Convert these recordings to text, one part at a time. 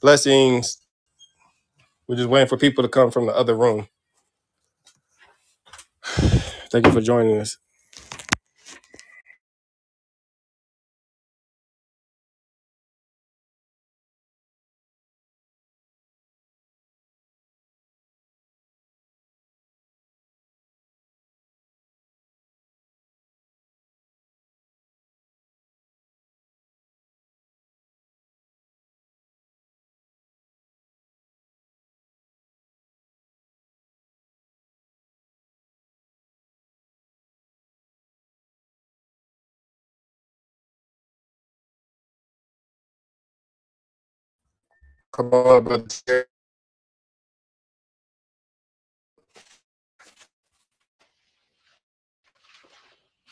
Blessings. We're just waiting for people to come from the other room. Thank you for joining us. Come on, up, brother. Terry.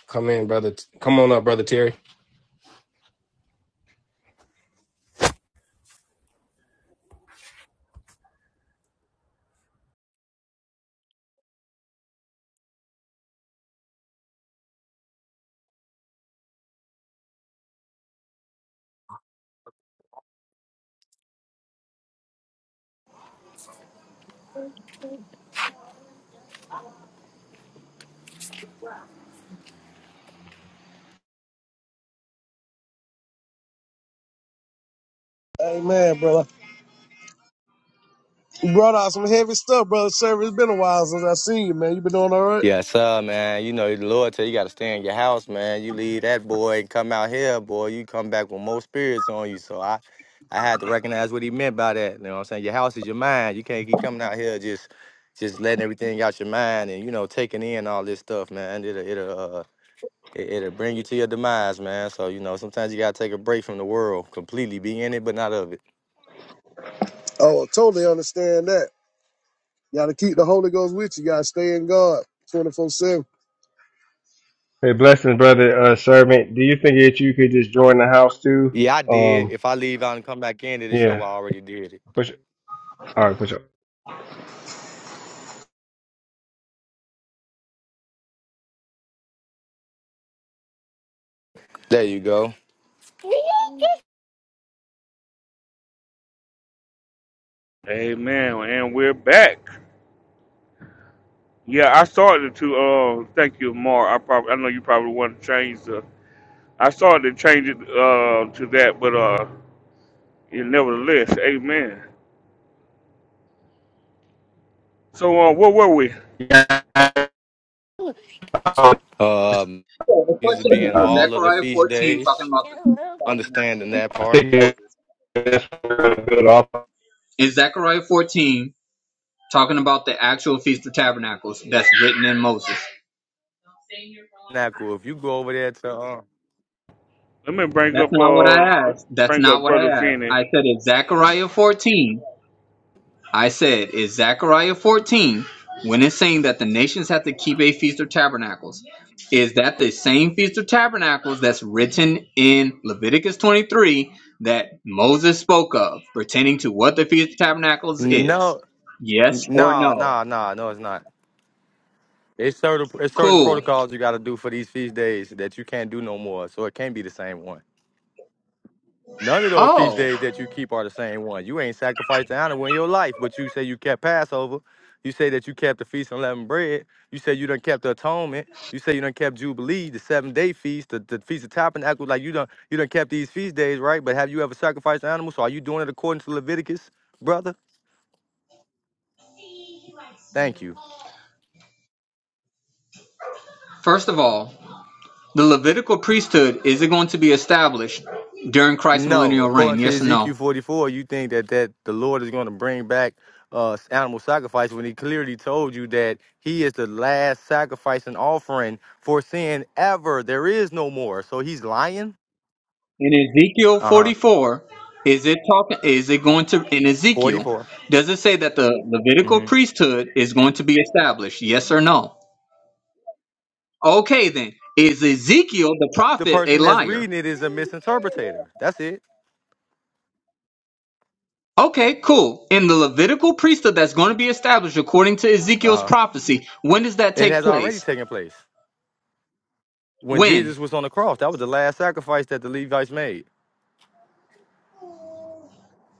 Come in, brother. Come on up, brother Terry. Amen, brother. You brought out some heavy stuff, brother. Service it's been a while since I seen you, man. You been doing all right? Yeah, sir, man. You know, the Lord tell you got to stay in your house, man. You leave that boy and come out here, boy, you come back with more spirits on you. So I, I had to recognize what he meant by that. You know what I'm saying? Your house is your mind. You can't keep coming out here just, just letting everything out your mind and, you know, taking in all this stuff, man. It'll, it'll, uh, it, it'll bring you to your demise, man. So, you know, sometimes you got to take a break from the world completely. Be in it, but not of it. Oh, I totally understand that. You gotta keep the Holy Ghost with you. You gotta stay in God 24 7. Hey, blessings, brother uh, servant. Do you think that you could just join the house too? Yeah, I did. Um, If I leave out and come back in, it'll show yeah. I already did it. Push. All right, push up. There you go. Amen. And we're back. Yeah, I started to uh thank you, Mark. I probably I know you probably want to change the I started to change it uh to that, but uh yeah, nevertheless, amen. So uh where were we? Yeah. Um, So the used to question be in is, all of the Zechariah feast 14 talking days, about the Feast of Tabernacles understanding of that part. Moses? Is Zechariah 14 talking about the actual Feast of Tabernacles that's written in Moses? Not cool. If you go over there to uh, Let me bring That's up not what uh I let me asked. That's bring not up what I Brother asked. Finney. I said, is Zechariah 14 I said, is Zechariah 14, when it's saying that the nations have to keep a feast of tabernacles, is that the same feast of tabernacles that's written in Leviticus 23 that Moses spoke of, pertaining to what the feast of tabernacles is? no, Yes or no, no? no, no, no, it's not. It's certain it's certain Cool. protocols you got to do for these feast days that you can't do no more. So it can't be the same one. None of those feast Oh, days that you keep are the same one. You ain't sacrificed an animal in your life, but you say you kept Passover. You say that you kept the feast of unleavened bread. You say you done kept the atonement. You say you done kept Jubilee, the seven day feast, the, the feast of tabernacles. Like you done you done kept these feast days, right? But have you ever sacrificed an animal? So are you doing it according to Leviticus, brother? Thank you. first of all, the Levitical priesthood is it going to be established during Christ's No, millennial reign? according to Yes or no? Ezekiel 44, you think that, that the Lord is going to bring back uh, animal sacrifice when he clearly told you that he is the last sacrifice and offering for sin ever. There is no more. So he's lying? In Ezekiel Uh huh. 44, is it talking is it going to in Ezekiel, 44. does it say that the Levitical hmm priesthood is going to be established? Yes or no? Okay then. Is Ezekiel the The prophet a person that's liar? reading it is a misinterpretator. That's it. Okay, cool. In the Levitical priesthood that's going to be established according to Uh Ezekiel's huh. prophecy, when does that It take has already place? taken place. When When? Jesus was on the cross, that was the last sacrifice that the Levites made.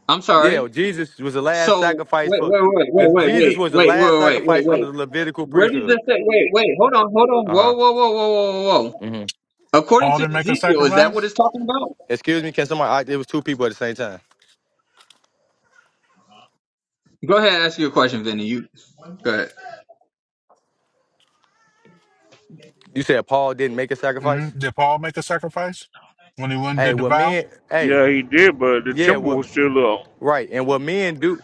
I'm sorry. Yeah, Jesus was the last So sacrifice wait, for wait, wait, the wait, wait, wait, Jesus was the wait, last wait, wait, wait, sacrifice wait. under the Levitical Where does priesthood. this say? Wait, wait, hold on, hold on. Uh Whoa, huh. whoa, whoa, whoa, whoa, whoa. hmm According Paul to didn't make a Ezekiel, is that what sacrifice? it's talking about? Excuse me, can somebody? I, it was two people at the same time. Go ahead, ask your question, Vinny. You go ahead. You said Paul didn't make a hmm sacrifice. Did Paul make a sacrifice when he went and Hey, did the what vow? men? Hey, Yeah, he did, but the yeah, temple what? was still up. Right, and what men do?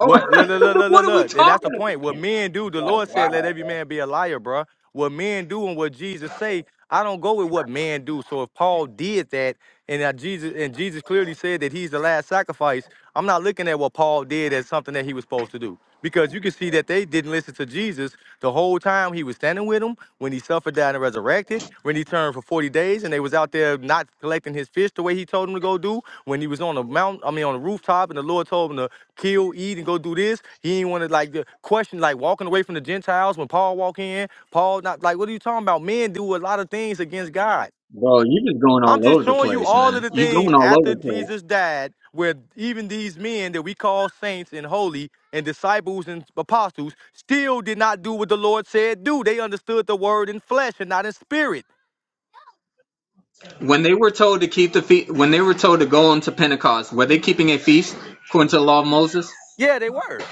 Oh, Look, look, look, look, what look, are we look. And that's talking the point. about? What men do? The Like, Lord said, wow, "Let every bro. man be a liar, bruh. What men do and what Jesus say, I don't go with what men do. So if Paul did that, and that Jesus and Jesus clearly said that he's the last sacrifice, I'm not looking at what Paul did as something that he was supposed to do because you can see that they did. didn't listen to Jesus the whole time he was standing with him, when he suffered, died, and resurrected, when he turned for 40 days and they was out there not collecting his fish the way he told them to go do, when he was on the mountain, I mean on the rooftop and the Lord told him to kill, eat, and go do this. He ain't want to like the question, like walking away from the Gentiles when Paul walk in. Paul not like, what are you talking about? Men do a lot of things against God. Bro, you just going all I'm just over the showing you place, all of man. the You going things all over after the Jesus place. died, where even these men that we call saints and holy and disciples and apostles still did not do what the Lord said do. They understood the word in flesh and not in spirit. When they were told to keep the feast, when they were told to go on to Pentecost, were they keeping a feast according to the law of Moses? Yeah, they were.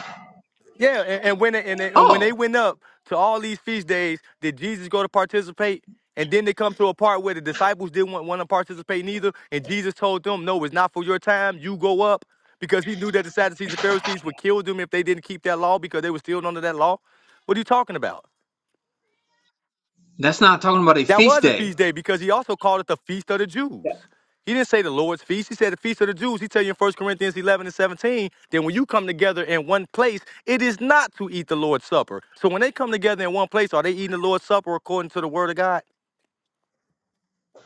Yeah, and, and when they, and, they, and when they Oh, went up to all these feast days, did Jesus go to participate? And then they come to a part where the disciples didn't want, want to participate neither, and Jesus told them, "No, it's not for your time. You go up," because he knew that the Sadducees and Pharisees would kill them if they didn't keep that law because they were still under that law. What are you talking about? that's not talking about a That feast was a day. feast day because he also called it the Feast of the Jews. He didn't say the Lord's Feast. He said the Feast of the Jews. He tell you in First Corinthians 11 and 17 that when you come together in one place, it is not to eat the Lord's Supper. So when they come together in one place, are they eating the Lord's Supper according to the Word of God?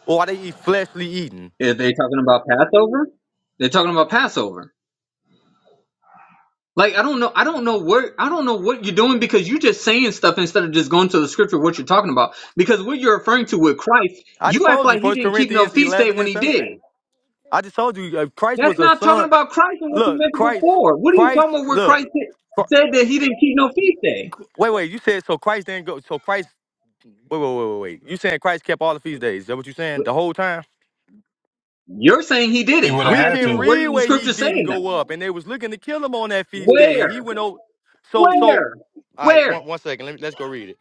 Or are they eat fleshly eating? Are they talking about Passover? They're talking about Passover. Like I don't know, I don't know what I don't know what you're doing because you're just saying stuff instead of just going to the scripture what you're talking about. Because what you're referring to with Christ, I just you act told you, like he First didn't keep no Corinthians feast day 11 when and he did. 17. I just told you, uh, Christ That's was a not talking son. about Christ and what you Look, mentioned Christ, before. What are you Christ, talking about? Where Christ look. Cr- said said that he didn't keep no feast day? Wait, wait, you said so Christ didn't go, so Christ Wait, wait, wait, wait, wait. You saying Christ kept all the feast days? Is that what you saying? The whole time? You're saying he He didn't. would have I'm We had asking can you, to. where does read the where he scripture didn't saying that? go up, and they was looking to kill him on that feast day, and he Where? went over. So, so, all Where? right, Where? one, one second. Let me let's go read it.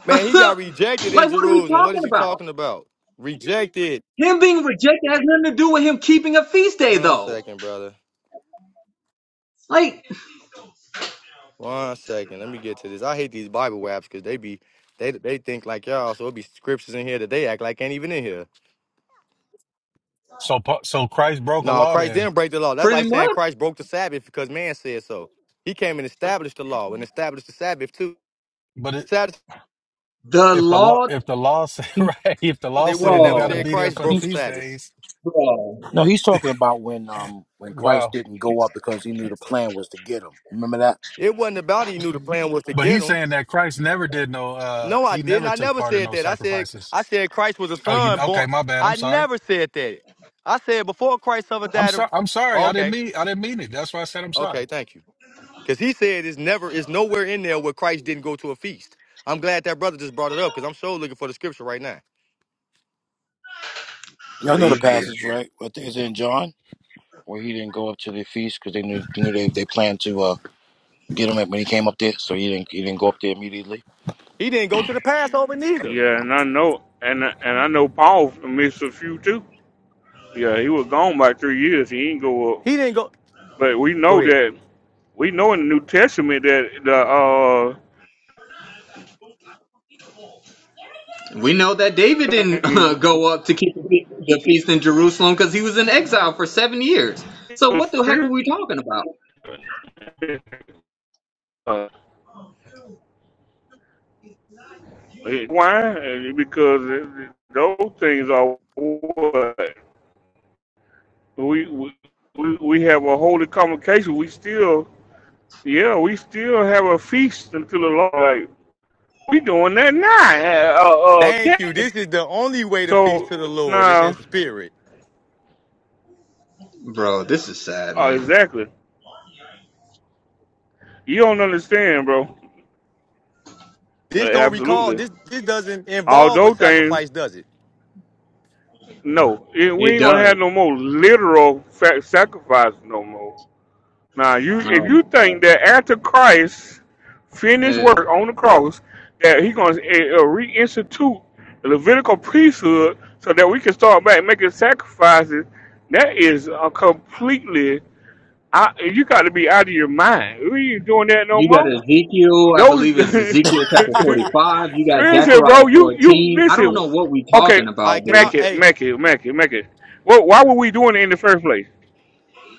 Man, he got rejected in like what are we Jerusalem. What talking is you about? talking about? Rejected. Him being rejected has nothing to do with him keeping a feast day, One though. second, brother. Like One second. Let me get to this. I hate these Bible waps because they be they they think like y'all. So it be scriptures in here that they act like ain't even in here. So, Pa- so Christ broke a No, law Christ then. didn't break the law. That's pretty like much. saying Christ broke the Sabbath because man said so. He came and established the law and established the Sabbath too. But The it, Sabbath, The if the law, Lord, if the law said, He, right, if the law they would have said you never got to said bro, be there Christ for the broke the he's, feast Sabbath. days, bro, no, he's talking about when um when Christ wow. didn't go up because he knew the plan was to get him. Remember that? It wasn't about he knew the plan was to But get he's him. saying that Christ never did no, uh, No, I he didn't. never I took never part in said no that. I said sacrifices. I said Christ was a Oh, you son okay? born. My bad. I'm I sorry. never said that. I said before Christ suffered I'm that. sorry. I'm sorry. I didn't Okay, mean. I didn't mean it. That's why I said I'm sorry. okay, thank you. Because he said it's never, it's nowhere in there where Christ didn't go to a feast. I'm glad that brother just brought it up because I'm so looking for the scripture right now. Y'all know the please passage, do. right? What is think in John where he didn't go up to the feast because they knew, knew they, they planned to uh, get him when he came up there, so he didn't he didn't go up there immediately. He didn't go to the Passover neither. Yeah, and I know and and I know Paul missed a few too. Yeah, he was gone by three years, he didn't go up. He didn't go. But we Go know ahead. that we know in the New Testament that the uh We know that David didn't uh, go up to keep the fe- the feast in Jerusalem because he was in exile for seven years. So what the heck are we talking about, Why? Because those things are what we we we have a holy convocation. We still, yeah, we still have a feast until the Lord. Like, we doing that now. Uh, uh, okay. Thank you. This is the only way to feast So to the Lord. Is in now, spirit. bro? This is sad, nah, uh, man. exactly. You don't understand, bro. Uh, This don't recall. Absolutely. This this doesn't All involve a those things, sacrifice, does it? no, we It ain't gonna have does. no more literal fa- sacrifice no more. Now, you if Oh you think my that after Christ God. finished Eh. work on the cross, that He's going to uh, reinstitute the Levitical priesthood so that we can start back making sacrifices, that is a completely out, you got to be out of your mind. We ain't doing that no You got more. Ezekiel, I Those believe it's Ezekiel chapter 45. You got listen, Zechariah bro. You you 14. I don't listen. know what we Okay, talking about, I dude. make cannot. it, Hey, make it, make it, make it. Well, why were we doing it in the first place?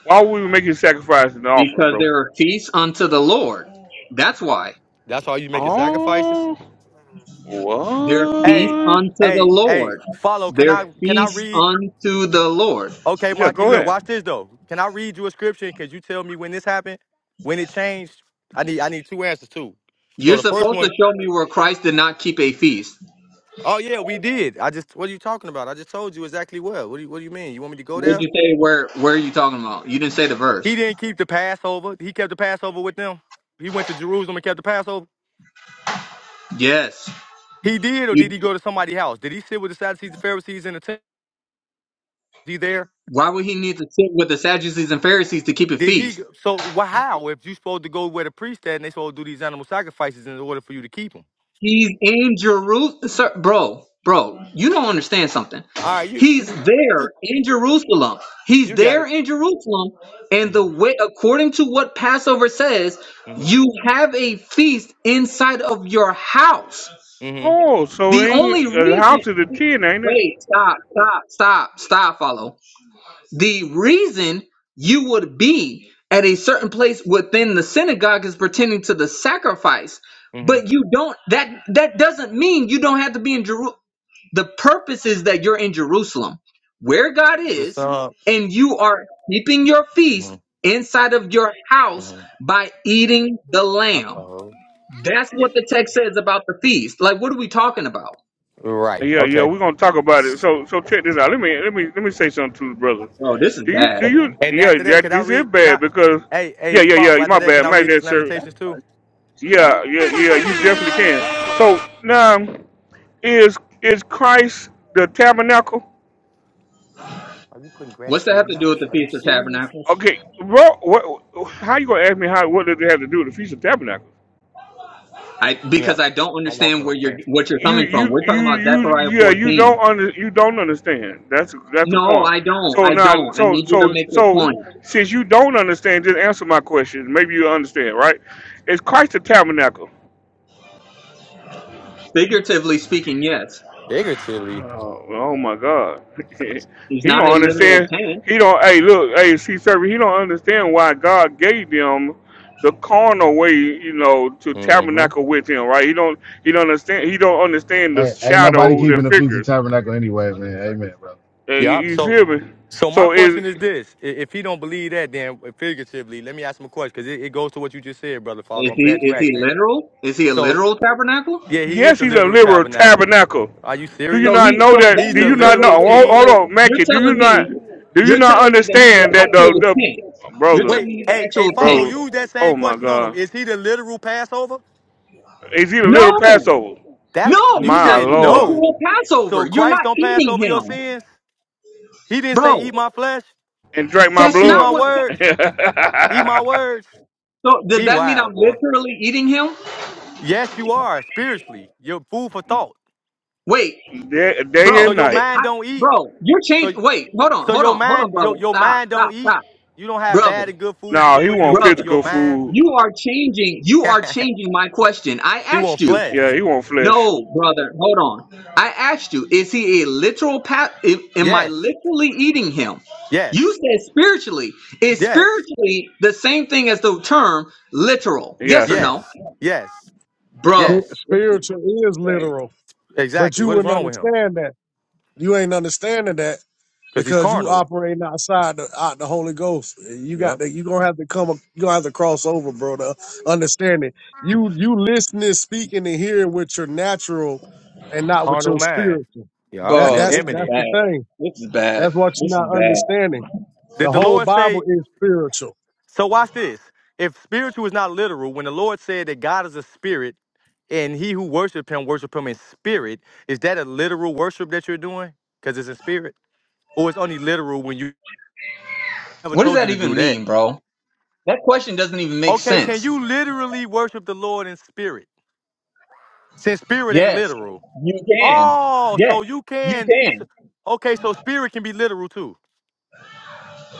Why were we making sacrifices and offering, Because bro? there are feasts unto the Lord. That's why. that's all you making sacrifices. Oh, Their feast Hey, what? unto the hey, hey. Lord. Follow. Can Their I can I feast read? unto the Lord. Okay, Yeah, Mikey. go Look, ahead. watch this though. Can I read you a scripture? Cause you tell me when this happened, when it changed. I need I need two answers too. You're So the first supposed to one, show me where Christ did not keep a feast. oh yeah, we did. I just what are you talking about? I just told you exactly what. What do you what do you mean? You want me to go Where'd there? you say where where are you talking about? You didn't say the He verse. didn't keep the Passover. He kept the Passover with them. He went to Jerusalem and kept the Passover. Yes. He did, or did You he go to somebody's house? Did he sit with the Sadducees, the Pharisees, and the temple? Is he there? why would he need to sit with the Sadducees and Pharisees to keep a Did feast? he? So, well, how? If you are supposed to go where the priest at, and they supposed to do these animal sacrifices in order for you to keep them? He's in Jerusalem, sir, bro, bro. You don't understand something. All right, you He's you there you in Jerusalem. He's got there it. in Jerusalem, and the Mm-hmm. way, according to what Passover says, Mm-hmm. you have a feast inside of your house. Mm-hmm. Oh, so it The only ain't a reason, house is a ten, ain't it? wait, stop, stop, stop, stop, follow the reason you would be at a certain place within the synagogue is pertaining to the sacrifice hmm but you don't that that doesn't mean you don't have to be in jerusalem the purpose is that you're in jerusalem where god The is son. and you are keeping your feast inside of your house Mm-hmm. by eating the Uh lamb oh. that's what the text says about the feast like what are we talking about Right. Yeah, yeah, Okay. we're gonna talk about it. So, so check this out. Let me, let me, let me say something to the brother. oh this is Do you, bad do you? man And Yeah, after that, that can I this is read? Can bad I? because, Hey, hey, yeah, yeah, yeah. follow. After My that, can bad, I my read this that sir. Lamentations too? Yeah, yeah, yeah. You definitely can. So now, is is Christ the tabernacle? what's that have to do with the feast of tabernacles Okay, bro. What? How you gonna ask me how? What does it have to do with the feast of tabernacle? I Yeah. because I don't understand where you're what you're you coming from. you We're you talking about you Zechariah yeah you don't 14. under you don't understand that's that's the No, point I don't. so I now don't. I so need you to so make your so point. since you don't understand just answer my question maybe you understand right is christ the tabernacle Figuratively speaking, yes. Figuratively. oh, oh my god He's he not a don't literal understand tent. he don't hey look hey see server he don't understand why god gave them the carnal way you know to hmm tabernacle with him right he don't he don't understand he don't understand the Ain't, ain't nobody shadows keeping and the Feast of figures Tabernacle anyway, man. Amen, bro. Uh, you, Yeah. you So, feel me? so my So is question is this: I- If he don't believe that, then figuratively, let me ask him a question because it, it goes to what you just said, brother. Follow. Is I'm he glad you is he asked that. literal? Is he a So, literal tabernacle? yeah, he is yes, the he's a literal liberal tabernacle. tabernacle. Are you Do you So serious? not he know so that that? He's Do the you means so not know? wait, literal wait. Hold, hold king. on, So you're Mackie. Do you telling not? me Do you you're not telling me that he's understand an that the actual the tent. You're brother, telling Wait, me he's an hey, hey, actual follow. brother? tent. Use that same Oh my question on him. God! Is he the literal Passover? Is he the little No! Passover? That No, you he's My not said the Lord, no. literal Passover. So You're Christ not don't pass eating over your him. sins. He didn't say Bro, eat my flesh, and drink my that's eat not my blood what words, eat my words. So does He that mean I'm wild boy. literally eating him? Yes, you are spiritually. You're food for thought. Wait, day, day So and bro, your it, night. mind I, don't eat. bro, you're So changing. Wait, hold on, so hold your on, hold on, mind brother. your your Stop, mind stop, don't eat. stop, You don't have bad brother, and good food you No, can he put in want your in brother. your physical mind. food. You are changing. You are changing my question. I He asked want you. Yeah, flesh. he want flesh. No, brother, hold on. I asked you. Is he a literal pat? Am am I Yes. literally eating him? You Yes. said spiritually. Is Yes. spiritually the same thing as the term literal? Yes or Yes. no, Yes. Yes. bro? Yes. This is, Spiritual this is is crazy. literal, but Exactly. you What is wouldn't wrong with him? understand that. You ain't understanding that Because he's because you carnal. operating outside the, out the Holy Ghost. You got Yep. to you gonna have to come you gonna have to cross over, bro. To understand it, you you listening, speaking, and hearing with your natural, and not with Carnal your mind. spiritual. Yep. And That Bro, it's that's this the, is that's imminent. the bad. thing. This is bad. That's what you're This is not bad. understanding. The Did the whole Lord Bible say? is spiritual. So watch this. If spiritual is not literal, when the Lord said that God is a spirit and he who worship him worship him in spirit, is that a literal worship that you're doing? Because it's in spirit? Or it's only literal when you never What does told you that to even do that? mean, bro? That question doesn't even make Okay, can sense. you literally worship the Lord in spirit? Since spirit ain't Yes, literal. you can. Oh, Yes, so you you can s- can. okay, so spirit can be literal too.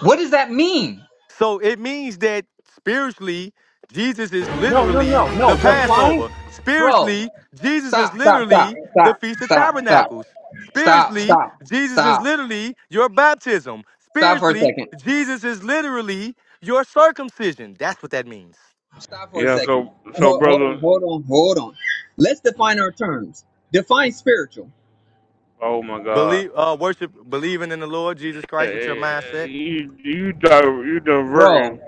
What does that mean? So it means that spiritually, Jesus is No, no, literally no, the no. Define, Passover. bro. Spiritually, Jesus is Stop, stop, stop, literally the stop, Feast of stop, stop, Tabernacles. stop, Spiritually, stop, Jesus is stop, literally your baptism. stop for a Spiritually, second. Jesus is literally your circumcision. That's what that means. Stop for a Yeah. second. So so Hold, hold on, brother. hold on, hold on. Let's define our terms. Define spiritual, Oh my God. Believe, uh, worship, believing in the Lord Jesus Eh, eh, Christ with your eh, mindset, You you you bro. diverting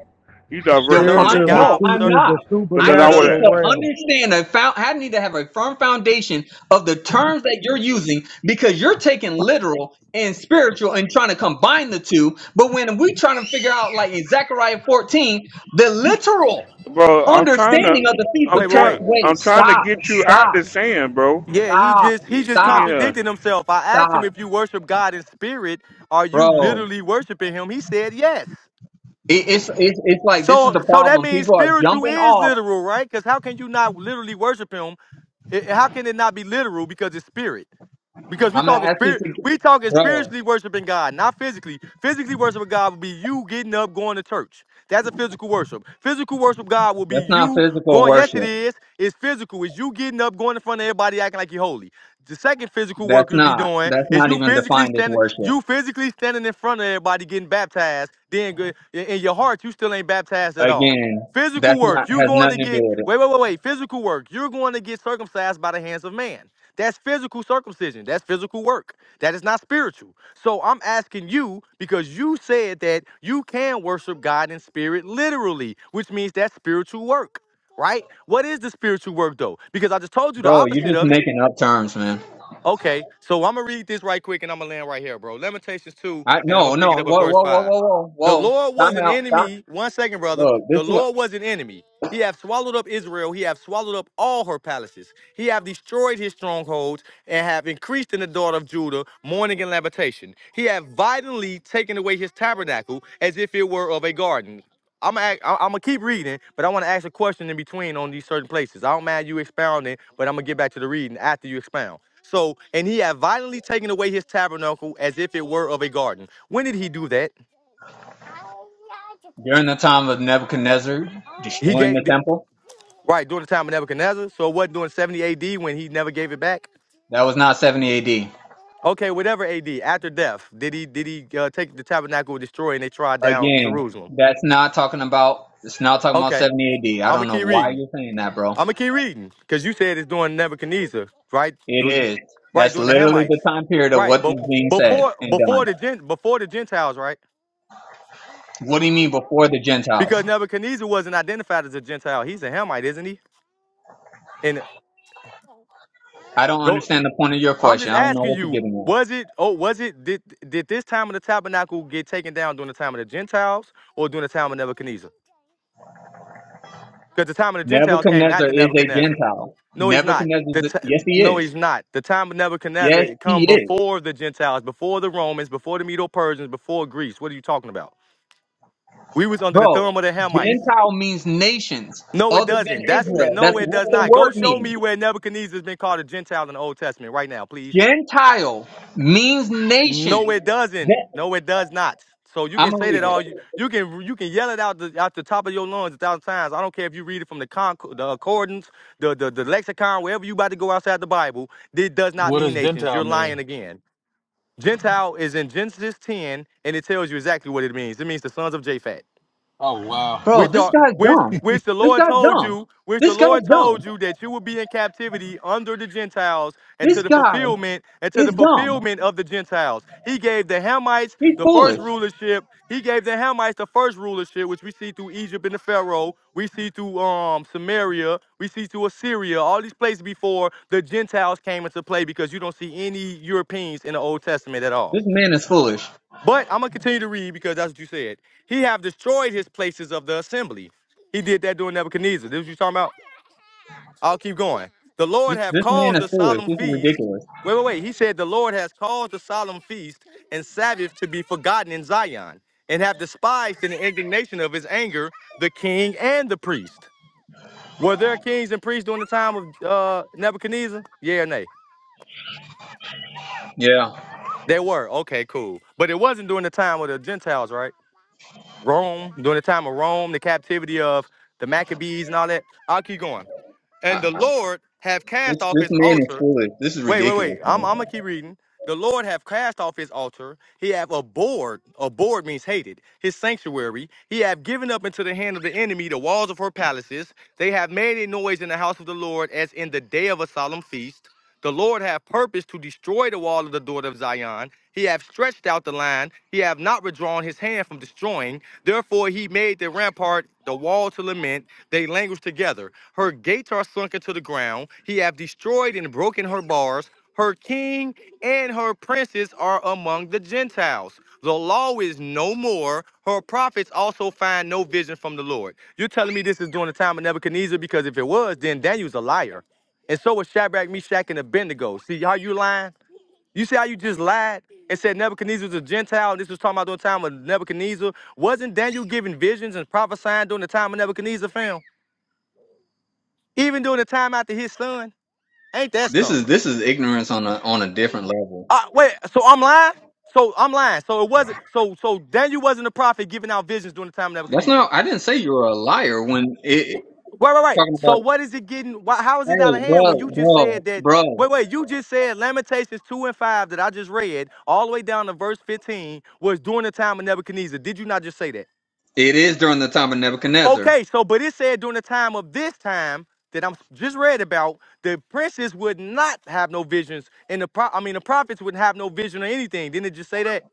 you diverting from the Define? serving Spiritual is a point No, God, su- I'm sir, is not. a I because I sir. would, need supernatural to realm. understand. I found. I need to have a firm foundation of the terms that you're using because you're taking literal and spiritual and trying to combine the two. But when we trying to figure out, like in Zechariah 14, the literal bro. I'm trying to, understanding of the feast I'm Wait, of wait, tax. trying, wait. Wait, I'm trying to stop, get you out stop, the sand, bro. Yeah, he stop, just he Y- just stop, Yeah. contradicted himself. I asked stop, him if you worship God in spirit, are you bro. literally worshiping him? He said yes. It, it's, it's it's like this is So the so that problem. means People are spiritual jumping is off. literal, right? Because how can you not literally worship him? I- how can it not be literal because it's spirit? Because we I'm talking gonna ask this, spirit, we ag- talking bro. spiritually worshiping God, not physically. Physically worshiping God will be you getting up, going to church. That's a physical worship. Physical worship God will be That's not you physical going. Yes, it worship. is. It's physical. It's you getting up, going in front of everybody, acting like you're holy. The second physical work That's you'll be not. doing That's is not you even physically defined as standing, worship. you physically standing in front of everybody, getting baptized. Then go- in in your heart, you still ain't baptized at all. Again, Physical that's work, not you has going to nothing to do get with wait, it, wait, wait, wait. Physical work, you're going to get circumcised by the hands of man. That's physical circumcision. That's physical work. That is not spiritual. So I'm asking you because you said that you can worship God in spirit literally, which means that's spiritual work, right? What is the spiritual work though? Because I just told you the bro. You're opposite just of it. making up terms, man. Okay, so I'm gonna read this right quick and I'm gonna land right here, bro. Lamentations 2, I and I'm gonna no pick it no. up at Whoa verse whoa whoa 5. whoa whoa The whoa. Lord was Time an out. Time. enemy. One second, brother. Look, this The is what Lord was an enemy. He hath swallowed up Israel, he hath swallowed up all her palaces. He hath destroyed his strongholds, and have increased in the daughter of Judah mourning and lamentation. He hath violently taken away his tabernacle as if it were of a garden. I'm gonna, I'm gonna keep reading, but I want to ask a question in between on these certain places. I don't mind you expounding, but I'm gonna get back to the reading after you expound. So, and he had violently taken away his tabernacle as if it were of a garden. When did he do that? during the time of Nebuchadnezzar He destroying the gave temple. right during the time of Nebuchadnezzar. So it wasn't during 70 AD when he never gave it back. That was not 70 A.D. Okay, whatever AD after death, did he did he uh, take the tabernacle and destroy and they trod down Again, Jerusalem? that's not talking about. It's not talking about Okay, 70 A.D. I I'm gonna don't know keep why reading. you're saying that, bro. I'm gonna keep reading because you said it's during Nebuchadnezzar, right? It Du- is. Right That's during the literally the Hamites, time period of what right? is But being said before and before done. the gen before the Gentiles, right? What do you mean before the Gentiles? Because Nebuchadnezzar wasn't identified as a Gentile. He's a Hamite, isn't he? And I don't go understand the point of your I'm question. just I don't know asking what you're you, getting at. was it oh was it did did this time of the tabernacle get taken down during the time of the Gentiles or during the time of Nebuchadnezzar? Because the time of the Gentiles came Nebuchadnezzar after is a Nebuchadnezzar. Gentile. No, he's not. Nebuchadnezzar, The is a- t- yes, he no, is. he's not. The time of Nebuchadnezzar Yes, it come he is. before the Gentiles, before the Romans, before the Medo Persians, before Greece. What are you talking about? We was under the Bro, thumb of the Hamites. Gentile means nations No, it other than doesn't. That's that. Israel. That's No, it what does the not. Go word show me means. where Nebuchadnezzar has been called a Gentile in the Old Testament right now, please. Gentile means No, nations. it doesn't. That, No, it does not. So you I'm can going to say read that all you it. you can you can yell it out the out the top of your lungs a thousand times. I don't care if you read it from the con the accordance, the the, the lexicon, wherever you about to go outside the Bible. It does not What mean does nations. Gentile You're lying mean? again. Gentile is in Genesis 10, and it tells you exactly what it means. It means the sons of Japhet. Oh wow. Bro, which this are guy's which dumb. which the This Lord guy's told dumb. you, which the This guy's Lord dumb. told you that you will be in captivity under the Gentiles and to This the guy fulfillment and to the is dumb. fulfillment of the Gentiles. He gave the Hamites He's the first foolish. rulership. He gave the Hamites the first rulership, which we see through Egypt and the Pharaoh. We see through um Samaria. We see through Assyria. All these places before the Gentiles came into play because you don't see any Europeans in the Old Testament at all. This man is foolish. But I'm gonna continue to read because that's what you said. He have destroyed his places of the assembly. He did that during Nebuchadnezzar. This is what you talking about? I'll keep going. The Lord This, have this man caused is the foolish. solemn This is feast. ridiculous. Wait, wait, wait. He said the Lord has caused the solemn feast and Sabbath to be forgotten in Zion, and have despised in the indignation of his anger the king and the priest. Were there kings and priests during the time of uh, Nebuchadnezzar? Yeah or nay? Yeah. There were. Okay, cool. But it wasn't during the time of the Gentiles, right? Rome, during the time of Rome, the captivity of the Maccabees and all that. I'll keep going. I, And I, the Lord have cast this, off this his man is altar. foolish. This is Wait, wait, ridiculous, wait. I'm, man. I'm gonna keep reading. The Lord have cast off his altar. He have abhorred. Abhorred means hated. His sanctuary. He have given up into the hand of the enemy the walls of her palaces. They have made a noise in the house of the Lord as in the day of a solemn feast. The Lord have purposed to destroy the wall of the daughter of Zion. He hath stretched out the line. He hath not withdrawn his hand from destroying. Therefore he made the rampart, the wall to lament. They languish together. Her gates are sunk into the ground. He hath destroyed and broken her bars. Her king and her princes are among the Gentiles. The law is no more. Her prophets also find no vision from the Lord. You're telling me this is during the time of Nebuchadnezzar? Because if it was, then Daniel's a liar. And so was Shadrach, Meshach, and Abednego. See how you lying? You see how you just lied and said Nebuchadnezzar was a Gentile, and this was talking about during the time of Nebuchadnezzar. Wasn't Daniel giving visions and prophesying during the time of Nebuchadnezzar, fam? Even during the time after his son? Ain't that This is something? this is ignorance on a on a different level. Uh, wait, so I'm lying? So I'm lying. So it wasn't so so Daniel wasn't a prophet giving out visions during the time of That's Nebuchadnezzar. not. I didn't say you were a liar when it, it- Right, right, right. talking So about. what is it getting? Why, how is it out of Hey, hand when bro, you just said bro, that? Wait, bro. wait. You just said Lamentations two and five that I just read all the way down to verse fifteen was during the time of Nebuchadnezzar. Did you not just say that? It is during the time of Nebuchadnezzar. Okay, so but it said during the time of this time that I'm just read about, the princes would not have no visions, and the pro- I mean the prophets would not have no vision or anything. Didn't it just say that?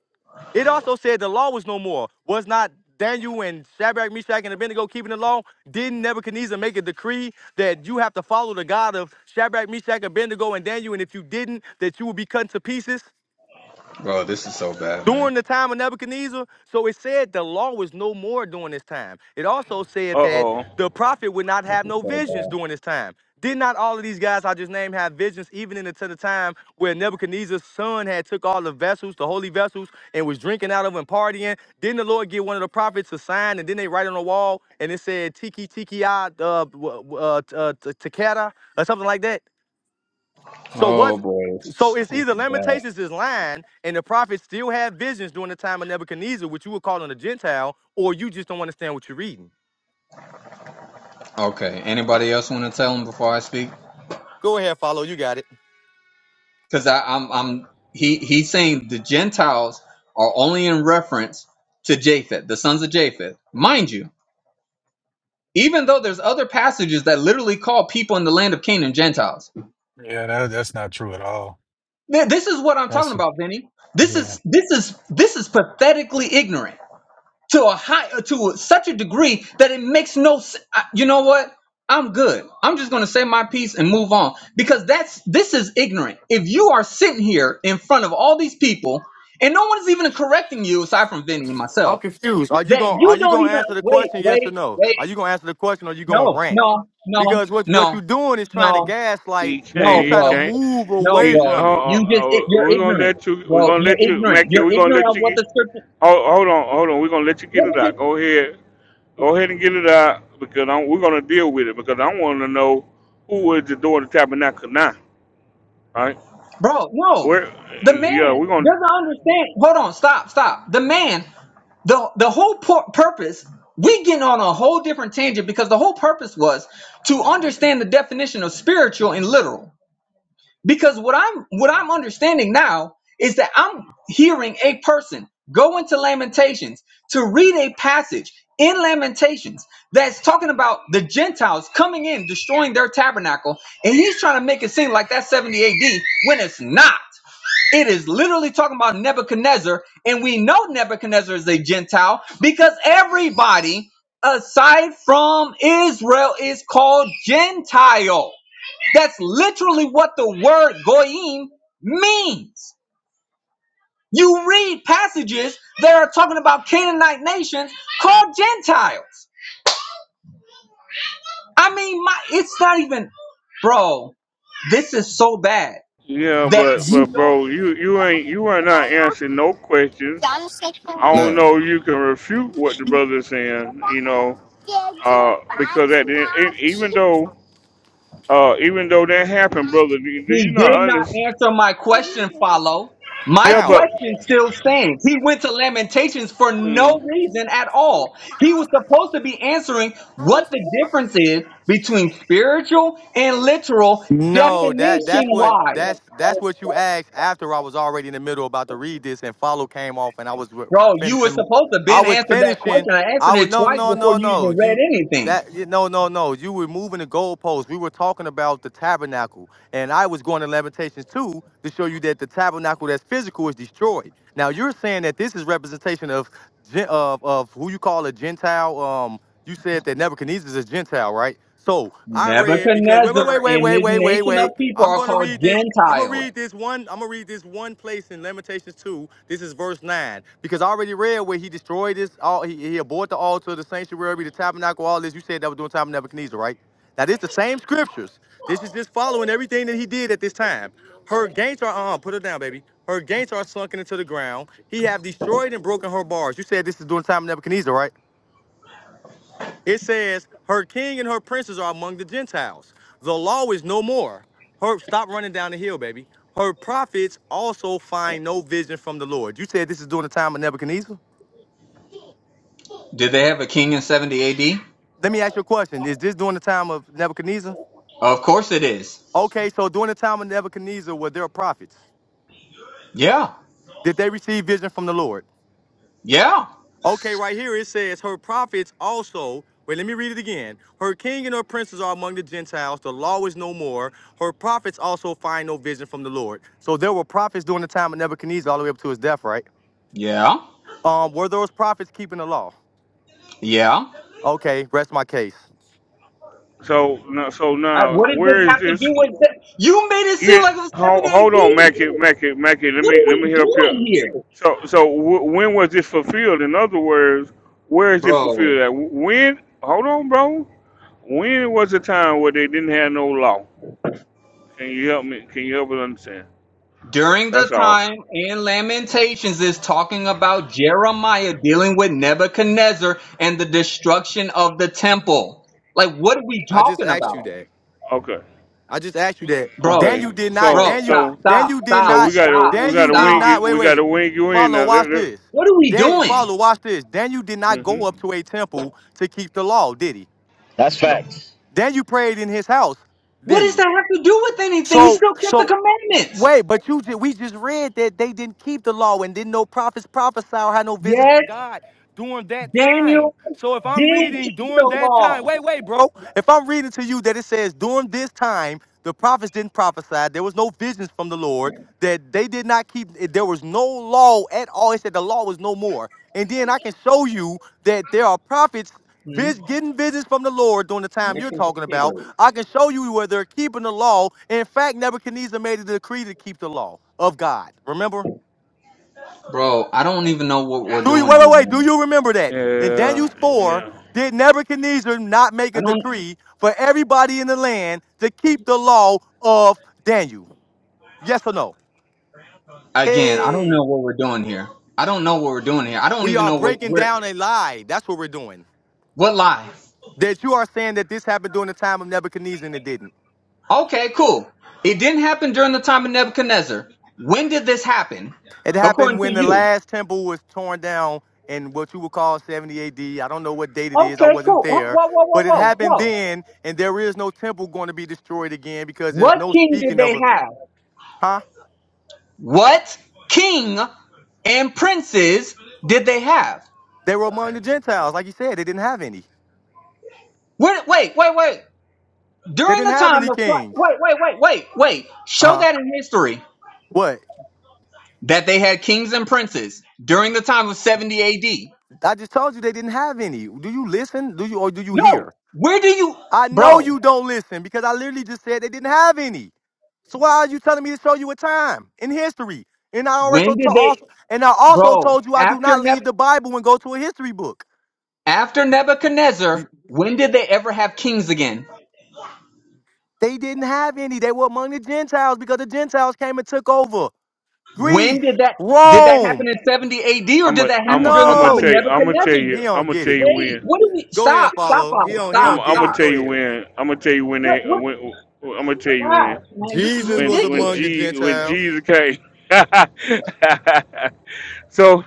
It also said the law was no more. Was not Daniel and Shadrach, Meshach, and Abednego keeping the law? Didn't Nebuchadnezzar make a decree that you have to follow the God of Shadrach, Meshach, Abednego, and Daniel, and if you didn't, that you would be cut to pieces? during the time of Nebuchadnezzar. So it said the law was no more during this time. It also said Uh that oh. the prophet would not This have is no so visions bad. during this time. Did not all of these guys I just named have visions even into the, time where Nebuchadnezzar's son had took all the vessels, the holy vessels, and was drinking out of them and partying? Didn't the Lord give one of the prophets a sign and then they write on the wall and it said Tiki Tiki ah, uh, w- uh, uh, t- or something like that? So Oh was boy, this so is it's either so bad. Lamentations is lying and the prophets still had visions during the time of Nebuchadnezzar, which you were calling a Gentile, or you just don't understand what you're reading. Okay. Anybody else want to tell him before I speak? Go ahead. Because I'm I'm he he's saying the Gentiles are only in reference to Japheth, the sons of Japheth, mind you. even though there's other passages that literally call people in the land of Canaan Gentiles. Yeah, that, that's not true at all. Th- This is what I'm talking That's about, Vinny. This yeah. is this is this is pathetically ignorant to a high to such a degree that it makes no. s- I- You know what? I'm good. I'm just going to say my piece and move on because that's this is ignorant. If you are sitting here in front of all these people and no one's even correcting you aside from Vinny and I'm myself confused. Are you that gonna you are you don't gonna even answer the wait, question yes or wait, no? Are wait. you gonna answer the question or you gonna No, rant? no, no, Because what what no, you're doing is trying to no. He gaslight. Are No, you can't. He trying to bro. can't. move No, away He. bro. Uh from it? You just it, oh. you're We're gonna ignorant, let you. We're bro. gonna You're let you, ignorant. Mackie. You're We're gonna ignorant let of you what get. the scripture. Hold, hold on. Hold on. We're gonna let you get Let it me out. just, Go ahead. Go ahead and get it out because I'm, we're gonna deal with it because I want to know who is the door of the tabernacle now, right? bro. No, We're the yeah, man we're gonna doesn't understand. Hold on. Stop. Stop. The man. The the whole pur- purpose. We getting on a whole different tangent because the whole purpose was to understand the definition of spiritual and literal. because what i'm what i'm understanding now is that i'm hearing a person go into lamentations to read a passage in lamentations that's talking about the gentiles coming in destroying their tabernacle and he's trying to make it seem like that's 70 ad when it's not it is literally talking about nebuchadnezzar and we know nebuchadnezzar is a gentile because everybody aside from israel is called gentile that's literally what the word goyim means. You read passages that are talking about Canaanite nations called Gentiles. I mean, my it's not even, bro. This is so bad yeah, that but you but don't. bro, you you ain't you are not answering no questions. I don't know if you can refute what the brother's saying, you know, uh, because at the end, e, even though uh, even though that happened, brother, do, you- do you He did not not understand? answer my question, follow. My Yeah, How? but question still stands. He went to Lamentations for no mm, reason at all. He was supposed to be answering what the difference is between spiritual and literal No, that definition that's what wise. that's that's what you asked after I was already in the middle about to read this and follow came off and I was re- Bro, you were finishing supposed to I been was answer that finishing question. I I answered was it no twice no before no you no even read you anything. that you- no no no you were moving the goalposts we were talking about the tabernacle and I was going to Lamentations 2 to show you that the tabernacle that's physical is destroyed now you're saying that this is representation of gen- of of who you call a Gentile um, you said that Nebuchadnezzar is a Gentile, right? So I read because wait, wait, Nebuchadnezzar wait, wait, and wait, his wait, wait, nation of wait. people I'm are gonna called read this. I'm gonna Gentiles. read this one. I'm gonna read this one place in Lamentations 2. This is verse 9. Because I already read where he destroyed this all he, he abhorred the altar, the sanctuary, the tabernacle, all this. You said that was during the time of Nebuchadnezzar, right? Now this is the same scriptures. This is just following everything that he did at this time. Her gates are uh put her down, baby. Her gates are sunken into the ground. He have destroyed and broken her bars. You said this is during the time of Nebuchadnezzar, right? It says, Her king and her princes are among the Gentiles. The law is no more. Her stop running down the hill, baby. Her prophets also find no vision from the Lord. You said this is during the time of Nebuchadnezzar? Did they have a king in 70 AD? Let me ask you a question. Is this during the time of Nebuchadnezzar? Of course it is. Okay, so during the time of Nebuchadnezzar, were there prophets? Yeah. Did they receive vision from the Lord? Yeah. Okay, right here it says, Her prophets also, wait, let me read it again. Her king and her princes are among the Gentiles. The law is no more. Her prophets also find no vision from the Lord. So there were prophets during the time of Nebuchadnezzar all the way up to his death, right? Yeah. Um, were those prophets keeping the law? Yeah. Okay, rest my case. so now so Uh, now what does this where is have to do this? with that? You made it Yeah, seem like it was hold, 70 hold on, AD. Mackie, Mackie, Mackie. Let What me are let we me help you. doing here? So so w- when was it fulfilled? In other words, where is it Bro. fulfilled at? When? Hold on, bro. When was the time where they didn't have no law? Can you help me? Can you help us understand? During the That's all. time in Lamentations is talking about Jeremiah dealing with Nebuchadnezzar and the destruction of the temple. Like, what are we talking about? Okay. Okay. I just asked you that. Bro, Okay. Daniel did not, bro, So Daniel, stop, so stop, Daniel did stop, so we not, gotta stop, we Daniel gotta did wing stop. not, it. wait, We gotta wait. wing you in Follow, now. Let, watch this. let, What are we Dan, doing? follow, watch this. Daniel did not hmm go up to a temple to keep the law, did he? That's No. facts. Then you prayed in his house, What didn't does he? that have to do with anything? He So, still kept the so commandments. wait, but you ju- we just read that they didn't keep the law and didn't no prophets prophesy or had no visions Yes, from God during that time. Daniel So if I'm did reading keep the during that time, law. wait, wait, bro. If I'm reading to you that it says during this time, the prophets didn't prophesy, there was no visions from the Lord, that they did not keep, there was no law at all. He said the law was no more. And then I can show you that there are prophets Hmm? vis- getting visions from the Lord during the time you're Mission talking about. potato. I can show you where they're keeping the law. In fact, Nebuchadnezzar made a decree to keep the law of God. Remember? Bro, I don't even know what we're Do you doing wait, here, wait, wait? Do man. you remember that in Yeah. Daniel four? Yeah. Did Nebuchadnezzar not make I a don't. decree for everybody in the land to keep the law of Daniel? Yes or no? Again, I don't Hey, know what we're doing here. I don't know what we're doing here. I don't we even are know what breaking where down a lie. That's what we're doing. what lie. That you are saying that this happened during the time of Nebuchadnezzar and it didn't. Okay, cool. It didn't happen during the time of Nebuchadnezzar. When did this happen? It According happened to when the you. last temple was torn down in what you would call 70 AD. I don't know what date it is. I Okay, wasn't cool. Whoa, there. whoa, whoa, whoa, But it whoa, happened whoa. then, and there is no temple going to be destroyed again because there's What no king did speaking of they a. have? Huh? What king and princes did they have? They were among the Gentiles, like you said. They didn't have any. Where, wait, wait, wait. They During didn't the have time any of Christ, kings. wait, wait, wait, wait, wait. Uh Show huh. that in history What? that they had kings and princes during the time of 70 AD. I just told you they didn't have any. Do you listen? Do you or do you No, hear? where do you, I know bro? you don't listen because I literally just said they didn't have any. So why are you telling me to show you a time in history? And I When also to did they, also and I also bro? told you I do After not Neb, leave the Bible and go to a history book. after Nebuchadnezzar, You- when did they ever have kings again? They didn't have any. They were among the Gentiles because the Gentiles came and took over When Greece, did that did that Rome. happen in 70 AD or I'm did a, that I'm happen a, during the I'm gonna time of tell No, you. I'm gonna tell he you. Nebuchadnezzar? I'm don't gonna get tell it. you Wait, when. what do we? Go ahead, Stop, stop, follow. He Ollie, don't he stop, I'm don't I'm get gonna it. stop. tell Go you ahead. when. I'm gonna tell you when What, they what? when. I'm gonna tell you when. Gosh, man, this is Jesus When was when among the ridiculous. G when Gentiles. Jesus came. so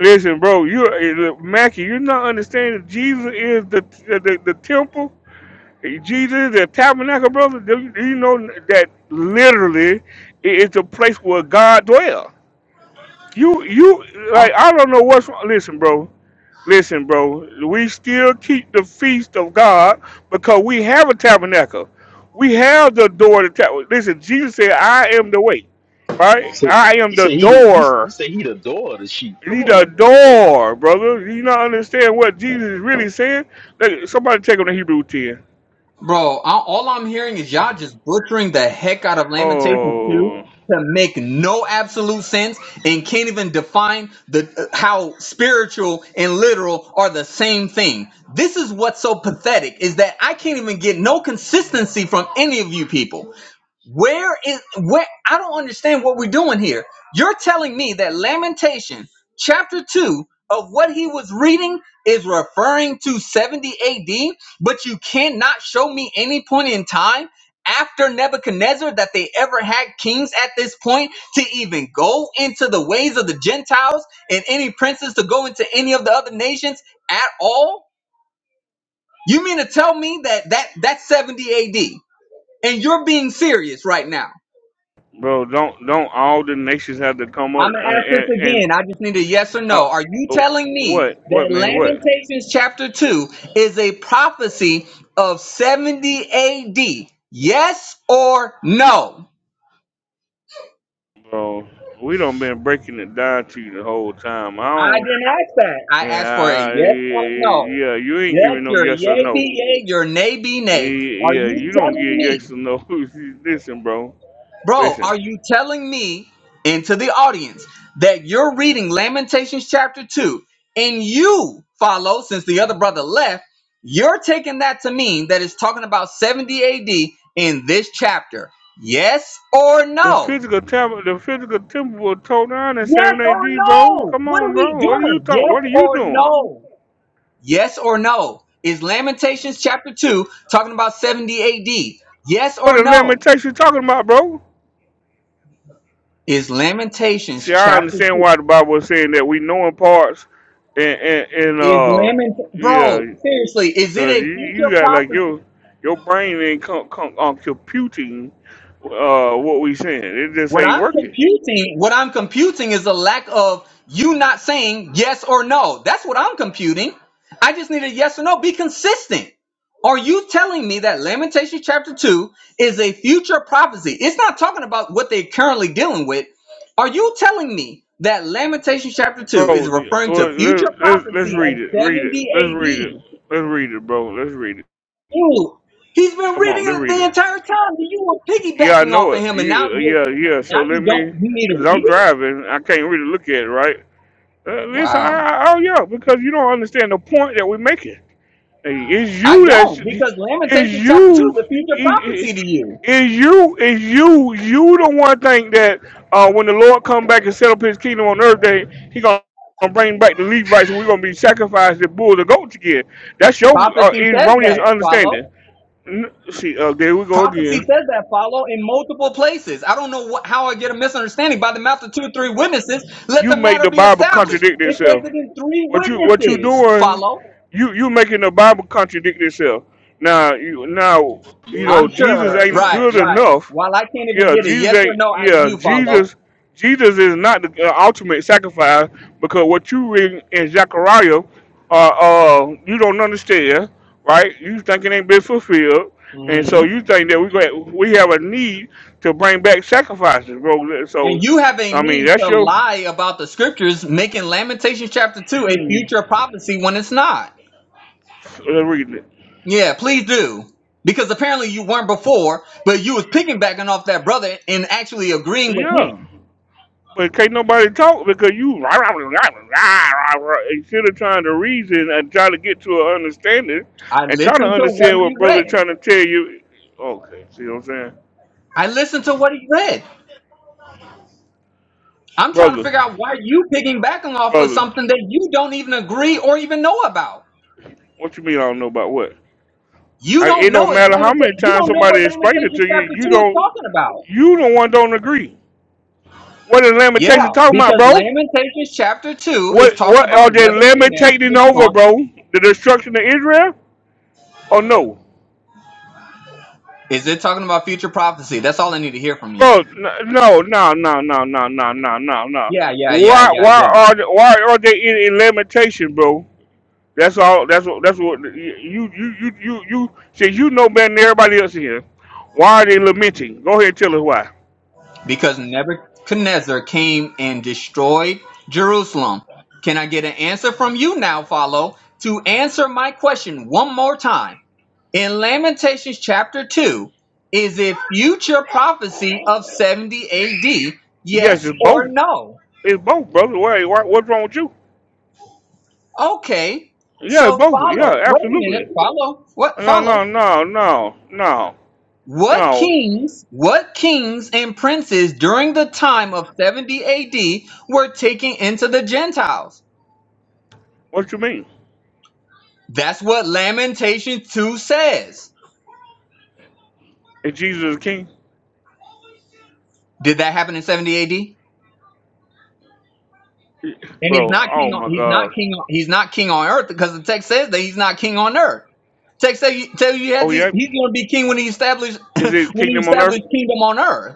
listen, bro. You eh, Mackie, you're not understanding. Jesus is the the, the temple. Jesus the tabernacle, brother. Do you, do you know that literally it is the place where God dwells? You you like I don't know what's wrong. Listen, bro. Listen, bro, we still keep the feast of God because we have a tabernacle. We have the door to tabernacle. Listen, Jesus said, I am the way, right? So I am he the said he he, he door. said he'd adore the sheep. Come You on the now, brother Bo. door, brother. You not understand what Jesus is really saying? Look, somebody take him to Hebrew 10. Bro, I, all I'm hearing is y'all just butchering the heck out of Lamentations 2 Oh, to make no absolute sense and can't even define the uh, how spiritual and literal are the same thing. This is what's so pathetic is that I can't even get no consistency from any of you people. Where is where I don't understand what we're doing here. You're telling me that Lamentation chapter 2 of what he was reading is referring to 70 AD, but you cannot show me any point in time after Nebuchadnezzar that they ever had kings at this point to even go into the ways of the Gentiles and any princes to go into any of the other nations at all? You mean to tell me that that that's 70 AD and you're being serious right now? bro, don't don't all the nations have to come up I'm gonna and, ask and, this and again. I just need a yes or no. oh, Are you oh, telling me what? that What, man? What? Lamentations chapter two is a prophecy of 70 AD? Yes or no? Bro, we done been breaking it down to you the whole time. I I don't. didn't ask that. I Yeah, asked for a I- yes or no. yeah, you ain't Yes, giving no your yes or yay no. be yay, your nay be nay. Are Yeah, you you don't telling give me yes or no. listen, bro. Bro, Listen. are you telling me into the audience that you're reading Lamentations chapter 2 and you follow, since the other brother left, you're taking that to mean that it's talking about 70 AD in this chapter? Yes or The no? physical temple, the physical temple was torn down in Yes seven or A.D., bro. no? Come What on, are we bro. What are you doing? talk? Yes What are you or doing? no? Yes or no? Is Lamentations chapter 2 talking about 70 AD? Yes What or the no? limitation you talking about, bro? Is Lamentations See, I chapter understand 2? why the Bible is saying that we know in parts, and and, and Is uh, Lamech, yeah, bro? Seriously, is it Cause a you you future got like prophecy? your your brain ain't come come on computing uh what we saying. It just What ain't I'm working, computing, what I'm computing is a lack of you not saying yes or no. That's what I'm computing. I just need a yes or no. Be consistent. Are you telling me that Lamentation chapter two is a future prophecy? It's not talking about what they're currently dealing with. Are you telling me that Lamentation chapter two is bro. the- referring Well, to future let- let's let's prophecy read of it. Read it. Let's read 70 it. AD? Let's read it, bro. Let's read it. you. He's been Come reading on, let's it read the it. entire time. So You were Yeah, I piggybacking know off of it. him, and now Yeah, you yeah, yeah. now So you let don't. me, You need to cause I'm read it. driving. I can't really look at it, right? Uh, listen, I, Wow, I, oh yeah, because you don't understand the point that we're making. Hey, It's I you that's don't because it's Lamentations chapter two you is a future it, it, prophecy to you. it's you it's you you the one think that uh, when the Lord come back and set up his kingdom on earth that he gonna bring back the Levites and we're gonna be sacrificed the bull the goats again. That's your uh, Prophecy says erroneous that. Follow. understanding. N- See, uh, there we go Prophecy again. says that. Follow in multiple places. I don't know what, how I get a misunderstanding. By the mouth of two or three witnesses, let You the make matter the be Bible established. contradict It says itself. it in three What you what you witnesses. doing? Follow. You you making the Bible contradict itself. Now you now you Lord of know the I'm goats Jesus sure. right ain't now. Right. good Right. enough While I can't even Yeah, get a Jesus yes or ain't. no out of Yeah, you, follow. Jesus. Jesus is not the uh, ultimate sacrifice because what you read in Zechariah, uh, uh, you don't understand, right? You think it ain't been fulfilled, and Mhm. so you think that we go, we have a need to bring back sacrifices, bro. So, And you have a I mean, need that's to your. lie about the scriptures, making Lamentations chapter 2 a Hmm, future prophecy when it's not. let's read it. Yeah, please do. Because apparently you weren't before, but you was picking backing off that brother and actually agreeing with Yeah. him. But can't nobody talk because you instead of trying to reason and try to get to an understanding I and try to listened to what understand he what brother read. trying to tell you. Okay, see what I'm saying, I listened to what he read. I'm trying to brother, figure out why you picking backing off of brother. something that you don't even agree or even know about. What you mean I don't know about what? You I, don't it know don't if matter how many Lamentations, you times don't know what somebody explained it Lamentations to you. chapter You 2 is don't. talking about. You the one don't agree. What is lamentation Yeah, talking about, because bro? Lamentations chapter 2 is What talking what about are they Nebuchadnezzar lamentating over, destroying. bro? The destruction of Israel? Or no? Is it talking about future prophecy? That's all I need to hear from you. Bro, n- no, no, no, no, no, no, no, no, no. Yeah, yeah, yeah, Why, yeah, why yeah. are, they- why are they in, in lamentation, bro? That's all. That's what. That's what. You, you, you, you, you. Since you know better than everybody else here, why are they lamenting? Go ahead, and tell us why. Because Nebuchadnezzar came and destroyed Jerusalem. Can I get an answer from you now, Follow, to answer my question one more time? In Lamentations chapter 2, is it future prophecy of 70 AD? Yes, Yes it's or both. no? It's both, brother. Why, why, what's wrong with you? Okay. Yeah, it's So both. follow. Yeah, Wait a minute. absolutely. Follow. What No, no, follow? no, no, no, What no. kings, what kings and princes during the time of 70 AD were taken into the Gentiles? What you mean? That's what Lamentation 2 says. Is Jesus king, Did that happen in 70 AD? And he's bro? not king Oh on my he's not God. king on he's not king on earth because the text says that he's not king on earth. Text says you tell you he had Oh to, yeah. he's gonna be king when he established Is it when he kingdom on earth? established kingdom on earth.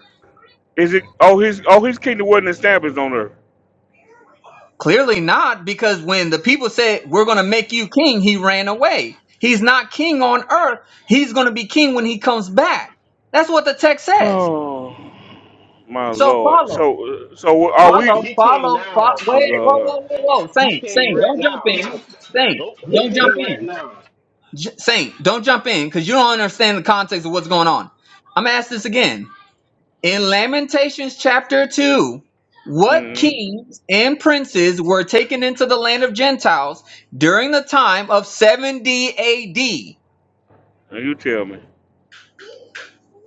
Is it? Oh, his oh his kingdom wasn't established on earth. Clearly not, because when the people said, We're going to make you king, he ran away. He's not king on earth. He's going to be king when he comes back. That's what the text says. Oh my So lord. follow, So so are Nope, we? follow, he came follow, follow. now. Oh my Wait, whoa, god. whoa, whoa, whoa. He Saint, came Saint, right don't jump now. in. Saint, Nope, he don't jump came right in. now. J- Saint, don't jump in because you don't understand the context of what's going on. I'm going to ask this again. In Lamentations chapter 2, what hmm kings and princes were taken into the land of Gentiles during the time of 70 AD? You tell me,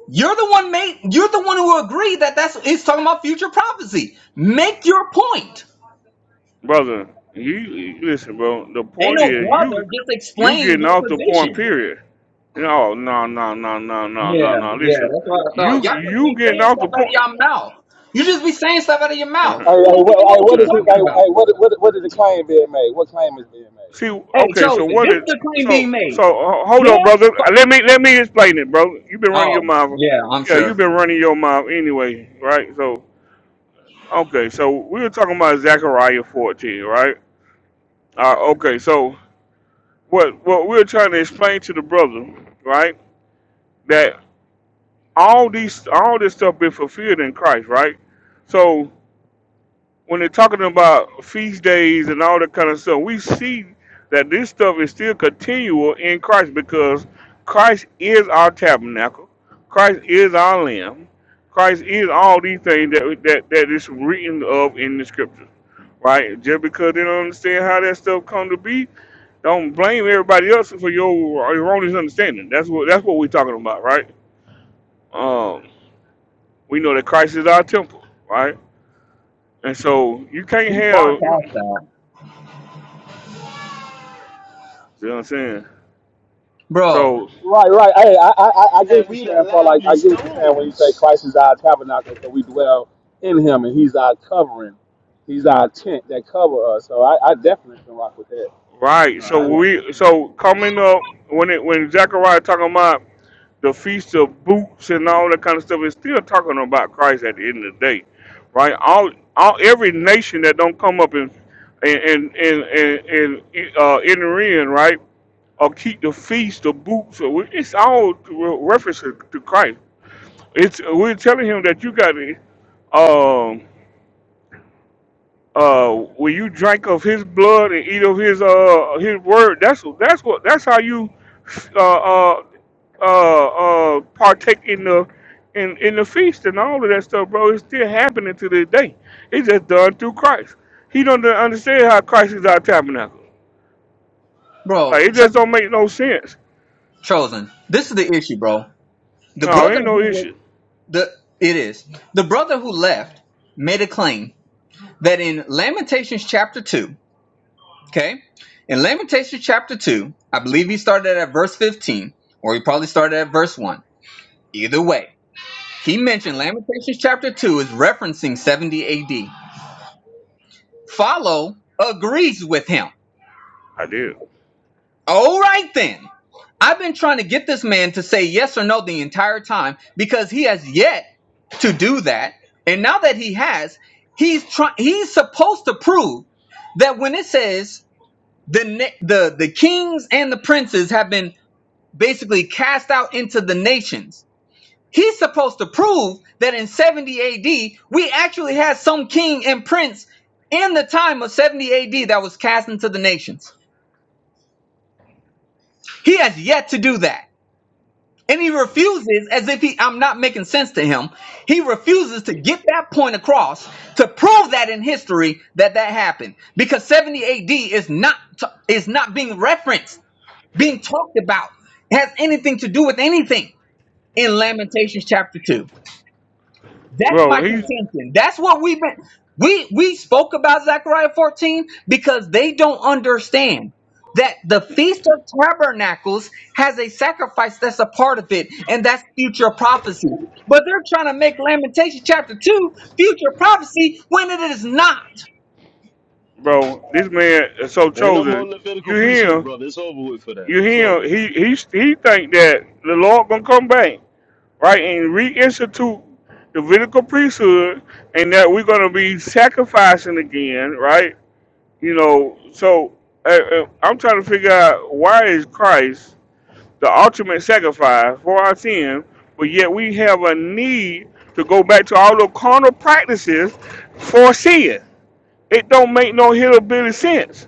You're the one made you're the one who agreed that that's it's talking about future prophecy. Make your point. brother. You you- listen, bro. The Ain't point no is brother you just you explain getting your off the point. position. Period. No no no no no no no Yeah, no. yeah, Listen, that's what I thought. you Y'all just you be getting saying off stuff the out of point. y'all mouth. You just be saying stuff out of your mouth. I, You I, don't what, even know I, what what you're is he? I, talking I, about. what, what, what is the claim being made? What claim is being made? See, Hey, okay, so chosen, what this is is the claim being so so? made. ho- Hold on, brother. Him, Uh, Let me let me explain it, bro. You've been running your Oh, mouth. yeah, I'm Yeah, you've sure. been running your mouth anyway, right? So okay, so we were talking about Zechariah fourteen, right? Uh, okay, so what what we're trying to explain to the brother, right? That all these all this stuff been fulfilled in Christ, right? So when they're talking about feast days and all that kind of stuff, we see that this stuff is still continual in Christ because Christ is our tabernacle, Christ is our lamb, Christ is all these things that that, that is written of in the scriptures. Right? Just because they don't understand how that stuff come to be, don't blame everybody else for your erroneous understanding. That's what that's what we're talking about, right? Um, we know that Christ is our temple, right? And so you can't We far have you past that. see what I'm saying? Bro, So Right, right. Hey, I, I, I I get what And you're we the saying, Paul. Like, lively I get what you're saying when you say stones. Christ is our tabernacle because we dwell in Him and He's our covering. He's our tent that cover us. So I, I definitely can rock with that. right, so All right. we so coming up when it when Zechariah talking about the feast of boots and all that kind of stuff, it's still talking about Christ at the end of the day, right? All all every nation that don't come up and and and and and, and uh, enter in, right, or keep the feast of boots, or we- it's all references to to Christ. It's we're telling him that you got to. uh when you drink of his blood and eat of his uh his word that's that's what that's how you uh uh uh, uh partake in the in in the feast and all of that stuff bro it's still happening to this day it's just done through christ he don't understand how christ is our tabernacle bro, like it just Cho- don't make no sense chosen. This is the issue, bro. The no brother ain't who no wa- issue the it is. The brother who left made a claim that in Lamentations chapter 2, okay? In Lamentations chapter 2, I believe he started at verse 15 or he probably started at verse 1. Either way, he mentioned Lamentations chapter 2 is referencing 70 AD. Follow agrees with him. i did All right then. I've been trying to get this man to say yes or no the entire time because he has yet to do that. And now that he has, he's trying. He's supposed to prove that when it says the na- the the kings and the princes have been basically cast out into the nations, he's supposed to prove that in 70 A.D. we actually had some king and prince in the time of 70 A.D. that was cast into the nations. He has yet to do that. And he refuses, as if he, I'm not making sense to him. He refuses to get that point across to prove that in history that that happened because 70 AD is not, is not being referenced, being talked about. It has anything to do with anything in Lamentations chapter two. That's my bro he's contention. That's what we've been we we spoke about Zechariah 14 because they don't understand that the feast of tabernacles has a sacrifice that's a part of it and that's future prophecy. But they're trying to make Lamentation chapter 2 future prophecy when it is not. bro this man is so Ain't no more chosen Levitical you hear priesthood, him brother. It's over with for that. you It's hear over. him he he he think that the lord gonna come back right, and reinstitute the Levitical priesthood, and that we're going to be sacrificing again, right? You know, so uh, uh, I'm trying to figure out why is Christ the ultimate sacrifice for our sin, but yet we have a need to go back to all the carnal practices for sin. It don't make no hillbilly sense,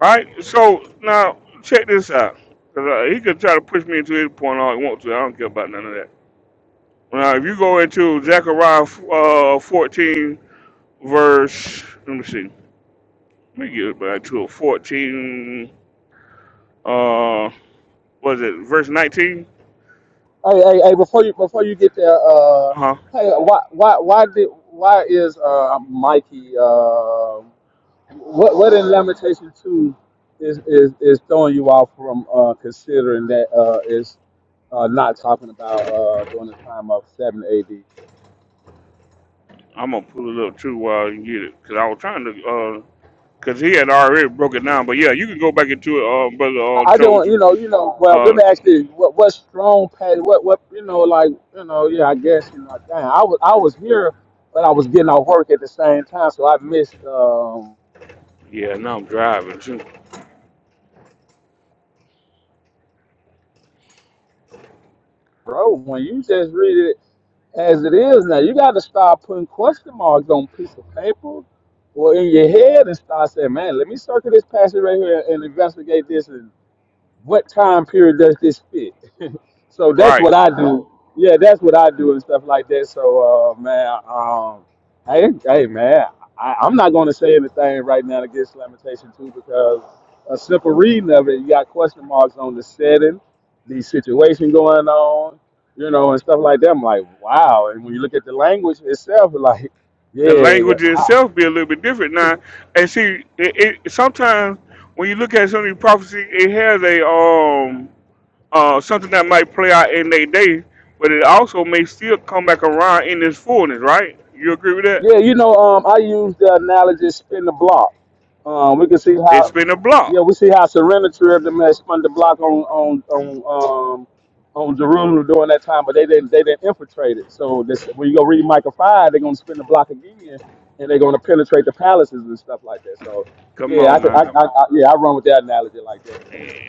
right? So now check this out, because uh, he could try to push me into his point all he wants to. I don't care about none of that. Now, if you go into Zechariah uh, 14, verse, let me see, let me get back to a 14, uh, was it verse 19? Hey, hey, hey! Before you, before you get there, uh, Uh huh. hey, why, why, why did, why is uh, Mikey? Uh, What what in Lamentation two is is, is throwing you off from uh, considering that uh, is uh, not talking about uh, during the time of seven A.D. I'm gonna pull it up too while you get it, cause I was trying to, uh, cause he had already broke it down. But yeah, you can go back into it, uh, brother I uh, I just want Chosen. you know you know well let Uh, me ask this, what what strong pay what what you know like you know yeah I guess you know dang, I was I was here but I was getting off work at the same time so I missed um yeah, now I'm driving too. bro when you just read it as it is now. You got to start putting question marks on a piece of paper or in your head and start saying, man, let me circle this passage right here and investigate this. And what time period does this fit? So that's Right. what I do. Yeah, that's what I do and stuff like that. So, uh, man, um, hey, hey, man, I, I'm not going to say anything right now against Lamentation 2 because a simple reading of it, you got question marks on the setting, the situation going on, you know, and stuff like that. I'm like, wow. And when you look at the language itself, like, yeah, The yeah, language yeah. itself be a little bit different now, and see, it, it sometimes when you look at some of these prophecies, it has a um uh, something that might play out in their day, but it also may still come back around in its fullness, right? You agree with that? Yeah, you know, um, I use the analogy spin the block. Um, we can see It's how, been a yeah, block. we see how Serenity of them had spun the block on on on um on Jerusalem during that time, but they didn't they didn't infiltrate it. So this when you go read Micah five, they're gonna spin the block again, and they're gonna penetrate the palaces and stuff like that. So Come yeah, I on could, I, now, I, I yeah I run with that analogy like that.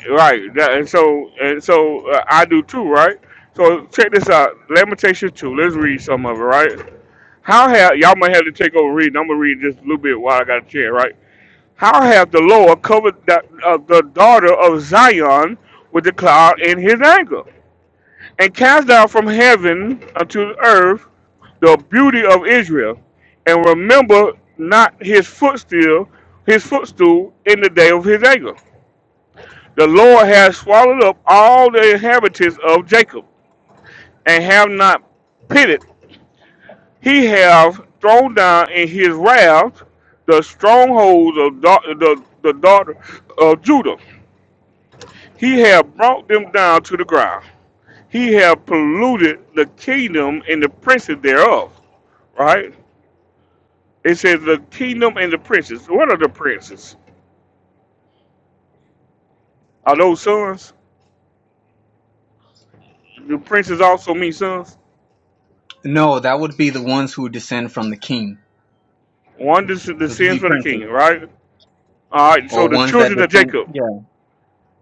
right? That, and so and so uh, I do too, right? So check this out, Lamentation two. Let's read some of it, right? How have y'all might have to take over reading? I'm gonna read just a little bit while I got a chair, right? How have the Lord covered the, uh, the daughter of Zion with the cloud in His anger, and cast down from heaven unto the earth the beauty of Israel and remember not his footstool, his footstool in the day of his anger. The Lord has swallowed up all the inhabitants of Jacob and have not pitied. He have thrown down in his wrath the strongholds of da- the, the daughter of Judah. He have brought them down to the ground. He have polluted the kingdom and the princes thereof. Right? It says the kingdom and the princes. What are the princes? Are those sons? The princes also mean sons. No, that would be the ones who descend from the king. One is the Those would sins be for the princes kingdom, right? All right. or So the ones that children of descend Jacob, yeah.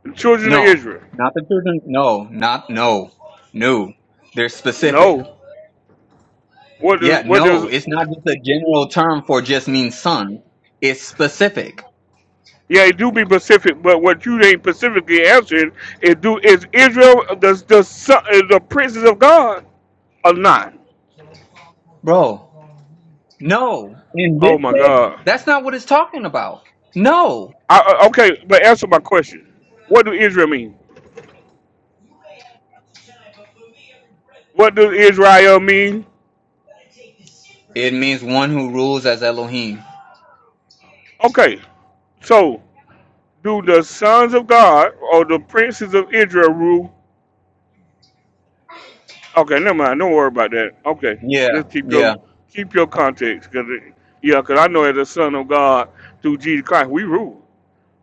the children of No, Israel. not the children. No, not no. No. They're specific. No. What is Yeah, what is? no, it's not just a general term for just means sons. It's specific. Yeah, it do be specific, but what you ain't specifically answering is do is Israel the the son, is the princes of God or not? Bro, no. In this Oh my text, God. that's not what it's talking about. No. I, I- okay, but answer my question. What do Israel mean? What does Israel mean? It means one who rules as Elohim. Okay, so do the sons of God or the princes of Israel rule? Okay, never mind. Don't worry about that. Okay, Yeah, just keep yeah. your keep your context, cause it, yeah, cause I know as a son of God through Jesus Christ we rule.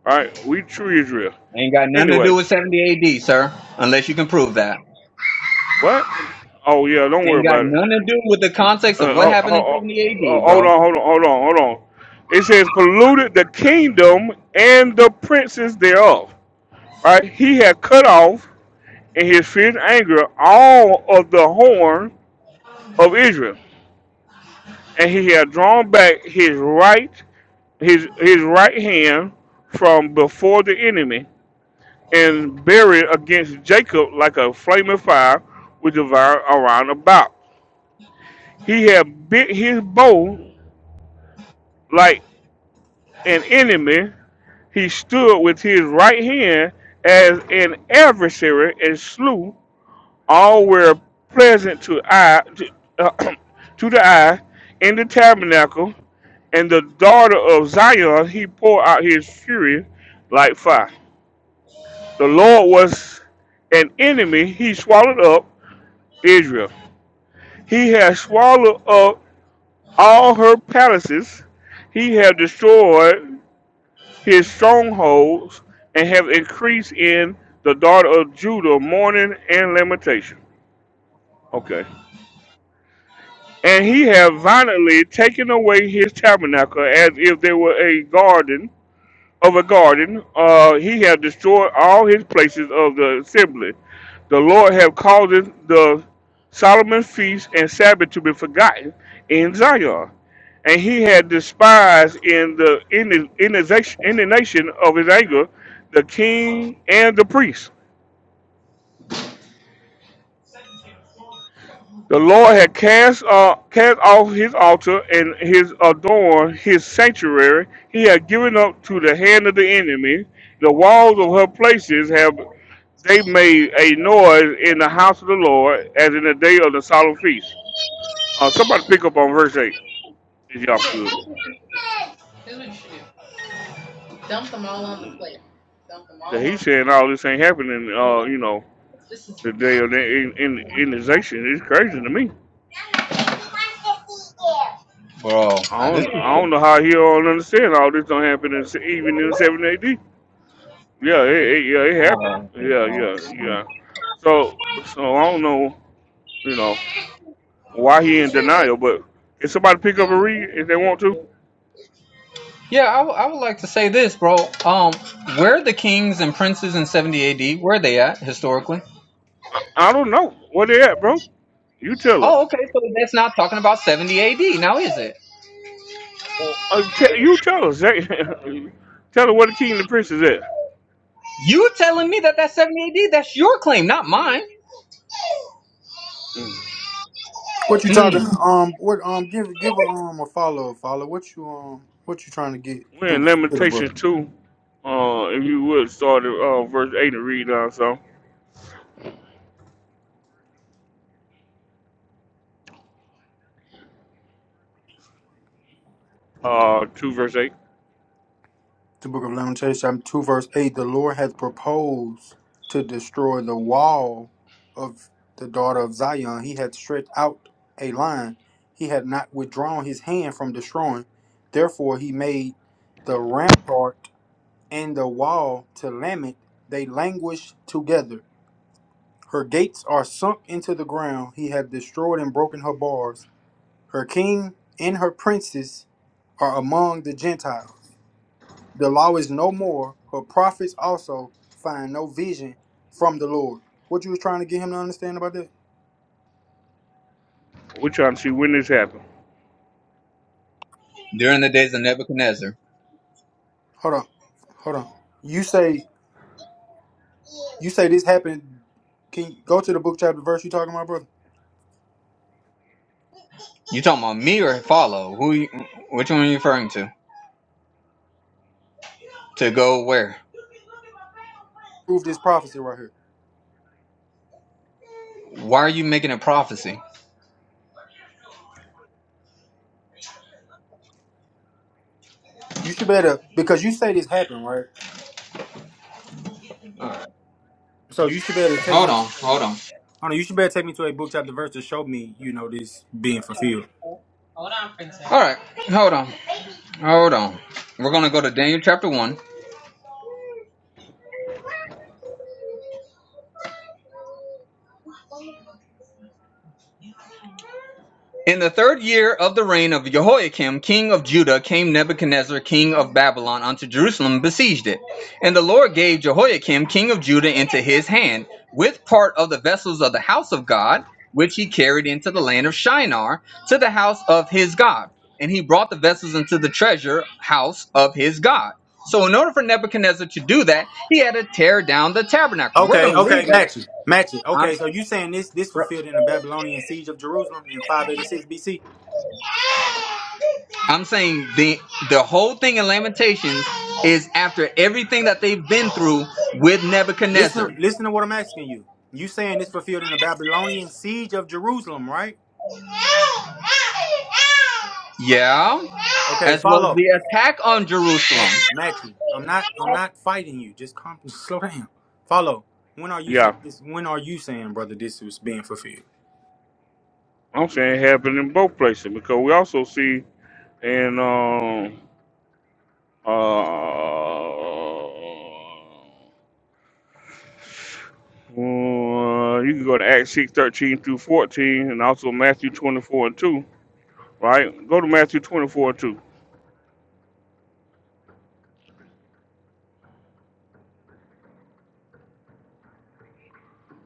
Right, we true Israel. Ain't got nothing to do Anyway, with 70 AD, sir, unless you can prove that. what? Oh yeah, don't worry Ain't got about it. nothing to do with the context Uh, of what ho- ho- happened in 70 AD, ho- uh, hold bro. on, hold on, hold on, hold on. It says polluted the kingdom and the princes thereof. Right, he had cut off in his fierce anger all of the horn of Israel, and he had drawn back his right his his right hand from before the enemy, and buried against Jacob like a flaming fire which devoured around about. He had bit his bow like an enemy. He stood with his right hand as an adversary and slew all were pleasant to eye to, uh, to the eye in the tabernacle, and the daughter of Zion he poured out his fury like fire. The Lord was an enemy, he swallowed up Israel. He has swallowed up all her palaces, he has destroyed his strongholds, and have increased in the daughter of Judah mourning and lamentation. Okay. and he had violently taken away his tabernacle as if they were a garden of a garden. Uh, he had destroyed all his places of the assembly. The Lord have caused the Solomon feast and Sabbath to be forgotten in Zion, and he had despised in the in the, in the, nation- in the nation of his anger the king and the priest. The Lord had cast, uh, cast off his altar and his adorned his sanctuary. He had given up to the hand of the enemy. The walls of her places have they made a noise in the house of the Lord as in the day of the solemn feast. Uh, somebody pick up on verse eight, if y'all could. That He's saying all this ain't happening. Uh, you know, the day of the in, in, inundation is crazy to me. Bro, I this is. don't, I Okay. don't know how he don't understand all this don't happen in, even in 7 AD. Yeah, it, it, yeah, it happened. No, Yeah, no, yeah, no. yeah. So, so I don't know, you know, why he in denial. But can somebody pick up and read if they want to? Yeah, I would would like to say this, bro. Um, where the kings and princes in 70 AD, where are they at historically? I, I don't know where they at, bro. You tell us. Oh, okay, so that's not talking about 70 AD now, is it? Well, uh, te- you tell us. tell us where the king and the prince is at. You telling me that that's 70 AD? That's your claim, not mine. Mm. What you talking? Mm. Um, what? Um, give give a um a follow a follow. What you um what you trying to get We're through in to the book? Lamentations two. Uh, if you would start at uh, verse eight and read down so uh two verse eight. The book of Lamentations, chapter two, verse eight. The Lord hath proposed to destroy the wall of the daughter of Zion. He hath stretched out a line. He had not withdrawn his hand from destroying. Therefore, he made the rampart and the wall to lament. They languish together. Her gates are sunk into the ground. He hath destroyed and broken her bars. Her king and her princes are among the Gentiles. The law is no more. Her prophets also find no vision from the Lord. What you was trying to get him to understand about that? We're trying to see when this happened. During the days of Nebuchadnezzar. Hold on, hold on. You say you say this happened. Can you go to the book chapter verse you talking about, brother? You talking about me or follow? Who? You, which one are you referring to? To go where? Prove this prophecy right here. Why are you making a prophecy? You should better because you say this happened, right? All right, So you should better take hold me to on, a. hold Hold on. on, you should better take me to a book chapter verse to show me, you know, this being fulfilled. All right, hold on. Hold on. We're going to go to Daniel chapter 1. In the third year of the reign of Jehoiakim, king of Judah, came Nebuchadnezzar, king of Babylon, unto Jerusalem and besieged it. And the Lord gave Jehoiakim, king of Judah, into his hand, with part of the vessels of the house of God, which he carried into the land of Shinar, to the house of his God. And he brought the vessels into the treasure house of his God. So, in order for Nebuchadnezzar to do that, he had to tear down the tabernacle. We're going Okay, to read okay, that. match it, match it. I'm, Okay, so you saying this this fulfilled in the Babylonian siege of Jerusalem in 586 BC? I'm saying the the whole thing in Lamentations is after everything that they've been through with Nebuchadnezzar. Listen, listen to what I'm asking you. You saying this fulfilled in the Babylonian siege of Jerusalem, right? Yeah, Okay, as well as follow. the attack on Jerusalem. Match it, match it. I'm not, I'm not fighting you. Just calm, slow down. Follow. When are you saying Yeah, this? When are you saying, brother, this was being fulfilled? I'm saying it happened in both places because we also see. And um, uh, uh, you can go to Acts six thirteen through fourteen, and also Matthew twenty four and two. Right? Go to Matthew twenty four and two.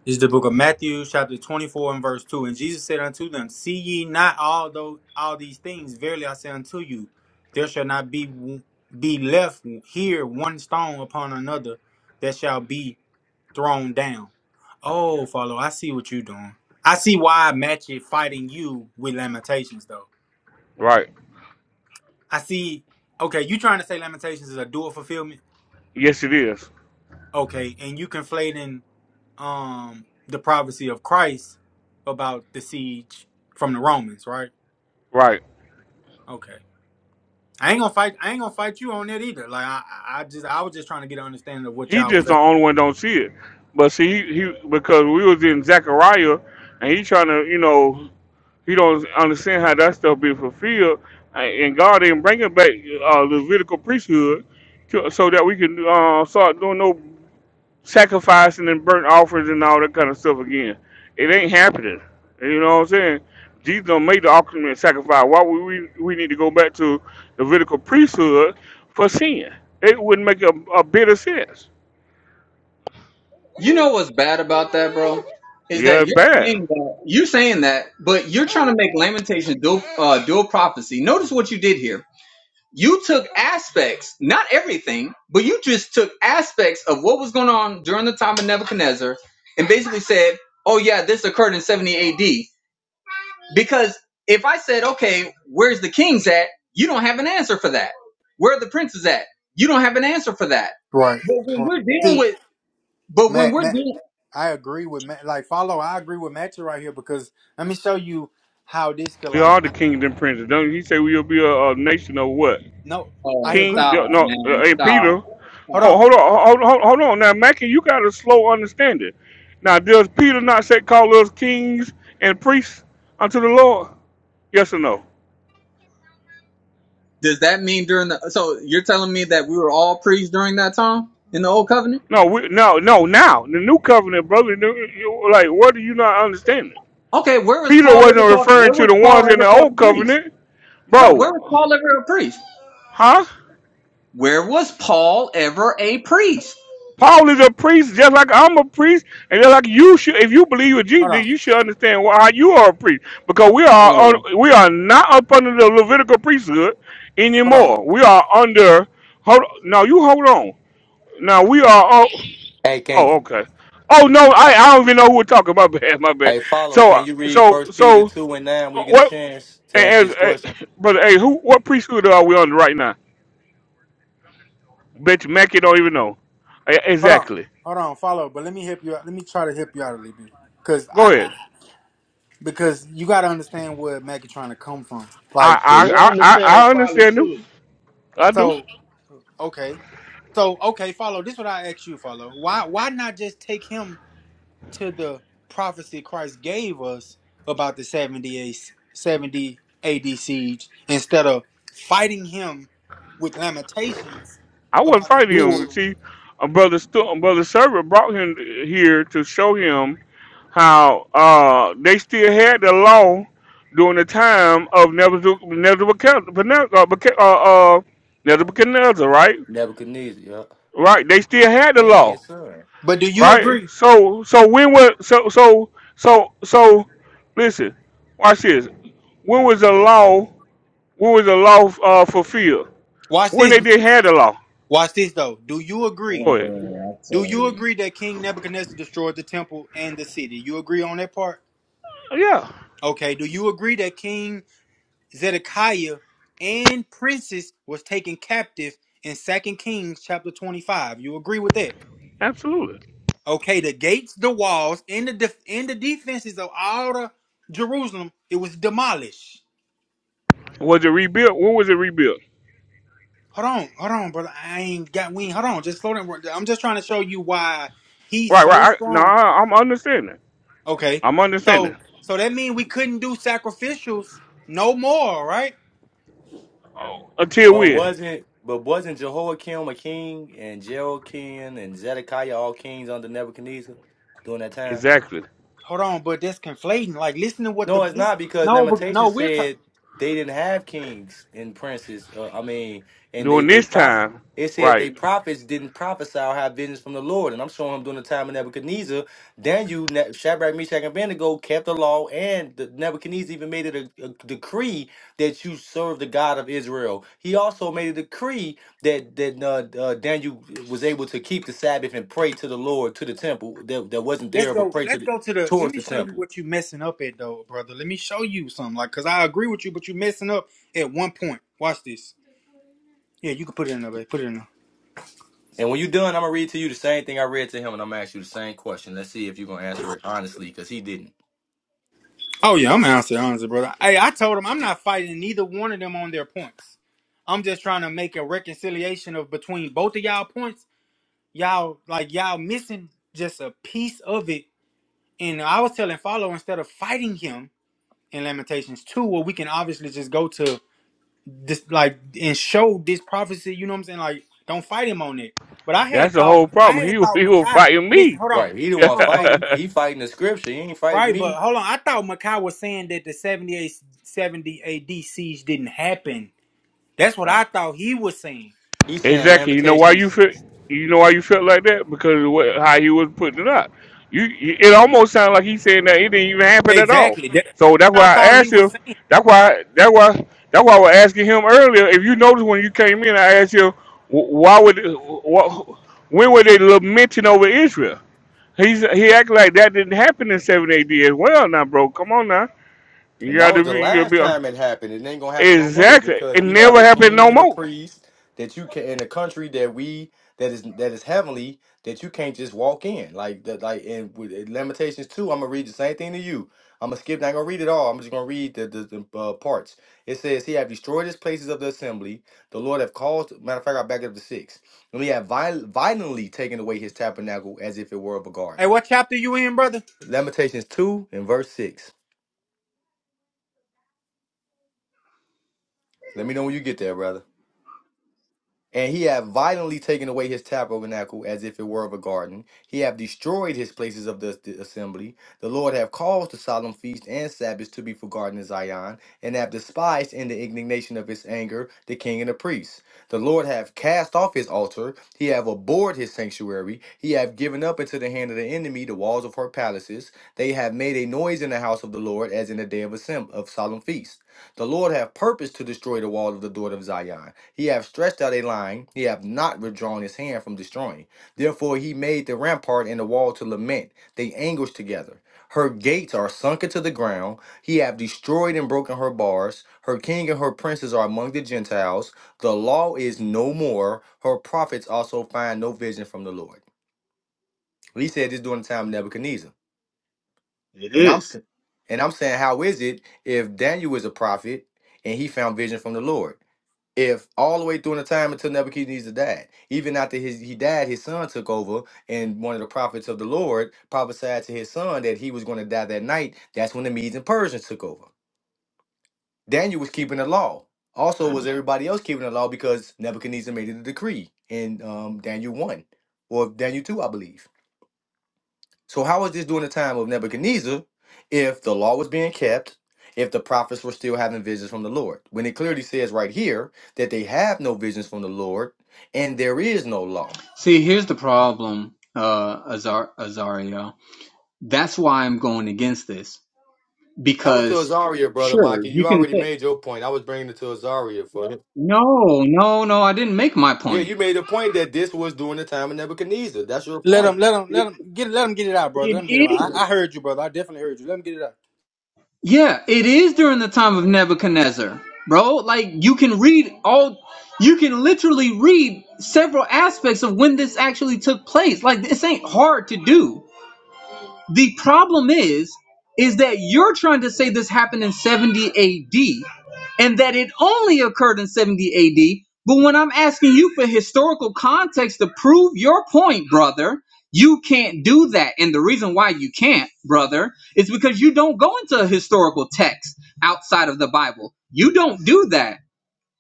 This is the book of Matthew, chapter 24, and verse 2. And Jesus said unto them, See ye not all those all these things? Verily I say unto you, there shall not be be left here one stone upon another that shall be thrown down. Oh, follow, I see what you're doing. I see why I match it fighting you with lamentations, though. Right? I see okay, you trying to say lamentations is a dual fulfillment? Yes, it is. Okay, and you conflating um the prophecy of Christ about the siege from the Romans, right? Right? Okay. I ain't gonna fight I ain't gonna fight you on that either. Like I I I just I was just trying to get an understanding of what He y'all was just the at. only one don't see it. But see, he, he because we was in Zechariah, and he trying to, you know, he don't understand how that stuff be fulfilled, and and God ain't bringing back uh, Levitical priesthood to- so that we can uh, start doing no sacrificing and burnt offerings and all that kind of stuff again. It ain't happening. You know what I'm saying? Jesus don't make the ultimate sacrifice. Why would we we need to go back to the Levitical priesthood for sin? It wouldn't make a, a bit of sense. You know what's bad about that, bro? Is Yeah, that it's you're bad. saying that you're saying that, but you're trying to make Lamentations dual uh, dual prophecy. Notice what you did here. you took aspects, not everything, but you just took aspects of what was going on during the time of Nebuchadnezzar and basically said, oh, yeah, this occurred in 70 AD. Because if I said, okay, where's the kings at? You don't have an answer for that. Where are the princes at? You don't have an answer for that. Right. But when right. we're dealing See, with, but when Matt, we're Matt, dealing, I agree with Matt. Like, follow. I agree with Matthew right here because let me show you how this could We like. are the kingdom princes. Don't he say we'll be a, a nation of what? No, I oh, King, agree. stop, no, no, man, uh, hey, stop. Peter. Hold Oh, on, stop. hold on, hold, hold, hold on. Now, Mackie, you got a slow understanding. Now, does Peter not say call us kings and priests unto the Lord? Yes or no? Does that mean during the, so you're telling me that we were all priests during that time in the old covenant? No, we, no, no. Now, the new covenant, brother. You, you- like, what are you not understanding? Okay, where was Peter Paul ever wasn't called? referring Where to was the Paul ones in ever the called a old priest? covenant, No, where was bro. Paul ever a priest? Huh? Where was Paul ever a priest? Paul is a priest, just like I'm a priest, and just like you should. If you believe in Jesus, hold then on, you should understand why how you are a priest, because we are Oh, un- we are not up under the Levitical priesthood hold on, anymore. We are under. Hold now, you hold on. Now we are. Oh, Hey, can oh okay. Oh no, I, I don't even know who we're talking. about. My bad, my bad. hey follow? So Can uh, you read so First Peter so two and nine when uh, you get a what? chance to answer As, his as question? brother, hey, who? What priesthood are we under right now? Bet you Mackey don't even know. Eh, hold on, Exactly. hold on. Follow, but let me help you out. Let me try to help you out a little bit because Go I, ahead. because you got to understand where Megatron to come from. Like, Yeah, I I Your I, I understanding I folly understand him. too. I do. so okay, so okay, follow. This is what I ask you, follow. Why why not just take him to the prophecy Christ gave us about the 70 A- 70 AD siege instead of fighting him with lamentations I wasn't about the fighting him. duel? See, uh, brother Stu, brother Server brought him here to show him how uh, they still had the law during the time of Nebuchadnezzar, Nebuchadnezzar, uh, Beca- uh, uh, Nebuchadnezzar, right? Right. They still had the law, But do you right? agree? So so when was so so so so listen, watch this. When was the law? When was the law uh, fulfilled? Watch When this. they did have the law? Watch this though. Do you agree? Go ahead. oh, I Do tell you you. agree that King Nebuchadnezzar destroyed the temple and the city? You agree on that part? Yeah, Okay, do you agree that King Zedekiah and princes was taken captive in Second Kings chapter 25? You agree with that? absolutely. Okay, the gates, the walls, and the def- and the defenses of all the Jerusalem, it was demolished. Was it rebuilt? When was it rebuilt? Hold on, hold on, brother. I ain't got we. ain't- Hold on, just slow down. I'm just trying to show you why he's Right, so right. I, no, strong. I, I'm understanding. Okay, I'm understanding. so so that means we couldn't do sacrificials no more, right? Oh. Until But when? wasn't but wasn't Jehoiakim a king and Jehoiakim and Zedekiah all kings under Nebuchadnezzar during that time? Exactly. Hold on, but that's conflating. Like, listen to what the No, it's this, not because no, but Lamentation no, we're talking. said they didn't have kings and princes. Uh, I mean, and they During they this prop. time, It said right. they prophets didn't prophesy or have visions from the Lord. And I'm showing him during the time of Nebuchadnezzar, Daniel, Ne- Shadrach, Meshach, and Abednego kept the law, and the Nebuchadnezzar even made it a, a decree that you serve the God of Israel. He also made a decree that that uh, uh, Daniel was able to keep the Sabbath and pray to the Lord to the temple that, that wasn't Let's there, but go. pray to Let's the go to the. Let towards me the show you temple. what you messing up at, though, brother. Let me show you something. Like, cause I agree with you, but you messing up at one point. Watch this. Yeah, you can put it in there, babe. Put it in there. And when you're done, I'm gonna read to you the same thing I read to him, and I'm gonna ask you the same question. Let's see if you're gonna answer it honestly, because he didn't. Oh yeah, I'm answering honestly, brother. Hey, I told him I'm not fighting neither one of them on their points. I'm just trying to make a reconciliation of between both of y'all points. Y'all like y'all missing just a piece of it. And I was telling Follow instead of fighting him. in Lamentations 2 where we can obviously just go to this like and show this prophecy, you know what I'm saying? Like, don't fight him on it. But I That's had the thought whole I problem. He, had thought he was Makai fighting listen, me. hold on. Right. He the one Hold on, follow. fighting. He fighting the scripture. He ain't fighting Right, but me. hold on. I thought Makai was saying that the 78 70 AD siege didn't happen. That's what I thought he was saying. He's saying Exactly. You know why you Lamentations feel. You know why you felt like that because of what, how he was putting it up. You, you it almost sounded like he's saying that it didn't even happen at all. Exactly. That's So that's what I why I thought he asked was him. saying. That's why. That's why. That's why I was asking him earlier. If you noticed when you came in, I asked you wh- why would wh wh- when were they lamenting over Israel? He's he acted like that didn't happen in seven AD as well. Now, bro, come on now. You And got that was to the be. You last gotta be time it happened. It ain't gonna happen no more exactly. because It we have never a happened king no and a more. priest that you can in a country that we that is that is heavenly that you can't just walk in like that like and with uh, Lamentations two. I'm gonna read the same thing to you. I'm gonna skip. Not gonna read it all. I'm just gonna read the the, the uh, parts. It says he have destroyed his places of the assembly. The Lord have caused. Matter of fact, I back up to six. And he have viol- violently taken away his tabernacle as if it were of a Hey, garden. what chapter you in, brother? Lamentations two and verse six. Let me know when you get there, brother. And he have violently taken away his tabernacle as if it were of a garden. He have destroyed his places of the, the assembly. The Lord have caused the solemn feast and Sabbaths to be forgotten in Zion, and have despised in the indignation of his anger the king and the priests. The Lord have cast off his altar. He have abhorred his sanctuary. He have given up into the hand of the enemy the walls of her palaces. They have made a noise in the house of the Lord as in the day of, assemb- of solemn feast. The Lord have purposed to destroy the wall of the door of Zion he hath stretched out a line, he hath not withdrawn his hand from destroying. Therefore he made the rampart and the wall to lament, they anguish together. Her gates are sunk into the ground, he hath destroyed and broken her bars. Her king and her princes are among the Gentiles. The law is no more, her prophets also find no vision from the Lord. Well, He said this during the time of Nebuchadnezzar. And I'm s- and I'm saying, how is it if Daniel is a prophet and he found vision from the Lord? if all the way through the time until Nebuchadnezzar died, even after his he died, his son took over, and one of the prophets of the Lord prophesied to his son that he was going to die that night. That's when the Medes and Persians took over. Daniel was keeping the law. Also, was everybody else keeping the law because Nebuchadnezzar made it a decree in um, Daniel one or Daniel two, I believe. So how was this during the time of Nebuchadnezzar if the law was being kept, if the prophets were still having visions from the Lord? When it clearly says right here that they have no visions from the Lord and there is no law. See, here's the problem, uh, Azar- Azario. That's why I'm going against this That was to because Azaria, brother sure Mikey. you You can already say made your point. I was bringing it to Azaria for it. no, no, no. I didn't make my Yeah, point. you made a point that this was during the time of Nebuchadnezzar. That's your Let point. him, let him, let him get, let him get it out, brother. Let him get it out. I, I heard you, brother. I definitely heard you. Let him get it out. Yeah, it is during the time of Nebuchadnezzar, bro. Like you can read all, you can literally read several aspects of when this actually took place. Like this ain't hard to do. The problem is, is that you're trying to say this happened in 70 AD and that it only occurred in 70 AD. But when I'm asking you for historical context to prove your point, brother, you can't do that. And the reason why you can't, brother, is because you don't go into a historical text outside of the Bible. You don't do that.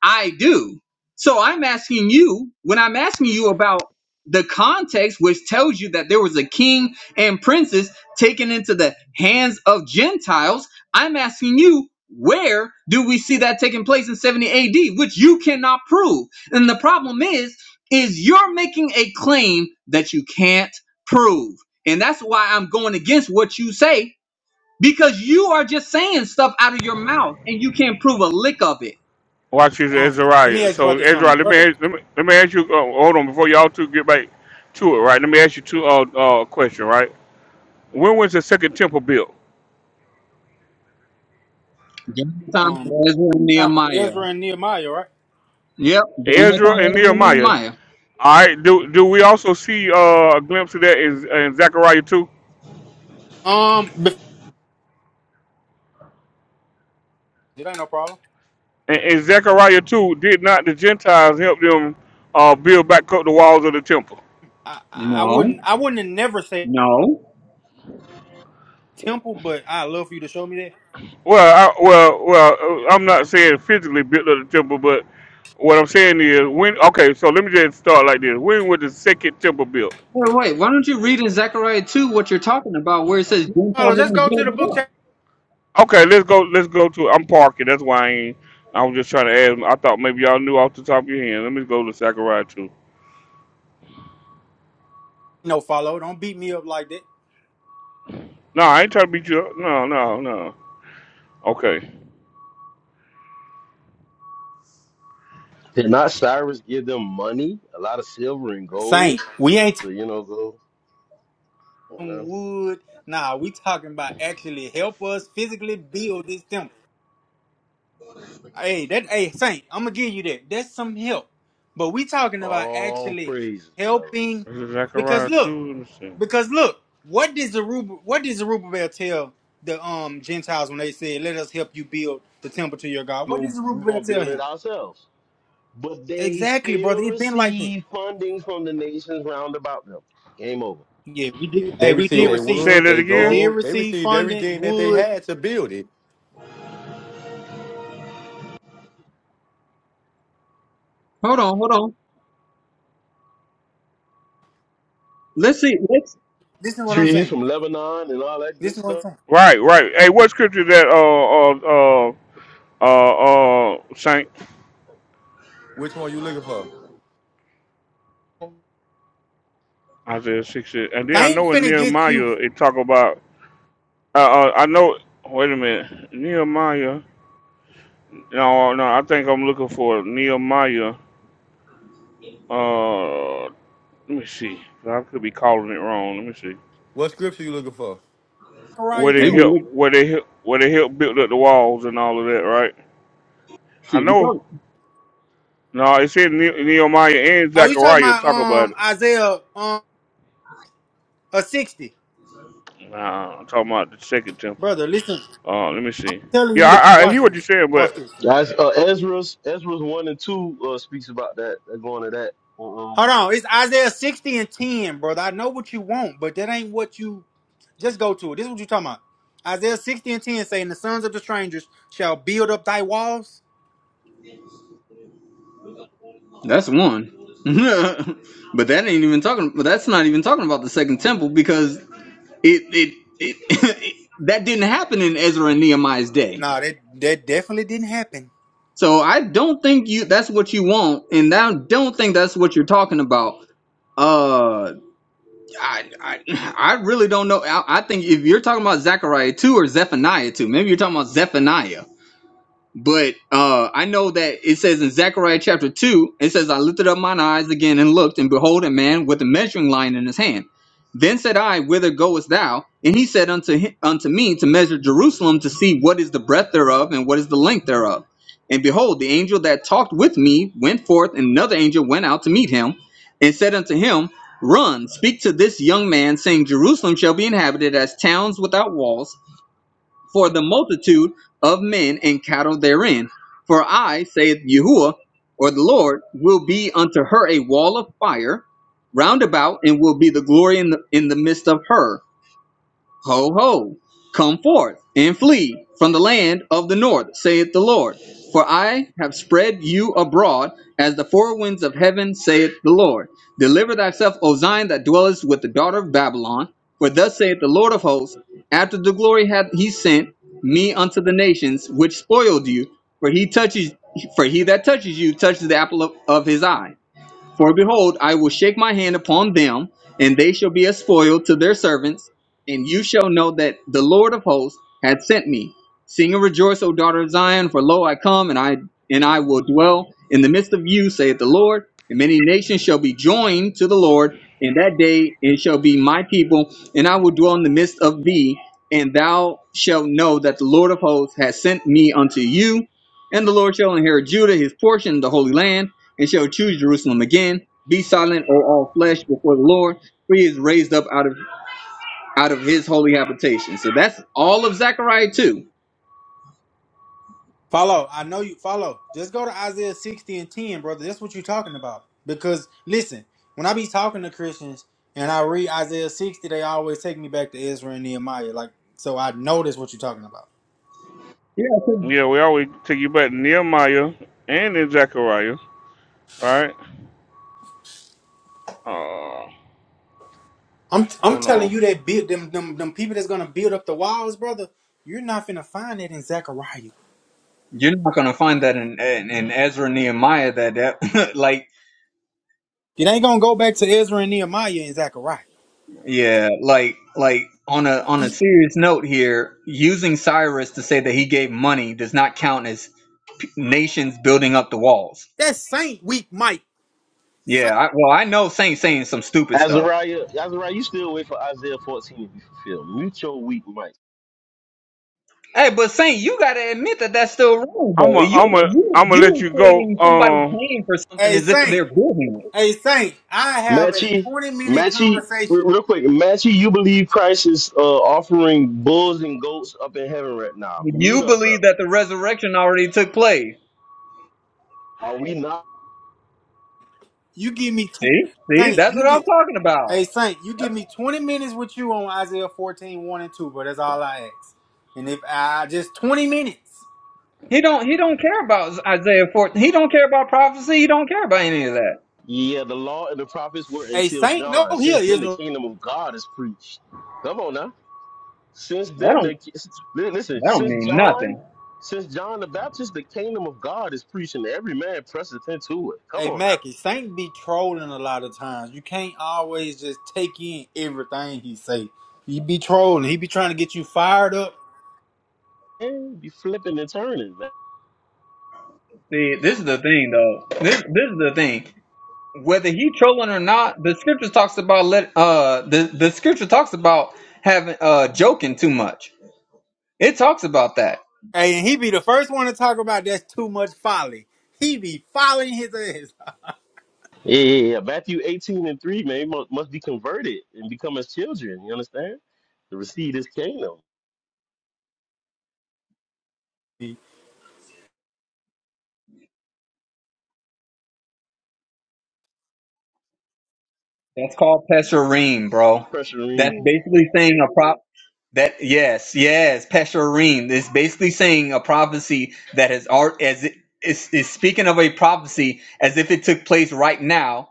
I do. So I'm asking you, when I'm asking you about the context, which tells you that there was a king and princess taken into the hands of Gentiles, I'm asking you, where do we see that taking place in 70 AD, which you cannot prove? And the problem is, is you're making a claim that you can't prove. And that's why I'm going against what you say, because you are just saying stuff out of your mouth and you can't prove a lick of it. Watch this, Um, let me Ezra. ask So, brother something, Ezra, let me, brother. ask- let me let me ask you. Uh, hold on, before y'all two get back to it, right? Let me ask you two uh, uh question, right? When was the second temple built? Jonathan, Um, Ezra, during and the time of Nehemiah. Ezra and Nehemiah, right? Yep, Ezra Jonathan, and Ezra, and Nehemiah. Nehemiah. All right. Do do we also see uh, a glimpse of that in, in Zechariah two? Um, but- it ain't no problem. And in in Zechariah two, did not the Gentiles help them uh, build back up the walls of the temple? I, I No, wouldn't, I wouldn't have never say no. temple, but I love for you to show me that. Well, I, well, well. uh, I'm not saying physically built up the temple, but what I'm saying is when. Okay, so let me just start like this. When was the second temple built? Wait, wait. Why don't you read in Zechariah 2 what you're talking about where it says Gentiles are Follow, let's going to go to the build book. it up? chapter. Okay, let's go. Let's go to. I'm parking. That's why I ain't. I was just trying to ask. I thought maybe y'all knew off the top of your head. Let me go to Zechariah two. no, follow. Don't beat me up like that, No, I ain't trying to beat you up. No, no, no. Okay. Did not Cyrus give them money, a lot of silver and gold? Saint. We ain't So you know, go, you talking know, wood. Nah, we talking about actually help us physically build this temple. Hey, that hey Saint, I'm gonna give you that. That's some help. But we talking about all actually praises, brother. helping Is it because Zechariah look. two? Let me see. Because look, what did Zerubbabel, what did Zerubbabel tell the um Gentiles when they said, "Let us help you build the temple to your God"? We're What did gonna, we Zerubbabel gonna tell build it him? ourselves. but they Exactly, still brother. It's been like that. receive funding from the nations round about them. Game over. Yeah, we did. They Hey, we received did their Oh, receive. it. say wood, that they We again. did gold, they receive received funding, everything that they wood. had to build it. Hold on, hold on. Let's see. Let's Listen to what I'm Trees saying. from Lebanon and all that good Listen to what I'm stuff. saying. Right, right. Hey, what scripture is that? Uh, uh, uh, uh, uh, Saint. Which one you looking for? Isaiah six, is- and They then I ain't know in finna get you Nehemiah it talk about. Uh, uh, I know. Wait a minute, Nehemiah. No, no, I think I'm looking for Nehemiah. Uh, let me see. I could be calling it wrong. Let me see. What scripture you looking for? Zechariah Where they maybe too. you help, look. where they help, where they help build up the walls and all of that, right? I Shoot, you know. probably. No, it's in Ne- Nehemiah and Oh, you talking Zechariah about talk about um it. Isaiah um a sixty, Nah, I'm talking about the second temple. brother? Listen, Uh, let me see. telling you Yeah, to I, I watch hear what you're this. saying, Watch this. That's uh, Ezra's. Ezra's one and two uh, speaks about that. They're going to that. Hold Um, on, it's Isaiah 60 and 10, brother. I know what you want, but that ain't what you just go to it. This is what you're talking about. Isaiah 60 and 10 saying the sons of the strangers shall build up thy walls. That's one. but that ain't even talking. But that's not even talking about the second temple because it it, it that didn't happen in Ezra and Nehemiah's day. Nah, that that definitely didn't happen. So I don't think you that's what you want, and I don't think that's what you're talking about. Uh, I I, I really don't know. I, I think if you're talking about Zechariah two or Zephaniah two, maybe you're talking about Zephaniah. But uh, I know that it says in Zechariah chapter 2, it says, I lifted up mine eyes again and looked, and behold, a man with a measuring line in his hand. Then said I, Whither goest thou? And he said unto, him, unto me, To measure Jerusalem, to see what is the breadth thereof, and what is the length thereof. And behold, the angel that talked with me went forth, and another angel went out to meet him, and said unto him, Run, speak to this young man, saying, Jerusalem shall be inhabited as towns without walls for the multitude of men and cattle therein. For I, saith Yahuwah, or the Lord, will be unto her a wall of fire round about, and will be the glory in the, in the midst of her. Ho, ho, come forth and flee from the land of the north, saith the Lord. For I have spread you abroad as the four winds of heaven, saith the Lord. Deliver thyself, O Zion, that dwellest with the daughter of Babylon. For thus saith the Lord of hosts, after the glory hath he sent me unto the nations which spoiled you, for he touches for he that touches you touches the apple of, of his eye. For behold, I will shake my hand upon them, and they shall be a spoil to their servants, and you shall know that the Lord of hosts hath sent me. Sing and rejoice, O daughter of Zion, for lo I come, and I and I will dwell in the midst of you, saith the Lord, and many nations shall be joined to the Lord in that day, and shall be my people, and I will dwell in the midst of thee, and thou shalt know that the Lord of hosts hath sent me unto you, and the Lord shall inherit Judah his portion, the holy land and shall choose Jerusalem again. Be silent, O all flesh, before the Lord, for he is raised up out of out of his holy habitation. So that's all of Zechariah too. Follow, I know you follow. Just go to Isaiah 60 and 10, brother. That's what you're talking about. Because listen, when I be talking to Christians and I read Isaiah 60, they always take me back to Ezra and Nehemiah. Like, so I know that's what you're talking about. Yeah, I think Yeah, we always take you back to Nehemiah and then Zechariah, right? Uh, I'm I'm hold telling on. you that build them them them people that's gonna build up the walls, brother. You're not finna find that in Zechariah. You're not gonna find that in in, in Ezra and Nehemiah that that like It ain't gonna go back to Ezra and Nehemiah and Zechariah. yeah like like on a on a serious note here, using Cyrus to say that he gave money does not count as p- nations building up the walls. That's Saint Week, Mike. Yeah, Saint, I, well I know Saint saying some stupid stuff. Azariah, Azariah, you still wait for Isaiah 14 to be fulfilled. Mute your weak mic. Hey, but Saint, you gotta admit that that's still wrong, though. I'm a, You I'm a, you I'm gonna let you you go. equating somebody Um, paying for something hey as if Saint, they're doing it. hey Saint. I have a Matchy, 20 minute Matchy, re- conversation. real quick, Matchy, you believe Christ is uh, offering bulls and goats up in heaven right now? You Mute up, believe brother. that the resurrection already took place. Are we not? You give me 20. See, see, Saint, that's you what I'm get. talking about. Hey Saint, you give That's- me 20 minutes with you on Isaiah 14, one and 2, but that's all I ask. And if I just 20 minutes. He don't he don't care about Isaiah 14. He don't care about prophecy. He don't care about any of that. Yeah, the law and the prophets were Hey until Saint, no, John. here Since is. then, the kingdom of God is preached. Come on now. Since That then, don't the ki- li- listen. that don't Since mean John, nothing. since John the Baptist, the kingdom of God is preached, and every man presseth into it. Come Hey on now. Mackie, Saint be trolling a lot of times. You can't always just take in everything he say. He be trolling. He be trying to get you fired up. Man, be flipping and turning, man. See, this is the thing, though. This this is the thing. Whether he trolling or not, the scripture talks about let uh the the scripture talks about having uh joking too much. It talks about that. Hey, and he be the first one to talk about that's too much folly. He be following his ass. Yeah, yeah, yeah. Matthew eighteen and three, man, must, must be converted and become as children. You understand? To receive this kingdom. That's called pesherim, bro. That's Pressuring. basically saying Okay. a prop. That yes, yes, pesherim. It's basically saying a prophecy that has art as it is is speaking of a prophecy as if it took place right now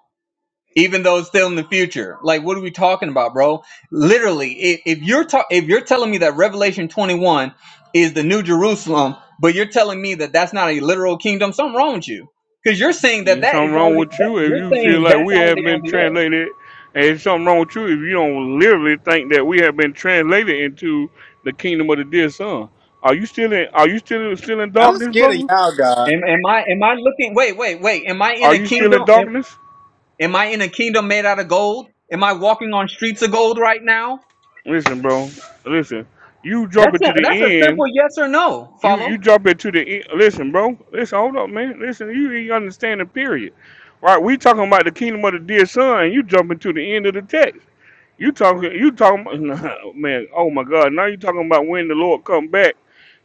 even though it's still in the future. Like, what are we talking about, bro? Literally, if, if you're ta- if you're telling me that Revelation 21 is the New Jerusalem, but you're telling me that that's not a literal kingdom, something wrong with you. Because you're saying that there's that something is wrong already with that you if you're you feel saying like that's we already have on been the earth. translated, and there's something wrong with you if you don't literally think that we have been translated into the kingdom of the dear son. Are you still in? Are you still still in I'm darkness, scared of brother? y'all, God. Am, am I am I looking? Wait, wait, wait. Am I in Are a you still kingdom? in Am, darkness? am I in a kingdom made out of gold? Am I walking on streets of gold right now? Listen, bro. Listen. You That's jumping a, to that's the a end simple yes or no. You you Follow? jump into the e- listen, bro. Listen, hold up, man. Listen, you ain't understand the period, right? We talking about the kingdom of the dear son, and you jumping to the end of the text. You talking, you talking, about, nah, man. Oh my God! Now you talking about when the Lord come back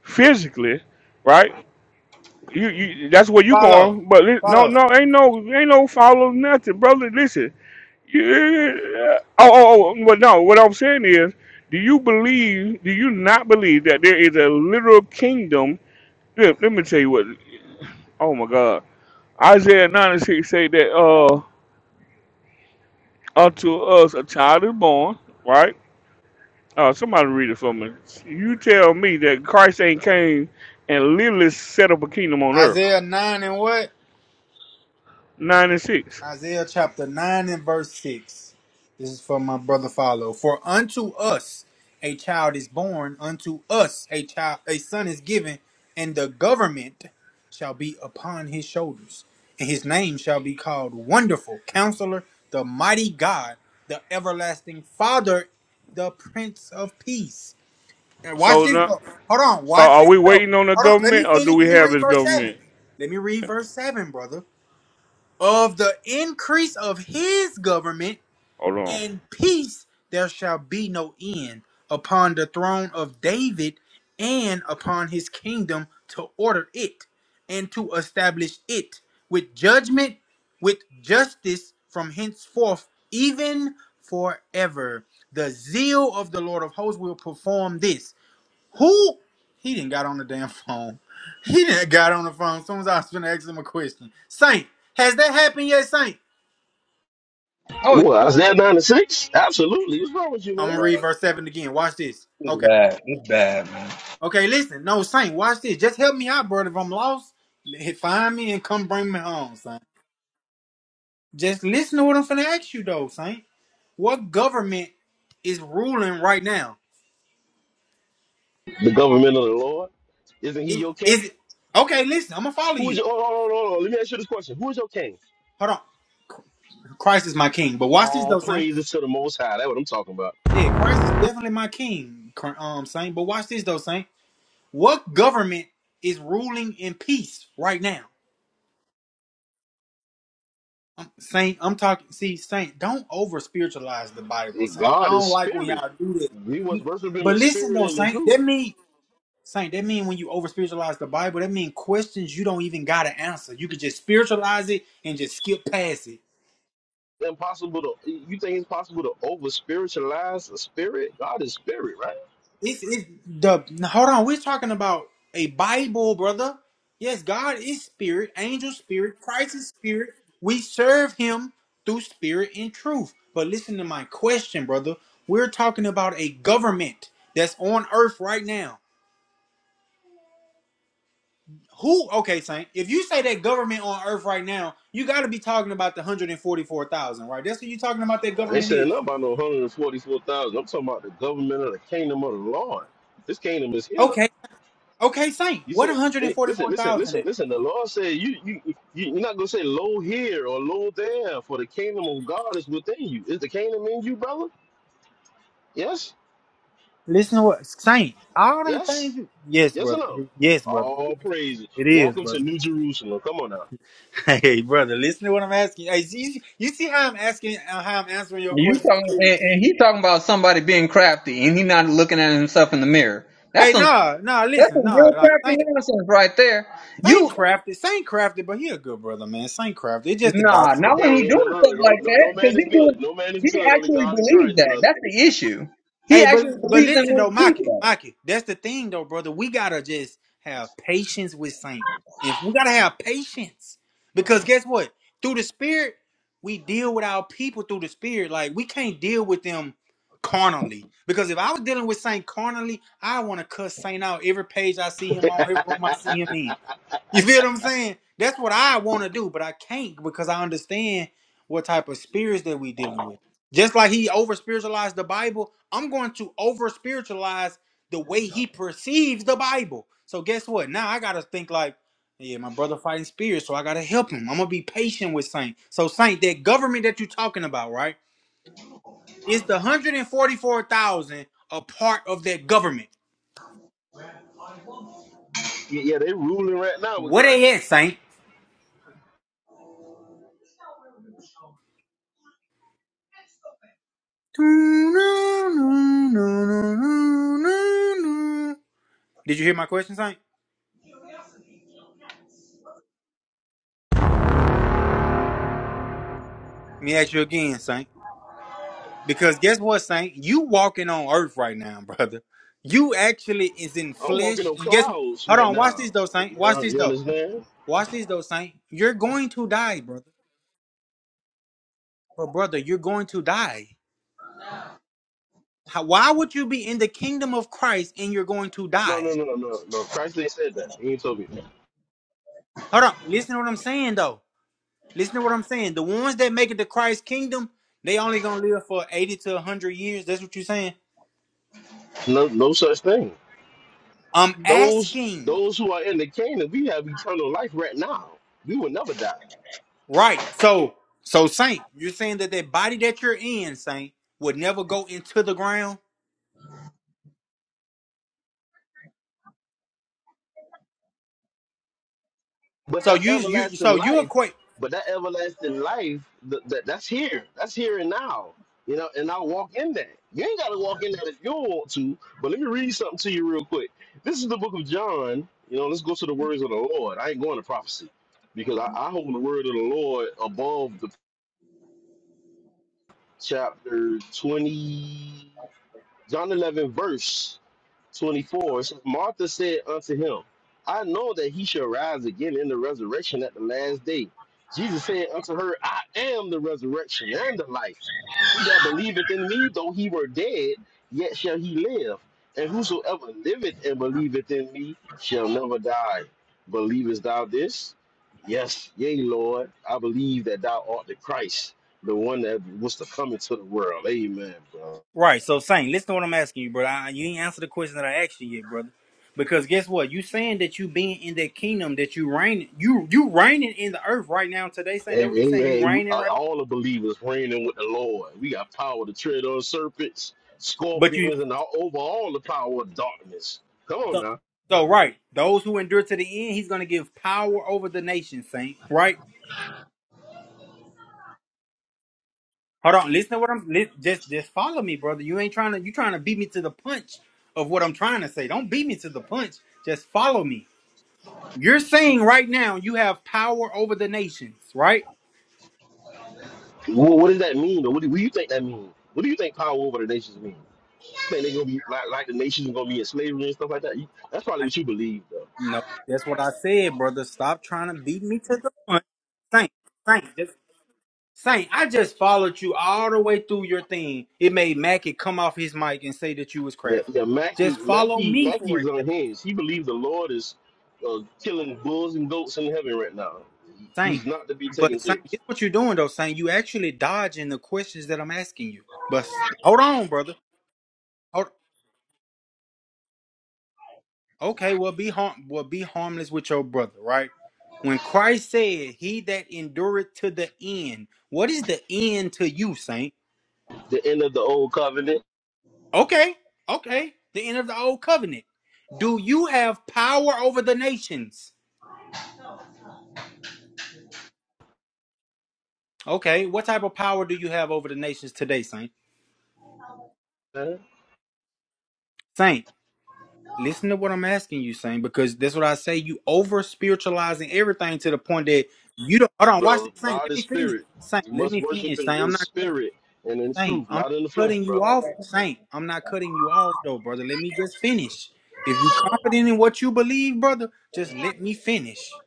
physically, right? You you that's where you Follow, going. But li- no follow no ain't no ain't no follow nothing, brother. Listen, you, oh oh oh. But no, what I'm saying is, do you believe? Do you not believe that there is a literal kingdom? Yeah, let me tell you what. Oh my God, Isaiah 96 say that uh unto us a child is born, right? Uh, somebody read it for me. You tell me that Christ ain't came and literally set up a kingdom on earth. Isaiah nine and what? 96. Isaiah chapter 9 and verse 6. This is from my brother Follow. For unto us a child is born, unto us a child a son is given, and the government shall be upon his shoulders. And his name shall be called Wonderful Counselor, the Mighty God, the Everlasting Father, the Prince of Peace. And watch So this now, though. Hold on. so Watch are this we though. waiting on the Hold on. Let government me or do finish. we Let me have read his verse 7. government? Let me read verse 7, brother. Of the increase of his government Hold on, and peace there shall be no end upon the throne of David and upon his kingdom to order it and to establish it with judgment, with justice from henceforth, even forever. The zeal of the Lord of hosts will perform this. Who? He didn't got on the damn phone. He didn't got on the phone. As soon as I was gonna ask him a question, Saint, has that happened yet, Saint? Oh, Well, Isaiah nine and six. Absolutely. What's wrong with you, I'm man? gonna bro, read verse seven again. Watch this. it's Okay. bad. It's bad, man. Okay. Listen. No, Saint. Watch this. Just help me out, brother. If I'm lost, l- find me and come bring me home, Saint. Just listen to what I'm finna ask you, though, Saint. What government is ruling right now? The government of the Lord? Isn't he Is, your king? is it? Okay. Listen. I'm gonna follow Who is you. your hold on, hold on, hold on. Let me ask you this question. Who is your king? Hold on. Christ is my king. But watch this, All though, Saint. praises to the most high. That's what I'm talking about. Yeah, Christ is definitely my king, Cr- um, Saint. But watch this though, Saint. What government is ruling in peace right now? Um, Saint, I'm talking. See, Saint, don't over spiritualize the Bible, Saint. I God is don't like when spirit. y'all do this. We must worship him But in listen spirit though, and in Saint, truth. that mean Saint, that mean when you over spiritualize the Bible, that mean questions you don't even gotta answer. You could just spiritualize it and just skip past it. Impossible to you think it's possible to over spiritualize a spirit? God is spirit, right? It's, it's the hold on. We're talking about a Bible, brother. Yes, God is spirit, angel spirit, Christ is spirit. We serve Him through spirit and truth. But listen to my question, brother. We're talking about a government that's on earth right now. Who? Okay, Saint. If you say that government on earth right now, you got to be talking about the hundred and forty-four thousand, right? That's what you're talking about. That I ain't government saying is nothing about no 144,000. I'm talking about the government of the kingdom of the Lord. This kingdom is here. okay. Okay, Saint. You What say, one hundred hey, and listen, forty-four listen, thousand listen, is? listen. The Lord said, you, you, you, you're not gonna say low here or low there, for the kingdom of God is within you. Is the kingdom in you, brother? Yes, Listen to what Saint. All them things. yes, You, yes, yes or brother. It no? is, yes, brother. It All is. praises. It is, Welcome to brother. New Jerusalem. Come on now. Hey, brother. Listen to what I'm asking. Hey, see, you see how I'm asking, uh, how I'm answering your You questions talking clearly. and, and he talking about somebody being crafty and he not looking at himself in the mirror. That's Hey, some nah, nah. that's Listen, some nah. real Like crafty Saint, nonsense right there. Saint You crafted, Saint crafted, but he a good brother, man. Saint crafted. It's just the nah, doctrine. not when he Hey, hey, no, doing no, stuff no, like no, no that man because is he good. doing No man is he good. Only actually God in believes Christ, that. brother. That's the issue. He Hey, but actually but believes in listen what though, he Maki, Maki, that's the thing though, brother. We gotta just have patience with Saint. If we gotta have patience, because guess what? Through the Spirit, we deal with our people through the Spirit. Like we can't deal with them carnally. Because if I was dealing with Saint carnally, I want to cuss Saint out every page I see him on, every room I see him in. You feel what I'm saying? That's what I want to do, but I can't because I understand what type of spirits that we dealing with. Just like he over spiritualized the Bible, I'm going to over spiritualize the way he perceives the Bible. So guess what? Now I gotta think like, yeah, my brother fighting spirits, so I gotta help him. I'm gonna be patient with Saint. So Saint, that government that you're talking about, right? Is the 144,000 a part of that government? Yeah, yeah, they ruling right now with What they Christ. at, Saint? Did you hear my question, Saint? Let me ask you again, Saint. Because guess what, Saint? You walking on earth right now, brother. You actually is in I'm walking flesh. on And guess what? clouds Hold right on, watch now. this though, Saint. Watch You, this you though. understand? Watch this though, Saint. You're going to die, brother. But brother, you're going to die. How, why would you be in the kingdom of Christ and you're going to No, no, die? no, no, no. Christ ain't said that. He ain't told me that. Hold on. Listen to what I'm saying though. Listen to what I'm saying. The ones that make it to Christ's kingdom, they only gonna live for 80 to 100 years. That's what you're saying. No, no such thing. I'm Those asking, those who are in the kingdom, we have eternal life right now. We will never die. right? So, so Saint, you're saying that that body that you're in, Saint, would never go into the ground. But So that you, you, so everlasting you life, equate, but that everlasting life, th- that that's here. That's here and now. You know, and I'll walk in that. You ain't gotta walk in that if you don't want to. But let me read something to you real quick. This is the book of John. You know, let's go to the words of the Lord. I ain't going to prophecy because I, I hold the word of the Lord above the chapter 20. John 11, verse 24. it says, Martha said unto him, I know that he shall rise again in the resurrection at the last day. Jesus said unto her, I am the resurrection and the life. He that believeth in me, though he were dead, yet shall he live. And whosoever liveth and believeth in me shall never die. Believest thou this? Yes, yea, Lord. I believe that thou art the Christ, the one that was to come into the world. Amen, bro. right? So Saint, listen to what I'm asking you, brother. I, you ain't answered the question that I asked you yet, brother. Because guess what? You saying that you being in that kingdom that you reign, you you reigning in the earth right now today, Saint. That Hey, what you hey, saying? You hey, we- reigning uh, right. all the believers reigning with the Lord. We got power to tread on serpents, But you scorpions, and all, over all the power of darkness. Come on So, now. so right, those who endure to the end, he's going to give power over the nation, saint. Right? Hold on, listen to what I'm li- just just follow me, brother. You ain't trying to you trying to beat me to the punch of what I'm trying to say. Don't beat me to the punch. Just follow me. You're saying right now you have power over the nations, right? What, what does that mean? Or what, do, what do you think that means? What do you think power over the nations mean? Think they're gonna be like, like the nations are gonna be in slavery and stuff like that? You- That's probably I, what you believe, though. no, that's what I said, brother. Stop trying to beat me to the punch, saint. Saint, just Saint, I just followed you all the way through your thing. It made Mackie come off his mic and say that you was Yeah, yeah. crafty. Mackie, Just follow Mackie, me Mackie for a is second, unhinged. He believes the Lord is uh, killing bulls and goats in heaven right now. He- Saint. He's not to be taken But Saint, serious. this what you're doing though, Saint. You actually dodging the questions that I'm asking you. But s- hold on, brother. Hold, okay, well be harm, well be harmless with your brother, right? When Christ said, "He that endureth to the end," what is the end to you, Saint? The end of the old covenant. Okay, okay, the end of the old covenant. Do you have power over the nations? Okay, what type of power do you have over the nations today, Saint? Uh-huh. Saint, listen to what I'm asking you, Saint, because that's what I say. You over spiritualizing everything to the point that you don't. Hold on, watch brother. this, Saint. God Let is me finish, spirit. Saint. You Let must me worship finish, him Saint. in I'm not cutting, spirit and in Saint. truth, I'm not in the not flesh, cutting you brother. off, Saint. I'm not cutting you off, though, brother. Let me just finish. If you confident in what you believe, brother, just let me finish.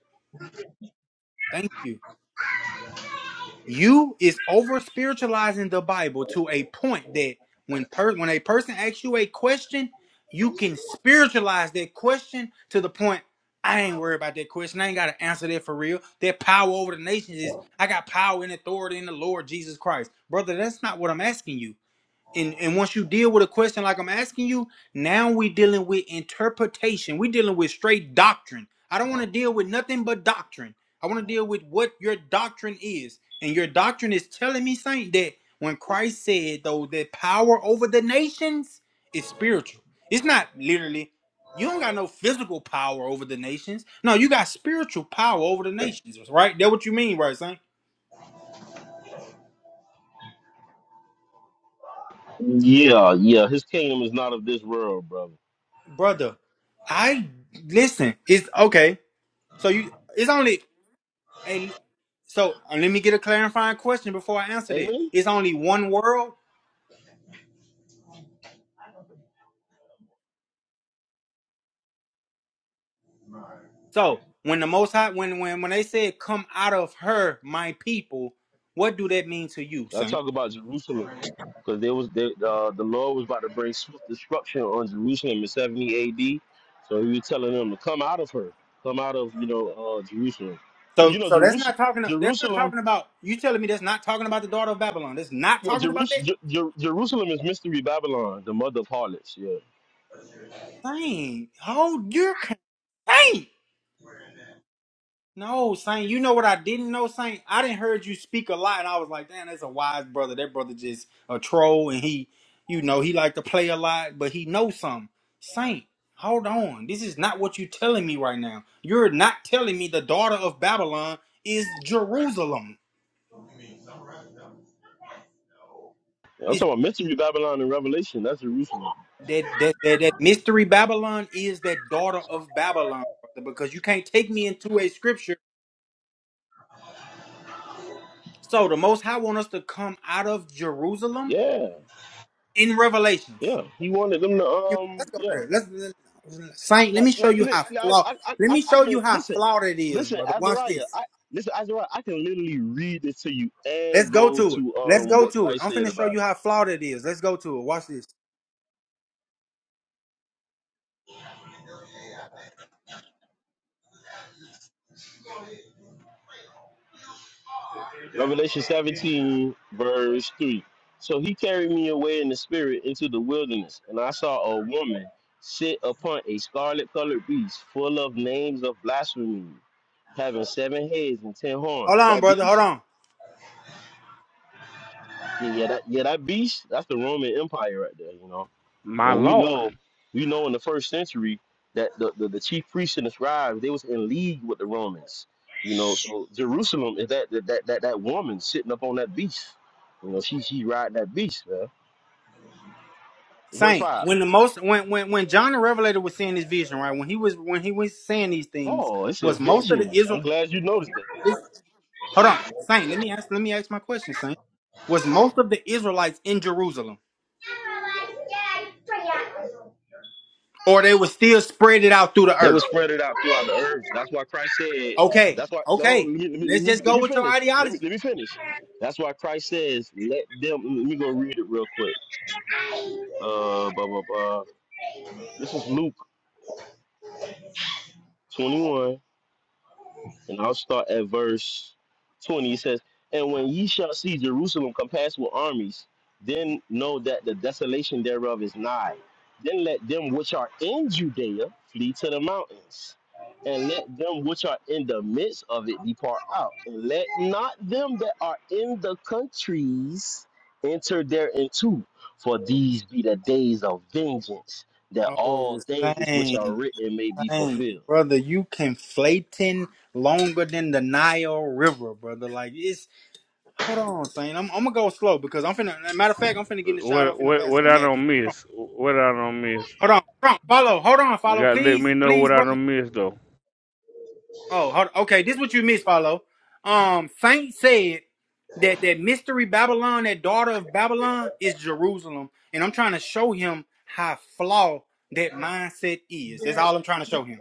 Thank you. You is over spiritualizing the Bible to a point that when per- when a person asks you a question, you can spiritualize that question to the point I ain't worried about that question. I ain't got to answer that for real. That power over the nations is I got power and authority in the Lord Jesus Christ. Brother, that's not what I'm asking you and and once you deal with a question like I'm asking you, now we dealing with interpretation. We dealing with straight doctrine. I don't want to deal with nothing but doctrine. I want to deal with what your doctrine is, and your doctrine is telling me, Saint, that when Christ said though that power over the nations is spiritual. It's not literally. You don't got no physical power over the nations. No, you got spiritual power over the nations, right? That what you mean, right, Saint? Yeah, yeah. His kingdom is not of this world, brother. Brother, I listen. It's okay. So you, it's only a. So uh, let me get a clarifying question before I answer that. Amen. It's only one world. So when the Most High, when when when they said, "Come out of her, my people," what do that mean to you, I Saint? talk about Jerusalem because there was there, uh, the Lord was about to bring swift destruction on Jerusalem in 70 AD. So he was telling them to come out of her, come out of you know uh, Jerusalem, because you So know so that's not Jerusalem, talking. That's not Jerusalem, talking about. You telling me that's not talking about the daughter of Babylon. That's not yeah, talking about Jerus- that. Jer- Jer- Jerusalem is mystery Babylon, the mother of harlots. Yeah, Saint, hold your. c- Saint. No, Saint, you know what I didn't know, Saint? I didn't heard you speak a lot, and I was like, damn, that's a wise brother. That brother just a troll, and he, you know, he like to play a lot, but he knows something. Saint, hold on. This is not what you're telling me right now. You're not telling me the daughter of Babylon is Jerusalem. I'm Is talking about mystery Babylon in Revelation. That's Jerusalem. that that that, that mystery Babylon is that daughter of Babylon, brother, because you can't take me into a scripture. So the most high want us to come out of Jerusalem Yeah, in Revelations. yeah. He wanted them to um Let's go yeah. there. Let's let- Saint. Let me show Like, you like, how like, flawed. I, I, I, Let I me I show can you how listen, flawed it is, listen, brother. Watch Azariah. this. I listen, Azariah. I can literally read this to you and Let's go go to it. to Let's um go what to it. Christ I'm said finna show about it. you how flawed it is. Let's go to it. Watch this. Revelation 17 verse three. So he carried me away in the spirit into the wilderness, and I saw a woman sit upon a scarlet colored beast full of names of blasphemy, having seven heads and ten Hold horns. on, That brother. Hold beast on. Yeah, yeah, that yeah, that beast, that's the Roman Empire right there, you know. my And we Lord. know, we know in the first century that the, the, the chief priests and the scribes, they was in league with the Romans. You know, so Jerusalem is that that that, that, that woman sitting up on that beast. You know, she she riding that beast, man. Verse Saint. five. When the most when when when John the Revelator was seeing this vision, right? When he was when he was saying these things, Oh, it's a was most of the vision. I'm Israel. glad you noticed that. this- hold on, Saint. Let me ask. Let me ask my question, Saint. Was most of the Israelites in Jerusalem, or they were still spread it out through the They were earth? spread it out throughout the earth. That's why Christ said, Okay, that's why no, let okay. me let me Let's let me, just let go me with your finish. Let ideology. me let me finish. That's why Christ says, let them let me go read it real quick. Uh, blah blah blah. This is Luke twenty one. And I'll start at verse 20. It says, And when ye shall see Jerusalem compassed with armies, then know that the desolation thereof is nigh. Then let them which are in Judea flee to the mountains, and let them which are in the midst of it depart out. And let not them that are in the countries enter thereinto, for these be the days of vengeance, that all Oh, things which are same, written may be same, fulfilled. brother. You conflating longer than the Nile River, brother. Like it's. Hold on, Saint. I'm, I'm gonna go slow because I'm finna. Matter of fact, I'm finna get in the shower. I'm What finna what pass it what to I Mackie. don't miss? What I don't miss? Hold on, hold on. Follow. Hold on. You Follow, gotta let me please, know what please, I brother. don't miss though. Oh, hold okay. This is what you missed, follow. Um, Saint said that that mystery Babylon, that daughter of Babylon, is Jerusalem, and I'm trying to show him how flawed that mindset is. That's all I'm trying to show him.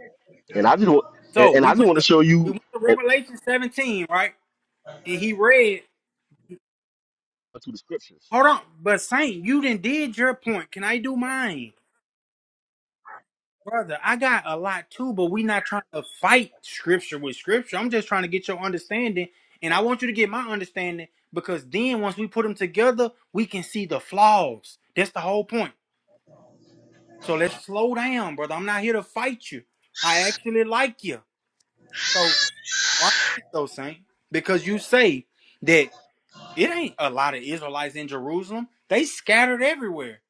And I just want, and, So and I we just went want to to show we you went to and Revelation 17, right? And he read. to the scriptures. Hold on, but Saint, you didn't did your point. Can I do mine? Brother, I got a lot too, but we not trying to fight scripture with scripture. I'm just trying to get your understanding, and I want you to get my understanding because then once we put them together, we can see the flaws. That's the whole point. So let's slow down, brother. I'm not here to fight you. I actually like you. So watch this though, Saint, because you say that it ain't a lot of Israelites in Jerusalem. They scattered everywhere.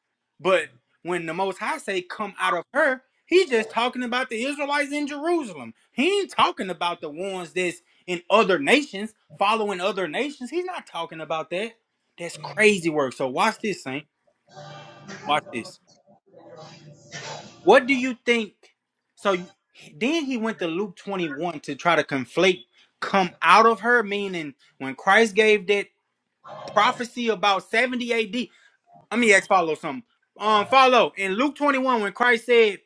But when the Most High say come out of her, he's just talking about the Israelites in Jerusalem. He ain't talking about the ones that's in other nations, following other nations. He's not talking about that. That's crazy work. So watch this, Saint. Watch this. What do you think? So you- then he went to Luke 21 to try to conflate come out of her, meaning when Christ gave that prophecy about 70 AD. Let me ask follow something. Um, follow in Luke 21 when Christ said,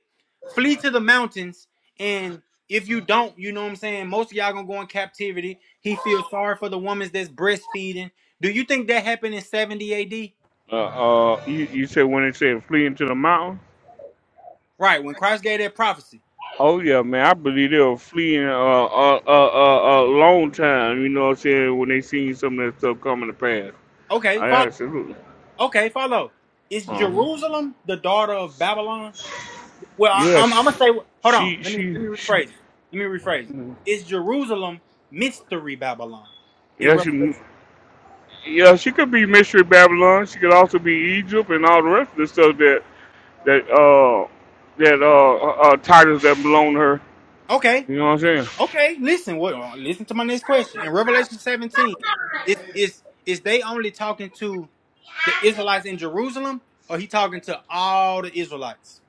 "Flee to the mountains," and if you don't, you know what I'm saying. Most of y'all gonna go in captivity. He feels sorry for the woman that's breastfeeding. Do you think that happened in 70 A.D.? Uh, uh you, you said when it said flee into the mountain. Right when Christ gave that prophecy. Oh yeah, man. I believe they'll flee in a, a, a, a, a long time. You know what I'm saying? When they see some of that stuff coming to pass, Okay, I follow. absolutely. Okay, follow. Is Uh huh. Jerusalem the daughter of Babylon? Well, I, Yeah, I'm, I'm gonna she, say. Hold on. she, Let me she, let me she, rephrase. It. Let me rephrase. It. Is Jerusalem mystery Babylon in yeah, she, Revelation? yeah, she could be mystery Babylon. She could also be Egypt and all the rest of the stuff that that uh that uh, uh uh, titles that belong to her. Okay, You know what I'm saying? Okay, listen. What? uh, Listen to my next question. In Revelation 17, is is is they only talking to the Israelites in Jerusalem, or he talking to all the Israelites?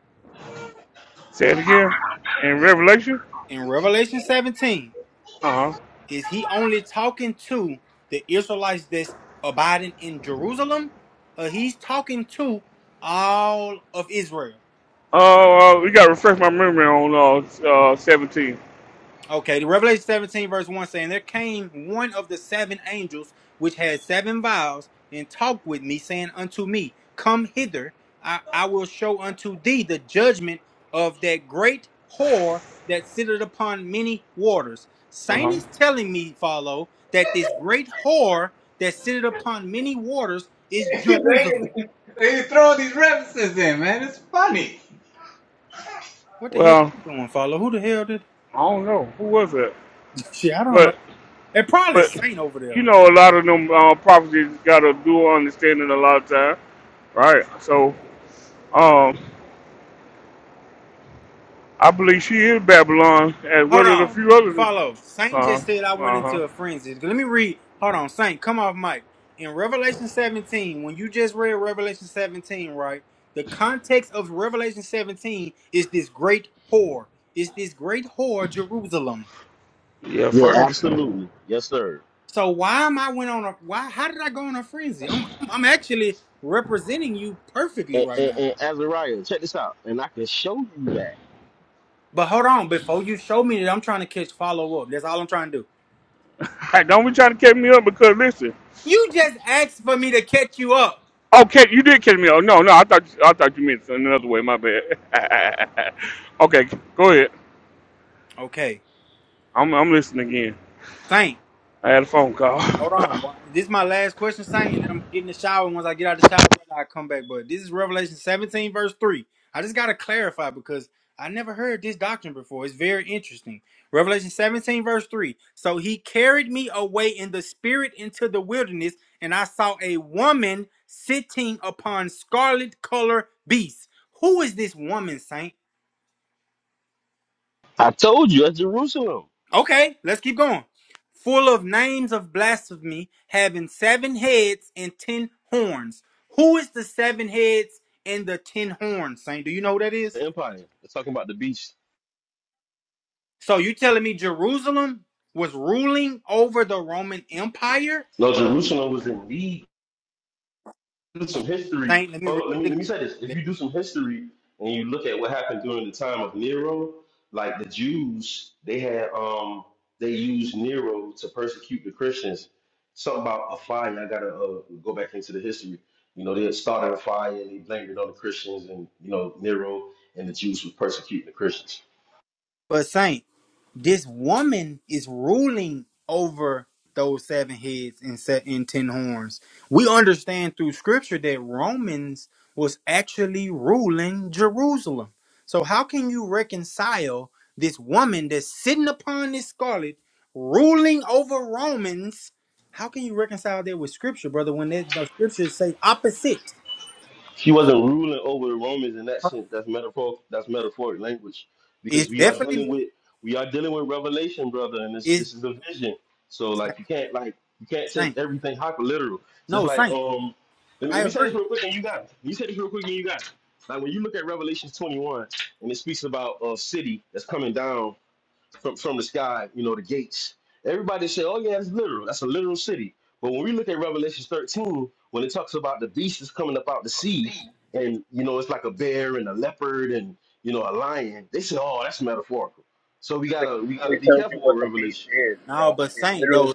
Say it again. In Revelation. In Revelation 17, Uh huh. is he only talking to the Israelites that's abiding in Jerusalem, or he's talking to all of Israel? Oh, uh, we gotta refresh my memory on uh, uh 17. Okay, the Revelation 17, verse 1 saying, There came one of the seven angels which had seven vials, and talked with me, saying unto me, Come hither, I, I will show unto thee the judgment of that great whore that sitteth upon many waters. Uh Saint huh. is telling me, follow, that this great whore that sitteth upon many waters is preaches. Jerusalem. they, they throwing these references in, man. It's funny. What the hell Well, you doing, follow? Who the hell did? I don't know who was it, Shit, I don't know. but It probably but is Saint over there. you know, a lot of them uh, properties got a dual understanding a lot of time, right? So um, I believe she is Babylon as Hold well as a on. few others. Follow. Saint Uh just said I went huh. into a frenzy. Let me read. Hold on. Saint, come off mic. In Revelation 17, when you just read Revelation 17, right? The context of Revelation 17 is this great whore. It's this great whore, Jerusalem. Yeah, Yeah, first. absolutely. Yes, sir. So why am I went on a why how did I go on a frenzy? I'm I'm I'm actually representing you perfectly And, right and, now. and Azariah, check this out. And I can show you that. But hold on, before you show me that I'm trying to catch follow up. That's all I'm trying to do. Hey, don't be trying to catch me up because listen. You just asked for me to catch you up. Okay, you did catch me up. No, no, I thought I thought you meant another way. My bad. okay, go ahead. Okay. I'm I'm listening again. Saint. I had a phone call. Hold on. Wha- This is my last question, Saint, and then I'm getting the shower. And once I get out the shower, brother, I come back. But this is Revelation 17, verse 3. I just got to clarify because I never heard this doctrine before. It's very interesting. Revelation 17, verse 3. So he carried me away in the spirit into the wilderness, and I saw a woman sitting upon scarlet color beasts. Who is this woman, Saint? I told you at Jerusalem, Okay, let's keep going. Full of names of blasphemy, having seven heads and ten horns. Who is the seven heads and the ten horns, Saint? Do you know who that the is? empire. It's talking about the beast. So you telling me Jerusalem was ruling over the Roman Empire? No, Jerusalem was in need do some history, Saint, let me hold read on, let me it let me say this. If again. you do some history and you look at what happened during the time of Nero, like the Jews, they had um they used Nero to persecute the Christians. Something about a fire. I gotta uh, go back into the history. You know, they had started a fire and they blamed it on the Christians, and you know Nero and the Jews were persecuting the Christians. But Saint, this woman is ruling over those seven heads and set in ten horns. We understand through scripture that Romans was actually ruling Jerusalem. So how can you reconcile this woman that's sitting upon this scarlet ruling over Romans? How can you reconcile that with scripture, brother, when that, the scriptures say opposite? She wasn't ruling over the Romans in that sense. That's metaphor. That's metaphoric language, because It's we are definitely dealing with we are dealing with revelation, brother, and this is this is a vision. So saint, like you can't like you can't take saint. everything hyper literal. Just No, like saint. um, let me I let me say this agree. real quick, and you got it. You say this real quick, and you got it. Like when you look at Revelation twenty one, and it speaks about a city that's coming down from, from the sky, you know, the gates. Everybody say, oh, yeah, it's literal. That's a literal city. But when we look at Revelation 13, when it talks about the beast is coming up out the sea, and, you know, it's like a bear and a leopard and, you know, a lion, they say, oh, that's metaphorical. So we gotta we gotta be careful with Revelation. No, but saint though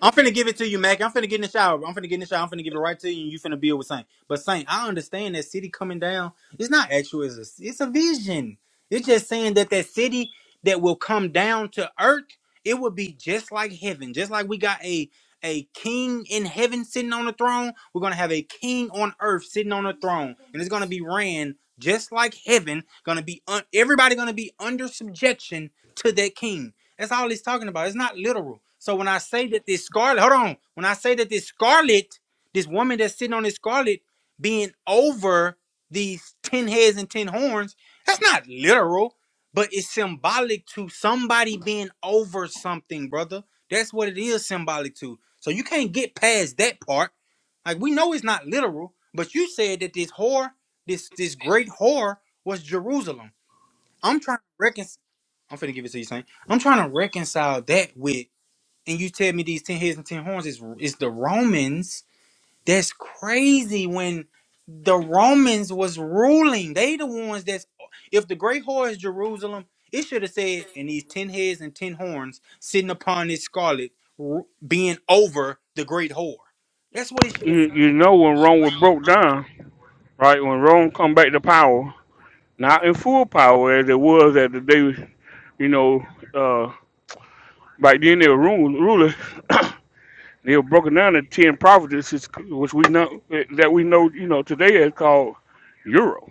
I'm finna give it to you, Mac. I'm finna get in the shower. I'm finna get in the shower. I'm finna give it right to you, and you finna build with Saint. But Saint, I understand that city coming down. It's not actual. It's a, it's a vision. It's just saying that that city that will come down to earth, it will be just like heaven. Just like we got a a king in heaven sitting on the throne, we're gonna have a king on earth sitting on the throne, and it's gonna be ran just like heaven. Gonna be un- everybody gonna be under subjection to that king. That's all it's talking about. It's not literal. So when I say that this scarlet, hold on. When I say that this scarlet, this woman that's sitting on this scarlet being over these 10 heads and 10 horns, that's not literal, but it's symbolic to somebody being over something, brother. That's what it is symbolic to. So you can't get past that part. Like we know it's not literal, but you said that this whore, this this great whore was Jerusalem. I'm trying to reconcile. I'm finna give it to you, Saint. I'm trying to reconcile that with, and you tell me these ten heads and ten horns is is the Romans. That's crazy. When the Romans was ruling, they the ones that's. If the great whore is Jerusalem, it should have said, "And these ten heads and ten horns sitting upon this scarlet, ru- being over the great whore." That's what it should you, have said. you know when Rome was broke down. right? When Rome come back to power, not in full power as it was at the day, you know, uh, back then they were rule, rulers. they were broken down into ten provinces, which we know that we know, you know, today is called Europe.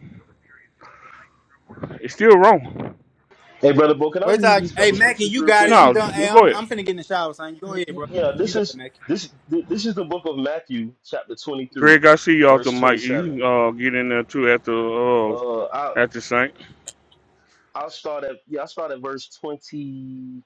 It's still Rome. Hey, brother Bo, can I Wait till read I, these hey couple Mackie, scriptures you real got it. quick? I'm No, And done. Hey, go I'm ahead, I'm finna get in the shower, son. Go y- ahead, y- bro. yeah, this You got it, is Mackie. this th- this is the book of Matthew, chapter twenty three, Greg. I see you off the verse twenty mic. seven. You uh, get in there too at the uh, Uh. I, at the Saint. I'll start at yeah, I'll start at verse 29.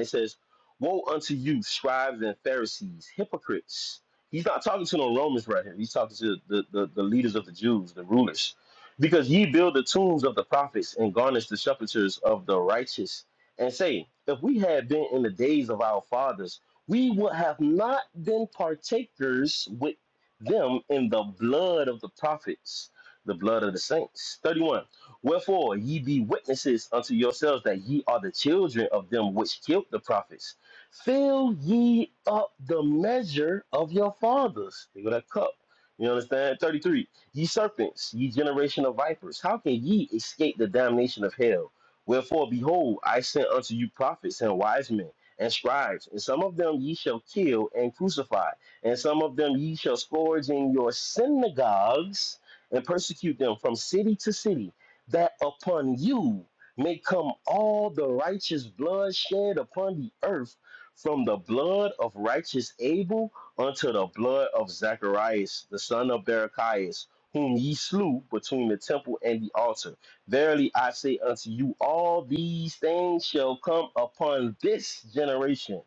It says, Woe unto you, scribes and Pharisees, hypocrites. He's not talking to no Romans right here. He's talking to the, the, the leaders of the Jews, the rulers. Because ye build the tombs of the prophets and garnish the sepulchres of the righteous, and say, If we had been in the days of our fathers, we would have not been partakers with them in the blood of the prophets, the blood of the saints. 31. Wherefore ye be witnesses unto yourselves that ye are the children of them which killed the prophets. Fill ye up the measure of your fathers. Think of that cup. You understand? 33. Ye serpents, ye generation of vipers, how can ye escape the damnation of hell? Wherefore, behold, I sent unto you prophets and wise men and scribes, and some of them ye shall kill and crucify, and some of them ye shall scourge in your synagogues and persecute them from city to city that upon you may come all the righteous blood shed upon the earth, from the blood of righteous Abel unto the blood of Zacharias, the son of Barachias, whom ye slew between the temple and the altar. Verily I say unto you, all these things shall come upon this generation.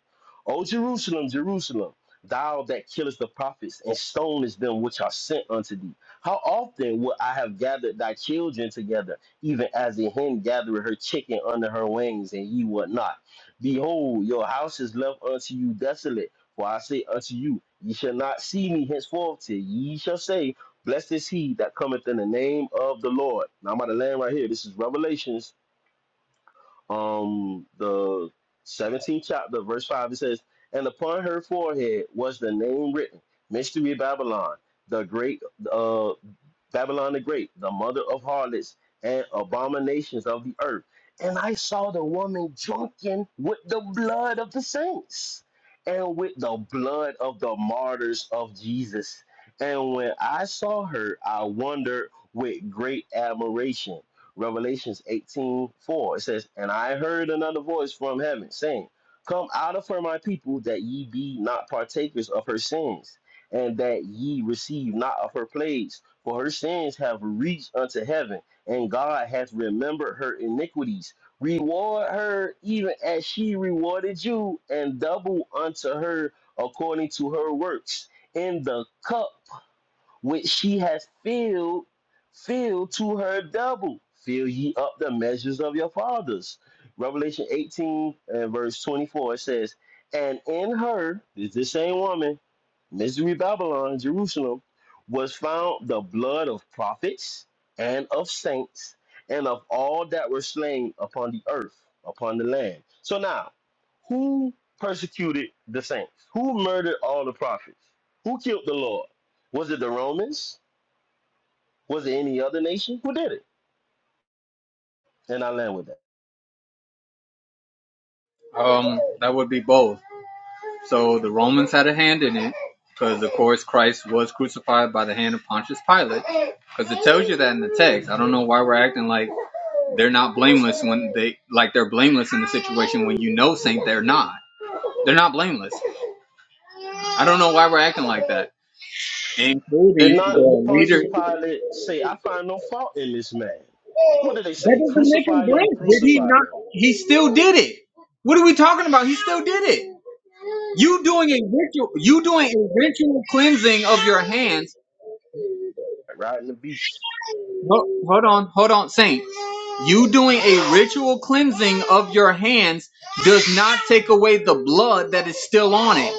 O Jerusalem, Jerusalem, thou that killest the prophets and stonest them which are sent unto thee. How often would I have gathered thy children together, even as a hen gathereth her chicken under her wings, and ye would not? Behold, your house is left unto you desolate. For I say unto you, ye shall not see me henceforth till ye shall say, Blessed is he that cometh in the name of the Lord. Now I'm about to land right here. This is Revelations, um, the 17th chapter, verse 5. It says, And upon her forehead was the name written, Mystery Babylon, the great uh. Babylon the Great, the mother of harlots and abominations of the earth. And I saw the woman drunken with the blood of the saints and with the blood of the martyrs of Jesus. And when I saw her, I wondered with great admiration. Revelations 18 4. it says, And I heard another voice from heaven saying, Come out of her, my people, that ye be not partakers of her sins, and that ye receive not of her plagues. For her sins have reached unto heaven, and God hath remembered her iniquities. Reward her even as she rewarded you, and double unto her according to her works. In the cup which she has filled, filled to her double. Fill ye up the measures of your fathers. Revelation 18 and verse 24 it says, And in her, is the same woman, Misery Babylon, Jerusalem, was found the blood of prophets and of saints and of all that were slain upon the earth, upon the land. So now, who persecuted the saints? Who murdered all the prophets? Who killed the Lord? Was it the Romans? Was it any other nation? Who did it? And I land with that. Um, that would be both. So the Romans had a hand in it because, of course, Christ was crucified by the hand of Pontius Pilate because it tells you that in the text. I don't know why we're acting like they're not blameless when they like they're blameless in the situation when you know Saint they're not. They're not blameless. I don't know why we're acting like that, including Did not the leader. Pontius Pilate say, I find no fault in this man? What did they That say? doesn't make him Crucify him, blameless. Did he crucify not? him. He still did it. What are we talking about? He still did it. You doing a ritual, you doing a ritual cleansing of your hands Like Riding the beast. Ho- Hold on, hold on, Saint. You doing a ritual cleansing of your hands does not take away the blood that is still on it.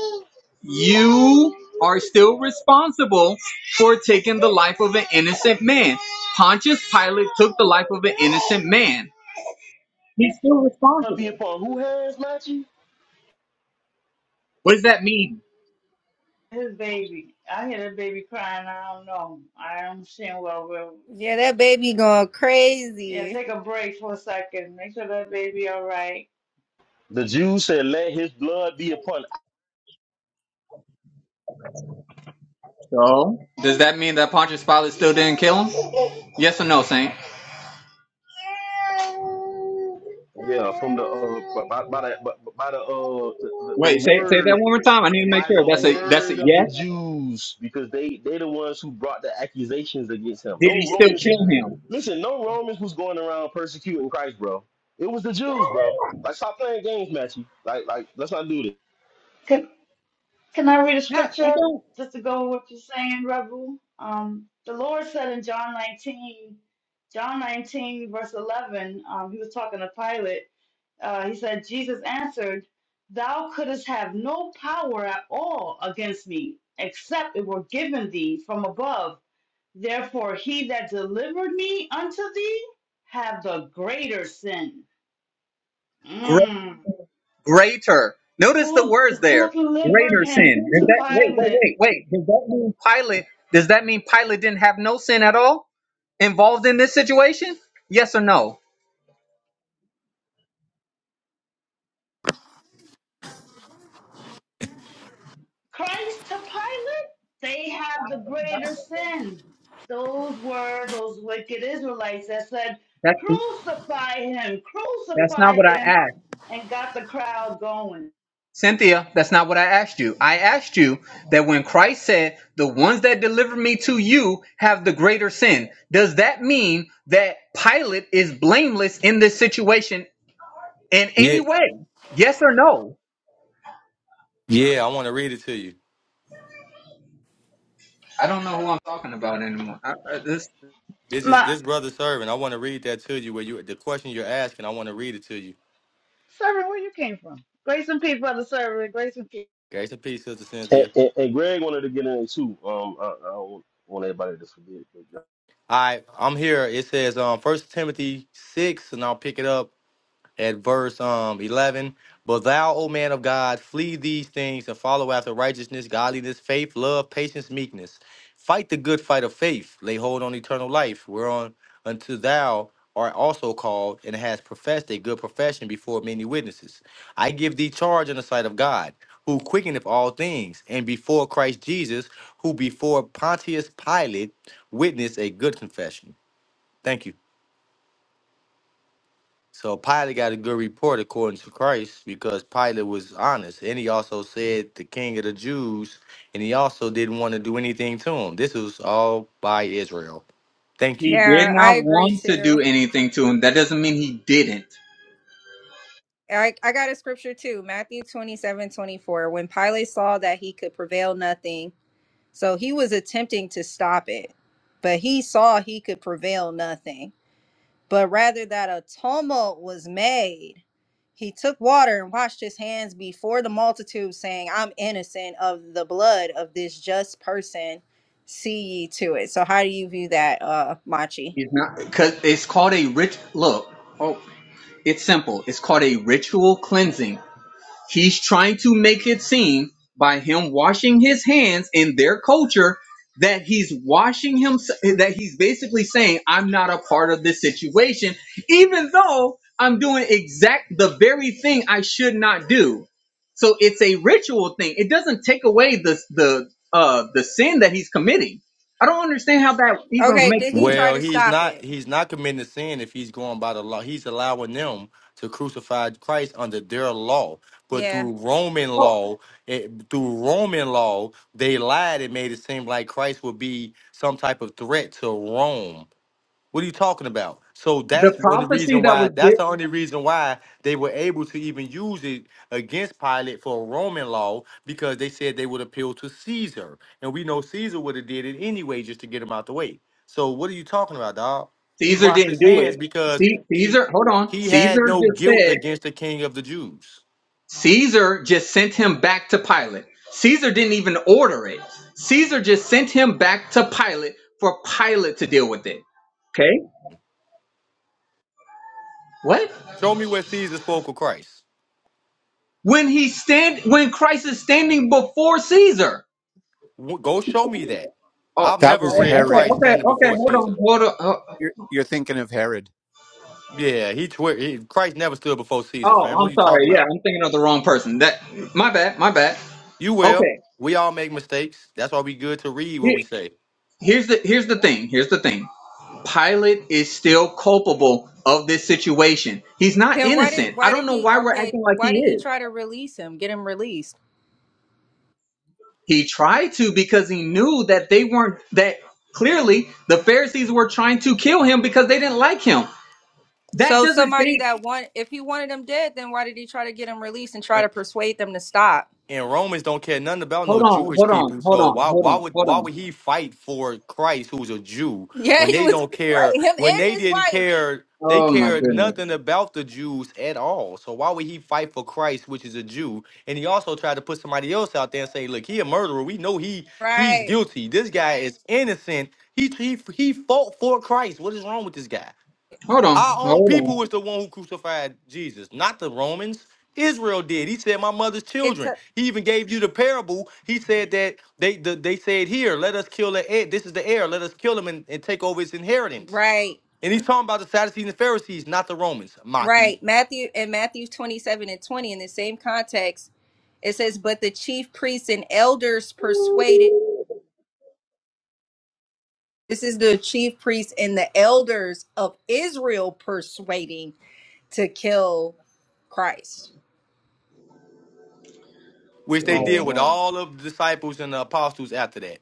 You are still responsible for taking the life of an innocent man. Pontius Pilate took the life of an innocent man. He's still Blood be responsible. upon who hands, Matthew? What does that mean? His baby. I hear the baby crying. I don't know. I don't understand what we're. Yeah, that baby going Yeah, crazy. take a break for a second. Make sure that baby all right. The Jews said, let his blood be upon. So, does that mean that Pontius Pilate still didn't kill him? Yes or no, Saint? Yeah, from the, uh, by, by the, by, by the, uh, the, the, the Wait, say say that word, one more time. I need to make by sure. the That's a that's a word of yes the Jews, because they, they the ones who brought the accusations against him. Did he No still Romans kill him? Listen, no Romans was going around persecuting Christ, bro. It was the Jews, bro. Like, stop playing games, Matthew. Like, like, let's not do this. Can Can I read a Not, I scripture don't. just to go with what you're saying, Rebel? Um, the Lord said in John 19, John 19 verse 11. Um, he was talking to Pilate. Uh, he said, Jesus answered, "Thou couldst have no power at all against me, except it were given thee from above." Therefore, he that delivered me unto thee have the greater sin. Gre- Mm. greater. Notice the Who, words who there. delivered Greater him sin. Does to that wait, Pilate? wait, wait, wait? Does that mean Pilate? Does that mean Pilate didn't have no sin at all involved in this situation? Yes or no? Christ to Pilate? They have the greater sin. Those were those wicked Israelites that said, That Crucify him, that's not crucify what I him, asked. and got the crowd going. Cynthia, that's not what I asked you. I asked you that when Christ said, "The ones that deliver me to you have the greater sin," does that mean that Pilate is blameless in this situation in Yeah, any way? Yes or no? yeah, I want to read it to you. I don't know who I'm talking about anymore. I, I, this, This is My this brother serving. I want to read that to you. Where you the question you're asking, I want to read it to you. servant, where you came from? Grace and peace, brother servant. Grace and peace. Grace and peace, Sister And, Cynthia. and, and Greg wanted to get in it too. Um, I, I don't want everybody to forget. But, All right, I'm here. It says um First Timothy six, and I'll pick it up at verse um 11 but thou o man of god flee these things and follow after righteousness godliness faith love patience meekness fight the good fight of faith lay hold on eternal life whereon unto thou art also called and hast professed a good profession before many witnesses i give thee charge in the sight of god who quickeneth all things and before christ jesus who before pontius pilate witnessed a good confession thank you so Pilate got a good report according to Christ because Pilate was honest. And he also said the king of the Jews, and he also didn't want to do anything to him. This was all by Israel. Thank you. he did Yeah, I not agree want to too. do anything to him. That doesn't mean he didn't. I, I got a scripture too, Matthew 27 24. When Pilate saw that he could prevail nothing, so he was attempting to stop it, but he saw he could prevail nothing. But rather that a tumult was made, he took water and washed his hands before the multitude, saying, I'm innocent of the blood of this just person. See ye to it. So, how do you view that, uh, Machi? He's not because it's called a rich look. Oh, it's simple. It's called a ritual cleansing. He's trying to make it seem by him washing his hands in their culture that he's washing him that he's basically saying I'm not a part of this situation even though I'm doing exact the very thing I should not do. So it's a ritual thing. It doesn't take away the the uh the sin that he's committing. I don't understand how that even Okay, did makes he sense. try Well, to he's stop not it? he's not committing sin if he's going by the law. He's allowing them to crucify Christ under their law. But Yeah. through Roman Well, law, it, through Roman law, they lied and made it seem like Christ would be some type of threat to Rome. What are you talking about? So the that's the only prophecy reason that why. was That's given. the only reason why they were able to even use it against Pilate for Roman law because they said they would appeal to Caesar, and we know Caesar would have did it anyway just to get him out the way. So what are you talking about, dog? He Caesar washed didn't his do it. hands because See, he Caesar, hold on. he had Caesar no just guilt said against the King of the Jews. Caesar just sent him back to Pilate. Caesar didn't even order it. Caesar just sent him back to Pilate for Pilate to deal with it. Okay? What? Show me where Caesar spoke of Christ. When he stand when Christ is standing before Caesar. W- Go show me that. Oh. I've That never was read oh, Okay, Herod. Christ okay, standing okay. before Hold Caesar. on, hold on. Oh, You're, you're thinking of Herod. Yeah, he, twi- he Christ never stood before Caesar, oh, fam. What are I'm you talking sorry. Yeah, about? I'm thinking of the wrong person. That my bad, my bad. You will. Okay. We all make mistakes. That's why we good to read what Here- we say. Here's the here's the thing. Here's the thing. Pilate is still culpable of this situation. He's not Then why did innocent. I why did don't know he why we're okay, acting like why he did he is. try to release him, get him released? He tried to because he knew that they weren't that clearly the Pharisees were trying to kill him because they didn't like him. That So doesn't somebody think that want if he wanted him dead, then why did he try to get him released and try to persuade them to stop? and Romans don't care nothing about hold no on, Jewish hold on, people. hold So on, why hold why on, would hold why on. would he fight for Christ, who's a Jew, Yeah, when he they was don't right, care? him When and they his didn't wife. care, they Oh my cared goodness. nothing about the Jews at all. So why would he fight for Christ, which is a Jew? And he also tried to put somebody else out there and say, "Look, he a murderer. We know he he's Right. guilty. This guy is innocent. He he he fought for Christ. What is wrong with this guy?" Hold on, Our own hold people on. was the one who crucified Jesus, not the Romans. Israel did. He said, "My mother's It children." took He even gave you the parable. He said that they the, they said, "Here, let us kill the heir. This is the heir. Let us kill him and, and take over his inheritance." right. And he's talking about the Sadducees and Pharisees, not the Romans, Maki, Right. Matthew and Matthew 27 and 20 in the same context, it says, But the chief priests and elders persuaded this is the chief priests and the elders of Israel persuading to kill Christ. which they Shalom, did with shalom, all of the disciples and the apostles after that.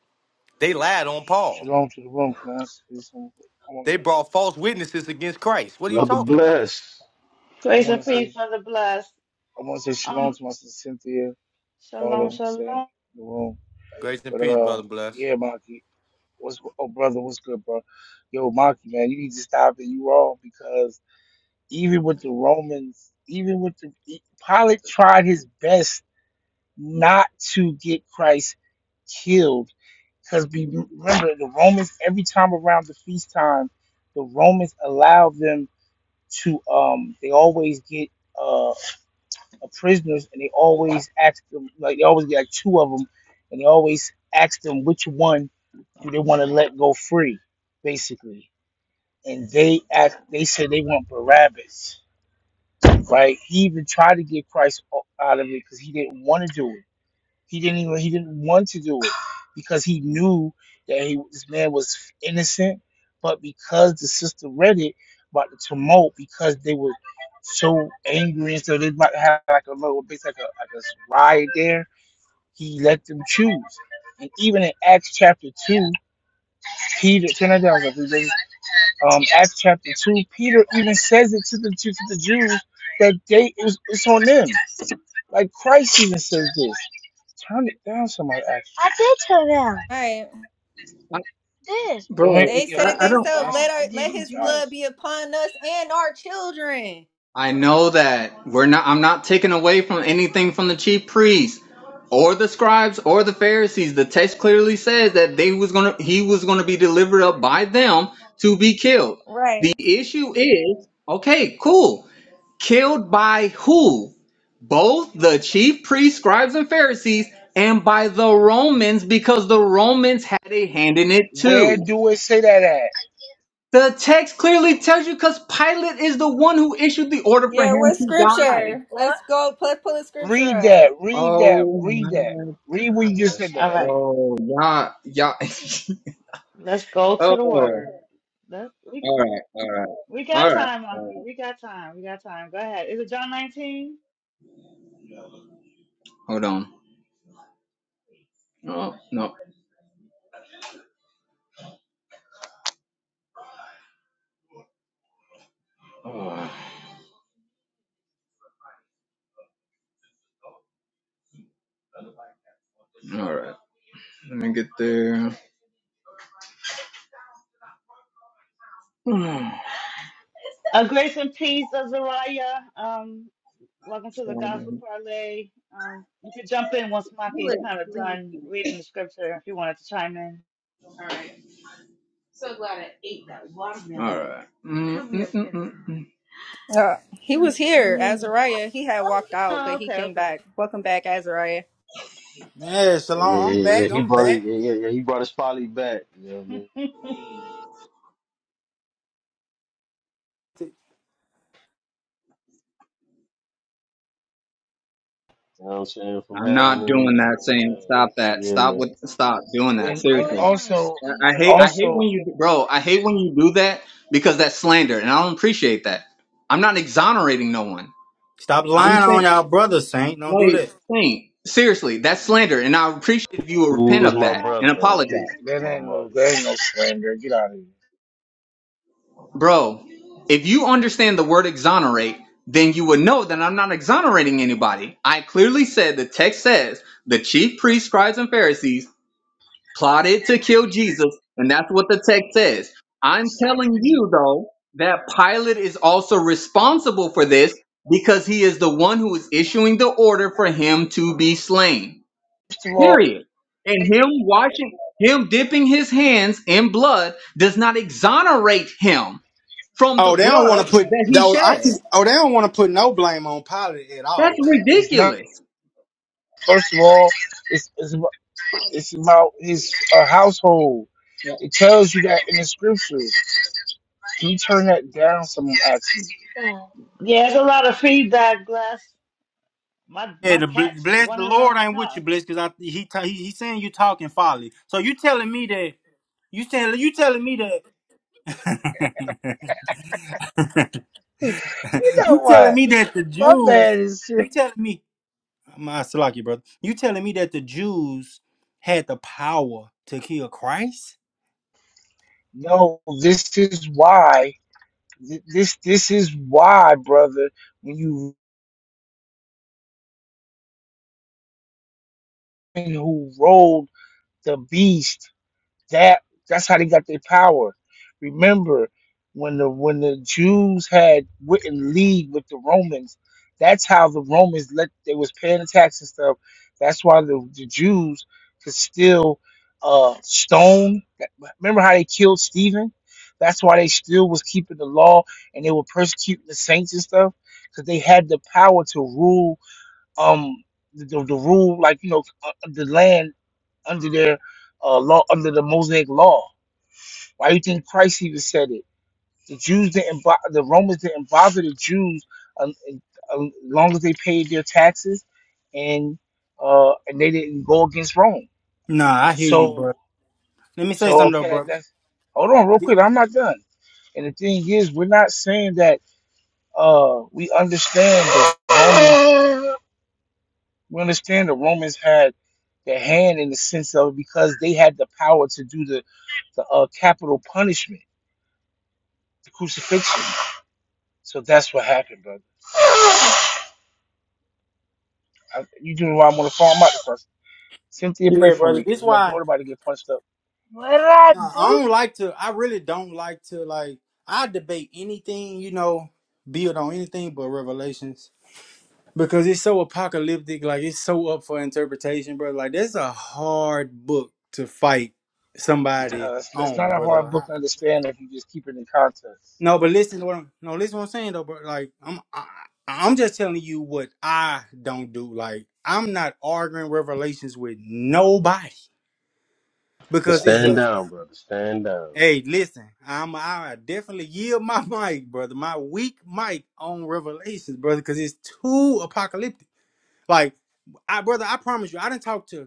They lied on Sh- Paul. shalom to the room. Can I say some? I want They to. brought false witnesses against Christ. What are you Brother talking about? Bless. I Grace want and to peace, say. brother blessed. I want to say shalom Um, to my sister Cynthia. shalom, Auto shalom. saying the room, Grace and but peace, uh, brother. Bless. yeah, Maki. What's oh brother? What's good, bro? Yo, Maki, man, you need to stop it. You wrong because even with the Romans, even with the e- Pilate tried his best not to get Christ killed because remember the Romans every time around the feast time, the Romans allowed them. to um they always get uh prisoners and they always ask them like they always get like two of them and they always ask them which one do they want to let go free basically and they ask they said they want Barabbas right he even tried to get Christ o- out of it because he didn't want to do it he didn't even he didn't want to do it because he knew that he, this man was innocent, but because the sister read it about the tumult, because they were so angry and so they might have like a little bit like a like a riot there, he let them choose. And even in Acts chapter two, Peter turn that down everybody. Um Acts chapter two, Peter even says it to the to, to the Jews that they it's, it's on them. Like Christ even says this. Turn it down, somebody asked. I did turn it down. I All right. did. Don't make me, They you said know. it themselves. ask- Dad, Let our I let didn't his do ask. it. blood be upon us and our children. I know that we're not I'm not taking away from anything from the chief priests or the scribes or the Pharisees. The text clearly says that they was going to he was going to be delivered up by them to be killed. Right. The issue is, okay, cool. Killed by who? Both the chief priests, scribes and Pharisees and by the Romans because the Romans had a hand in it Where too. do it say that at? The text clearly tells you because Pilate is the one who issued the order for Yeah, him what to die. scripture? What? Let's go let's pull the scripture Read up. that. Read that. Oh Read that. my Read where you just said gosh. that All at. right, Oh, y'all, y'all. let's go to oh, the word. Let, we, all right, all right, we all got right. time, all Monkey. right. We got time. We got time. Go ahead. Is it John 19? Hold on. Oh, no. Oh, all right. Let me get there. Uh, grace and peace, Azariah. Um, welcome to the Gospel Parlay. Um, you can jump in once Maki's kind of done reading the scripture if you wanted to chime in. So glad I ate that watermelon. All right. Mm, mm, mm, mm, mm. Uh, he was here, Azariah. He had walked out, but Oh, he okay, came okay, back. Welcome back, Azariah. Yeah, yeah, yeah, Shalom, I'm yeah. yeah. back. He I'm brought it. back. Yeah, yeah, yeah. He brought his folly back. You know what I mean? okay. You know what I'm saying from I'm having not any. doing that, Sam. Stop that. Yeah, Stop yeah. with. Stop doing Who that. And oh, and Seriously. also I and hate I hate also when you bro, I hate when you do that because that's slander and I don't appreciate that. I'm not exonerating no one. Stop I'm lying on saying y'all brothers, Saint. Don't do like that. saying seriously, that's slander and I appreciate if you would Who repent was of my that and brother? Who apologize. was that my ain't no mother? that ain't no slander. Get out of here. Bro, if you understand the word exonerate, then you would know that I'm not exonerating anybody. I clearly said the text says the chief priests, scribes, and Pharisees plotted to kill Jesus, and that's what the text says. I'm telling you, though, that Pilate is also responsible for this because he is the one who is issuing the order for him to be slain. First of all, Period. And him washing, him dipping his hands in blood does not exonerate him from the Oh, they don't blood want to put that he though. I shed. can, oh, they don't want to put no blame on Pilate at That's all. Huh? it's not. ridiculous. First of all, it's it's it's about his uh, household. It tells you that in the scriptures. Can you turn that down? Someone asked me. yeah, there's a lot of feedback, Glass. My Yeah, my the bl- cat's bless the running Lord around the ain't house. with you, bless, because I he, ta- he he saying you talking folly. So you telling me that you telling you telling me that you know you telling what? me that the My man Jews is serious. you telling me my Salaki brother you telling me that the Jews had the power to kill Christ? no. This is why. Th- This this is why, brother. When you who rolled the beast That that's how they got their power. Remember when the when the Jews had went in league with the Romans, that's how the Romans let they was paying the tax and stuff. That's why the, the Jews could still uh stone remember how they killed Stephen? That's why they still was keeping the law and they were persecuting the saints and stuff because they had the power to rule um the, the, the rule like you know uh, the land under their uh, law, under the Mosaic law. Why do you think Christ even said it? The Jews didn't, bo- the Romans didn't bother the Jews um, um, as long as they paid their taxes, and uh, and they didn't go against Rome. Nah, I hear you, bro. So, Let me say so something though, okay, that, bro. that's hold on real Th- quick. I'm not done. And the thing is, we're not saying that uh, we understand the Romans, we understand the Romans had the hand in the sense of because they had the power to do the the uh, capital punishment, the crucifixion. So that's what happened, brother. I, you doing why I'm on the phone? I'm out the first. Cynthia, pray Yeah, for brother. me This because my why daughter about to get punched up. What did I nah, I do? don't like to. I really don't like to like. I debate anything, you know, build on anything but revelations because it's so apocalyptic. Like it's so up for interpretation, bro. Like that's a hard book to fight somebody No, it's, it's on, not a brother. hard Like book to understand if you just keep it in context, No, but listen to what I'm no, listen to what I'm saying though, but like I'm I, I'm just telling you what I don't do. Like I'm not arguing revelations with nobody Just because it's stand a down, brother. Stand down. hey, listen, I'm I definitely yield my mic, brother, my weak mic on revelations, brother, because it's too apocalyptic. Like I brother, I promise you, I didn't talk to.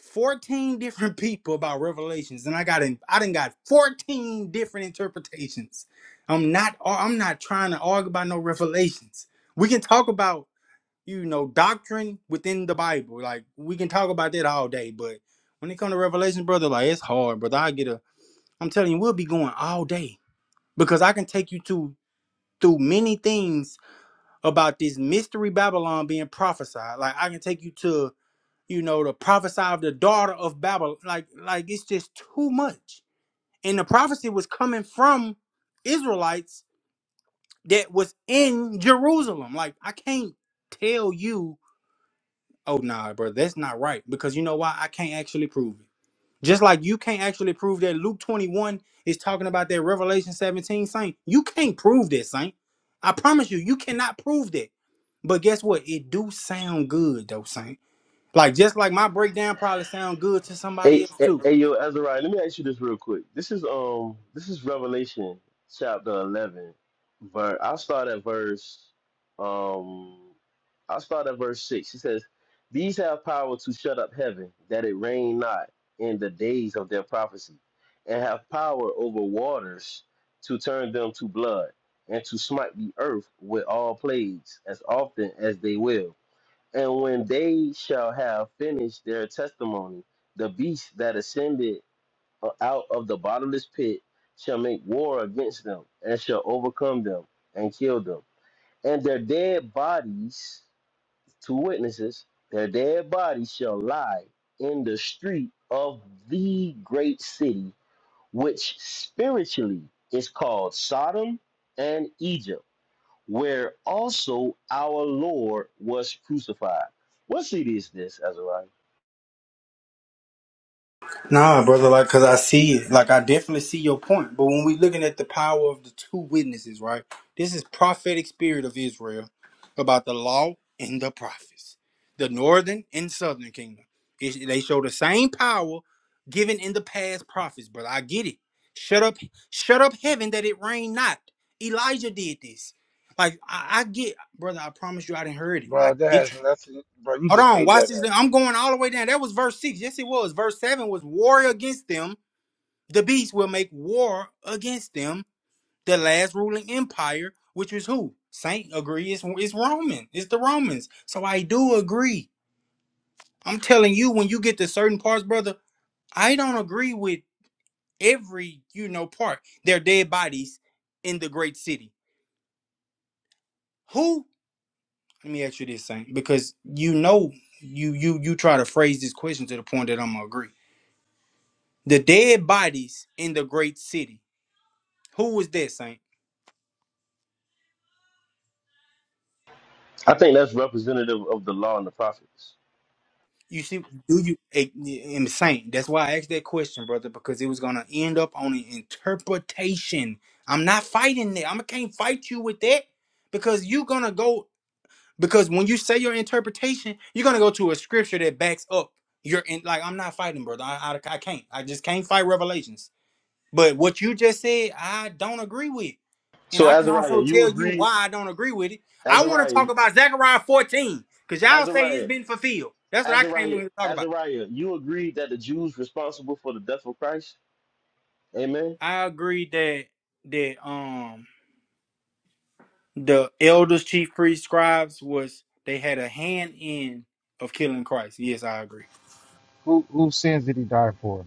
14 different people about revelations and i got in i done got 14 different interpretations i'm not i'm not trying to argue about no revelations we can talk about you know doctrine within the bible like we can talk about that all day but when it comes to revelation brother like it's hard brother i get a i'm telling you we'll be going all day because i can take you to through many things about this mystery babylon being prophesied like i can take you to you know, to prophesy of the daughter of Babylon. Like, like it's just too much. And the prophecy was coming from Israelites that was in Jerusalem. Like, I can't tell you, oh nah, bro, that's not right. Because you know why? I can't actually prove it. Just like you can't actually prove that Luke 21 is talking about that Revelation 17 saint. You can't prove that, Saint. I promise you, you cannot prove that. But guess what? It do sound good though, Saint. Like just like my breakdown probably sound good to somebody Hey, else hey, too. hey, yo, Azariah, let me ask you this real quick. This is um, this is Revelation chapter eleven. Ver, I'll start at verse, um, I'll start at verse six. It says, "These have power to shut up heaven, that it rain not in the days of their prophecy, and have power over waters to turn them to blood, and to smite the earth with all plagues as often as they will." And when they shall have finished their testimony, the beast that ascended out of the bottomless pit shall make war against them, and shall overcome them, and kill them. And their dead bodies, two witnesses, their dead bodies shall lie in the street of the great city, which spiritually is called Sodom and Egypt where also our Lord was crucified. What city is this, Azariah? Nah, brother, like cause I see it. Like I definitely see your point. But when we looking at the power of the two witnesses, right? This is prophetic spirit of Israel about the law and the prophets. The northern and southern kingdom. It- they show the same power given in the past prophets, brother. I get it. Shut up, shut up heaven that it rain not. Elijah did this. Like I, I get, brother, I promise you I didn't heard it. I bro. That get has you. nothing, bro. You Hold just on, made watch that this. up. I'm going all the way down. That was verse six. Yes, it was. Verse seven was war against them. The beast will make war against them. The last ruling empire, which is who? Saint agree. It's, it's Roman. It's the Romans. So I do agree. I'm telling you, when you get to certain parts, brother, I don't agree with every you know part. They're dead bodies in the great city. Who? Let me ask you this, Saint, because you know you you you try to phrase this question to the point that I'm gonna agree. The dead bodies in the great city. Who was that, Saint? I think that's representative of the law and the prophets. You see, do you eh, eh, Saint? That's why I asked that question, brother, because it was gonna end up on an interpretation. I'm not fighting that. I can't fight you with that because you're gonna go because when you say your interpretation, you're gonna go to a scripture that backs up your in like I'm not fighting, brother. I, I, I can't. I just can't fight revelations. But what you just said, I don't agree with. And So, I can Azariah, also you tell you agree, why I don't agree with it. I want to Azariah, talk about Zechariah 14 because y'all say it's Azariah, been fulfilled. That's what I came Azariah, in here to talk about. Azariah, you agree that the Jews responsible for the death of Christ? Amen. I agree that that um the elders, chief priests, scribes was they had a hand in of killing Christ. Yes, I agree. Who whose sins did he die for?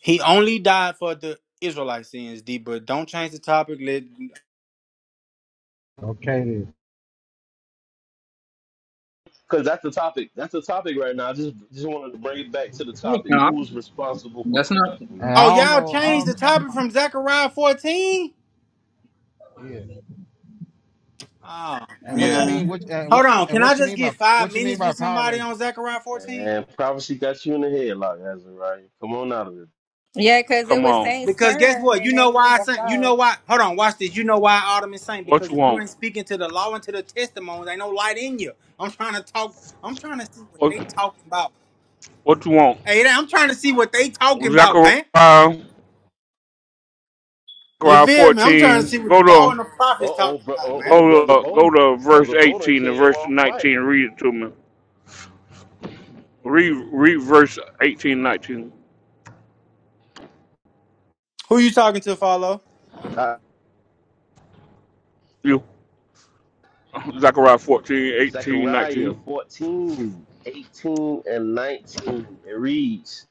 He only died for the Israelite sins, D, but don't change the topic. Let Okay then. Because that's the topic. That's the topic right now. I just just wanted to bring it back to the topic. No, Who's responsible for that's not. death? You And know, oh I don't y'all know. I change the don't. topic I, I, from Zechariah 14? yeah. Oh And Yeah, what you man. mean? What and Hold what on. and Can I what you just mean by get five what you mean minutes by with Power somebody Rangers? on Zechariah 14? man, prophecy got you in the headlock, Azariah. Come on out of it. Yeah, because it Come was on, Saint's Because guess turn what? You and know then you why I walked sent you know out. why hold on, watch this. You know why Ottoman saying what because you if you want? ain't speaking to the law and to the testimonies, ain't no light in you. I'm trying to talk I'm trying to see what What they talking about. what you want? Hey, I'm trying to see what they talking about, man. Zechariah, You Zechariah feel me? I'm trying to see fourteen. what the Go to law 'em. and the Uh prophets oh, talking bro, about, oh, man. oh, Go brother to go Bo, to verse brother Bo done eighteen and came verse off mic. nineteen. Read it to me. Read read verse 18 19. Who you talking to, follow? Uh, You Zechariah fourteen eighteen Zechariah nineteen. 14, 18, and 19. It reads,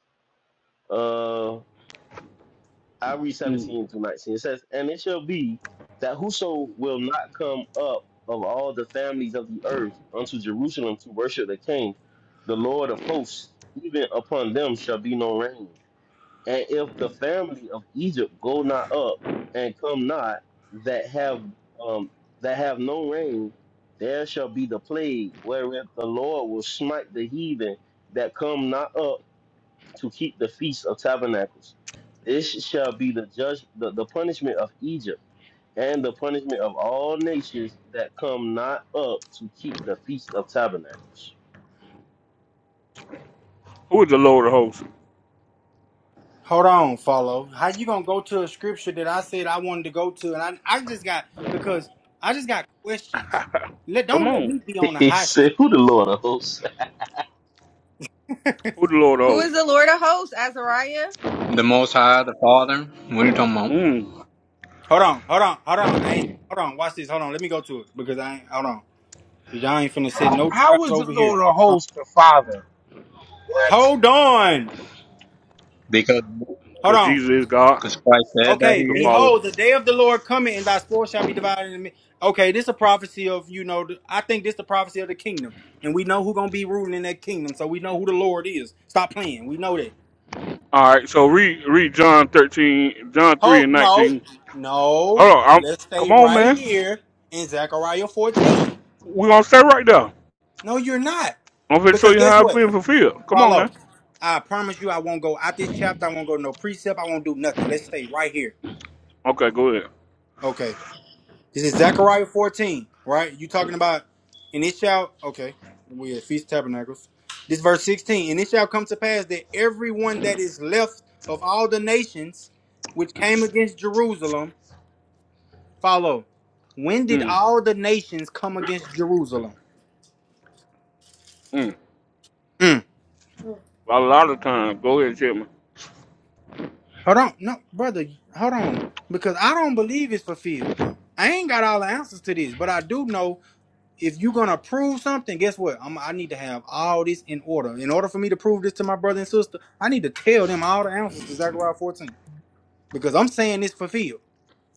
uh, I read Mm. 17 through 19. It says, And it shall be that whoso will not come up of all the families of the earth unto Jerusalem to worship the king, the Lord of hosts, even upon them shall be no rain. And if the family of Egypt go not up and come not, that have um, that have no rain, there shall be the plague wherewith the Lord will smite the heathen that come not up to keep the feast of tabernacles. This shall be the judge the, the punishment of Egypt and the punishment of all nations that come not up to keep the feast of tabernacles. Who is the Lord of hosts? Hold on, follow. How you gonna go to a scripture that I said I wanted to go to, and I, I just got because I just got questions. Let Come don't let on. me be on the he hot seat. said, Who the Lord of hosts? Who is the Lord of Who hosts? is the Lord of hosts, Azariah? the Most High, the Father. What are you talking about? Mm. Hold on, hold on, hold on. I ain't hold on. Watch this. Hold on. Let me go to it because I ain't hold on. Cause y'all ain't finna set How no how traps is the over here. Lord a host, the Father? What? Hold on. Hold on. because. Hold Cause on. Jesus is Because God, Christ said that Okay. the he is. Father. Behold, the day of the Lord coming, and thy spoil shall be divided. In me. Okay, this is a prophecy of you know. the- I think this is the prophecy of the kingdom, and we know who gonna be ruling in that kingdom. So we know who the Lord is. Stop playing. We know that. All right. So read read John thirteen, John three and Hold no, nineteen. Hold no. on. I'm, Let's stay come on, right man. here in Zechariah 14. We're gonna stay right there. No, you're not. I'm gonna show Because you guess how it's what? being fulfilled. Come on now. Follow. I promise you I won't go out this chapter. I won't go no precept. I won't do nothing. Let's stay right here. Okay, go ahead. Okay. This is Zechariah 14, right? You talking about and it shall okay. We at Feast of Tabernacles. This verse 16. And it shall come to pass that everyone that is left of all the nations which came against Jerusalem Follow. When did Mm. all the nations come against Jerusalem? Mm. Mm. A lot of times, Go ahead, Jimmy. Hold on. No, brother, hold on. Because I don't believe it's fulfilled. I ain't got all the answers to this, but I do know if you're gonna prove something, guess what? I'm, I need to have all this in order. In order for me to prove this to my brother and sister, I need to tell them all the answers to Zechariah 14 because I'm saying it's fulfilled.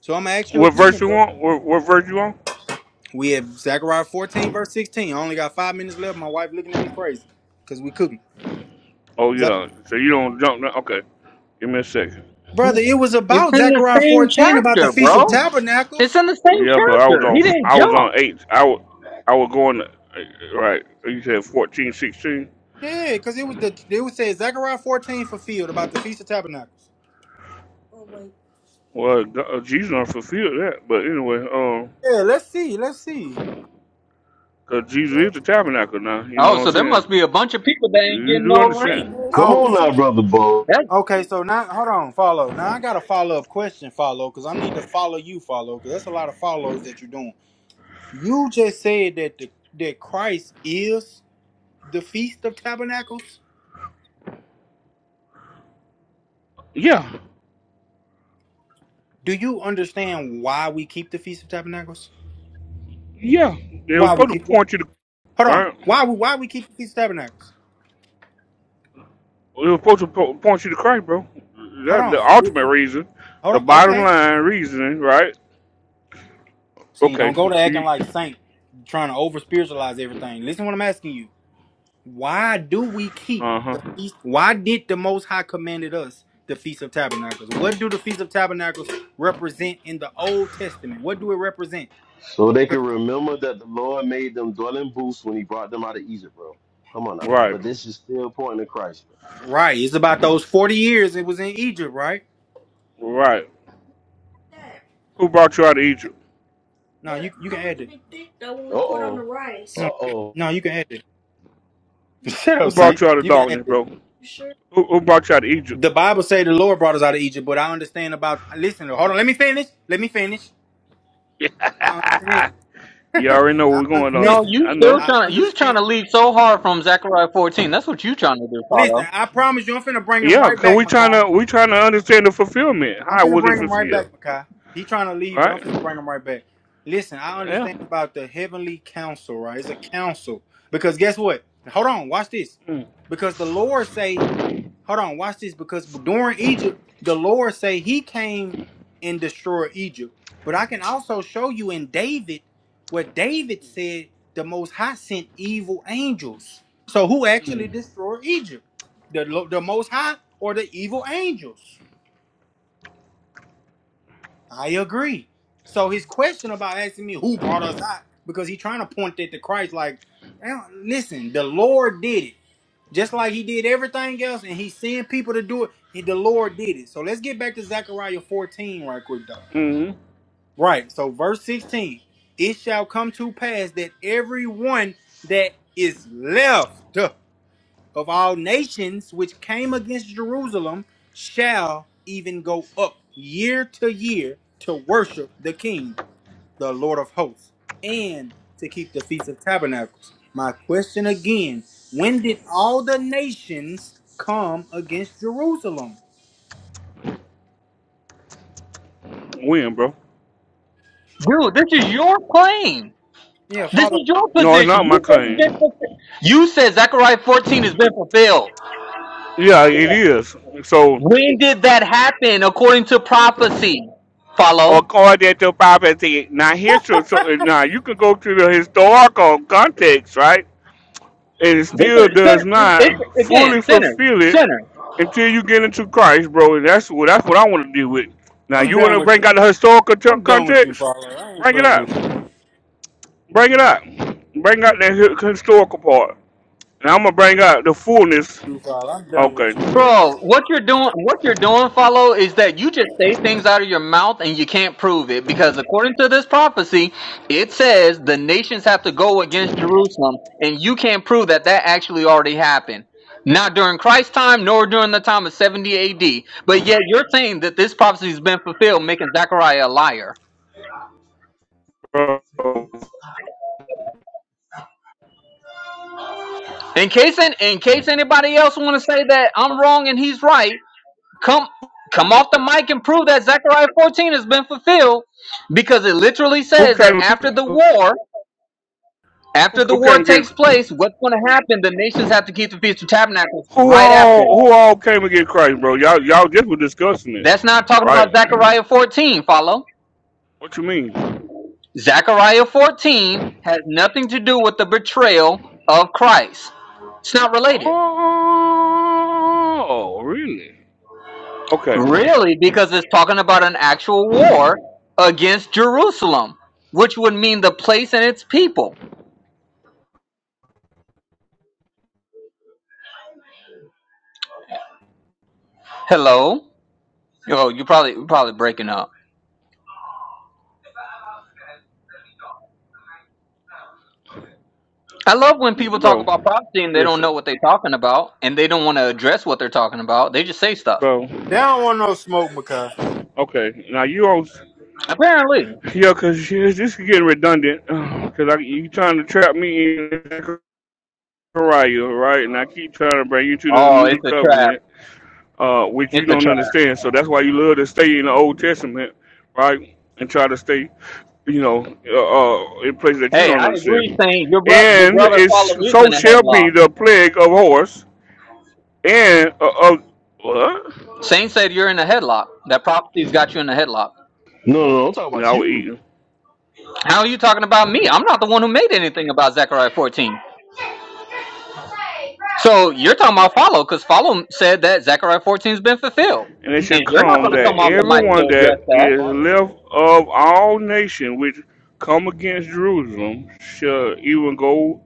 So I'm gonna ask you What verse again, you brother. want? What, what verse you want? We have Zechariah 14 verse 16. I only got five minutes left. My wife looking at me crazy because we cooking. Oh yeah. So you don't jump. Now. Okay. Give me a second. brother. He- It was It's about in the Zechariah same 14 about the chapter, Feast of bro. Tabernacles. It's in the same Yeah, but I was chapter. He on. didn't I was jump. on eight. I was. I was going. Right. You said fourteen, sixteen. Yeah, because it was the they would say Zechariah 14 fulfilled about the Feast of Tabernacles. Oh wait. Well, God- uh, Jesus do that. But anyway, um, Yeah, let's see, let's see. cause Jesus is the tabernacle now. You Oh, know so what I'm there saying? must be a bunch of people that ain't You getting do no understand? rain. so Come Oh, on now, brother Bo. That okay. So now, hold on, follow. Now I got a follow up question, follow, because I need to follow you, follow, because that's a lot of follows that you're doing. You just said that the that Christ is the Feast of Tabernacles. Yeah. Do you understand why we keep the Feast of Tabernacles? Yeah. They was Why we supposed to keep? point you to Hold on. right. Why we why we keep the Feast of Tabernacles? They was supposed to po- point you to Christ, bro. Hold That the on. ultimate reason, Hold the on. bottom Okay. line reason, right? See, don't Okay. go to acting like saint, trying to over spiritualize everything. Listen, to what I'm asking you. Why do we keep Uh huh. the feast? Why did the Most High commanded us the Feast of Tabernacles? What do the Feast of Tabernacles represent in the Old Testament? What do it represent? So they can 'Cause- remember that the Lord made them dwell in booths when he brought them out of Egypt, bro. Come on now. Right, But this is still pointing to Christ, Right. It's about those forty years it was in Egypt, right? right. Who brought you out of Egypt? No, you you can add it. Thick though when we bro. put on the Uh-oh. rice. No, Uh-oh. no, you can add it. Shut Who up, brought Saint. you out of You can add darkness, bro? it. Who, who brought you out of Egypt? The Bible say the Lord brought us out of Egypt, but I understand about. Listen, hold on. Let me finish. Let me finish. Yeah. I understand. You I already know where we're un- going, don't no, you? listen. you I still know. I trying to you trying understand. to lead so hard from Zechariah 14. That's what you trying to do, Listen, Paulo. I promise you, I'm finna bring him Yeah, right cause back, we trying Makai. to we trying to understand the fulfillment. I'm How finna was it bring him right back, fulfilled? Makai. He trying to leave, but I'm Right? finna bring him right back. Listen, I Yeah. understand about the heavenly council, right? It's a council because guess what? Hold on, watch this. Because the Lord say Hold on, watch this because during Egypt, the Lord say He came and destroyed Egypt. But I can also show you in David what David said: the Most High sent evil angels. So who actually destroyed Egypt? The Lo- the Most High or the evil angels? I agree. So his question about asking me who brought us out because he's trying to point that to Christ, like, "Now, listen, the Lord did it. Just like he did everything else, and he's seeing people to do it, he, the Lord did it. So let's get back to Zechariah 14 right quick, though. Mm-hmm. Right. So, verse 16 It shall come to pass that everyone that is left of all nations which came against Jerusalem shall even go up year to year to worship the king the Lord of hosts, and to keep the Feast of Tabernacles. My question again when did all the nations come against Jerusalem? Win, bro. Dude, this is your claim. Yeah, This Father, is your No, it's position. not my You said it's been claim. fulfilled. You said Zechariah 14 has been fulfilled. Yeah, it is. So When did that happen according to prophecy? Follow. according to prophecy, now here's so, so now you can go to the historical context, right? and it This is still sin- does it's, not again fully sinners, fulfill it sinners. until you get into Christ, bro. That's what that's what I want to deal with. Now I'm you want done to with bring out the historical t- I'm done with you, context? Father. I ain't Bring it playing out. with you. Bring it out. Bring out that hi- historical part. And I'm gonna bring out the fullness. You, Father, I'm done Okay, with you, brother. Bro, what you're doing, what you're doing, follow, is that you just say things out of your mouth and you can't prove it because according to this prophecy, it says the nations have to go against Jerusalem, and you can't prove that that actually already happened. Not during Christ's time, nor during the time of 70 AD. But yet you're saying that this prophecy has been fulfilled, making Zechariah a liar. bro. In case, in in case anybody else want to say that I'm wrong and he's right, Come come off the mic and prove that Zechariah 14 has been fulfilled because it literally Who says that came? and get- after the Who, war, after the who war came and get? takes place, what's going to happen? The nations have to keep the Feast of Tabernacles Who right after all? that. Who all came and get Christ, bro? Y'all, y'all just were discussing it, That's not talking about right? Zechariah 14, follow? What you mean? Zechariah 14 has nothing to do with the betrayal of Christ. It's not related. Oh, really? Okay, Really, because it's talking about an actual war against Jerusalem, which would mean the place and its people. Hello? Oh, you probably you're probably breaking up. I love when people talk bro, about prophecy and they don't listen, know what they're talking about and they don't want to address what they're talking about. They just say stuff. bro. They don't want no smoke, Makai. Okay, now you on, Apparently. yeah, cause you- this is getting redundant, cause I, you trying to trap me in Zechariah, right? And I keep trying to bring you to the Oh, it's new a trap. covenant, uh, which you It's a don't trap. understand. So that's why you love to stay in the Old Testament, right? And try to stay, you know, uh, uh, in places that you Hey, don't I agree, understand. Saint. Your brother your And brother it's follow is so in a shall headlock. be the plague of horse and uh, of what? Saint said you're in a headlock. That prophecy's got you in a headlock. No, no, no, I'm talking about Now we you. eating. How are you talking about me? I'm not the one who made anything about Zechariah 14. So you're talking about follow because follow said that Zechariah 14's been fulfilled. And it shall He And you're not come going to follow come that off wanting to the mic go to everyone to that address is follow. left of all nations which come against Jerusalem shall even go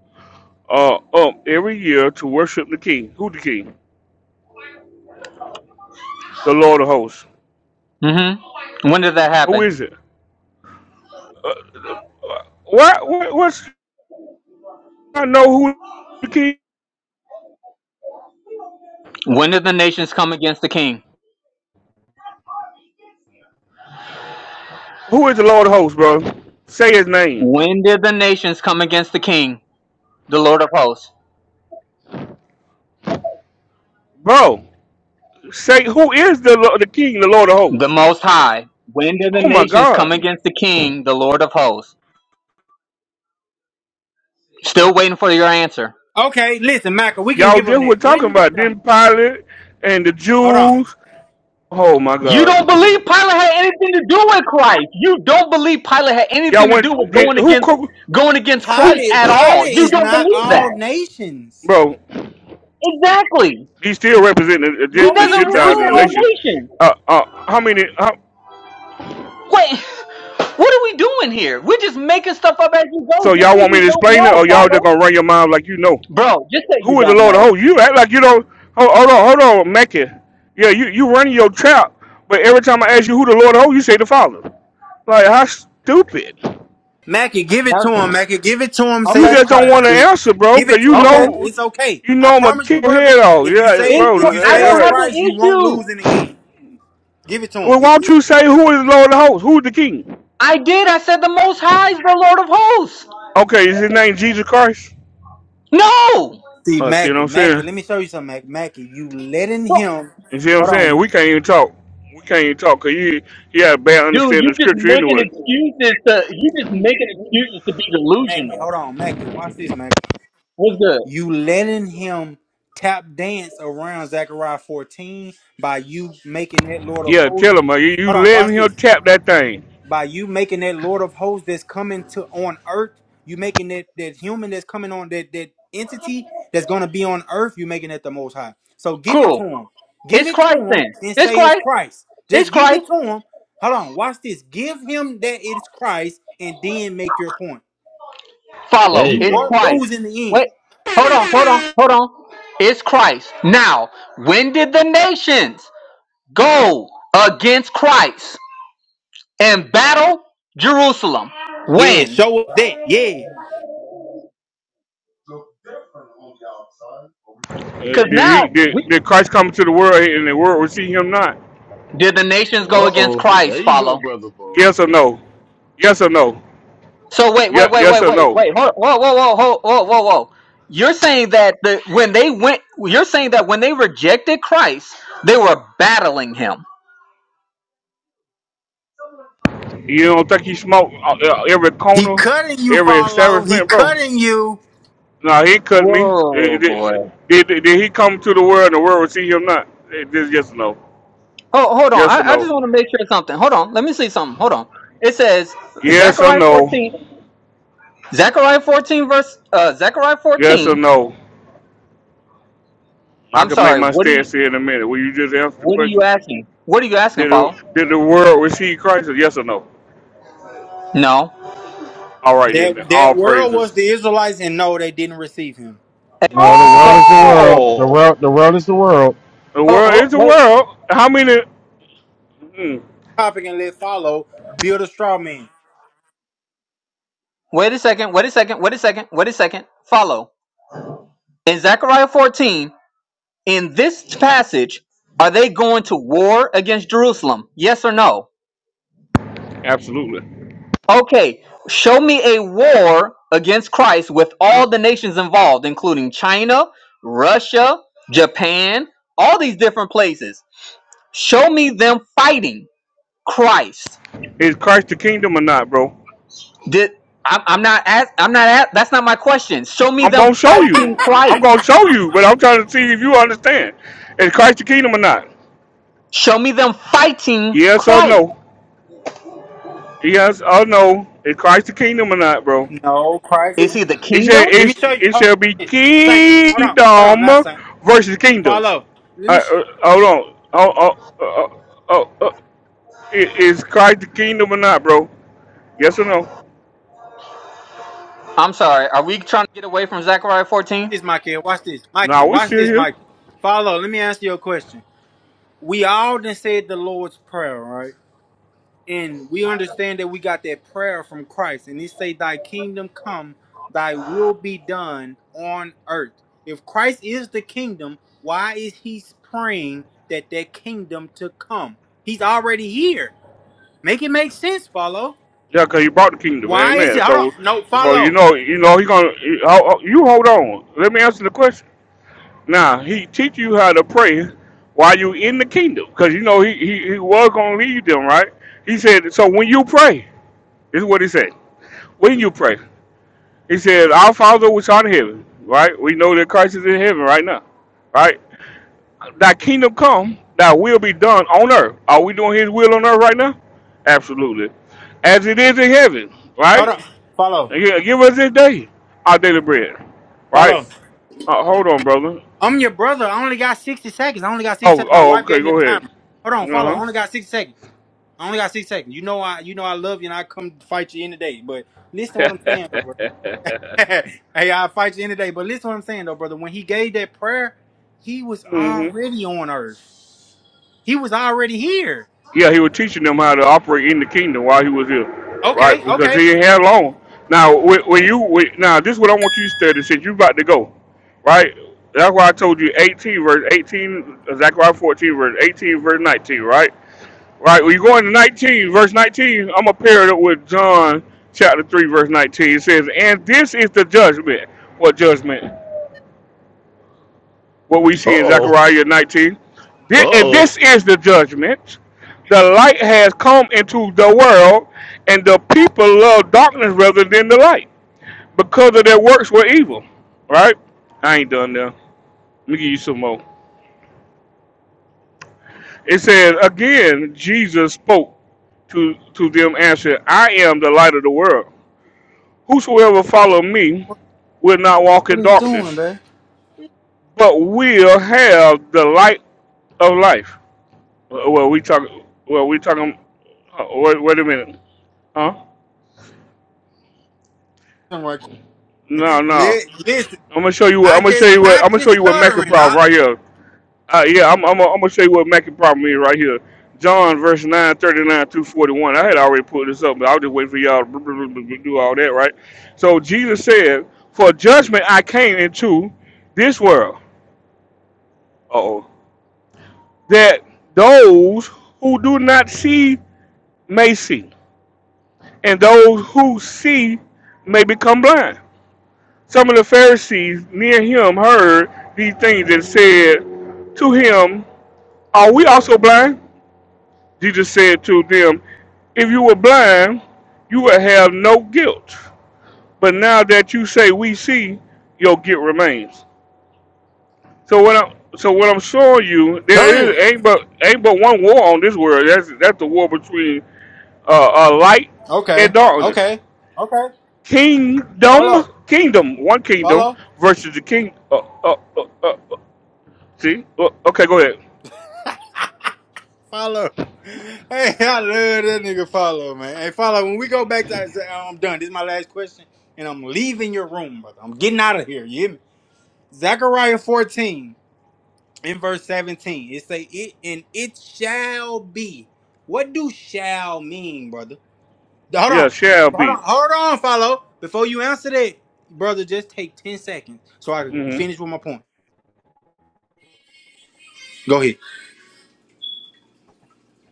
uh, up every year to worship the King. Who the King? The Lord of hosts. that. hmm When did that Who happen? is it? Uh, uh, what, what? What's? I know who the King. When did the nations come against the king? Who is the Lord of hosts, bro? Say his name, When did the nations come against the king, the Lord of hosts, bro. Say who is the Lo- the King, the Lord of the hosts? Most High? When did the Oh my nations come God! against the king, the Lord of hosts? Still waiting for your answer. Okay, listen, Micah, we can Y'all give them just were that. talking When did about it. the then Pilate and the hold on? Jews Oh my You don't God! believe Pilate had anything to do with Christ. You don't believe Pilate had Y'all anything to went do with did, going who against co- going against Christ who Pilate, at all. Pilate You is don't not believe all that. nations. bro? Exactly. he's still representing the, He Gen- No, the he doesn't Gentiles represent in the our don't. nation. nation. Uh, uh, how many? How, Wait, what are we doing here? We're just making stuff up as you go, so just y'all so want me you to don't explain it, know, or y'all just follow. gonna run your mouth like you know Bro, just that you who is the don't Lord? know. Oh, you act like you don't. Hold, hold on, hold on, Mackie. Yeah, you you running your trap, but every time I ask you who the Lord, oh, you say the Father. Like how stupid! Mackie, give it to That- him, Mackie. Give it to him. You Say okay, it's just don't Christ. want to bitch. answer, bro, Give because it to you him, okay. Mackie. know It's okay. you I know I'm gonna promise you, kick your brother. head off. If you Yeah, say it, It's if qu- you bro. I say it's don't yeah, yeah. have an Christ, you won't issue. lose in the end. Give it to Well, him. why It's- don't it- you say who is Lord of the hosts? Who's the king? I did. I said the Most High is the Lord of Hosts. Okay, is his name Jesus Christ? No, See, Uh, see what Mackie, I'm Mackie. saying? Let me show you something, Mackie. Mackie, you letting So, him. You see what I'm Hold saying? on, We can't even talk. We can't even talk because you, you had a bad dude, understanding you of just scripture making anyway. excuses to you just making excuses to be Mackie. delusional. Hold on, Mackie. Watch this, Mackie. What's good? You letting him tap dance around Zechariah 14 by you making that Lord of Yeah, Hosts. tell him. Uh, you, you Hold on, let watch this. him tap that thing. by you making that Lord of hosts that's coming to on earth, you making that that human that's coming on that that entity that's gonna be on earth, you making it the most high. So give it to Cool. him. Give It's it to Christ him then. and It's say it's Christ. Christ. It's Just give it Christ. to him. Hold on, watch this. Give him that it's Christ and then make your point. Follow. There You you It's go. won't Christ. lose in the end. Wait. Hold on. Hold on. Hold on. It's Christ. Now, when did the nations go against Christ? and battle Jerusalem. Yeah, When? show up that. Yeah. Uh, Because did now he? we Did, did Christ come to the world and the world receive him not? did the nations go against Uh-oh. There Christ you go, follow. brother boy. Yes or no? Yes or no? So wait, Yeah, wait, wait, yes wait, or wait, no? wait. Hold, whoa, whoa, whoa, whoa, whoa, whoa, whoa. You're saying that the when they went, you're saying that when they rejected Christ, they were battling him. You don't think he smoked uh, uh, every He corner, cutting you, every follow. He establishment, bro? cutting you. No, he cut me. Eh, eh, Whoa, boy. Did, did- did- did he come to the world and the world will see him not? It- This yes or no? Oh, hold on. Yes or I, I just no? want to make sure of something. Hold on. Let me see something. Hold on. It says Yes or Zechariah no? 14, Zechariah 14 verse, uh, Zechariah Yes or 14. no? I I'm can make sorry. my What do stance you? here in a minute. Will you just answer the What are question? you asking? What are you asking, Did the, follow? did the world receive Christ? Yes or no? No. All right then. then. That All that world was praises. the Israelites, and no, they didn't receive him. Hey, No, fo- the world so, is the world. The Oh, world. The world is the world. the so, world ho- is the wait, world. How many? Mm, topic and let follow build a straw man. wait a second, wait a second, wait a second, wait a second. Follow. In Zechariah 14, in this passage, are they going to war against Jerusalem? Yes or no? absolutely. Okay, show me a war against Christ with all the nations involved, including China, Russia, Japan, all these different places. Show me them fighting Christ. Is Christ the kingdom or not, bro? Did I'm, I'm not ask, I'm not ask, that's not my question. Show me I'm them gonna show fighting you. Christ. I'm gonna show you, but I'm trying to see if you understand. Is Christ the kingdom or not? Show me them fighting Yes or Christ. no? Yes or no? Is Christ the kingdom or not, bro? No, Christ Is is. he the It kingdom? said Let me it, show you. it Hold shall be on. Saint, hold on, hold on, kingdom not Saint. versus kingdoms. Follow. Let Uh, me show uh, hold on. Oh oh oh oh. oh! oh. I- Is Christ the kingdom or not, bro? Yes or no? I'm sorry. Are we trying to get away from Zechariah 14? you this, Mikey. Watch this, Mikey. No, we Watch still this, here. Mikey. Follow. Let me answer your question. We all done said the Lord's prayer, right? And we understand that we got that prayer from Christ, and He say, "Thy kingdom come, Thy will be done on earth." If Christ is the kingdom, why is He praying that that kingdom to come? He's already here. Make it make sense, follow. Yeah, cause he brought the kingdom. Why is Amen. it? Hold on. So No, so you follow. know you know he gonna. He, oh, oh, you hold on. Let me answer the question. Now he teach you how to pray while you in the kingdom, because you know he, he he was gonna lead them, right? He said, so when you pray, this is what he said. When you pray, he said, Our Father which art in heaven, right? We know that Christ is in heaven right now, right? Thy kingdom come, thy will be done on earth. Are we doing His will on earth right now? Absolutely, as it is in heaven, Hold right? on. Follow. And gi- Give us this day our daily bread, right? Follow. Uh, hold on, brother. I'm your brother. I only got 60 seconds. I only got 60 Oh, seconds. My oh, wife okay, gave me a go ahead. timer. Hold on. Uh Follow. I huh. only got 60 seconds. I only got 60 seconds. You know I you know I love you and I come fight you any day. But listen to what I'm saying, though, bro. hey, I'll fight you any day. But listen to what I'm saying, though, brother. When he gave that prayer, he was hmm already on earth. He was already here. Yeah, he was teaching them how to operate in the kingdom while he was here, right? Okay. Because Okay. he ain't had long. Now, when when you when, now this is what I want you to study since you about to go, right? That's why I told you 18 verse 18, Zechariah 14 verse 18 verse 19, right? Right. When you go into 19 verse 19, I'm gonna pair it up with John chapter 3 verse 19. It says, "And this is the judgment. What judgment? what we see in Uh-oh. Zechariah 19. And Uh-oh. this is the judgment. The light has come into the world, and the people love darkness rather than the light because of their works were evil. Right? I ain't done there. Let me give you some more. It says, Again, Jesus spoke to, to them, answered, I am the light of the world. Whosoever follow me will not walk What in he's doing, darkness, man? but will have the light of life. Well, well, we talk. Well, we talking. Uh, wait, wait a minute. Huh? No, Li- no. Listen, I'm gonna show you what. I I'm gonna show just you what. I'm caught gonna you show you what Mackie stuttering, problem Op. right here. Uh, yeah, I'm. I'm. Gonna, I'm gonna show you what Mackie problem is right here. John verse nine thirty nine 39 through 41. I had already put this up, but I was just waiting for y'all to br- br- br- br- do all that, right? So Jesus said, For judgment I came into this world. oh That those who do not see may see, and those who see may become blind. Some of the Pharisees near him heard these things and said to him, Are we also blind? Jesus said to them, If you were blind, you would have no guilt. But now that you say we see, your guilt remains. So what I'm so what I'm showing you, there Damn. is ain't but ain't but one war on this world. That's that's the war between uh, uh light and Okay. darkness. Okay. Okay. Kingdom, Follow. kingdom, one kingdom Follow. versus the king, uh, uh, uh, uh, See? O- Okay, go ahead. Follow. Hey, I love that nigga follow, man. Hey, follow. When we go back to, I'm done. This is my last question, and I'm leaving your room, brother. I'm getting out of here. You hear me? Zechariah 14 in verse 17. It say it and it shall be. What do shall mean, brother? Hold Yeah, on. shall Hold be. on. Hold on, follow. Before you answer that, brother, just take 10 seconds so I can hmm finish with my point. Go ahead.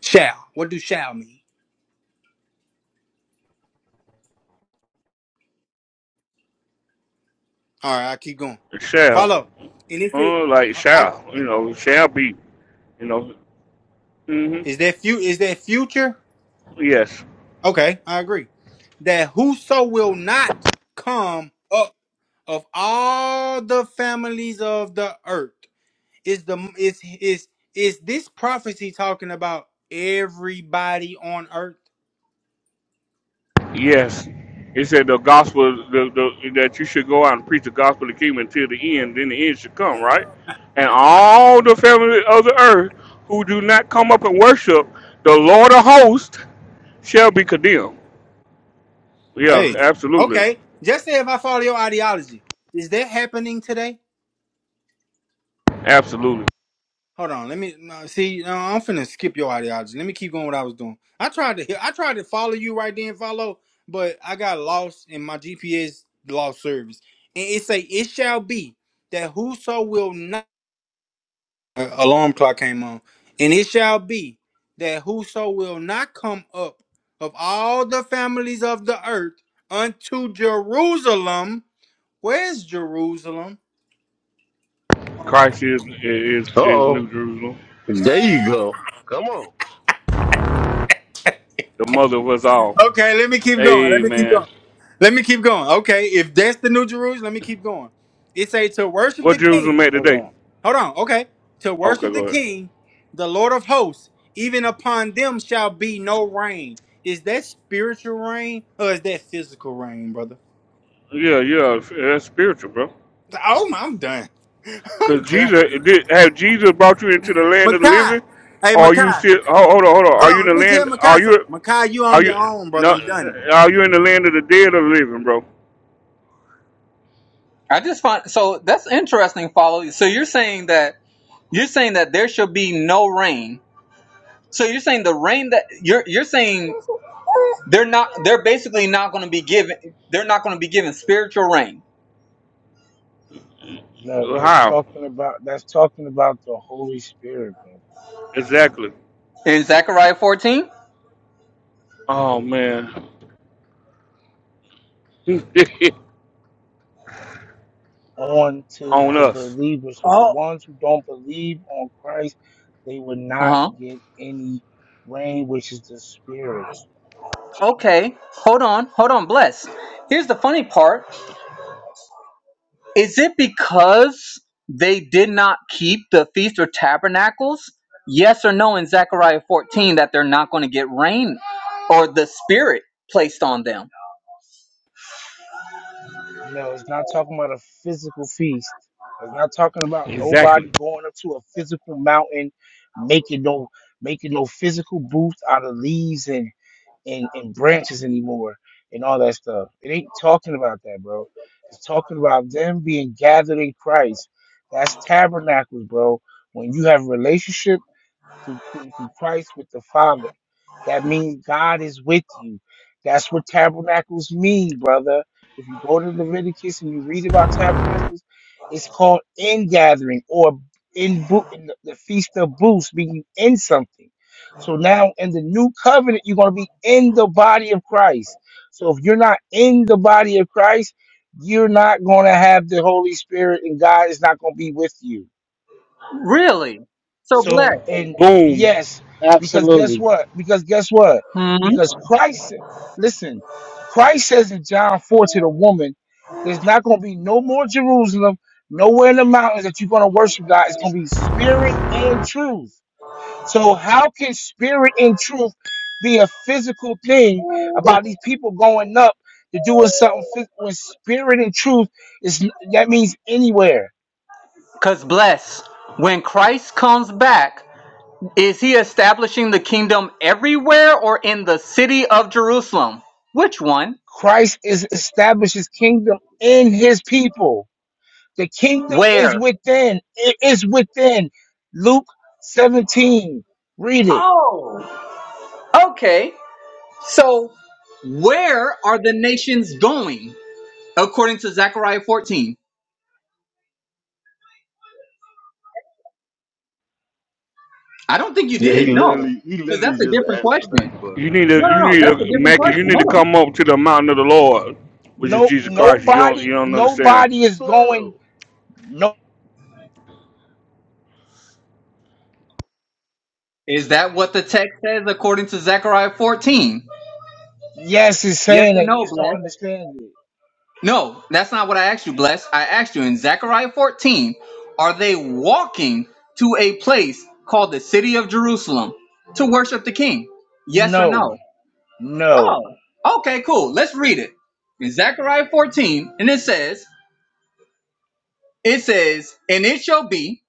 Shall. What do shall mean? All right, I keep going. Shall. Follow. And if it Uh, like uh, I shall. You know, shall be. You know. hmm is that few is that future? Yes. Okay, I agree. That whoso will not come up of all the families of the earth is the is is is this prophecy talking about everybody on earth? Yes. He said the gospel the, the, that you should go out and preach the gospel of the kingdom until the end. Then the end should come, right? And all the family of the earth who do not come up and worship the Lord of hosts shall be condemned. Yeah, Hey, absolutely, okay. Just say if I follow your ideology, is that happening today? absolutely. Hold on, let me no, see. No, I'm finna skip your ideology. Let me keep going what I was doing. I tried to, I tried to follow you right then, follow, but I got lost in my GPS lost service. And it say, "It shall be that whoso will not." Uh, alarm clock came on, and it shall be that whoso will not come up of all the families of the earth unto Jerusalem Where's Jerusalem? Um, Christ is is, is Uh-oh. New Jerusalem, There you go. Come on. the mother of us all. okay, let me keep going. Hey Let me keep man, going. Let me keep going. Okay, if that's the new Jerusalem, let me keep going. It say to worship the what Jerusalem King. made Hold today? on. Hold on. Okay, to Okay, worship the go ahead. King, the Lord of Hosts. Even upon them shall be no rain. Is that spiritual rain or is that physical rain, brother? Yeah, yeah, that's spiritual, bro. Oh, my- I'm done. I'm Cause done. Jesus did have Jesus brought you into the land of the living, Makai. Hey, or are you Makai. still ho- hold on, hold on. Hold Are you in on. the Let me tell land? Are Makai something. you, Makai, you are on you your own, brother. no? I'm done. Are you in the land of the dead or the living, bro? I just find so that's interesting, follow. So you're saying that you're saying that there should be no rain. So you're saying the rain that you're you're saying they're not they're basically not going to be given they're not going to be given spiritual rain No, that's How talking about that's talking about the Holy Spirit, bro. exactly? in Zechariah 14. Oh man, on to on the us believers. So the ones who don't believe on Christ, they will Uh not huh. get any rain, which is the spirit. Okay, hold on, hold on, bless. Here's the funny part. Is it because they did not keep the Feast of Tabernacles? Yes or no in Zechariah 14 that they're not going to get rain or the Spirit placed on them? No, it's not talking about a physical feast. It's not talking about exactly. nobody going up to a physical mountain, making no making no physical booth out of leaves and. and, and branches anymore and all that stuff. It ain't talking about that, bro. It's talking about them being gathered in Christ. That's tabernacles, bro. When you have relationships through, through Christ with the Father. That means God is with you. That's what tabernacles mean, brother. If you go to Leviticus and you read about tabernacles, it's called ingathering or in, bo- in the, the feast of booths, meaning in something. So now in the new covenant, you're going to be in the body of Christ. So if you're not in the body of Christ, you're not going to have the Holy Spirit and God is not going to be with you. Really? So So, bless. and Boom. yes, because guess Absolutely. what? Because guess what? Because Christ, listen, Christ says in John 4 to the woman, there's not going to be no more Jerusalem, nowhere in the mountains that you're going to worship God. It's going to be spirit and truth. So, how can spirit and truth be a physical thing about these people going up to doing something phys- when spirit and truth is that means anywhere? Because bless, when Christ comes back, is he establishing the kingdom everywhere or in the city of Jerusalem? Which one? Christ is established his kingdom in his people. The kingdom is Where? within. It is within. Luke 17. Read it. Oh, okay. So, where are the nations going according to Zechariah 14? I don't think you Yeah, did. he No, literally he because that's literally a just different answered that question. question. You need to No, no, you no. need That's a to different make it. You question. need to Hold on. come up to the mountain of the Lord, which is No, Jesus Christ. You don't nobody, you don't understand. nobody is going. Twelve. No, Is that what the text says according to Zechariah 14? yes, it's Yes saying or that you no, just don't blessed? understand it. No, that's not what I asked you, blessed. I asked you in Zechariah 14, are they walking to a place called the city of Jerusalem to worship the king? Yes or No, no? no. Oh, okay, cool. Let's read it. In Zechariah 14, and it says, it says, and it shall be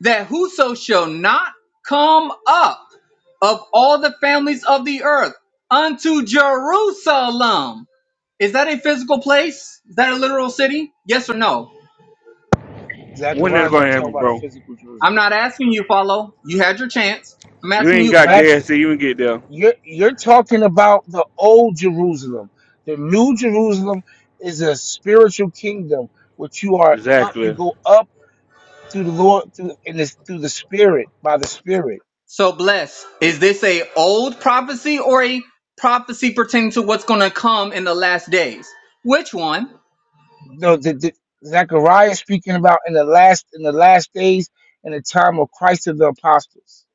that whoso shall not come up of all the families of the earth unto Jerusalem. Is that a physical place? Is that a literal city? Yes or no? When that's Zechariah's gonna not talking happen, about a bro? physical I'm Jerusalem. not asking you, follow. You had your chance. I'm You asking ain't you, got bless. That's. gas, to even get there. You're you're talking about the old Jerusalem. The new Jerusalem is a spiritual kingdom, which you are up. You Exactly. go up through the Lord through and it's through the Spirit by the Spirit. So bless. Is this a old prophecy or a prophecy pertaining to what's gonna come in the last days? Which one? No, the, the Zechariah is speaking about in the last in the last days in the time of Christ of the apostles.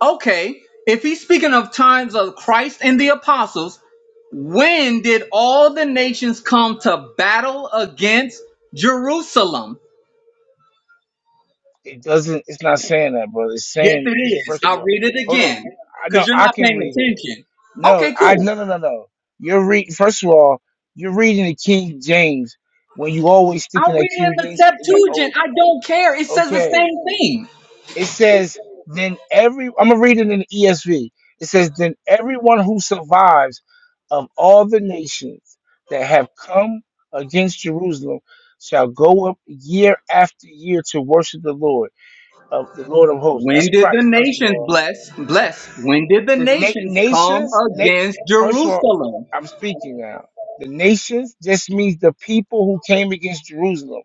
Okay, if he's speaking of times of Christ and the apostles, when did all the nations come to battle against Jerusalem? It doesn't. It's not saying that, brother. It's Yes, saying it's it is. first of I'll all. read it Hold on. again I know because you're I not can paying read it. attention. No, Okay, I no cool. no no no. You're reading. First of all, you're reading the King James when you always sticking I'll that read it in King the James in that. Oh, Septuagint. I don't care. It says the okay. same thing. It says then every. I'm gonna read it in the ESV. It says then everyone who survives of all the nations that have come against Jerusalem shall go up year after year to worship the Lord of the Lord of hosts. That's When did the Christ. First of nations all. bless? Bless. When did the The na- nations come nations, na- against first of all, Jerusalem? I'm speaking now. The nations just means the people who came against Jerusalem.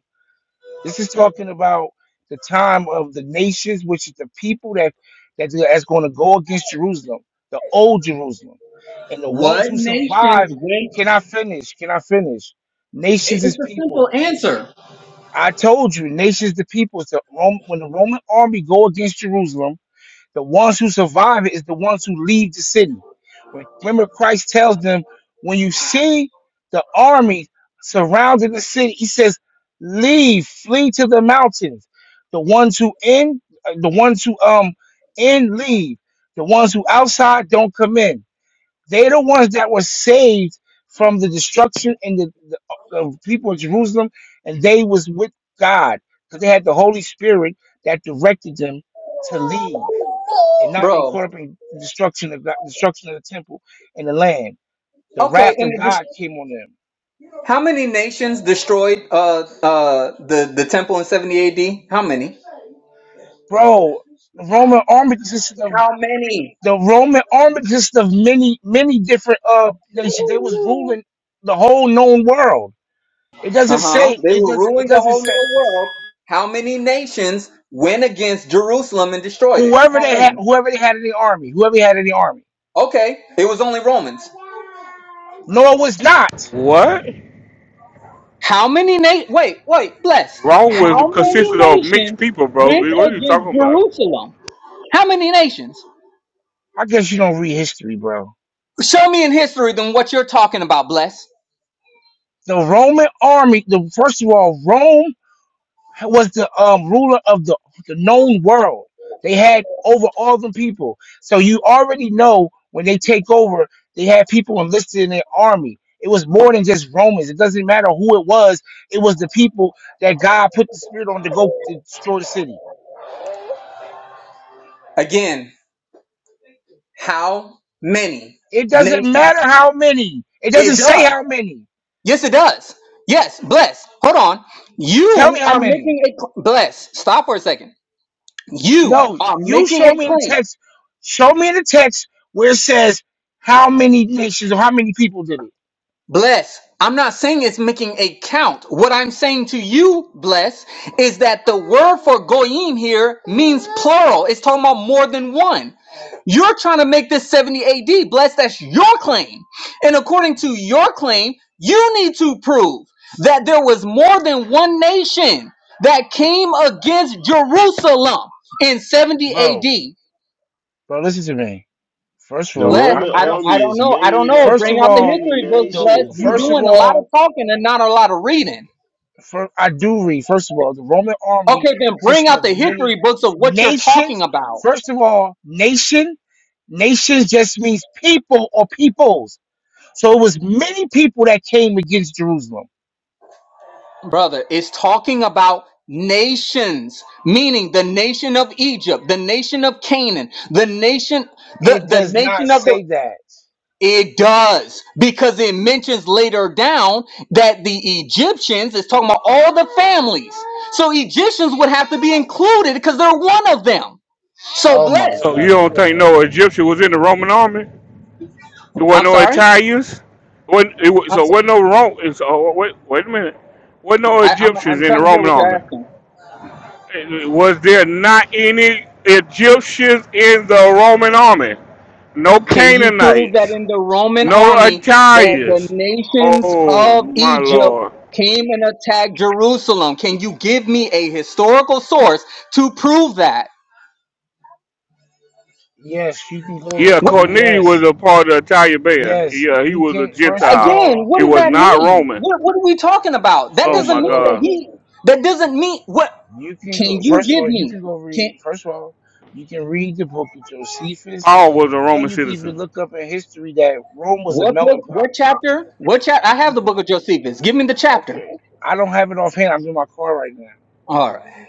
This is talking about the time of the nations, which is the people that that that's going to go against Jerusalem, the old Jerusalem, and the ones What who nations survive. Can went? I finish? Can I finish? it- Nations is It's a people. simple answer, I told you, nations the people. It's the Rome, when the Roman army go against Jerusalem, the ones who survive it is the ones who leave the city. When- Remember, Christ tells them, when you see the army surrounding the city, he says, leave, flee to the mountains. The ones who in, uh, the ones who um in leave. The ones who outside don't come in. They're the ones that were saved from the destruction and the, the, the people of Jerusalem, and they was with God because they had the Holy Spirit that directed them to leave and not be bro. caught up in destruction of God, destruction of the temple and the land. The Okay, wrath of and the dis- God came on them. how many nations destroyed uh uh the the temple in 70 AD? How many? Bro, the Roman army consisted of How many? the Roman army consisted of many, many different uh nations. They was ruling the whole known world. It doesn't Uh-huh. say They it were doesn't it ruling the doesn't whole say new world. How many nations went against Jerusalem and destroyed it? whoever How they had many? whoever they had in the army, whoever they had in the army. Okay, it was only Romans. No, it was not. What? How many na- wait, wait, bless. Wrong How with many consisted of mixed nations people, bro. went What are you against talking about? Jerusalem? How many nations? I guess you don't read history, bro. Show me in history then what you're talking about, bless. The Roman army, the first of all, Rome was the um, ruler of the, the known world. They had over all the people. So you already know when they take over, they had people enlisted in their army. It was more than just Romans. It doesn't matter who it was. It was the people that God put the spirit on to go to destroy the city. Again, how many It doesn't nations? matter how many. It It doesn't say does. how many. Yes, it does. Yes, bless. Hold on. Tell me You how are many. making a cl- bless. Stop for a second. You No, are you making show a me the claim. text. Show me the text where it says how many nations or how many people did it, Bless. I'm not saying it's making a count. What I'm saying to you, bless, is that the word for goyim here means plural. It's talking about more than one. You're trying to make this 70 AD, bless. That's your claim. And according to your claim, you need to prove that there was more than one nation that came against Jerusalem in 70 bro. AD. Bro, listen to me. First of The all, Bless, Roman calm I down. don't, I army don't is know, I don't made know. up First Bring of of out the all, many history books, the Bless. nations, You first of bro. doing a lot of all, talking and not a lot of reading. for, I do read. First of all, the Roman army Okay, then bring consisted out of the many history books of what you're talking nations. about, First of all, nation, nations just means people or peoples. So it was many people that came against Jerusalem. brother. It's talking about nations, meaning the nation of Egypt, the nation of Canaan, the nation, the It the does not nation of the. say that. It does because it mentions later down that the Egyptians is talking about all the families. So Egyptians would have to be included because they're one of them. So Oh my blessed. So you don't goodness, think bro. no Egyptian was in the Roman army? There I'm wasn't no sorry. Italians. Wasn't, it was, I'm, so so- wasn't no Rome. So wait, wait a minute. Wasn't no I, am i Egyptians am in the trying to hear Roman what you're army? asking. Was there not any Egyptians in the Roman army? No Can you prove that Canaanites. in the Roman No army that the Italians. nations Oh of my Egypt lord. came and attacked Jerusalem? Can you give me a historical source to prove that? Yes, you can go. Yeah, What, You Cornelius was yes, a part of Italian Band. yes, Yeah, he you was a can. First of Gentile. again, all, He what does was that not mean? Roman. What, what are we talking about? That Oh first doesn't my of mean all. that God, he. That doesn't mean what? You can Can go you first of give all, you me? can go Can read first of all, you can read the book of Josephus Paul was a and Roman you can even citizen. look up in history that Rome was a what book? melting pot What of chapter? What chapter? I have the people. book of Josephus. Give me the chapter. Okay. I don't have it offhand, I'm in my car right now. All right.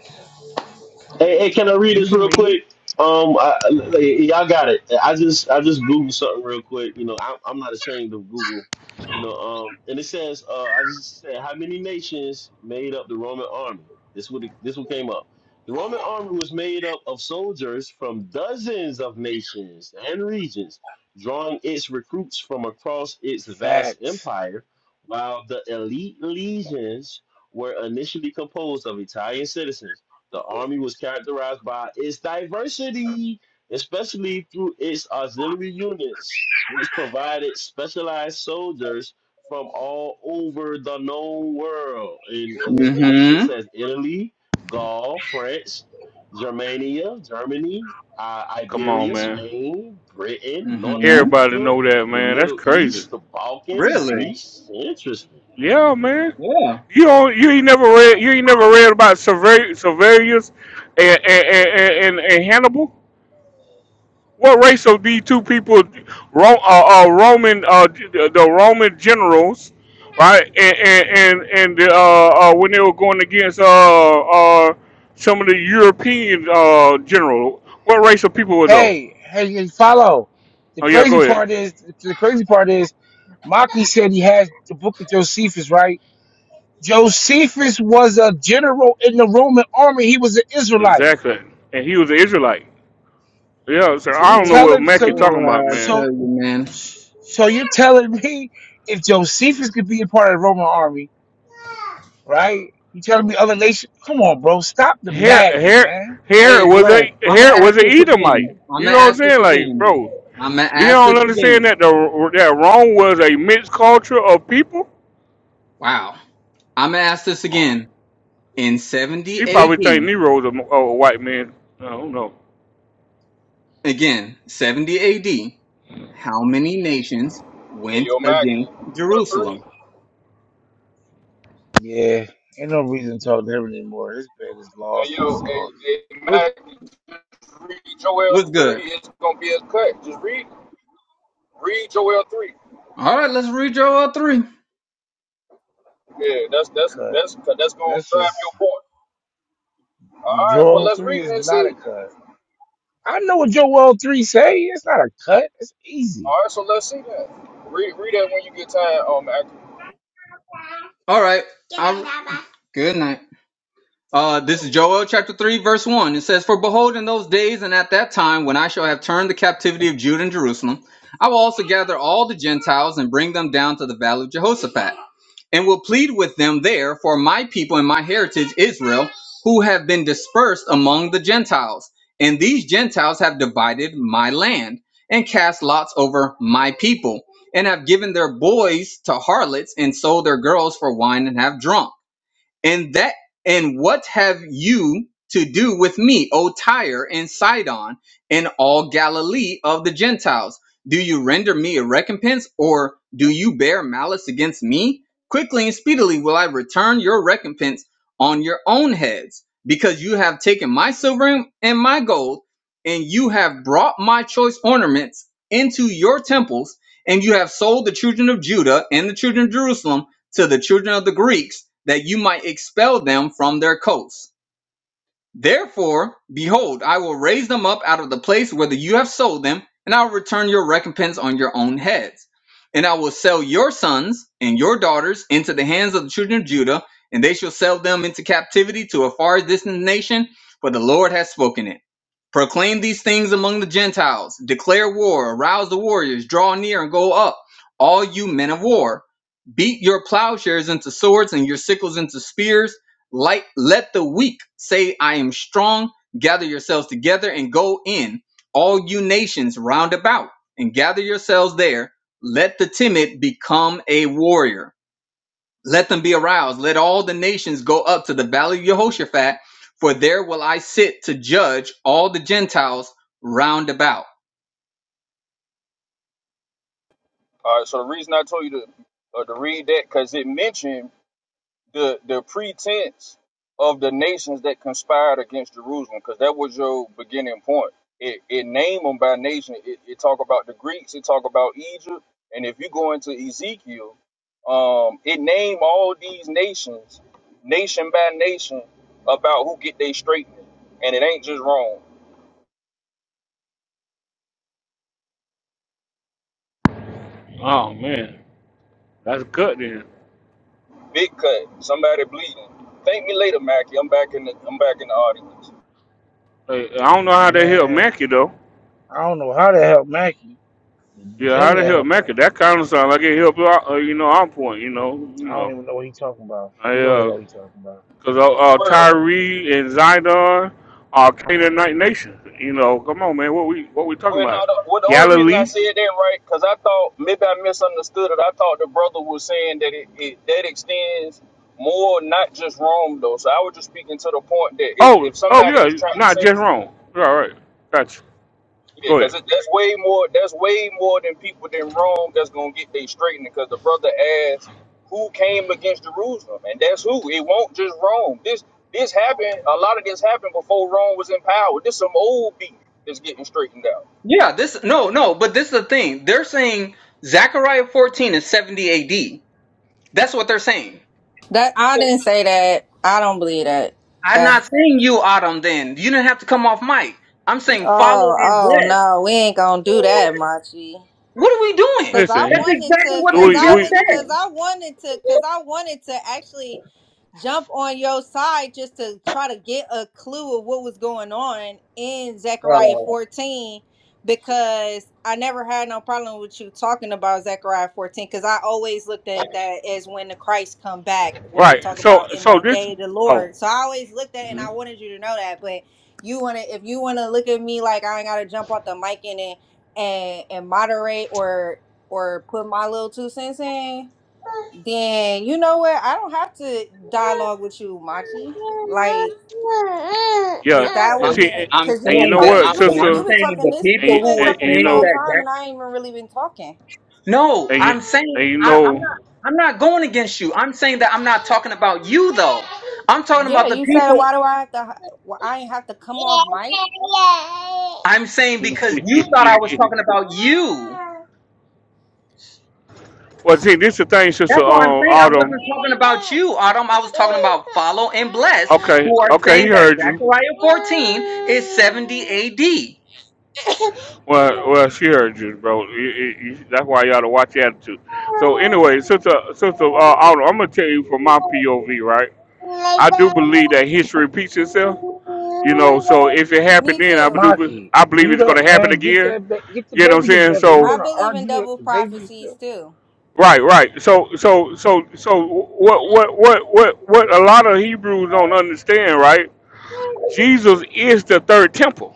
Hey, hey, can I read You this can real read quick? Um, I, I- y'all got it. I just I just googled something real quick. You know, I, I'm not ashamed of Google. You know, um, and it says uh, I just said how many nations made up the Roman army. This would this one came up. The Roman army was made up of soldiers from dozens of nations and regions, drawing its recruits from across its vast facts. empire, while the elite legions were initially composed of Italian citizens the Army was characterized by its diversity, especially through its auxiliary units, which provided specialized soldiers from all over the known world. And a list of Mm-hmm. nations has Italy, Gaul, France, Germania, Germany, uh, Come on, Iberia, man. Spain, Britain, North Mm-hmm. Everybody Africa, know that, the man. That's Middle crazy. East, the Balkans, Really? Greece. Interesting. Yeah, man. Yeah. You don't, you ain't never read you ain't never read about Sever- Severus and and, and, and, and Hannibal. What race of these two people, Ro, uh, uh, Roman, uh, the, the Roman generals, right? And and and, and the, uh, uh, when they were going against uh, uh, some of the European uh, general, what race of people were those? Hey, hey, you follow. The Oh yeah, crazy go ahead. part is the crazy part is Maki said he has the book of Josephus, right? Josephus was a general in the Roman army. He was an Israelite. Exactly. And he was an Israelite. Yeah, so So I you don't know tell what Oh him Mac so you you talking boy, about, I man. so tell you, man. So you're telling me if Josephus could be a part of the Roman army, right? You telling me other nations? Come on, bro. Stop the Here, madness, here, man. Hey, here was bless. a I'm gonna here ask was a this Edomite. again. I'm You gonna know what I'm ask this saying? Like, again. bro, I'm gonna you ask this don't understand again. that the that Rome was a mixed culture of people. Wow. I'm gonna ask this again. In 70 He probably think AD, Nero's a, a white man. I don't know. again, 70 AD, how many nations Hey, went yo, Mackie. against three. Jerusalem? Yeah, ain't no reason to talk to him anymore. His bed is Hey, lost in yo, hey, sauce. hey, What, Mackie. Just read Joel what's three. good? It's gonna be a cut. Just read, read Joel three. All right, let's read Joel 3. Yeah, that's that's Cut. that's that's gonna That's drive your just point. All right. Well, Joel let's read three it is and not see. a cut. I know what Joel three say. It's not a cut. It's easy, All right. So let's see that. Read read that when you get time, um, Mackie. All right. Good night, Baba. Good night. Uh, this is Joel chapter 3, verse 1. It says, For behold, in those days and at that time, when I shall have turned the captivity of Judah and Jerusalem, I will also gather all the Gentiles and bring them down to the valley of Jehoshaphat, and will plead with them there for my people and my heritage Israel, who have been dispersed among the Gentiles. And these Gentiles have divided my land and cast lots over my people, and have given their boys to harlots and sold their girls for wine and have drunk and that and what have you to do with me, O Tyre and Sidon, and all Galilee of the Gentiles? Do you render me a recompense, or do you bear malice against me? Quickly and speedily will I return your recompense on your own heads, because you have taken my silver and my gold, and you have brought my choice ornaments into your temples, and you have sold the children of Judah and the children of Jerusalem to the children of the Greeks that you might expel them from their coasts. Therefore, behold, I will raise them up out of the place whither you have sold them, and I will return your recompense on your own heads. And I will sell your sons and your daughters into the hands of the children of Judah, and they shall sell them into captivity to a far distant nation, for the Lord has spoken it. Proclaim these things among the Gentiles, declare war, arouse the warriors, draw near and go up, all you men of war. Beat your plowshares into swords and your sickles into spears like, let the weak say, I am strong. Gather yourselves together and go in, all you nations round about, and gather yourselves there. Let the timid become a warrior. Let them be aroused. Let all the nations go up to the valley of Jehoshaphat, for there will I sit to judge all the Gentiles round about. All right. So the reason I told you to uh, to read that because it mentioned the the pretense of the nations that conspired against Jerusalem, because that was your beginning point. It, it named them by nation. It, it talk about the Greeks. It talk about Egypt. And if you go into Ezekiel, um, it name all these nations, nation by nation, about who get they straightening. And it ain't just wrong. Oh man, that's good then. Big cut. Somebody bleeding. Thank me later, Mackie. I'm back in the I'm back in the audience. Like, I don't know how they help man. Mackey though. I don't know how to help Mackie. Yeah, None how of they that help help Mackey? That Mackie. kind of sound like it helped. Uh, you know, our point. You know, you I don't know. even know what he talking about. I He don't even uh. know what he talking about. Because uh, uh, World. Tyree and Zidon are Canaanite nation. You know, come on, man. What we what we talking Well, no, about? the, well, the only reason I Galilee? said that, right, because I thought maybe I misunderstood it. I thought the brother was saying that it, it that extends more, not just Rome, though. So I was just speaking to the point that if, Oh, if oh somebody yeah. just trying to Not say just this, wrong. You're All right. Gotcha. yeah, Go because ahead. that's way more, that's way more than people than Rome that's gonna get they straightened. Because the brother asked who came against Jerusalem, and that's who. It won't just Rome. This this happened. A lot of this happened before Rome was in power. This some old beef that's getting straightened out. Yeah, this, no, no, but this is the thing. They're saying Zechariah 14 is 70 AD. That's what they're saying. That I didn't say that. I don't believe that. I'm not That saying you, Autumn, then. You didn't have to come off mic. I'm oh, saying follow and oh no, we ain't gonna do that, Machi. what are we doing? Cause I That's Listen, wanted exactly to, what cause they we I just was, we cause said. I wanted to, cause I wanted to actually jump on your side just to try to get a clue of what was going on in Zechariah 14 because I never had no problem with you talking about Zechariah 14 because I always looked at that as when the Christ come back where it right. talk So about in so that this. day of the Oh, Lord. So I always looked at it and mhm. I wanted you to know that. But you wanna if you wanna look at me like I ain't gotta jump off the mic and then and and moderate or or put my little two cents in, then you know what? I don't have to dialogue with you, Machi. Like, yeah. cause that You I'm, see, wasn't and, I'm cause and you've you been saying know that talking, what, I, you've when been I'm you've sister, been saying talking the this, and you've people you- who been and, were talking and you this saying whole know, time, that. and I ain't even really been talking. No, and you, I'm and saying you I, I'm know. not. I'm not going against you. I'm saying that I'm not talking about you though. I'm talking Yeah, about the you said people. why do I have to? Why I ain't have to come off mic? I'm saying because you thought I was talking about you. well, see, this is the thing, That's sister. what I'm Um, saying. I Autumn. wasn't talking about you, Autumn. I was talking about Follow and Bless, Okay, who are okay, saying he that heard you. Zechariah 14 is 70 AD. Well, well, sure, Jude, bro. You, you, you, that's why you ought to watch your attitude. So, anyway, sister, sister, uh, Autumn, I'm gonna tell you from my POV, right? I do believe that history repeats itself. You know, so if it Me happened then, I too. do, be- Maki, I believe mute it's up, gonna happen man. Get again. that, ba- get the You know what baby I'm saying? together. You I So, want to believe in argue with double the baby prophecies still? too. right, right. So, so, so, so, what, what, what, what, what? A lot of Hebrews don't understand, right? Jesus is the third temple.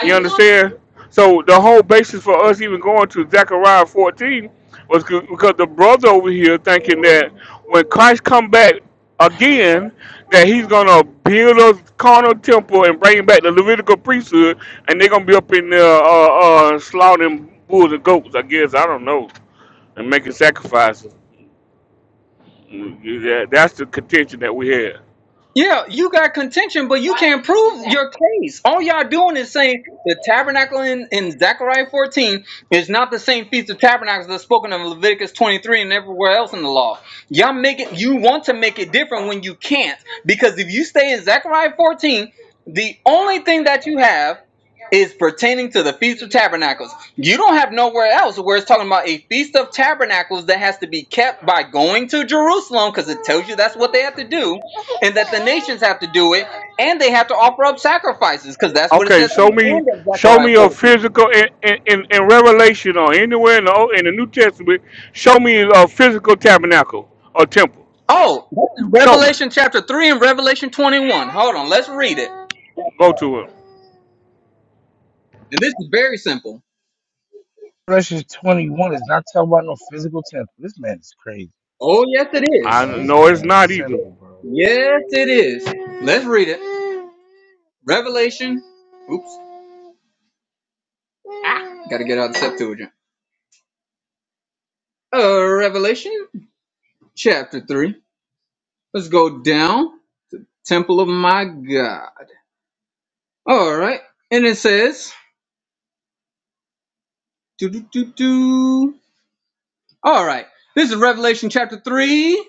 You understand? So the whole basis for us even going to Zechariah 14 was c- because the brother over here thinking that when Christ come back again, that he's gonna build a carnal temple and bring back the Levitical priesthood, and they're gonna be up in there uh, uh, slaughtering bulls and goats. I guess I don't know, and making sacrifices. Mm, that- That's the contention that we had. Yeah, you got contention, but you can't prove your case. All y'all doing is saying the tabernacle in, in Zechariah 14 is not the same feast of tabernacles that's spoken of in Leviticus 23 and everywhere else in the law. Y'all make it, you want to make it different when you can't. Because if you stay in Zechariah 14, the only thing that you have is pertaining to the Feast of Tabernacles. You don't have nowhere else where it's talking about a Feast of Tabernacles that has to be kept by going to Jerusalem because it tells you that's what they have to do and that the nations have to do it, and they have to offer up sacrifices, because that's what it Okay, says at show the me, end of show Zechariah me a 14. physical in in, in in Revelation or anywhere in the O- in the New Testament. Show me a physical tabernacle or temple. Oh, this is Show me. Revelation chapter 3 and Revelation 21. Hold on, let's read it. Go to it. And this is very simple. Fresh is 21 is not talking about no physical temper. This man is crazy. Oh, yes, it I is. This know it's man is not either simple, bro. Yes, it is. Let's read it. Revelation. Oops. Ah, gotta get out of the Septuagint. Uh, Revelation chapter 3. Let's go down. Temple of my God. All right. And it says. Do, do, do, do. All right. This is Revelation chapter 3,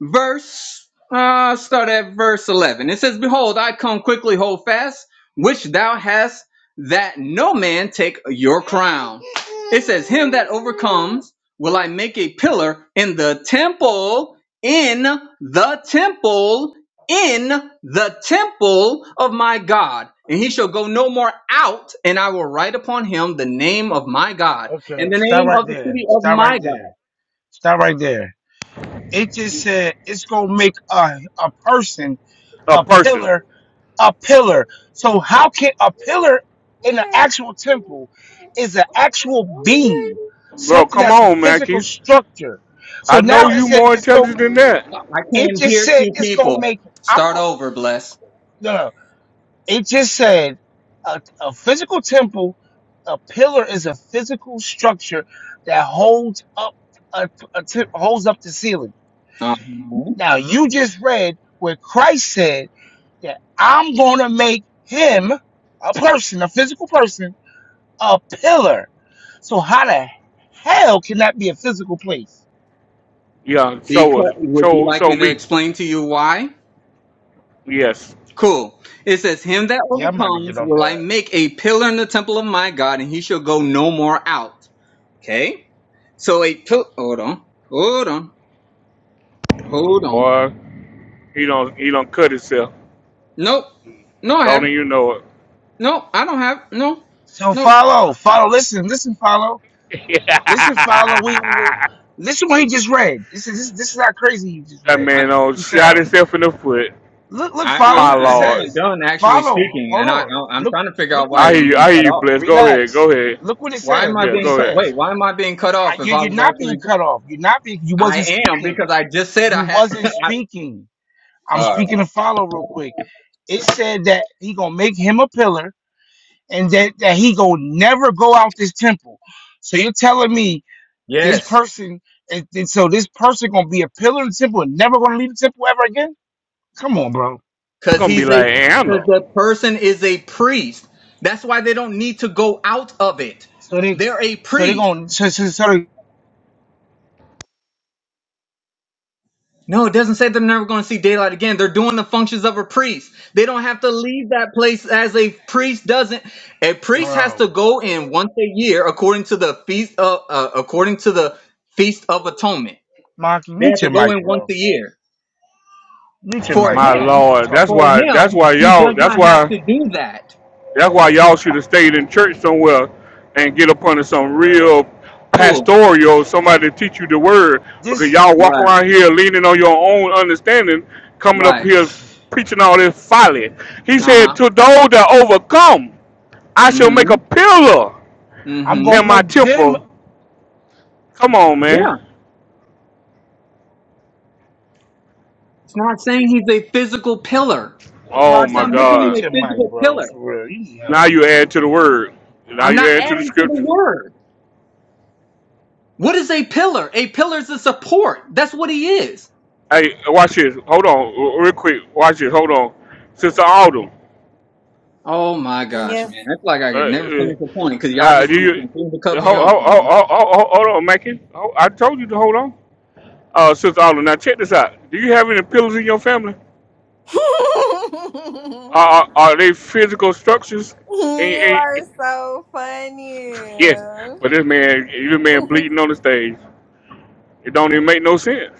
verse, uh, start at verse 11. It says, Behold, I come quickly, hold fast, which thou hast, that no man take your crown. It says, Him that overcomes will I make a pillar in the temple, in the temple, in the temple of my God. And he shall go no more out, and I will write upon him the name of my God Okay, and the stop name right of the there. city of Stop my right God. there. Stop right there. It just said it's gonna make a a person a a person. pillar, a pillar. So how can a pillar in an actual temple is an actual beam, Bro, something come that's a on, physical Mackie. structure. So I now know it you said more it's going. intelligent than that. I It came just here said to it's gonna people. make. I'm Start go. over, bless. No, no. It just said a, a physical temple. A pillar is a physical structure that holds up a, a te- holds up the ceiling. Um, Now you just read where Christ said that I'm gonna make him a person, a physical person, a pillar. So how the hell can that be a physical place? Yeah, show because us. would you Show like show me to me. explain to you why? Yes, Cool. It says, Him that Yeah, I'm about to get overcomes off will I that. make a pillar in the temple of my God, and he shall go no more out. Okay? So a pillar. Hold on. Hold on. Hold on. boy. He don't he don't cut himself. Nope. No, I Don't haven't. even know No, I don't have. No. So No. follow, follow, listen, listen, follow. it. Listen, follow. We will that listen what he just read. This is this, this is how crazy he just read. I. man don't He shot sounds. himself in the foot. Look, look, I, I follow. My Look what it I lord. haven't says. done actually Follow. speaking, Hold and I, on. I I'm Look, trying to figure look out what why it. I hear I'm you. being I hear cut you, off. Bless. Go ahead. Relax. Go ahead. Look what it Why says. am I Look Yeah, what it being go cut? ahead. says. Wait, why am I being cut I, off if you, I you're was not actually being cut off. You're not being. You I wasn't am speaking. because I just said You I had. wasn't I, speaking. I'm all right. speaking to follow real quick. It said that he gonna make him a pillar, and that that he gonna never go out this temple. So you're telling me This Yes. person, and, and so this person gonna be a pillar in the temple and never gonna leave the temple ever again. Come on, bro. I'm Cause gonna be he's a like cause Anna. the person is a priest. That's why they don't need to go out of it. So they, They're a so they priest. gonna, so, so, so they, No, it doesn't say they're never going to see daylight again. They're doing the functions of a priest. They don't have to leave that place as a priest doesn't. A priest has bro, to go in once a year according to the feast of uh, according to the feast of atonement. Monkey, They mute have to your go mic, in once bro. a year. Mute your For mic, My man, him, cause you Lord. That's talking for why. crazy That's him, why he does y'all. That's not have why. to do that. That's why y'all should have stayed in church somewhere and get up under for some real. real Cool. pastoral somebody to teach you the word because This, y'all walk Right. around here leaning on your own understanding, coming up Right. here preaching all this folly. He Uh said, huh. "To those that overcome, I shall make Mhm. a pillar I'm Mm-hmm. gonna in my make them, temple." Come on, man. Yeah. It's not saying he's a physical pillar. Oh It's my not Monkey, man, making him God. mute a your mic, physical bro, pillar. for real. You need Now help. you add to the word. Now I'm you not add to the adding to the scriptures. word. What is a pillar? A pillar is a support. That's what he is. Hey, watch this. Hold on, real quick. Watch this. Hold on. Sister Autumn, Oh my gosh, Yes. man. That's like I uh, could never uh, finish a point because y'all uh, just do want to you? continue to cut Hold, me off, hold, man. hold, hold hold on, Mackin. Ho- I told you to hold on. Uh, Sister Autumn, now check this out. Do you have any pillars in your family? you Are, are, are they physical structures? Eh, eh, eh, are so yeah, funny. but this man, this man bleeding on the stage. It don't even make no sense.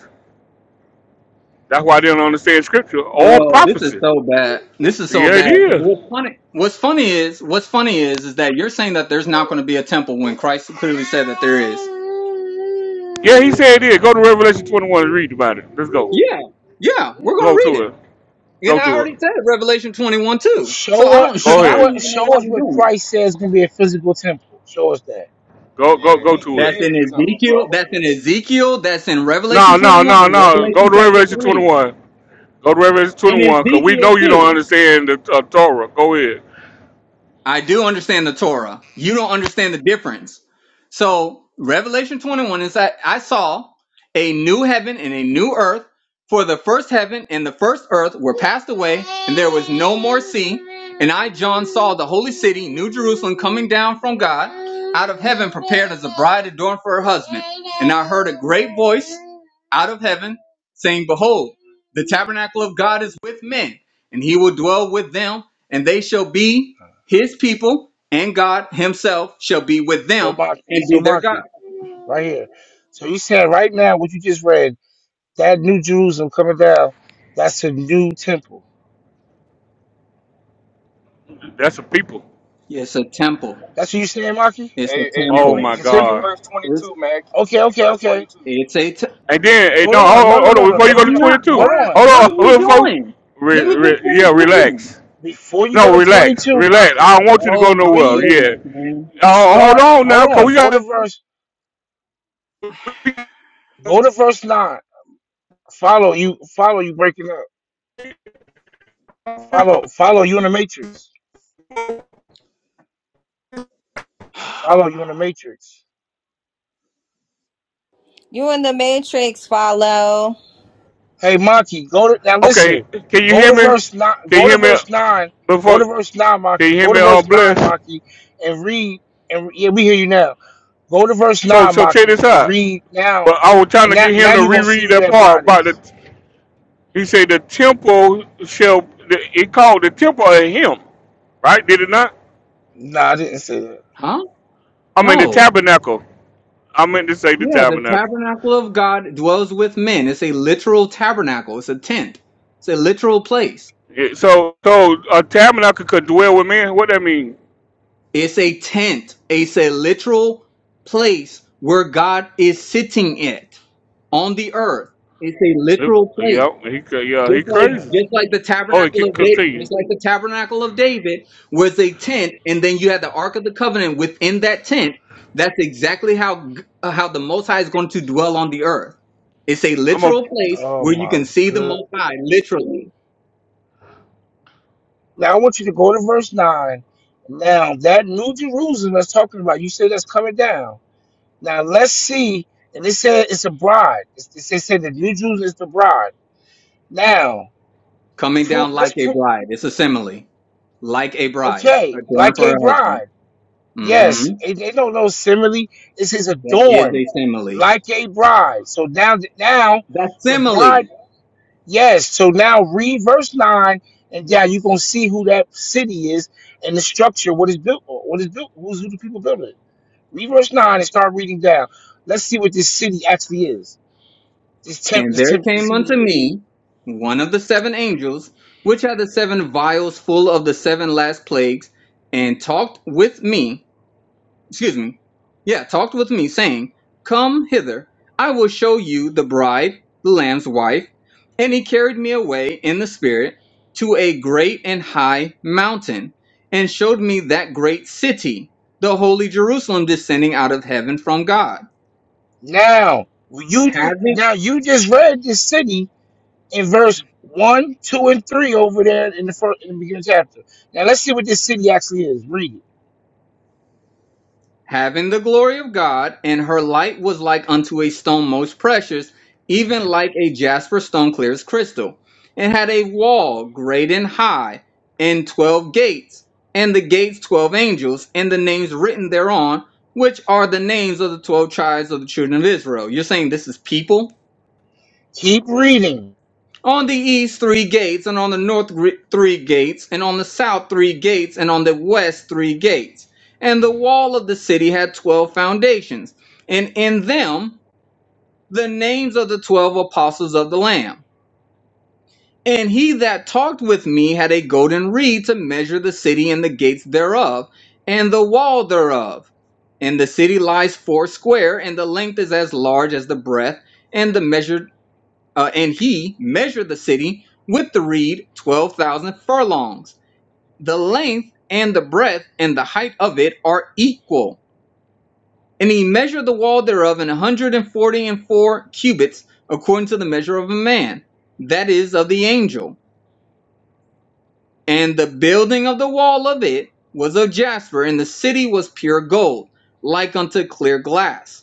That's why they don't understand scripture or Bro, this is prophecy. so bad. This is so Yeah, it bad. 'Cause is. What's funny? What's funny is what's funny is is that you're saying that there's not going to be a temple when Christ clearly said that there is. Yeah, he said it. Go to Revelation 21 and read about it. Let's go. Yeah, yeah. We're gonna Go read to it. it. And Go I to already it. said Revelation 21 too. So I Show us, don't Go I show ahead. don't even us, show know why us we're what doing it. Christ says gonna be a physical temple. Show us that. Go go Yeah, go he, to That's he it. is in the temple, bro. Ezekiel. That's in Ezekiel. That's in No, Revelation no, 21 no, and no. Go to Revelation Ezekiel. 21. Go to Revelation 21 because we know you don't understand the uh, Torah. Go ahead. I do understand the Torah. You don't understand the difference. So Revelation 21 is that I saw a new heaven and a new earth. For the first heaven and the first earth were passed away, and there was no more sea. And I, John, saw the holy city, New Jerusalem, coming down from God out of heaven prepared as a bride adorned for her husband. And I heard a great voice out of heaven saying, Behold, the tabernacle of God is with men, and he will dwell with them, and they shall be his people, and God himself shall be with So them Maki, and so be their Maki, God. right here. So you said right now what you just read. That New Jerusalem coming down, that's a new temple. That's the people. It's a temple. That's what you saying, Maki? It's a Hey, hey, Oh temple. my It's read a read temple? God. verse twenty It's, two, man. Keep- Okay, Read okay, verse twenty okay. two. it's a. Te- And then, hey, Hold no, hold, on. No, hold no, no, on. no. Before you go Don't to I'm jump. not. 22, Hold Why? on. hold What are we on. Before, doing? re, Let me just re, finish yeah, reading. relax. Before you go No, to relax, 22, relax. Maki, I don't want you to go Oh my nowhere. read, Yeah. goodness, man. Uh, hold start. on Hold now, cause on. we Go to got verse, to go to verse 9. Follow you, follow you breaking up. Follow, follow you in the matrix. Follow you in the matrix. You in the Matrix, follow. Hey, Maki, go to now. Listen, Okay, can you go hear to me? verse nine. Can you Go to hear me verse nine. Go before? to verse nine, Can you Maki. hear Go to me? Uh, verse nine, bless. Maki, and read. And yeah, we hear you now. Go to verse So, nine, so check Maki, this and out. read now. But I was trying And to now, get him now to you're gonna see reread who that that part bride about the. is. He said the temple shall. It called the temple of him, right? Did it not? Nah, I didn't say that. Huh? I mean the No. tabernacle. I meant to say the Yeah, the tabernacle. tabernacle of God dwells with men. It's a literal tabernacle. It's a tent. It's a literal place. Yeah, so, so a tabernacle could dwell with men. What that mean? It's a tent. It's a literal place where God is sitting it on the earth. It's a Yep. literal place. Yeah. He Yeah. just He This like man crazy. is just like the crazy. Oh, it tabernacle can of David, continue. just like the tabernacle of David was a tent, and then you had the Ark of the Covenant within that tent. That's exactly how g- uh, how the Most High is going to dwell on the earth. It's a I'm a literal place Oh where you my can see the good. Most High literally Now I want you to go to verse nine. Now that New Jerusalem that's talking about, you said that's coming down. Now let's see. And it said it's a bride. It's, it said the New Jerusalem is the bride. Now, coming prove, down like let's a prove, bride. It's a simile, like a bride okay, adorned like for a her husband. bride. hmm Yes, and they don't know simile. This is That is adorned a simile. like a bride. So now, now That's the simile. bride, yes. So now read verse 9, and now you're going to see who that city is and the structure, what is built, on, what is built, who's, who the people built it. Read verse 9 and start reading down. Let's see what this city actually is. This temp, And this there temp, let's came see what it unto is. me one of the seven angels, which had the seven vials full of the seven last plagues, and talked with me, excuse me, yeah, talked with me, saying, Come hither, I will show you the bride, the Lamb's wife. And he carried me away in the Spirit to a great and high mountain, and showed me that great city, the holy Jerusalem, descending out of heaven from God Now, you just, Having now you just read this city in verse one, two, and three over there in the first in the beginning chapter. Now let's see what this city actually is. Read it. having the glory of God, and her light was like unto a stone most precious, even like a jasper stone clear as crystal, and had a wall great and high, and twelve gates, and the gates twelve angels, and the names written thereon, which are the names of the twelve tribes of the children of Israel. You're saying this is people? Keep reading. On the east three gates, and on the north gr- three gates, and on the south three gates, and on the west three gates. And the wall of the city had twelve foundations, and in them the names of the twelve apostles of the Lamb. And he that talked with me had a golden reed to measure the city and the gates thereof, and the wall thereof. And the city lies foursquare, and the length is as large as the breadth, and the measure uh, and he measured the city with the reed 12,000 furlongs. The length and the breadth and the height of it are equal. And he measured the wall thereof in a 140 and forty and four cubits, according to the measure of a man, that is, of the angel. And the building of the wall of it was of jasper, and the city was pure gold, like unto clear glass.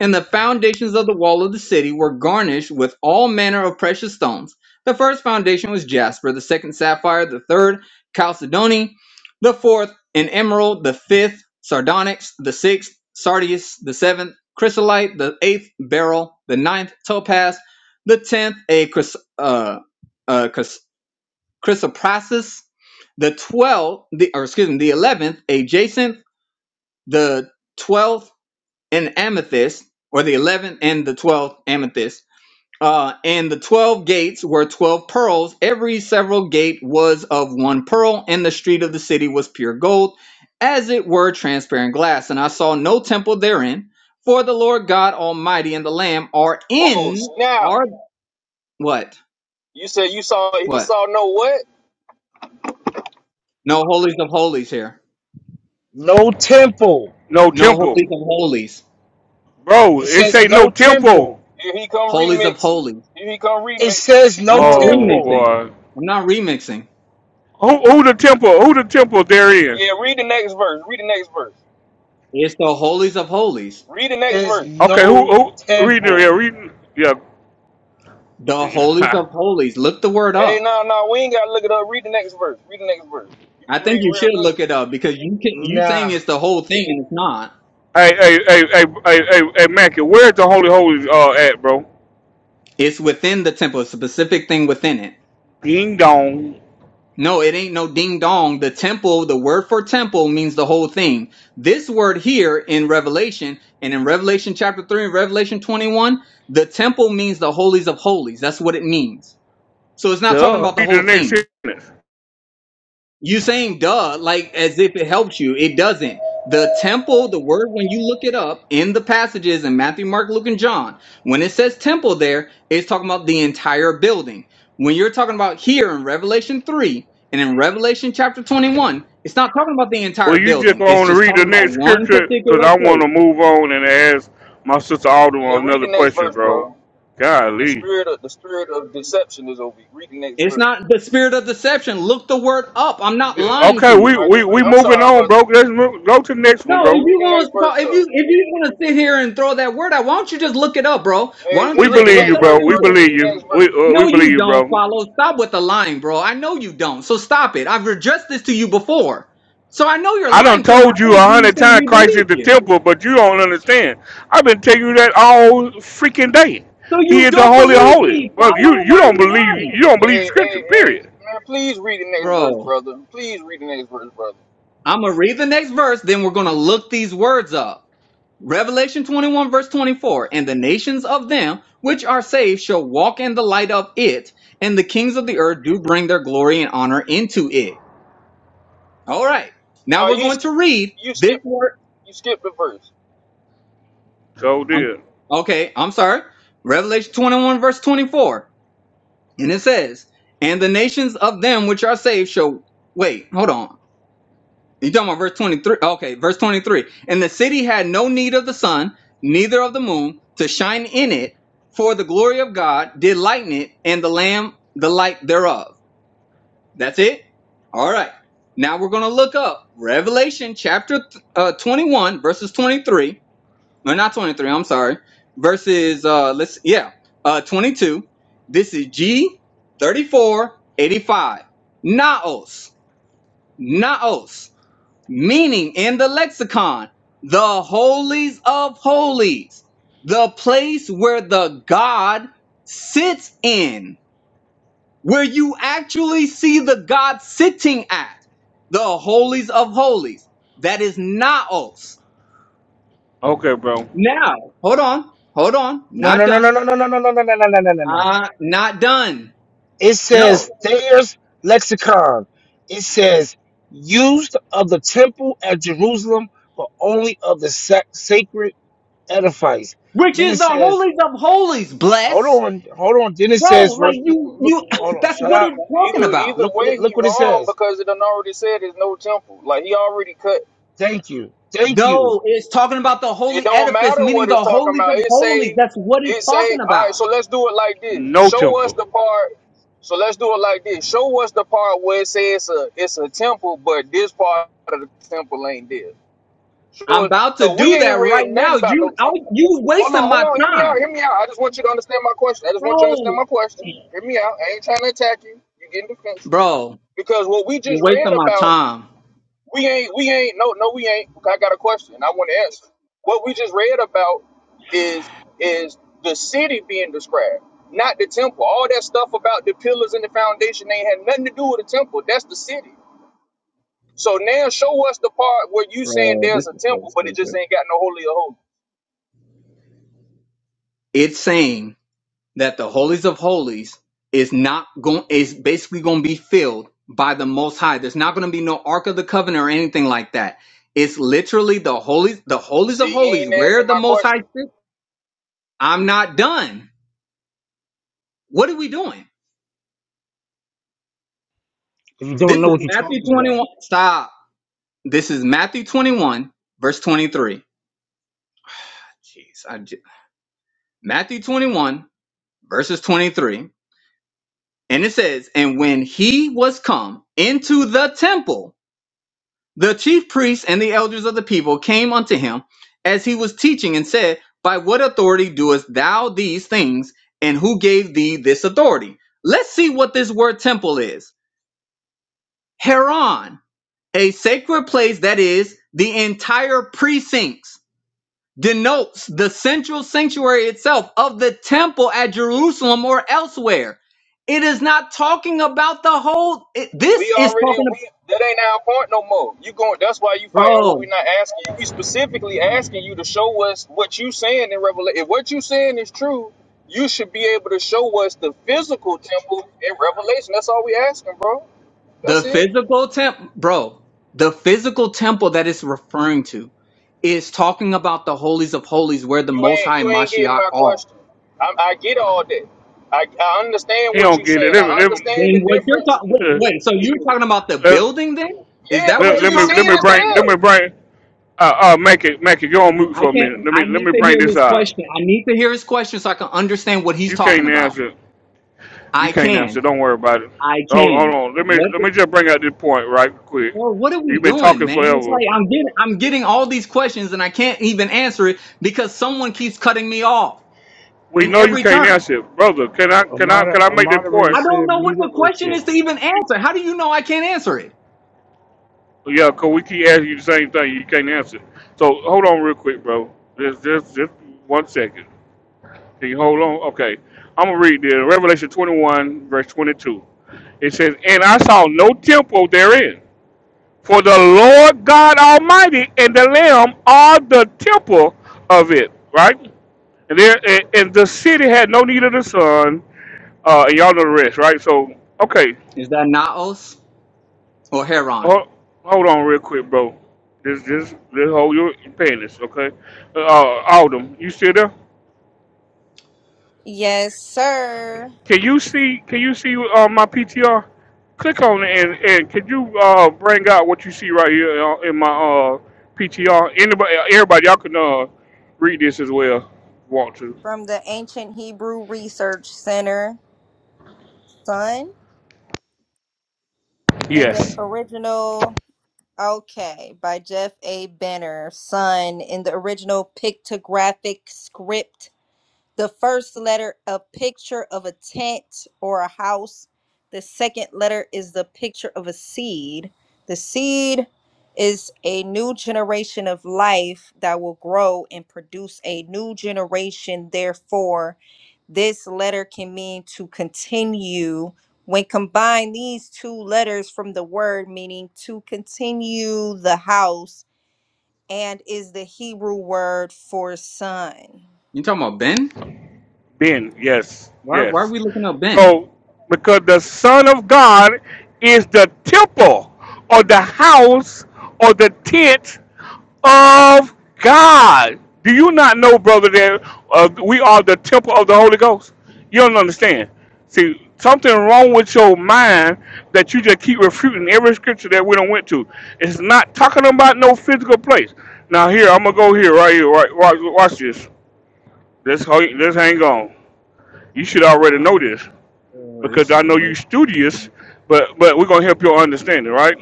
And the foundations of the wall of the city were garnished with all manner of precious stones. The first foundation was jasper, the second sapphire, the third chalcedony, the fourth an emerald, the fifth sardonyx, the sixth sardius, the seventh chrysolite, the eighth beryl, the ninth topaz, the tenth a chrys- uh, uh, Chrysoprasus, the twelfth, the, or excuse me, the eleventh, a jacinth, the twelfth, an amethyst, or the eleventh and the twelfth amethyst. Uh, and the twelve gates were twelve pearls. Every several gate was of one pearl, and the street of the city was pure gold, as it were transparent glass. And I saw no temple therein, for the Lord God Almighty and the Lamb are Oh in snap! are what You said you saw he what saw no what? no holies of holies here, No temple. no no temple, holies of holies. bro. It It says say no no temple. temple. Here he come Holies of remixing. Holies. Here he come It remixing. says I'm no not Oh temple. remixing. boy. I'm not remixing. Who who the temple who the temple they're in? Yeah, read the next verse. Read the next verse. It's the Holies of Holies. Read the next There's verse. Okay, who no who reading it temple. here, reading yeah. The hey, Holies of Holies. Look the word Hey, up. no, no, we ain't gotta look it up. Read the next verse. Read the next verse. You I can think read you real should good. look it up because you can, you saying Nah. it's the whole thing and it's not. hey, hey, hey, hey, hey, hey, Mackie, where's the Holy Holy uh at, bro? It's within the temple, a specific thing within it. Ding dong. No, it ain't no ding dong. The temple, the word for temple means the whole thing. This word here in Revelation and in Revelation chapter 3 and Revelation 21, the temple means the holies of holies. That's what it means. So it's not talking Duh. about the Read the whole next thing. sentence. You saying duh, like as if it helps you. It doesn't. The temple, the word when you look it up in the passages in Matthew, Mark, Luke, and John, when it says temple there, it's talking about the entire building. When you're talking about here in Revelation 3 and in Revelation chapter 21, it's not talking about the Well, entire you just building. It's want to just read the talking about next one scripture because particular I want to place. move on and ask my sister Yeah, Alderman read the another next question, verse, bro. bro. The Golly. spirit of the spirit of deception is over you. Read the next It's verse. not the spirit of deception. Look the word up. I'm not lying to Okay, you. we All right, we just read. we I'm moving sorry, on, bro. brother. Let's move, go to the next one, No, Yeah, if bro. read you the want next to verse talk, if though. you if you want to sit here and throw that word out, why don't you just look it up, bro? Why Hey, don't We just you read just the believe look you, next up verse, bro. We bro. temple? Just believe read the you. next We verse. uh, No, we believe you you, don't bro. follow. Stop with the lying, bro. I know you don't. So stop it. I've addressed this to you before. So I know you're I done lying to my told you a face when you say hundred times we Christ is believe the you. temple, but you don't understand. I've been telling you that all freaking day. So He you is the don't holy of believe holy. me, Well, you follow. you Why are don't you believe you lying, don't believe the Hey, scripture, hey, hey, period. man, please read the next verse, bro? brother. Please read the next verse, brother. I'm gonna read the next verse, then we're gonna look these words up. Revelation 21 verse 24, and the nations of them which are saved shall walk in the light of it, and the kings of the earth do bring their glory and honor into it. All right. Now No, we're you going skip, to read you this skip, word. you skip the verse. So I'm, dear. okay. I'm sorry. Revelation 21 verse 24. And it says, and the nations of them which are saved shall wait, hold on. You talking about verse 23? Okay, verse 23. And the city had no need of the sun, neither of the moon, to shine in it, for the glory of God did lighten it, and the Lamb the light thereof. That's it? All right. Now we're going to look up Revelation chapter uh, 21, verses 23. Or not 23, I'm sorry. Verses, uh, let's, yeah, uh, 22. This is G 3485. Naos. Naos meaning in the lexicon, the holies of holies, the place where the God sits in, where you actually see the God sitting at, the holies of holies. That is naos. Okay, bro. Now, hold on, hold on, No, not no, no, done. no, no, no, no, no, no, no, no, no, no, no, no, no. no. Uh, not done. It No. says Thayer's lexicon. It says used of the temple at Jerusalem, but only of the sac- sacred edifice. Which Then it is the says holies of holies, Hold bless. on, hold on. Then it Bro, says like verse. you, Look, you, hold on. that's Shut what up. it's talking Either about. either Look what it. way, he Look what it wrong says. because it done already said there's no temple. Like he already cut. Thank you. Thank you. No, it's talking about the It holy don't edifice, matter meaning what it's the talking holies about. of It say, holies. That's what it it's say. talking All right, about. so let's do it like this. No Show us temple. the part. So let's do it like this. Show us the part where it says it's a, it's a temple, but this part of the temple ain't there. Show I'm it, about to cause we do that ain't read right now. nothing about no You, I, temple. you Hold wasting on, hold my on. Hear me time, out. Hear me out. I just want you to understand my question. I just want you to understand bro. my question. Hear me out. I ain't trying to attack you. You getting defensive Bro, because what we you're just read wasting my about, time. we ain't, we ain't. No, no, we ain't. I got a question. I want to answer. What we just read about is is the city being described, not the temple. All that stuff about the pillars and the foundation ain't had nothing to do with the temple. That's the city. So now show us the part where you saying there's a temple, but it just ain't got no holy of holies. It's saying that the holies of holies is not going. Is basically going to be filled by the Most High. There's not going to be no Ark of the Covenant or anything like that. It's literally the holies, the holies See, of you holies, ain't where answering the my Most High question. sits. I'm not done. What are we doing? If you This don't know is what you're Matthew talking about, 21. Stop. This is Matthew 21, verse 23. Jeez. I j- Matthew 21, verses 23. And it says, And when he was come into the temple, the chief priests and the elders of the people came unto him as he was teaching and said, By what authority doest thou these things? And who gave thee this authority? Let's see what this word temple is. Heron, a sacred place that is the entire precincts denotes the central sanctuary itself of the temple at Jerusalem or elsewhere. It is not talking about the whole. It, We this is already talking about, we that ain't our point no more. You going? That's why you fighting what we bro, not asking you. We specifically asking you to show us what you saying in Revelation. If what you saying is true, you should be able to show us the physical temple in Revelation. That's all we asking, bro. the That's it. physical temple, bro, the physical temple that it's referring to is talking about the holies of holies where the You Most ain't High you and ain't getting Mashiach my are. question. I, I get all that. I, I understand He what you don't get it. saying. Let me I let me understand Then the what you're difference. talking, wait, wait, so you're talking about the let, building then? Is Yeah, that what let, because you're let you me talking let saying me it's about? bring let there. me bring uh uh make it make it go on mute I for a minute. can't, Let I me let need me to hear bring this his out. question. I need to hear his question so I can understand what he's You talking can't about. answer. You I can't now, so can. don't worry about it. I Hold, hold can. on. Let me What? let me just bring out this point right quick. Well, what are we You've been doing, talking man? It's forever. like I'm getting I'm getting all these questions and I can't even answer it because someone keeps cutting me off We in know you every can't turn. answer, it. brother. Can I a, can I moder- can I a make that moderator point? I don't said, know what mute it the real question quick. Yeah, is to even answer. How do you know I can't answer it? Yeah, cause we keep asking you the same thing. You can't answer. So hold on real quick, bro. Just just just one second. Can you hold on? Okay. I'm gonna read this. Revelation 21 verse 22. It says, "And I saw no temple therein." For the Lord God Almighty and the Lamb are the temple of it, right? And there, and, and the city had no need of the sun, uh, and y'all know the rest, right? So, okay, Is that Naos or Heron? hold, hold on real quick, bro. This, this, this whole you're paying this, okay? Uh, Alden, you still there? Yes, sir. Can you see? Can you see uh, my PTR? Click on it and and could you uh, bring out what you see right here uh, in my uh, PTR? Anybody, everybody, y'all can uh, read this as well. if you Want to? From the Ancient Hebrew Research Center, son. In the Yes. original, okay, by Jeff A. Benner, son. In the original pictographic script The first letter, a picture of a tent or a house. The second letter is the picture of a seed. The seed is a new generation of life that will grow and produce a new generation. Therefore, this letter can mean to continue. When combined, these two letters from the word meaning to continue the house and is the Hebrew word for son. You talking about Ben? Ben, yes, Why why are yes. we looking up Ben? So, because the Son of God is the temple or the house or the tent of God. Do you not know, brother, that uh, we are the temple of the Holy Ghost? You don't understand. See, something wrong with your mind that you just keep refuting every scripture that we don't went to. It's not talking about no physical place. Now here, I'm gonna go here right here. Right, watch, watch this. Let's ho- let's hang on. You should already know this Oh, boy, because this is I a know you waste. of studious, time. but but we're gonna help your understanding, right?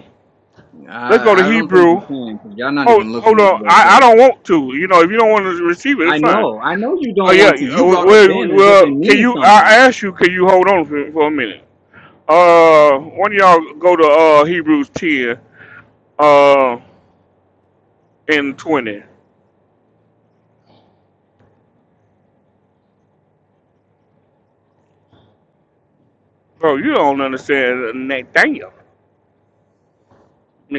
Let's go to I I don't think you Hebrew. can because y'all not Oh, even looking hold these on. words up. I, I don't want to. You know, if you don't want to receive it, I it's fine. know, I know you Oh don't yeah. want to. uh, You brought up Well, Ben as if it well can means you? I something. asked you, can you hold on for, for a minute? Uh, one of y'all go to uh Hebrews ten uh and twenty. Bro, you don't understand Nathaniel.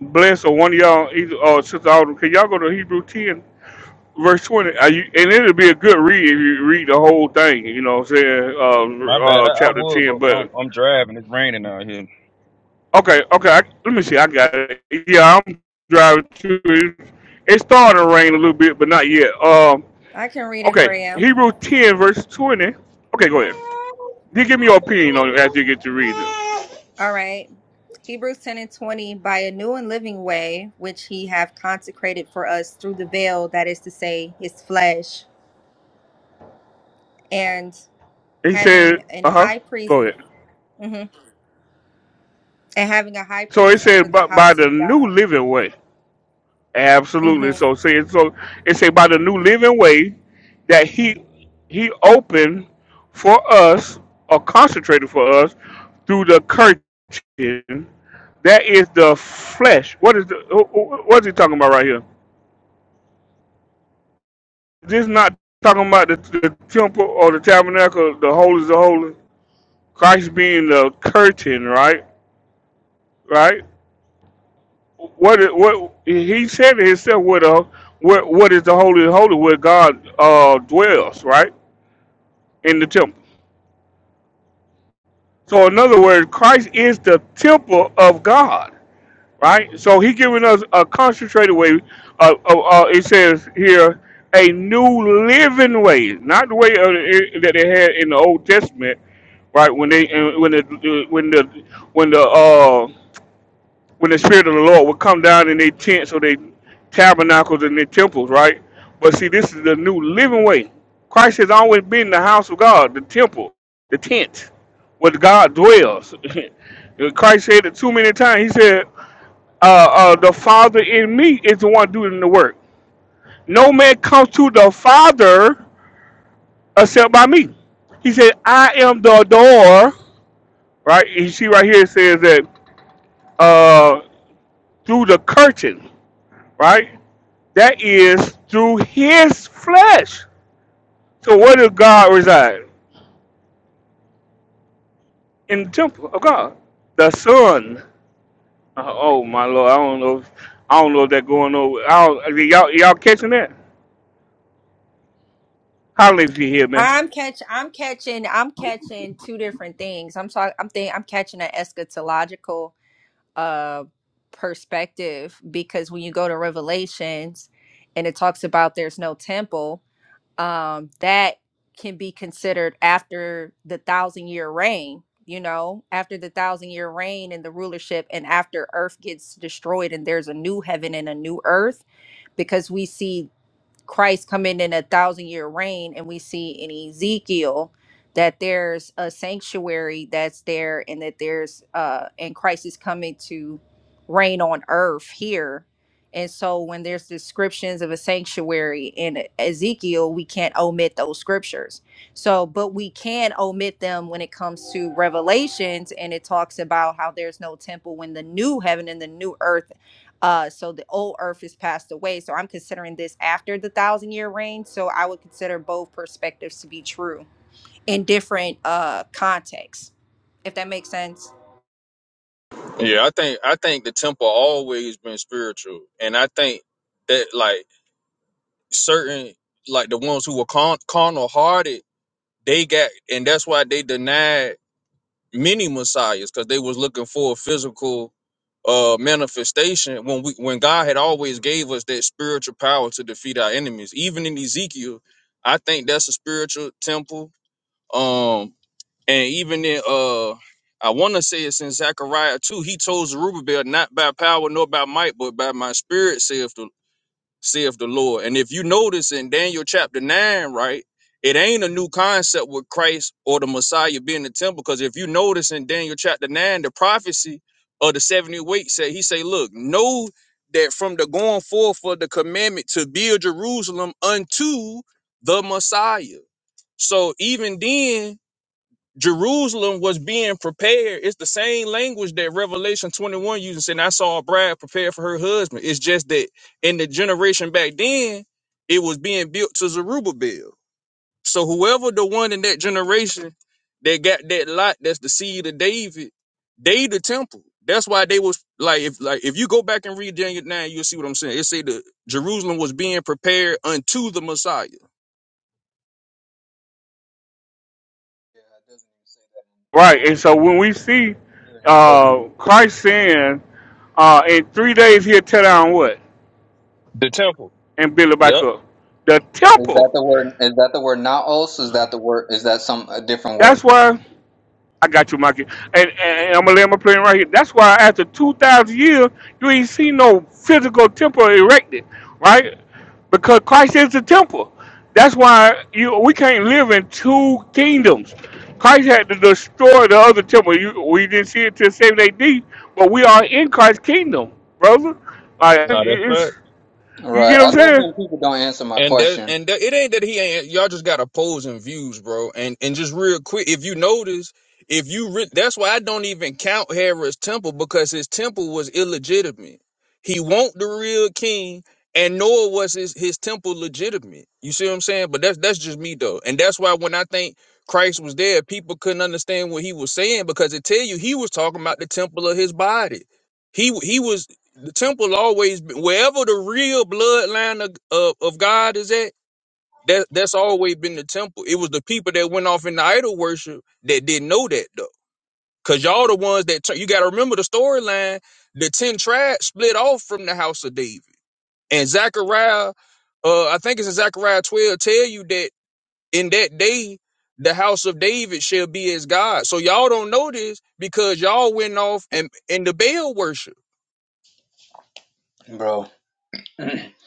Bless or one of y'all, either uh, sister Autumn. Can y'all go to Hebrews ten verse 20 are you, and it'll be a good read if you read the whole thing you know what i'm saying My uh, bad. I, uh, I chapter would, bro, 10 but I'm but I'm driving. It's raining out here. okay okay I, let me see i got it yeah i'm driving to it it's starting to rain a little bit but not yet um I can read it for okay you. hebrew 10 verse 20 okay go ahead you give me your opinion on it after you get to read them. All right. Hebrews 10 and 20, by a new and living way, which he hath consecrated for us through the veil, that is to say, his flesh, and he said having an uh-huh high priest, go ahead mhm, and having a high so it priest over said the by, by house the of new God. living way Absolutely. hmm So say so it's about the new living way that he he opened for us or concentrated for us through the curtain that is the flesh. What is the wh- wh- what is he talking about right here? This is not talking about the, the temple or the tabernacle, the holies of holy. Christ being the curtain, right? Right? What is- what he said it himself what uh, what what is the holy of holy where God uh dwells, right? in the temple. So in other words, Christ is the temple of God, right? So he giving us a concentrated way. Uh, uh, uh, it says here a new living way, not the way of the, that they had in the Old Testament, right? When they uh, when the uh, when the when the uh, when the spirit of the Lord would come down in their tents or their tabernacles and their temples, right? But see, this is the new living way. Christ has always been the house of God, the temple, the tent, where God dwells. Christ said it too many times. He said, uh, uh, "The Father in me is the one doing the work. No man comes to the Father except by me." He said, "I am the door." Right? You see, right here it says that uh, through the curtain, right? That is through his flesh. So where does God reside? In the temple of God. The Son. Uh, oh my Lord, I don't know. If, I don't know if that's going over. I don't, y'all, y'all catching that? Holler if you hear me. I'm catch, I'm catching, I'm catching two different things. I'm talking, I'm think, I'm catching an eschatological uh perspective because when you go to Revelations and it talks about there's no temple, um, that can be considered after the thousand year reign, you know, after the thousand year reign and the rulership, and after earth gets destroyed and there's a new heaven and a new earth, because we see Christ coming in a thousand year reign, and we see in Ezekiel that there's a sanctuary that's there, and that there's uh, and Christ is coming to reign on earth here. And so, when there's descriptions of a sanctuary in Ezekiel, we can't omit those scriptures. So, but we can omit them when it comes to Revelations, and it talks about how there's no temple when the new heaven and the new earth uh, so the old earth has passed away. So I'm considering this after the thousand year reign. So I would consider both perspectives to be true in different uh contexts, if that makes sense. Yeah, I think I think the temple always been spiritual, and I think that like certain like the ones who were con- carnal hearted, they got, and that's why they denied many messiahs because they was looking for a physical uh manifestation when we when God had always gave us that spiritual power to defeat our enemies. Even in Ezekiel, I think that's a spiritual temple. Um, and even in uh I wanna say it's in Zechariah too, he told Zerubbabel, not by power nor by might, but by my spirit, saith the saith the Lord. And if you notice in Daniel chapter nine, right, it ain't a new concept with Christ or the Messiah being the temple. Because if you notice in Daniel chapter nine, the prophecy of the 70 weeks said he say, Look, know that from the going forth of the commandment to build Jerusalem unto the Messiah. So even then, Jerusalem was being prepared. It's the same language that Revelation 21 uses, and I saw a bride prepared for her husband. It's just that in the generation back then, it was being built to Zerubbabel. So whoever the one in that generation that got that lot, that's the seed of David, they the temple. That's why they was like if like if you go back and read Daniel 9, you'll see what I'm saying. It say the Jerusalem was being prepared unto the Messiah. Right. And so when we see uh, Christ saying, uh, in three days he'll tear down what The temple. and build it back Yep. up. The temple. That's why. I got you, Mikey. And, and, I'm gonna lay my plane right here. That's why after two thousand years, you ain't see no physical temple erected, right? Because Christ is the temple. That's why you we can't live in two kingdoms. Christ had to destroy the other temple. You, we didn't see it till seven A.D., but we are in Christ's kingdom, brother. Like No, that's fact. it's, you Right. get what I I'm love saying? when people don't answer my And that, question, and that, it ain't that he ain't. Y'all just got opposing views, bro. And and just real quick, if you notice, if you re- that's why I don't even count Herod's temple because his temple was illegitimate. He won't the real king, and nor was his his temple legitimate. You see what I'm saying? But that's that's just me though, and that's why when I think Christ was there, people couldn't understand what he was saying because it tell you he was talking about the temple of his body. He he was the temple always been wherever the real bloodline of, of, of God is at. That that's always been the temple. It was the people that went off into idol worship that didn't know that though, because y'all the ones that tur- you got to remember the storyline. The ten tribes split off from the house of David, and Zechariah, uh, I think it's in Zechariah twelve, tell you that in that day the house of David shall be as God. So y'all don't know this because y'all went off and in the Baal worship. bro.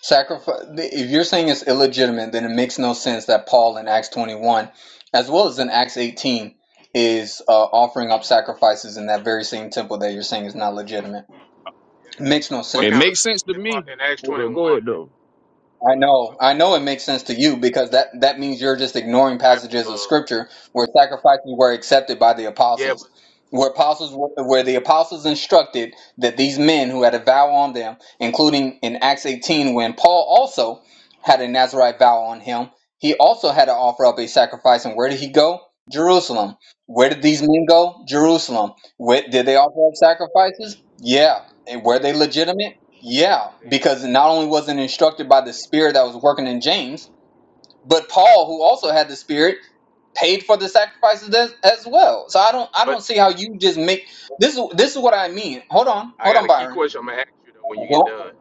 Sacrifice. If you're saying it's illegitimate, then it makes no sense that Paul in Acts 21, as well as in Acts 18, is uh, offering up sacrifices in that very same temple that you're saying is not legitimate. It makes no What sense. kind of in, Pro- in Acts twenty one? I What, know, what my I thing? know it makes sense to you because that, that means you're just ignoring What type passages of of? Uh, scripture where sacrifices were accepted by the yeah, apostles, but where apostles were- where the apostles instructed that these men who had a vow on them, including in Acts 18 when Paul also had a Nazarite vow on him, he also had to offer up a sacrifice. And where did he go? Jerusalem. Where did these men go? Jerusalem. Where, did they offer up sacrifices? Yeah. And were they legitimate? Yeah, they, because not only was it instructed by the spirit that was working in James, but Paul, who also had the spirit, paid for the sacrifices as, as uh, well. So I don't I but don't see how you just make this is this is what I mean. Hold on, I hold got on, a key Byron. question. I'm gonna ask you though when you get Go. done.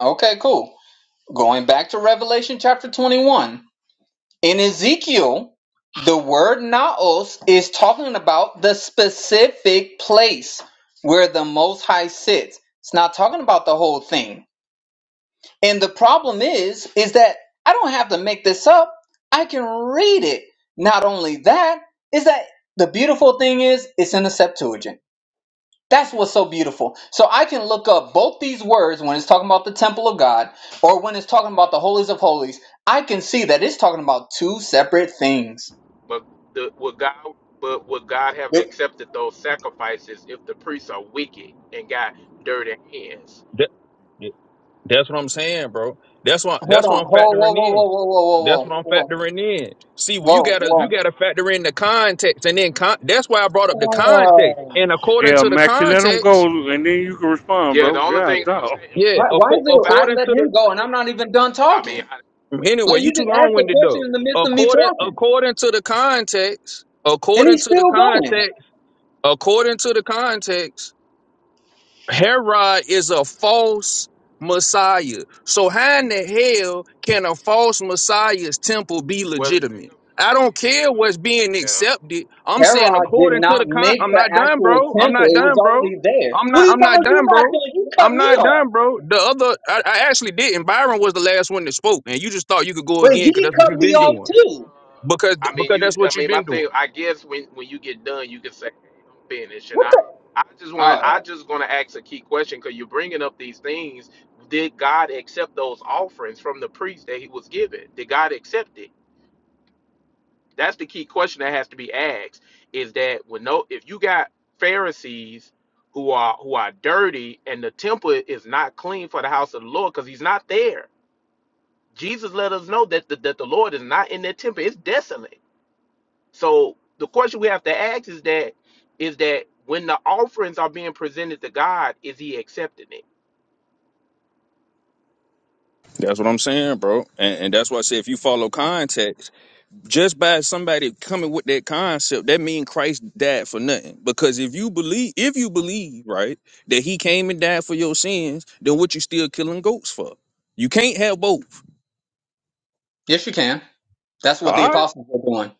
Okay, cool. Going back to Revelation chapter 21. In Ezekiel, the word naos is talking about the specific place where the most high sits. It's not talking about the whole thing And the problem is, is that I don't have to make this up. I can read it. Not only that, is that the beautiful thing is it's in the Septuagint. That's what's so beautiful. So I can look up both these words when it's talking about the temple of God or when it's talking about the holies of holies. I can see that it's talking about two separate things. But the, would God? But would God have Yep. accepted those sacrifices if the priests are wicked and got dirty hands? That, that's wrong, bro. That's Hold on. Whoa, whoa, whoa, whoa, whoa, whoa, whoa, whoa, That's whoa, all. whoa. context. whoa. And according Yeah, to the Mackie, let them go, context, and then you can respond, Yeah, bro. the only God, thing I'm dog. saying, if I yeah, Why, can, why if I is acco- can it say, I according let something, to him the go and I'm not even done I mean, talking? I, anyway, Like you he too just long asked a winded question though. in the midst of me According talking, according to the context, and according he's to the still going. context, according to the context. Herod is a false Messiah. So how in the hell can a false Messiah's temple be well, the thing legitimate? of, I I don't care mean, what's being yeah. accepted. I'm saying Herod yeah, did according to not the con make I'm the not done, actual bro. I'm temple; not it was done, bro. already there. I'm What not are you I'm talking not about? You done, not bro. doing? You I'm cut me not off, done, bro. The other I, I actually didn't. Byron was the last one that spoke, and you just thought you could go but again because he that's what You- cut you've I me been mean, off you doing. gave. too. Uh, Because I mean, because you. that's I what you've mean, my been doing. thing. I guess when when you get done, you can say "Hey, I'm finished. And What I, the? I just want Oh, to. I just going to ask a key question because you're bringing up these things. Did God accept those offerings from the priest that He was given? Did God accept it? That's the key question that has to be asked. Is that when no, if you got Pharisees who are who are dirty and the temple is not clean for the house of the Lord because He's not there. Jesus let us know that the, that the Lord is not in that temple. It's desolate. So the question we have to ask is that is that when the offerings are being presented to God, is He accepting it? That's what I'm saying, bro. And and that's why I say if you follow context. just by somebody coming with that concept, that mean Christ died for nothing. Because if you believe, if you believe, right, that he came and died for your sins, then what you still killing goats for? You can't have both. yes, you can. That's All what the right, apostles were doing,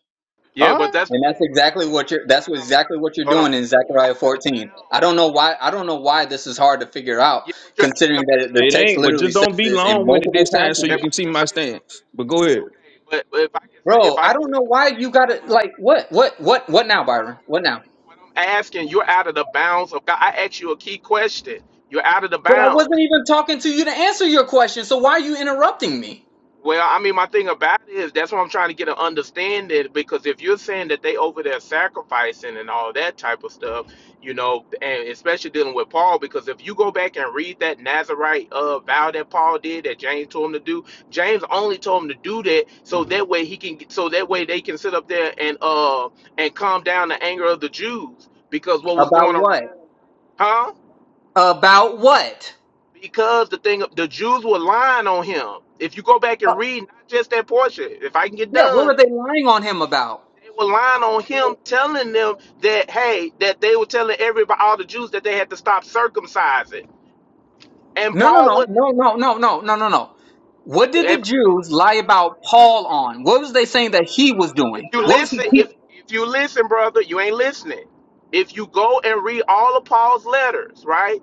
Yeah, all but right. that's the and that's thing, bro. exactly That's what not you're. you That's what out. exactly what you're Hold on. doing in You're Zechariah out of the 14. I don't bounds. know You're why. out- I don't know why this is hard to figure out, Yeah, but you're out of considering the that it, the It bounds. text ain't, but literally just don't says be this in long when Okay. it did. multiple passages. Okay. If I can say something, But go ahead. okay. But, but if I can say, if Bro, I I can don't say, know my, why you hold on, gotta like Mike, what what what what Mikey, now, hold Byron? What on. now? What I'm asking, you're out of the bounds of God. I asked you a key question. You're out of the But I bounds. wasn't even talking to you to answer your question. So why are you interrupting me? Well, I mean, my thing about it is that's what I'm trying to get an understanding because if you're saying that they over there sacrificing and all that type of stuff, you know, and especially dealing with Paul, because if you go back and read that Nazarite uh, vow that Paul did that James told him to do, James only told him to do that so that way he can, so that way they can sit up there and uh and calm down the anger of the Jews because what was About going around, what? huh? About what? Because the thing, the Jews were lying on him. If you go back Uh, and read not just that portion, if I can get yeah, what done were they lying on him about? They were lying on him, telling them that hey, that they were telling everybody, all the Jews, that they had to stop circumcising. And No, no, Paul no, would, no, no, no, no, no, no, no. What did the if I get Jews done, lie brother, about if Paul on? I, What was they they saying that lied he was up. If doing? you What was he listen, teaching? if if you listen, brother, you ain't listening. If you go and read all of Paul's letters, right?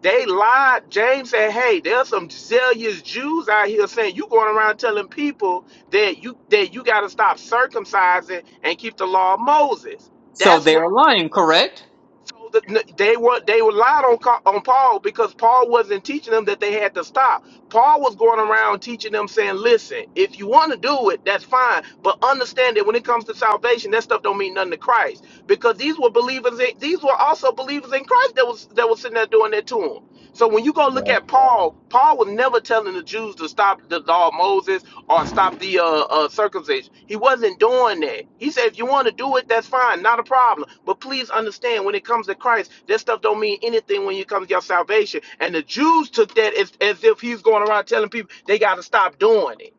They lied. James said, "Hey, there's some zealous Jews out here saying you going around telling people that you that you got to stop circumcising and keep the law of Moses." So That's they what are lying, correct? So the, they were they relied on Ca- on Paul because Paul wasn't teaching them that they had to stop. Paul was going around teaching them saying, "Listen, if you want to do it, that's fine, but understand that when it comes to salvation, that stuff don't mean nothing to Christ because these were believers. In, these were also believers in Christ that was that was sitting there doing that to him. So when you go look at Paul, Paul was never telling the Jews to stop the law of Moses or stop the uh, uh, circumcision. He wasn't doing that. He said, if you want to do it, that's fine, not a problem. But please understand, when it comes to Christ, that stuff don't mean anything when it comes to your salvation. And the Jews took that as, as if he's going around telling people they got to stop doing it.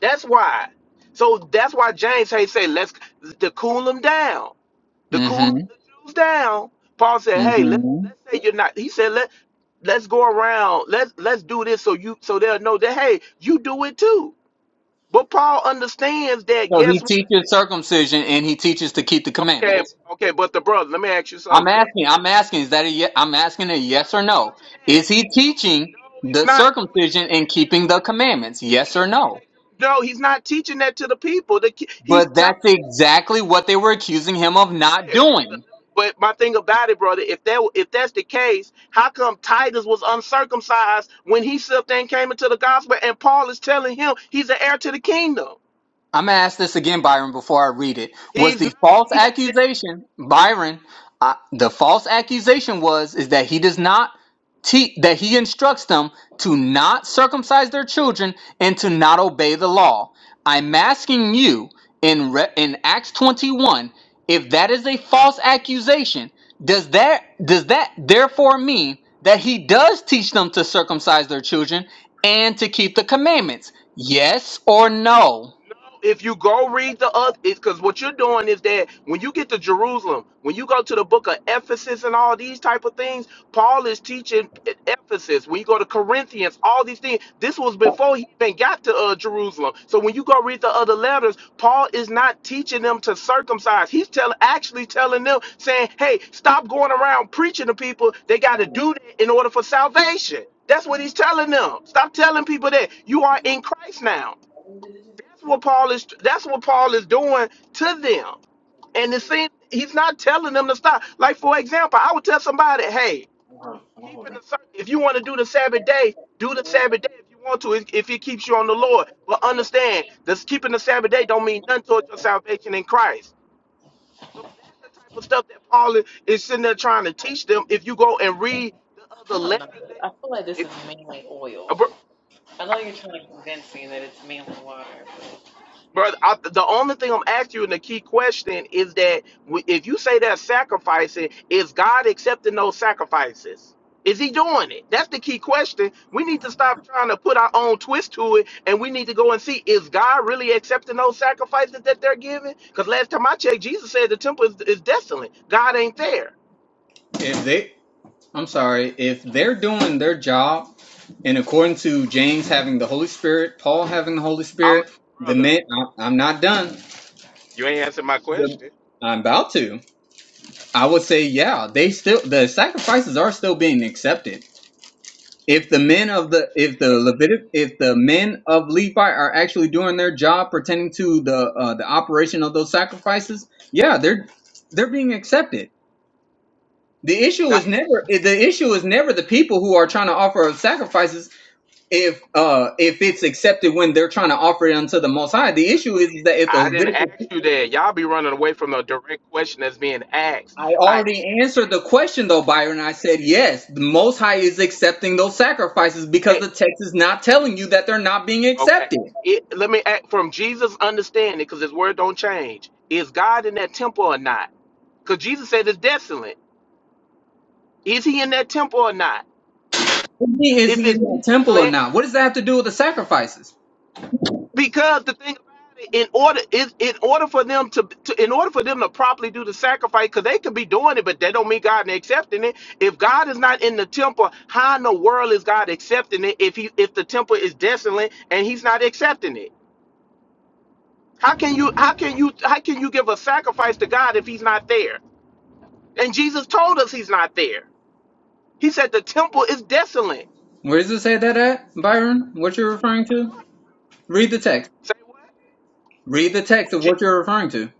That's why. So that's why James Hay say, let's to cool them down to cool Mm-hmm. the Jews down, Paul said, "Hey, let Mm-hmm. let's say you're not." He said, "Let let's go around. Let's let's do this so you so they'll know that hey, you do it too." But Paul understands that. So he Guess what? teaches circumcision and he teaches to keep the Okay, commandments. okay. But the brother, let me ask you I'm something. asking. I'm asking. Is that a? Ye- I'm He's asking a not he's yes or not no. teaching that. Is he No, teaching no, it's the not. And I'm gonna give circumcision you an and keeping example. the commandments? Let me Yes give or you no. an example. No, he's not teaching that to the people. The, ki- he's But telling that's them. exactly what they were accusing him of not Okay, doing. brother. But my thing about it, brother, if that if that's the case, how come Titus was uncircumcised when he slipped and came into the gospel, and Paul is telling him he's an heir to the kingdom? I'm gonna ask this again, Byron, before I read it. Was He's the not false teaching them. accusation, Byron? Uh, the false accusation was is that he does not te- that he instructs them to not circumcise their children and to not obey the law. I'm asking you in re- in Acts 21 if that is a false accusation. Does that does that therefore mean that he does teach them to circumcise their children and to keep the commandments? Yes or no? if you go read the other, because what you're doing is that when you get to Jerusalem, when you go to the book of Ephesus and all these type of things, Paul is teaching at Ephesus. When you go to Corinthians, all these things. This was before he even got to uh, Jerusalem. So when you go read the other letters, Paul is not teaching them to circumcise. He's telling, actually telling them, saying, "Hey, stop going around preaching to people. They got to do that in order for salvation." That's what he's telling them. Stop telling people that you are in Christ now. That's what Paul is. That's what Paul is doing to them. And it seems he's not telling them to stop. Like for example, I would tell somebody, "Hey, keeping the Sab- if you want to do the Sabbath day, do the Sabbath day if you want to, if if it keeps you on the Lord. But understand, this keeping the Sabbath day don't mean nothing towards your salvation in Christ. So that's the type of stuff that Paul is, is sitting there trying to teach them. If you go and read the other letters, that- if you, I bro- I mean, Brother, I, the only thing I'm asking you, and the key question is that w- if you say that sacrificing, is God accepting those sacrifices? Is He doing it? That's the key question. We need to stop trying to put our own twist to it, and we need to go and see is God really accepting those sacrifices that they're giving? Because last time I checked, Jesus said the temple is, is desolate. God ain't there. If they, I'm sorry, if they're doing their job, and according to James having the Holy Spirit, Paul having the Holy I'm Spirit, the brother. men, I, I'm not done. You ain't answering my The- question. I'm about to. I would say, yeah, they still the sacrifices are still being accepted. If the I men of didn't the ask if the you that. Levitic if the men of Levi are actually doing their job pertaining to the uh, the operation of those sacrifices, yeah, they're they're being accepted. The issue God- is never the issue is never the people who are trying to offer sacrifices if uh if it's accepted when they're trying to offer it unto the most high. The issue is that if the I didn't Levitical ask you that. Y'all be running away from the direct question that's being asked. I already answered the question though, Byron. Okay. I said yes, the most high is accepting those sacrifices because the It, text is not telling you that they're not being Okay. accepted. It, let me act from Jesus' understanding, because his word don't change. Is God in that temple or not? Because Jesus said it's desolate. Is he in that temple or not? What do you mean, Is If he in it's the temple or desolate, not? What does that have to do with the sacrifices? because the thing about it, in order is in order for them to, to in order for them to properly do the sacrifice, because they could be doing it, but that don't mean God is accepting it. If God is not in the temple, how in the world is God accepting it if he if the temple is desolate and he's not accepting it? How can you how can you how can you give a sacrifice to God if he's not there? And Jesus told us he's not there. He said the temple is desolate. Where does it say that at, Byron? What you're referring to? Read the text. Say what? Read the text of what Je- you're referring to.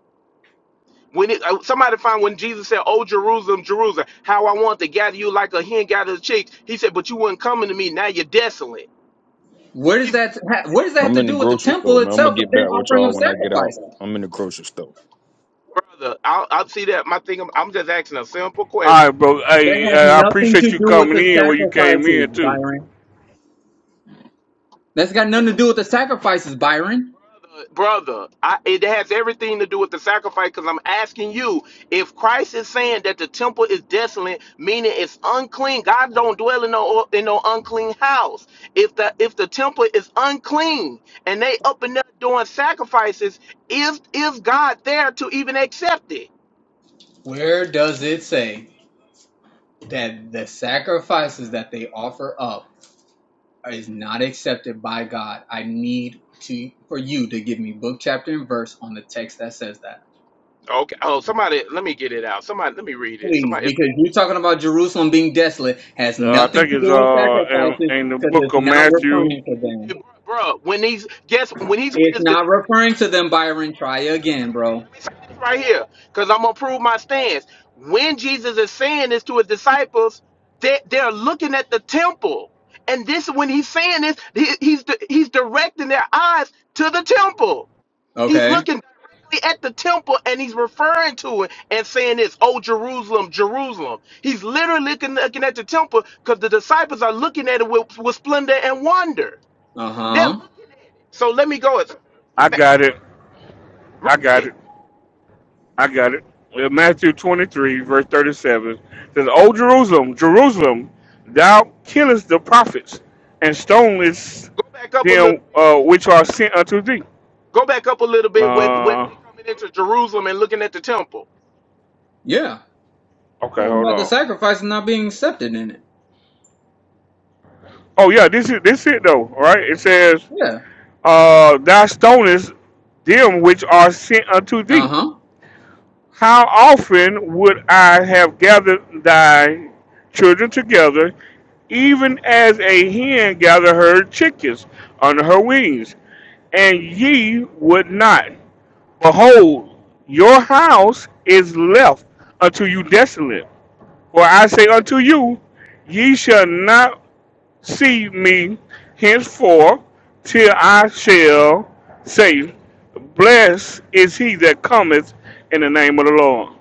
When it, uh, somebody found when Jesus said, "Oh Jerusalem, Jerusalem, how I want to gather you like a hen gathers chicks," he said, "But you weren't coming to me. Now you're desolate." Where does He's that ha- what does that have I'm to in the do with the grocery store, temple man. I'm gonna itself get if back they're with offering up y'all when I get out. sacrifices? I'm in the grocery store. brother. I, I see that. My thing. I'm, I'm just asking a simple question All right, bro. That Hey, has hey, I nothing to appreciate you do with coming the in where you came sacrifices, in too. Byron. That's got nothing to do with the sacrifices, Byron. brother I, it has everything to do with the sacrifice because i'm asking you if christ is saying that the temple is desolate meaning it's unclean god don't dwell in no in no unclean house if the if the temple is unclean and they up and up doing sacrifices is is god there to even accept it Where does it say that the sacrifices that they offer up is not accepted by God? I need to for you to give me book, chapter, and verse on the text that says that. okay oh somebody let me get it out somebody let me read it Please, somebody if, because you if I talking get it, about Jerusalem being desolate has Uh, I nothing to think it's do with uh in, sacrifices in the because it's book of not Matthew. referring to them. Matthew, bro, bro, when he's guess when he's with It's his not disciples. referring to them, Hold on, Byron. Try brother. uh, Let me again, say this. bro. Let me say this right here, because I'm gonna prove my stance. When Jesus is saying this to his disciples, they they're looking at the temple, and this when he's saying this, he, he's he's directing their eyes to the temple. He's Okay. looking directly at the temple, and he's referring to it and saying this, "Oh Jerusalem, Jerusalem." He's literally looking, looking at the temple because the disciples are looking at it with, with splendor and wonder. Uh They're huh. looking. at- it. So let me go. It's- I ma- got it. I Read got it. it. I got it. Uh, Matthew 23, verse 37 says, "O Jerusalem, Jerusalem, thou killest the prophets and stonest Go back up a little them bit. uh, which Go, are sent unto thee." go, go back up a little bit where, where Uh, they coming into Jerusalem and looking at the temple. Yeah. okay, Talking hold about the on. sacrifice and not being accepted in it. Oh yeah, this is this it though, right? It says, Yeah. "Uh, thou stonest them which are sent unto Uh thee." huh. How often would I have gathered thy children together, even as a hen gathereth her chickens under her wings, and ye would not? Behold, your house is left unto you desolate. For I say unto you, ye shall not see me henceforth till I shall say, Blessed is he that cometh in the name of the Lord.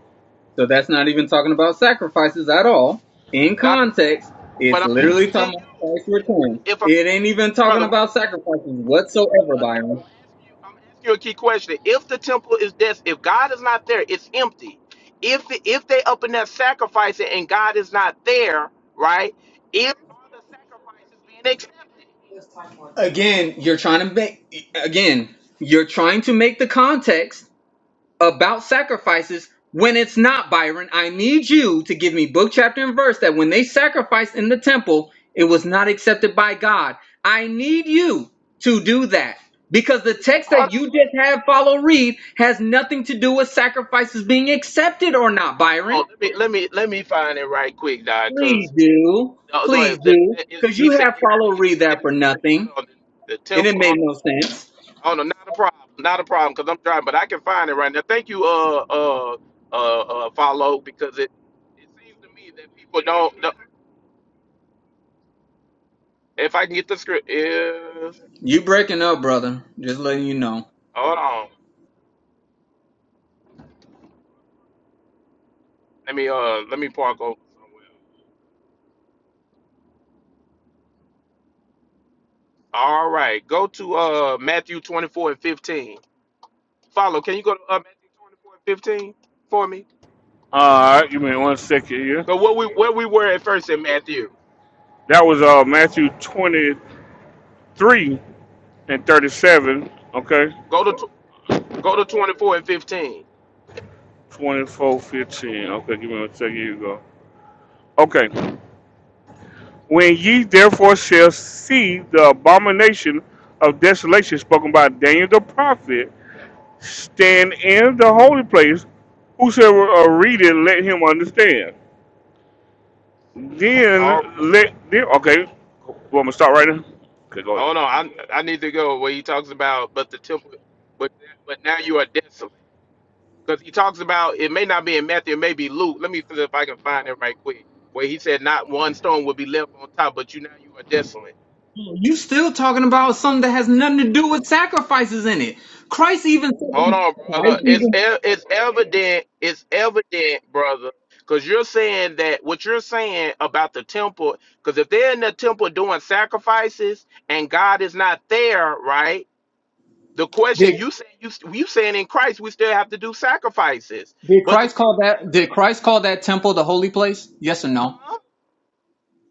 So that's not even talking about sacrifices at all. In Now, so context, what it's I'm literally talking asking about you, Christ's if, return. if I'm It ain't asking, even talking brother, what I'm about sacrifices okay, whatsoever, brother, if I'm Byron. asking you, I'm asking you a key question. If the temple is dead, if God is not there, it's empty. If if they up in there sacrificing and God is not there, right? If all the sacrifices being accepted, Again, you're trying to make. Again, you're trying to make the context. about sacrifices when it's not Byron. I need you to give me book, chapter, and verse that when they sacrificed in the temple, it was not accepted by God. I need you to do that because the If- text hold that you on, brother. just had follow read has nothing to do with sacrifices being accepted or not, Byron. Hold on, let me let me let me find it right quick, Doc, Please because do. uh, the, Please the, do. the- Because he you said have follow we read that for desolate. Hold nothing on, the, the and it temple. made Hold on, no sense. hold on, not a problem, not a problem, because I'm driving, but I can find it right now. Thank you, uh, uh, uh, uh follow, because it it seems to me that people don't. don't- if I can get the script, is You breaking up, brother. Just letting you know. hold on, let me uh let me park over. All right, go to uh Matthew 24 and 15. Follow, can you go to uh, Matthew 24 and 15 for me? All right, give me one second here. Cause what we where we were at first in Matthew. That was uh Matthew 23 and 37. Okay. Go to tw- go to twenty four and fifteen. 24 15. Okay, give me one second. Here you go. Okay. When ye therefore shall see the abomination of desolation spoken by Daniel the prophet, stand in the holy place. Whosoever uh, readeth, let him understand. All Then right. let, then, okay. Well, I'm going to start right now. Okay, go ahead. Hold on. I I need to go where he talks about but the temple but but now you are desolate. Because he talks about it may not be in Matthew, it may be Luke. Let me see if I can find it right quick. Where he said not one stone will be left on top, but you now you are desolate. You still talking about something that has nothing to do with sacrifices in it. Christ even said Hold on, brother. Christ It's even e- it's evident. It's evident, brother, because you're saying that what you're saying about the temple. Because if they're in the temple doing sacrifices and God is not there, right? The did, question you say you you saying in Christ we still have to do sacrifices. did But the Christ thing call about that did Christ call that temple the holy place? Yes or it, no? huh?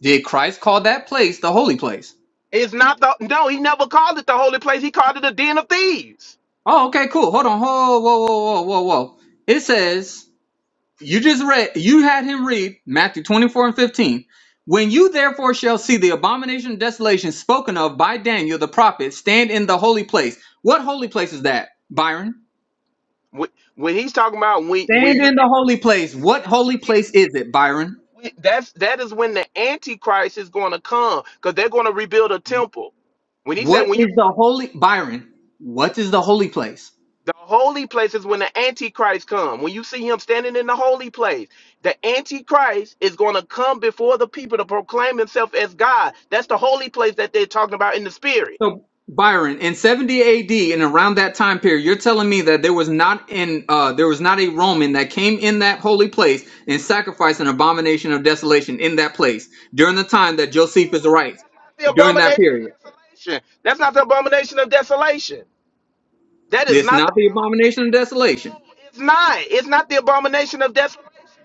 Did Christ call that place the holy place? It's not the no. He never called it the holy place. He called it a den of thieves. Oh, okay, cool. Hold on. Whoa, whoa, whoa, whoa, whoa, whoa. It says you just read you had him read Matthew 24 and 15. When you therefore shall see the abomination of desolation spoken of by Daniel the prophet stand in the holy place. What holy place is that, Byron? When, when he's talking about when when Stand you in the holy place. What holy place is it, Byron? we, that's that is when the antichrist is going to come because they're going to rebuild a temple when he said What when you is the see holy Byron? What is the holy place? the holy place is when the antichrist come when you see him standing in the holy place the antichrist is going to come before the people to proclaim himself as god that's the holy place that they're talking about in the spirit So Byron, in 70 AD and around that time period, you're telling me that there was not in uh there was not a Roman that came in that holy place and sacrificed an abomination of desolation in that place during the time that Josephus no writes, that's during not the that period. abomination of desolation that's not the abomination of desolation that is It's not the not abomin- the abomination of desolation. no it's not it's not the abomination of desolation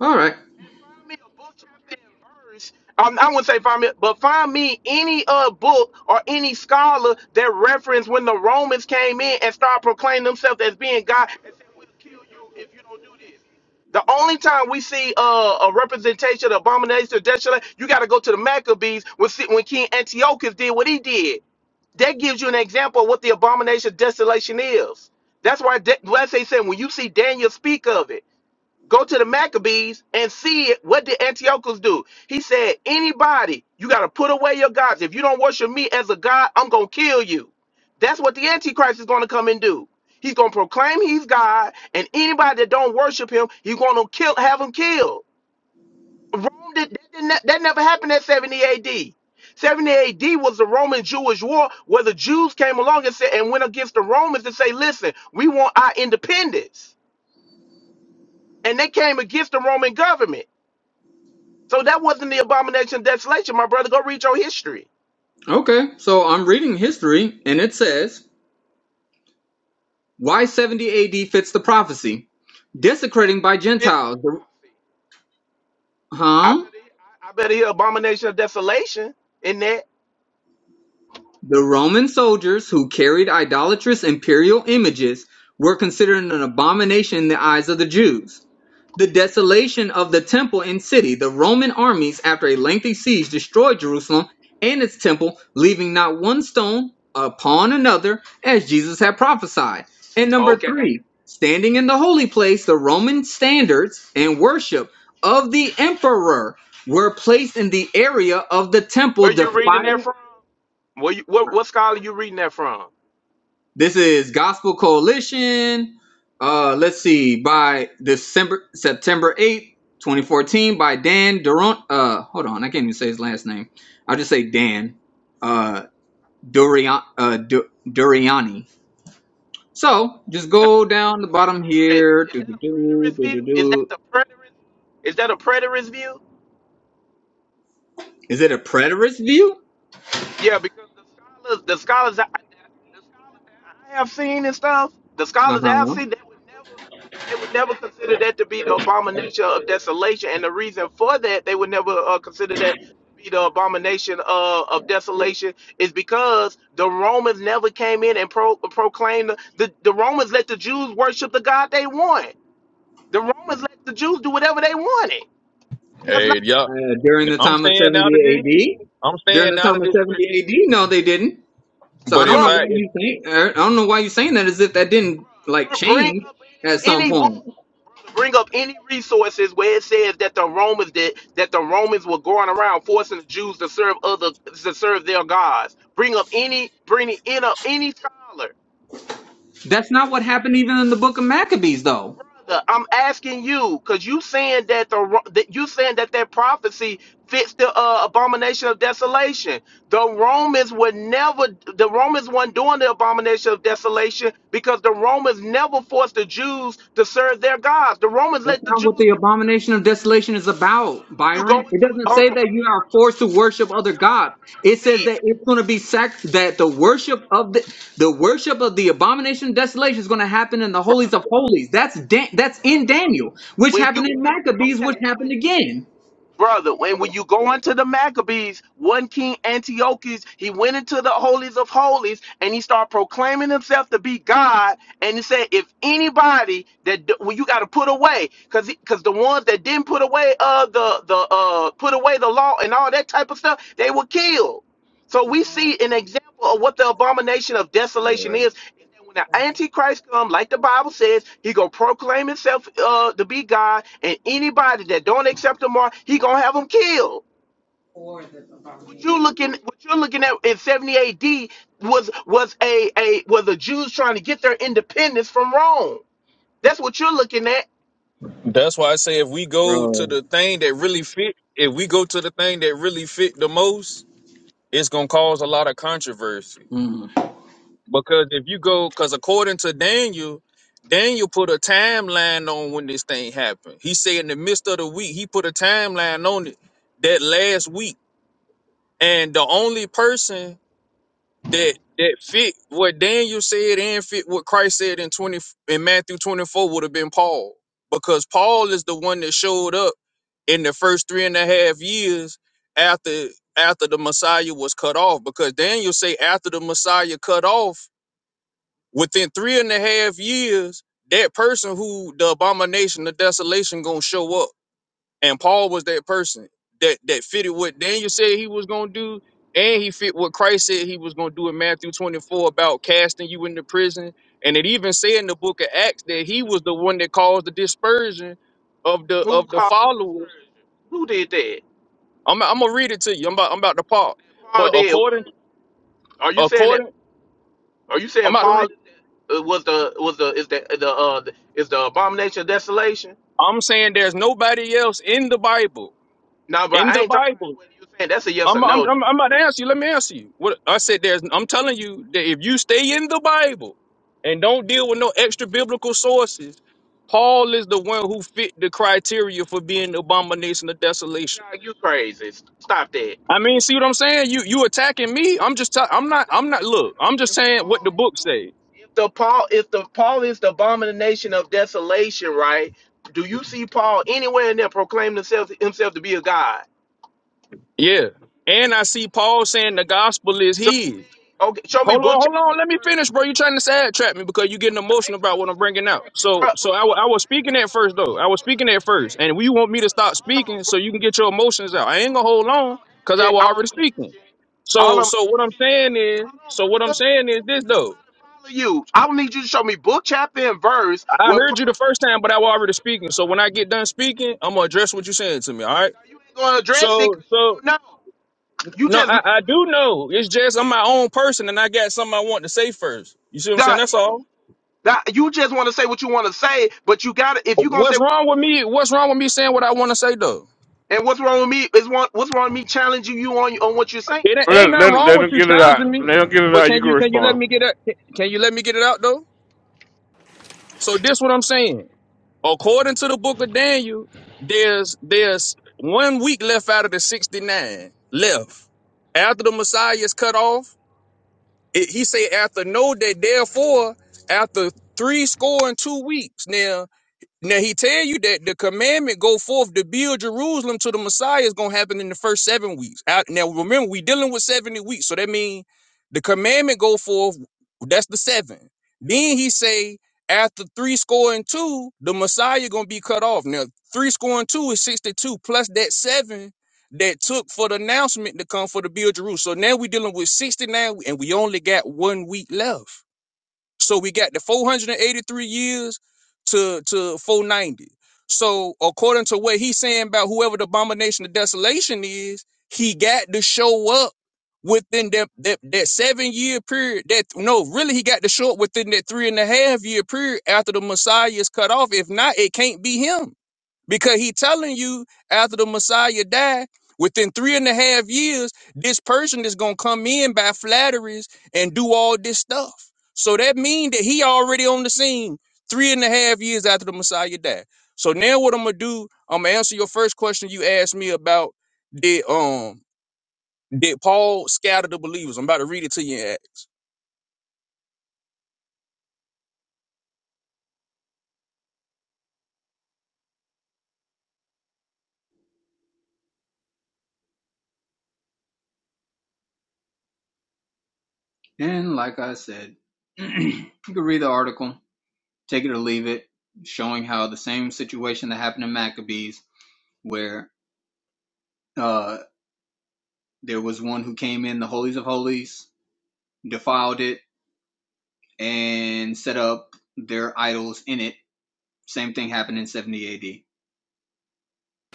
All right. And find me a book chapter and verse. Um, I wouldn't say find me, but find me any uh book or any scholar that reference when the Romans came in and started proclaiming themselves as being God and said, "We'll kill you if you don't do this." The only time we see uh, a representation of abomination or desolation, you got to go to the Maccabees when, see- when King Antiochus did what he did. That gives you an example of what the abomination of desolation is. That's why, De- that's why they said when you see Daniel speak of it. Go to the Maccabees and see it. what did Antiochus do? He said, anybody, you got to put away your gods. If you don't worship me as a god, I'm going to kill you. That's what the Antichrist is going to come and do. He's going to proclaim he's God, and anybody that don't worship him, he's going to kill, have them killed. Rome did, that, did not, that never happened at 70 AD. 70 AD was the Roman Jewish war where the Jews came along and said and went against the Romans and say, listen, we want our independence. And they came against the Roman government. So that wasn't the abomination of desolation, my brother. Go read your history. Okay. So I'm reading history and it says Why 70 AD fits the prophecy. Desecrating by Fifth one Gentiles. The- prophecy. I huh? better, hear- I I better hear abomination of desolation in that. The Roman soldiers who carried idolatrous imperial images were considered an abomination in the eyes of the Jews. The desolation of the temple and city, the Roman armies, after a lengthy siege, destroyed Jerusalem and its temple, leaving not one stone upon another, as Jesus had prophesied. And number Okay. three, standing in the holy place, the Roman standards and worship of the emperor were placed in the area of the Where temple, you reading defiling that from? Where you, what, what scholar you reading that from? This is Gospel Coalition. Uh, let's see, by December September eighth, 2014, by Dan Durant. Uh, hold on, I can't even say his last name. I'll just say Dan uh, Durian, uh, Du- Duriani. So just That go you talking down the about bottom a preterist? here. Is that a Do-do-do, preterist view? Is that do-do-do. the preterist? Is that a preterist view? Is it a preterist view? Yeah, because the scholars, the scholars, I, the scholars that I have seen and stuff, the scholars that I've Uh-huh. seen, they would never, they would never consider that to be the abomination of desolation, and the reason for that, they would never uh, consider that to be the abomination uh, of desolation is because the Romans never came in and pro- proclaimed the, the the Romans let the Jews worship the God they want. The Romans let the Jews do whatever they wanted. That's not, Uh, during the time of 70 AD? I'm, During the time of 70 AD? No, they didn't. So I don't bruh. know why you think er, I don't know why you're saying that as if that didn't like Bruh, Bring change up at any some any book, point. bruh, to bring up any resources where it says that the Romans did that the Romans were going around forcing the Jews to serve other to serve their gods. Bring up any bring it in up any scholar. That's not what happened even in the book of Maccabees though. brother, I'm asking you because you saying that the ro- that you saying that that prophecy fits the uh, abomination of desolation. The Romans would never. The Romans weren't doing the abomination of desolation because the Romans never forced the Jews to serve their gods. The Romans That's let the not Jews what do. the it, abomination of desolation is about, Brother, when you go Byron. into It it, doesn't hold say on, that brother. you are forced to When you worship other go into gods. the It says Maccabees, that it's going to be sac- that the brother, worship of the the worship of the abomination of desolation is going to happen in the brother, holies of brother. holies. That's Dan- that's in Daniel, which When you happened in go, Maccabees, which okay. happened again. brother, when, when you go into the Maccabees, one King Antiochus, he went into the holies of holies and he started proclaiming himself to be God. And he said, if anybody that d- well, you got to put away, because because the ones that didn't put away uh the the uh put away the law and all that type of stuff, they were killed. So we see an example of what the abomination of Boy, desolation is. is that When the Antichrist comes, like the Bible says, he gonna proclaim himself uh, to be God, and anybody that don't accept the mark, he gonna have them killed. What you looking, what you're looking at in 70 AD was was a a was the Jews trying to get their independence from Rome. That's what you're looking at. that's why I say if we go to bro. the thing that really fit, if we go to the thing that really fit the most, it's gonna cause a lot of controversy. Because if you go, because according to Daniel, Daniel put a timeline on when this thing happened. He said in the midst of the week, he put a timeline on it that last week. And the only person that that fit what Daniel said and fit what Christ said in 20 in Matthew 24 would have been Paul. Because Paul is the one that showed up in the first three and a half years after after the Messiah was cut off. Because Daniel say after the Messiah cut off, Within three and a half years, that person who the abomination, the desolation, gonna show up. And Paul was that person that that fitted what Daniel said he was gonna do, and he fit what Christ said he was gonna do in Matthew 24 about casting you into prison. And it even said in the book of Acts that he was the one that caused the dispersion of the Who of the caused the followers. dispersion? Who did that? I'm I'm gonna read it to you. I'm about I'm about to pause. Paul But did what? according Are you saying that? according, Are you I'm saying about to Paul read. uh, was the was the is the the uh the- is the abomination of desolation? I'm saying there's nobody else in the Bible No, bro, in I the ain't talking Bible. about what you saying. That's a yes or I'm, I'm, no, dog. I'm, I'm about to answer you. Let me answer you. What I said, there's, I'm telling you that if you stay in the Bible and don't deal with no extra biblical sources, Paul is the one who fit the criteria for being the abomination of desolation. Dog, you crazy. Stop that. I mean, see what I'm saying? You, you attacking me? I'm just, i I'm not, I'm not. Look, But I'm just if saying what the Paul, book says. if the Paul, if the Paul is the abomination of desolation, right? Do you see Paul anywhere in there proclaiming himself himself to be a god? Yeah, and I see Paul saying the gospel is Show, his. okay, show me Hold book on, hold chapter on. Let and me verse. finish, bro. You trying to sad trap me because you getting I emotional ain't about trying what to I'm bringing out. sidetrack you, So, bro. Bro, so I, no, hold wa- I was speaking at on, first hold on. though. I was All I'm speaking at first, asking, and we want me bro, to stop hold speaking on, bro. so Hold you can get your emotions out. I on, ain't gonna brother. hold All on I'm because I was already speaking. asking, all I'm asking, all So, I'm so what I'm asking you, saying is, hold so on, what I'm brother. saying is this Can't though. nobody follow you. I don't need you to show me book, chapter, and verse I where Paul. heard you the first time, but I was already speaking. So when I get done speaking, I'm gonna address what you're saying to me. All right. Now you ain't gonna address it So, because you so don't know. You no, just I, I making up do know. It's just I'm my own person, and I got something I want to say first. You see what I'm saying? stuff. Duh, That's if all. you that you just want to say what you want to say, but you got to, if you going to say What's what you wrong want with to me? What's wrong with say, me saying what I want to say though? And what's wrong with me is one, what's wrong with me challenging you on on what you're saying? It ain't ain't Let, nothing let, wrong let with them you get it challenging out. me, Let them get it but out. You can can you can you let respond. me get it? Can you let me get it out though? So this what I'm saying. According to the book of Daniel, there's there's one week left out of the 69 left after the Messiah is cut off. It, he said after no day, therefore after three score and two weeks. Now Now he tell you that the commandment go forth to build Jerusalem to the Messiah is gonna happen in the first seven weeks. Out- Now remember, we dealing with seventy weeks, so that means the commandment go forth. That's the seven. Then he say after three score and two, the Messiah gonna be cut off. Now three score and two is sixty two plus that seven that took for the announcement to come for the build Jerusalem. So now we dealing with sixty nine, and we only got one week left. So we got the 483 years to to 490. So according to what he's saying about whoever the abomination of desolation is, he got to show up within that that, that seven year period. That no, really, he got to show up within that three and a half year period after the Messiah is cut off. If not, it can't be him. Because he telling you after the Messiah died, within three and a half years, this person is gonna come in by flatteries and do all this stuff. So that mean that he already on the scene three and a half years after the Messiah died. So now what I'm gonna do, I'm gonna answer your first question you asked me about did um did Paul scatter the believers? I'm about to read it to you in Acts. And like I said, you can read the article, take it or leave it, showing how the same situation that happened in Maccabees, where uh, there was one who came in the holies of holies, defiled it, and set up their idols in it. Same thing happened in 70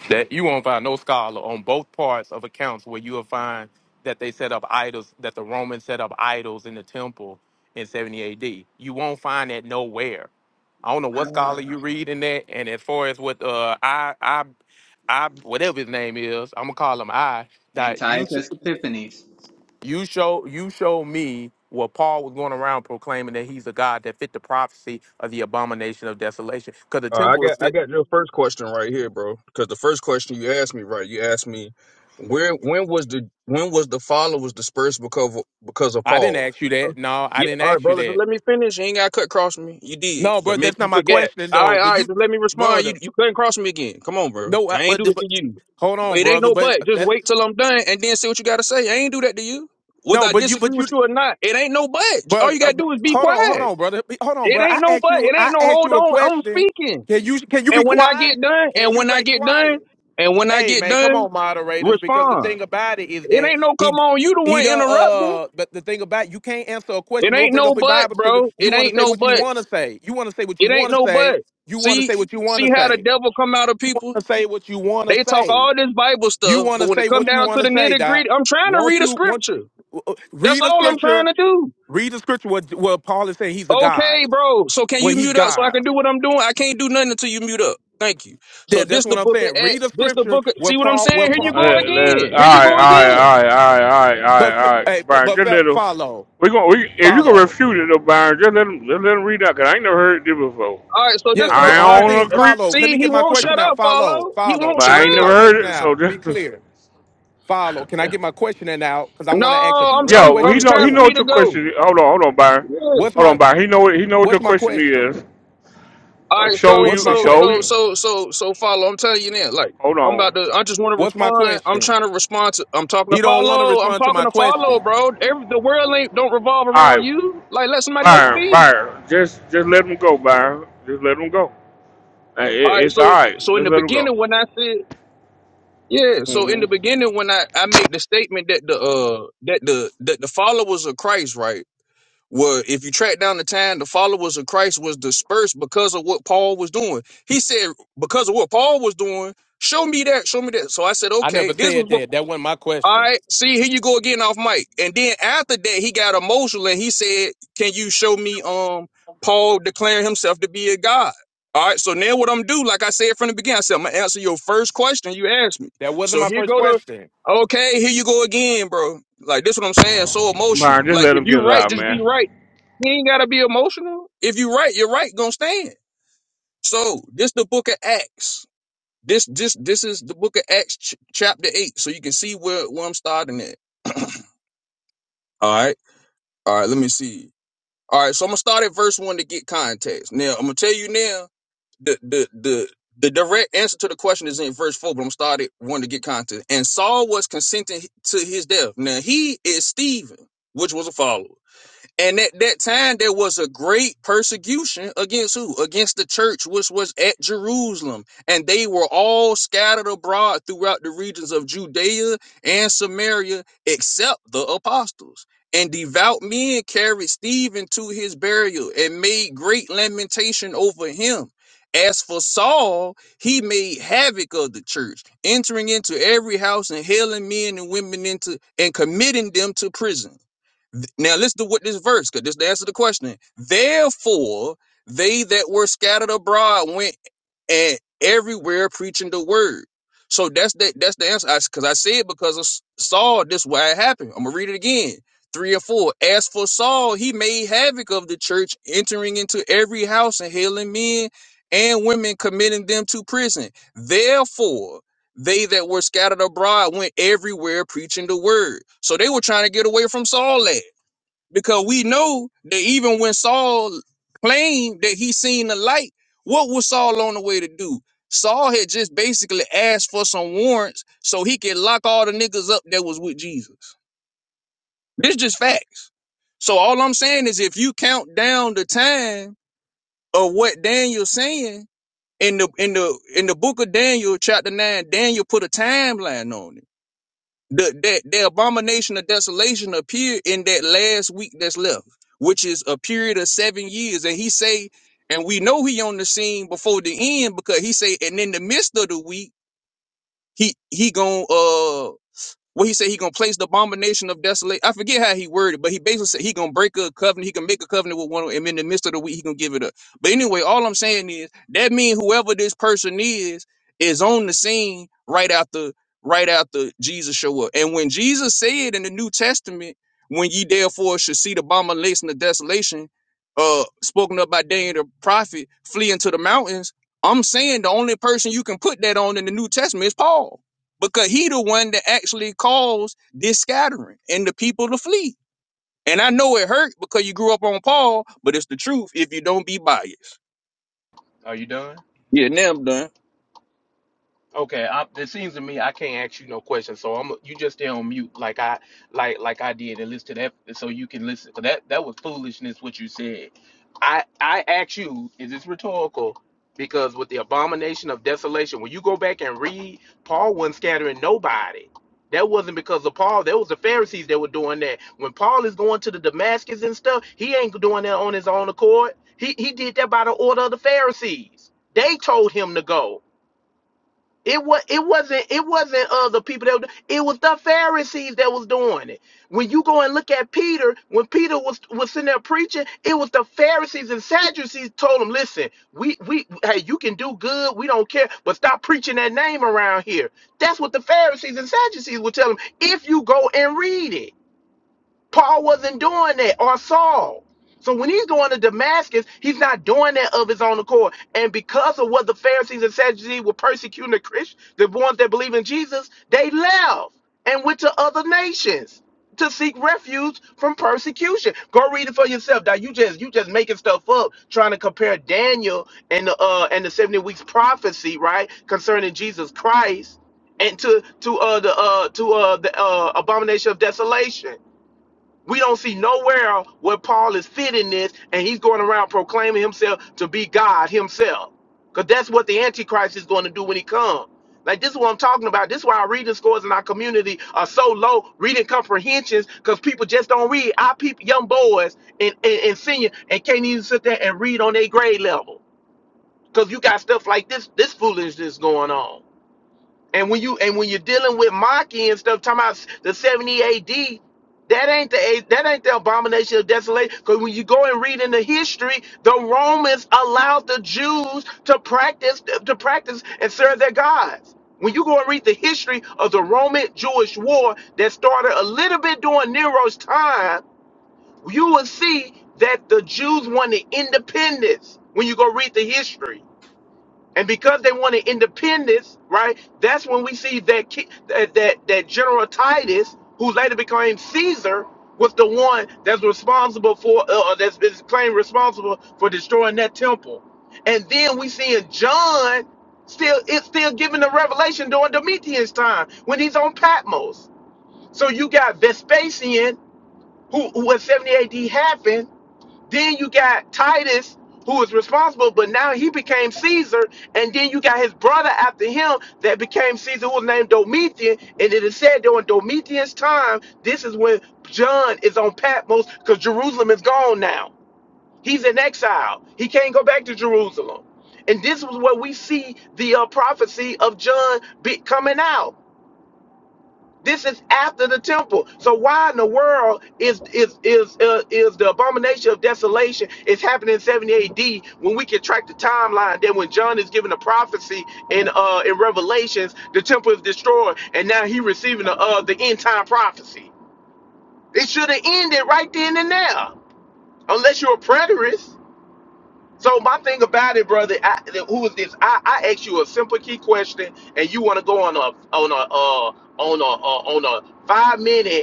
That you won't find no scholar on both parts of accounts where you will find that they set up idols, that the Romans set up idols in the temple in 70 AD. You won't find that nowhere. I don't know AD. what Ah. scholar you read in that. And as far as what uh I I I whatever his name is, I'm gonna call him I that you should. Antiochus Epiphanes. You show you show me where Paul was going around proclaiming that he's a God that fit the prophecy of the abomination of desolation. Because the Uh, I temple is got I fit. got your first question right here, bro. Because the first question you asked me, right? You asked me where when was the when was the followers dispersed because of, because of I didn't Paul? ask you that. No, I Yeah, didn't all right, ask you brother. Just that. let me finish. You ain't got to cut cross me. You did, No, bro, but maybe that's you not my forgot. question All though. right, all But right. you, Just let me respond. You brother, you couldn't cross me again. Come on, bro. no, I- I ain't but do the, this but to you. hold But on, it ain't brother. no But but. Just that wait till I'm done and then see what you got to say. I ain't do that to you. Whether no, I but you, disagree but with you, you or not, it ain't no but. All brother, you uh, gotta do is be hold on, hold quiet. on, brother, hold on, It brother. ain't I no asked but. you, It ain't I no asked hold you a on. I'm question. speaking. Can you can you be And when I quiet? get done, Can and you when I be get done, quiet? and when I Hey get man, come done, on, moderators, because the respond. thing about it is It that ain't no he come on, you the he one don't interrupting. uh but the thing about you can't answer a It question or ain't bring no up a but, Bible story. bro. You It wanna ain't say no what you but. wanna say. You wanna say what you It ain't wanna no say. but. You wanna See, say what you see wanna how the say. devil come out of You people? wanna say what you wanna They talk say. all this Bible You stuff, wanna but when it say come what you down to wanna the say, nitty Doc. gritty, I'm trying to Won't read a you want scripture. you, uh, That's read a all I'm trying scripture, to do. read a scripture where, where Paul is saying he's a God. Okay, bro. So can Well, you he's mute up so I God. can do what I'm doing? I can't do nothing until you mute up. Thank you. So Yeah, that's this the what I'm book of saying. Read Acts. a This the scripture book of where see what I'm Paul saying? where Here Let, you Paul go let, all again. Here you right, all go right, again. all right, all right, all right, but f- all hey, right. Byron, but just fe- let them. follow. We going we if you can Follow. refute it though, Byron, just let them just let them read out. Cause I ain't never heard this before. All right, so this Yeah, one, all I the only right. don't thing uh, follow agree, See, he get my won't shut up, follow. He Follow. won't but shut Can I I ain't get never my up. question heard it. So out? To just be clear, my question out because I am No, I'm, direct I'm, yo, I'm. he It's know he time for know one. me what to your go. question. Is. Hold on, hold on, Byron. Yeah. What's Hold on, my Byron. He know what he know what your What's my question question? is. All Uh, right, show so, What's you, my so, show so, you. question? so, so, so, follow. I'm telling you now, like, Hold I'm on. about to. I just want to What's my respond. I'm question? trying to respond to. I'm talking to He don't want to follow. I'm respond to talking my to follow, question. bro. Every the world ain't don't revolve All around right, you. Like, let somebody else Byron, speak. Byron. Just just let him go, Byron. Just let him go. Uh, All It, right, it's so, all in- right. so in Just the let him go. beginning when I said. Yeah, so in the Mm-hmm. beginning when I, I made the statement that the uh that the that the followers of Christ, right? Well, if you track down the time, the followers of Christ was dispersed because of what Paul was doing. He said, because of what Paul was doing, show me that, show me that. So I said, I okay, never this was, said that. bef- That wasn't my all question. right, see, here you go again off mic. And then after that, he got emotional and he said, can you show me, um, Paul declaring himself to be a God? All right, so now what I'm do, like I said from the beginning, I said, I'm gonna answer your first question you asked me. That wasn't So my here first go to, question. okay, here you go again, bro. Like this what I'm saying, so Byron, emotional. just Like let if him get you it right, out, just be right. man. You ain't gotta be emotional. If you right, you're right. Gonna stand. So this the book of Acts. This this this is the book of Acts ch- chapter eight. So you can see where where I'm starting at. All right. All right. Let me see. All right. So I'm gonna start at verse one to get context. Now I'm gonna tell you now the the the. The direct answer to the question is in verse 4, but I'm gonna start at 1 to get context. And Saul was consenting to his death. Now, he is Stephen, which was a follower. And at that time, there was a great persecution against who? Against the church, which was at Jerusalem. And they were all scattered abroad throughout the regions of Judea and Samaria, except the apostles. And devout men carried Stephen to his burial and made great lamentation over him. As for Saul, he made havoc of the church, entering into every house and hailing men and women into and committing them to prison. Now listen to what this verse, because this is the answer to the question. Therefore, they that were scattered abroad went and everywhere preaching the word. So that's that. That's the answer. Because I, said because of Saul, this is why it happened. I'm gonna read it again. Three or four. As for Saul, he made havoc of the church, entering into every house and hailing men and women, committing them to prison. Therefore, they that were scattered abroad went everywhere preaching the word. So they were trying to get away from Saul. At because we know that even when Saul claimed that he seen the light, what was Saul on the way to do? Saul had just basically asked for some warrants so he could lock all the niggas up that was with Jesus. This just facts. So all I'm saying is if you count down the time of what Daniel's saying in the in the in the book of Daniel, chapter nine, Daniel put a timeline on it. the, that the abomination of desolation appear in that last week that's left, which is a period of seven years. And he say, and we know he on the scene before the end because he say, and in the midst of the week, he he gonna uh well, he said he gonna place the abomination of desolate. I forget how he worded, but he basically said he gonna break a covenant. He can make a covenant with one, and in the midst of the week he gonna give it up. But anyway, all I'm saying is that means whoever this person is is on the scene right after right after Jesus show up. And when Jesus said in the New Testament, "When ye therefore should see the abomination of desolation," uh, spoken of by Daniel the prophet, flee into the mountains. I'm saying the only person you can put that on in the New Testament is Paul because he the one that actually caused this scattering and the people to flee. And I know it hurt because you grew up on Paul, but it's the truth if you don't be biased. Are you done? Yeah, now I'm done. Okay, I, it seems to me I can't ask you no questions, so I'm you just stay on mute like I like like I did and listen to that so you can listen. 'Cause that that was foolishness what you said. I I ask you, is this rhetorical? Because with the abomination of desolation, when you go back and read, Paul wasn't scattering nobody. That wasn't because of Paul. That was the Pharisees that were doing that. When Paul is going to the Damascus and stuff, he ain't doing that on his own accord. He he did that by the order of the Pharisees. They told him to go. It was it wasn't it wasn't uh, the people that were, do- it was the Pharisees that was doing it. When you go and look at Peter, when Peter was was sitting there preaching, it was the Pharisees and Sadducees told him, "Listen, we we hey, you can do good, we don't care, but stop preaching that name around here." That's what the Pharisees and Sadducees would tell him if you go and read it. Paul wasn't doing that, or Saul. So when he's going to Damascus, he's not doing that of his own accord. And because of what the Pharisees and Sadducees were persecuting the Christians, the ones that believe in Jesus, they left and went to other nations to seek refuge from persecution. Go read it for yourself. Now you just you just making stuff up, trying to compare Daniel and the uh and the 70 weeks prophecy, right, concerning Jesus Christ and to to uh the uh to uh the uh abomination of desolation. We don't see nowhere where Paul is fitting this and he's going around proclaiming himself to be God himself. Because that's what the Antichrist is going to do when he comes. Like this is what I'm talking about. This is why our reading scores in our community are so low, reading comprehensions, because people just don't read. Our people, young boys and, and, and senior and can't even sit there and read on their grade level. Because you got stuff like this, this foolishness going on. And when you and when you're dealing with Maki and stuff, talking about the 70 AD, that ain't the that ain't the abomination of desolation. Because when you go and read in the history, the Romans allowed the Jews to practice to practice and serve their gods. When you go and read the history of the Roman Jewish war that started a little bit during Nero's time, you will see that the Jews wanted independence when you go read the history. And because they wanted independence, right? That's when we see that ki- that that, that General Titus, who later became Caesar, was the one that's responsible for, uh, or that's is claimed responsible for destroying that temple. And then we see in John still it's still giving the revelation during Domitian's time when he's on Patmos. So you got Vespasian, who, who in 70 AD happened, then you got Titus, who was responsible, but now he became Caesar. And then you got his brother after him that became Caesar, who was named Domitian. And it is said during Domitian's time, this is when John is on Patmos because Jerusalem is gone now. He's in exile. He can't go back to Jerusalem. And this was where we see the uh, prophecy of John be coming out. This is after the temple. So why in the world is is is uh, is the abomination of desolation is happening in 70 AD when we can track the timeline? Then when John is given a prophecy in uh in Revelations, the temple is destroyed, and now he receiving the uh the end time prophecy. It should have ended right then and there, unless you're a preterist. So my thing about it, brother, I, who is this? I, I ask you a simple key question, and you want to go on a on a uh, on a uh, on a five minute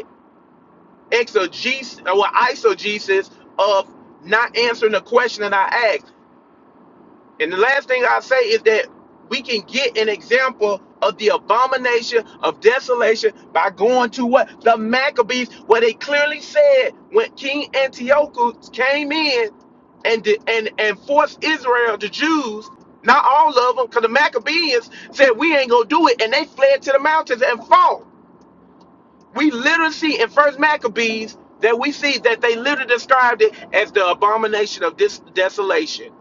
exegesis or isogesis of not answering the question that I asked. And the last thing I say is that we can get an example of the abomination of desolation by going to what the Maccabees, where they clearly said when King Antiochus came in and did, and and forced Israel, the Jews, not all of them, because the Maccabees said we ain't gonna do it, and they fled to the mountains and fought we literally see in First Maccabees that we see that they literally described it as the abomination of this desolation.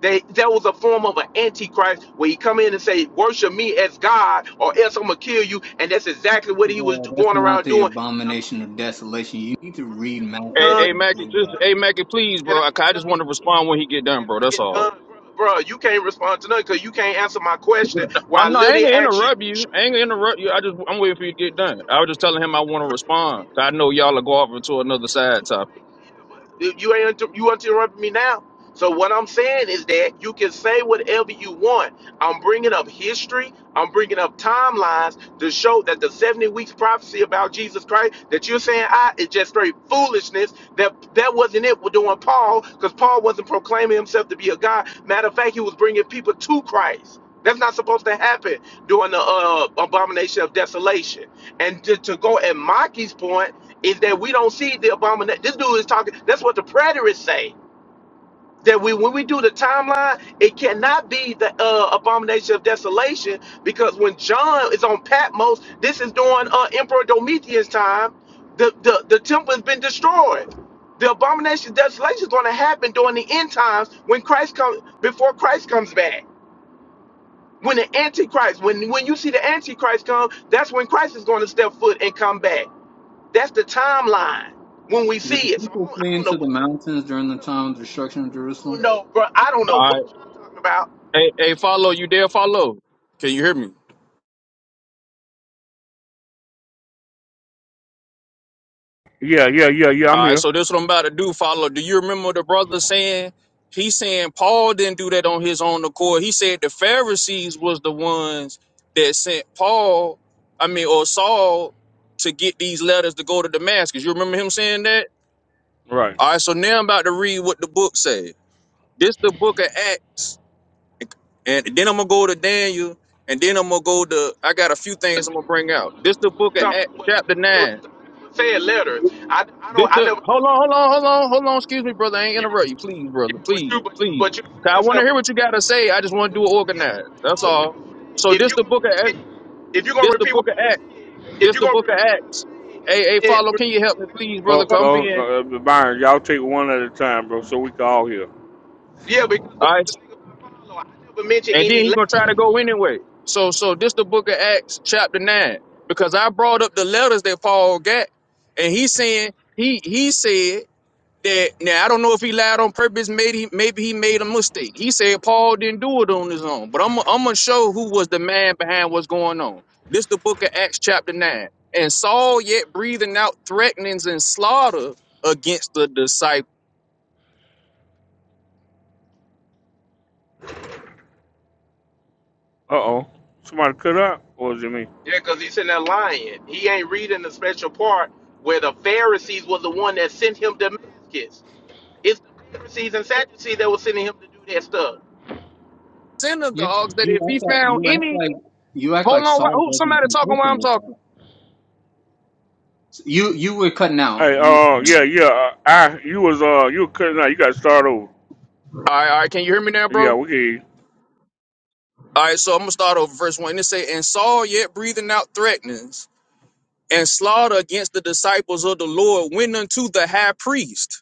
They that was a form of an antichrist where he come in and say, "Worship me as God, or else I'm gonna kill you." And that's exactly what he was Well, that's going not around the doing. And a lot abomination of of desolation. You need to brother, read can I get Hey, Maccabees done? hey, and Can I Mackie, get prove just that. done? hey, Mackie, please, bro. Can I I, I get just done? want to respond when he get done, Can bro. I That's get all. done, brother? Bruh, you can't respond to nothing because you can't answer my question. Where I I no, I ain't literally gonna asked you, interrupt you. "Show I ain't gonna me." interrupt you. I just I'm waiting for Okay, you to get but done. you I was just interrupted me telling him now. I You want to interrupted me respond. I know now. y'all will go off into another side topic. You you ain't inter- you interrupt me now. So what I'm saying is that you can say whatever you want. I'm bringing up history. I'm bringing up timelines to show that the 70 weeks prophecy about Jesus Christ that you're saying I is just straight foolishness. That that wasn't it We're doing Paul because Paul wasn't proclaiming himself to be a God. Matter of fact, he was bringing people to Christ. That's not supposed to happen during the uh, abomination of desolation. And to, to go at Maki's point is that we don't see the abomination. This dude is talking. That's what the preterists say. That we, when we do the timeline, it cannot be the uh, abomination of desolation because when John is on Patmos, this is during uh, Emperor Domitian's time. The, the the temple has been destroyed. The abomination of desolation is going to happen during the end times when Christ comes before Christ comes back. When the Antichrist, when when you see the Antichrist come, that's when Christ is going to step foot and come back. That's the timeline when we Did the see it. So I people don't, I flee don't know into the what mountains during the y'all, time of the destruction of I don't, I Jerusalem? don't know, bro. I don't know All what right. y'all talking about. Hey, hey, follow you there. Follow. Can you hear me? Yeah, yeah, yeah, yeah. All I'm right, here. so this what I'm about to do, follow. Do you remember the brother saying he saying Paul didn't do that on his own accord? He said the Pharisees was the ones that sent Paul, I mean, or Saul to get these letters to go to Damascus. You remember him saying that? Right. All right, so now I'm about to read what the book said. This the book of Acts, and then I'm gonna go to Daniel, and then I'm gonna go to. I got a few things I'm gonna bring out. This the What book you of talking Acts, about? What, chapter nine. I don't know. What you talking about. Saying letters. I, I This don't. I the never hold talked on, hold about on, letters. hold on, hold on. Excuse me, brother. I ain't You, interrupt you, please, brother. yeah, but Please, you, but you, please. but you 'Cause I saying want to stuff. hear what you Yeah, got to say. I just want to but do it it's organized. like, That's don't, don't all. say. So If this you the book gonna of Ac- repeat, if you gonna this the repeat book what of I Acts. said, if This you the gonna book of repeat what I Acts. said, Hey, hey, then follow. Can you repeat help me, please, exactly brother? Go, what I'm Come gonna say. go, in. go uh, Byron. Y'all take one at a time, bro, so we can all hear. Yeah, because All the, right. the thing about follow, I never mentioned And then any he gonna letters. try to go anyway. So, so this the book of Acts, chapter nine, because I brought up the letters that Paul got, and he saying he he said that now I don't know if he lied on purpose. Maybe maybe he made a mistake. He said Paul didn't do it on his own, but I'm I'm gonna show who was the man behind what's going on. This the book of Acts chapter nine, and Saul yet breathing out threatenings and slaughter against the disciples Uh oh. Somebody cut up. What was it me? Yeah, because he's in there lying. He ain't reading the special part where the Pharisees was the one that sent him to Damascus. It's the Pharisees and Sadducees that was sending him to do that stuff. Yeah, synagogues. That you if he act like found you act any, like you act hold like on, wh- Saul who wasn't somebody talking while consistent I'm with talking? that. You you were cutting out. Hey, You uh, were. yeah, yeah. uh, I, you was, uh, you were cutting out. You got to start over. All right, all right, can you hear me now, Yeah, bro? we can. hear you. All right, so I'm gonna start over verse one. It say, and Saul yet breathing out threatenings and slaughter against the disciples of the Lord went unto the high priest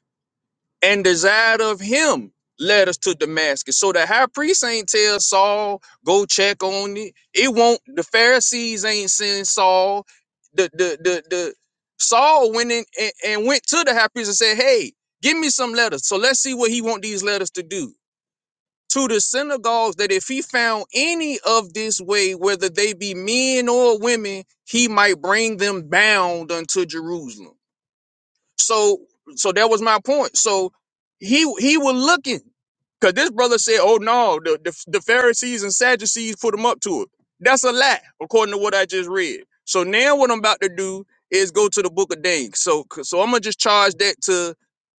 and desired of him led us to Damascus. So the high priest ain't tell Saul, go check on it. It won't the Pharisees ain't send Saul. The the the the Saul went in and, and went to the high priest and said, Hey, give me some letters. So let's see what he want these letters to do. To the synagogues that if he found any of this way, whether they be men or women, he might bring them bound unto Jerusalem. So so that was my point. So he he was looking because this brother said, "Oh no, the, the the Pharisees and Sadducees put him up to it." That's a lie, according to what I just read. So now what I'm about to do is go to the Book of Daniel. So so I'm gonna just charge that to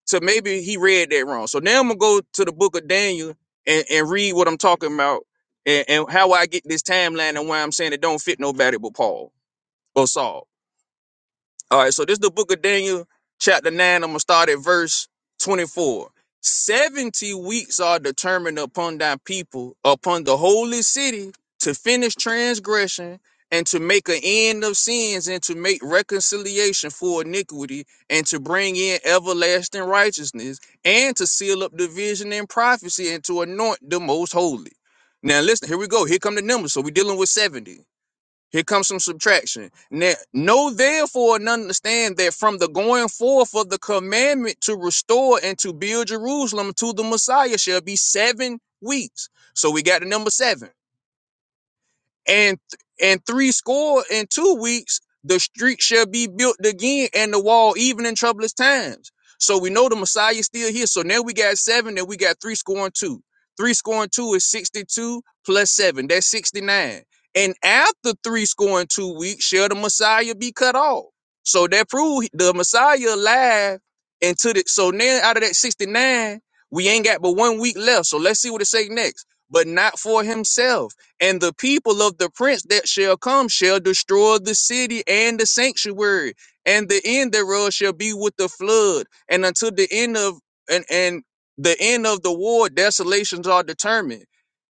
to maybe he read that wrong. So now I'm gonna go to the Book of Daniel and and read what I'm talking about and, and how I get this timeline and why I'm saying it don't fit nobody but Paul or Saul. All right, so this is the book of Daniel, chapter 9. I'm going to start at verse 24. 70 weeks are determined upon thy people, upon the holy city, to finish transgression and to make an end of sins and to make reconciliation for iniquity and to bring in everlasting righteousness and to seal up division and prophecy and to anoint the most holy. Now listen, here we go. Here come the numbers. So we're dealing with 70. Here comes some subtraction. Now, know therefore and understand that from the going forth of the commandment to restore and to build Jerusalem to the Messiah shall be seven weeks. So we got the number seven and and three score in two weeks the street shall be built again and the wall even in troublous times so we know the messiah is still here so now we got seven and we got three scoring two three scoring two is 62 plus seven that's 69 and after three scoring two weeks shall the messiah be cut off so that prove the messiah alive until the so now out of that 69 we ain't got but one week left so let's see what it say next but not for himself and the people of the prince that shall come shall destroy the city and the sanctuary, and the end thereof shall be with the flood, and until the end of and and the end of the war, desolations are determined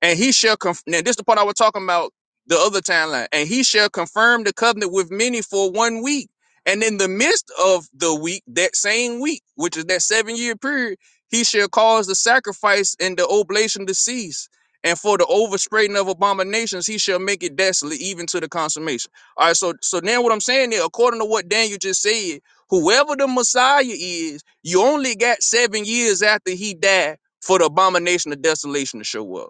and he shall conf- now this is the part I was talking about the other timeline, and he shall confirm the covenant with many for one week, and in the midst of the week, that same week, which is that seven year period, he shall cause the sacrifice and the oblation to cease. And for the overspreading of abominations, he shall make it desolate even to the consummation. All right, so so now what I'm saying is, according to what Daniel just said, whoever the Messiah is, you only got seven years after he died for the abomination of desolation to show up.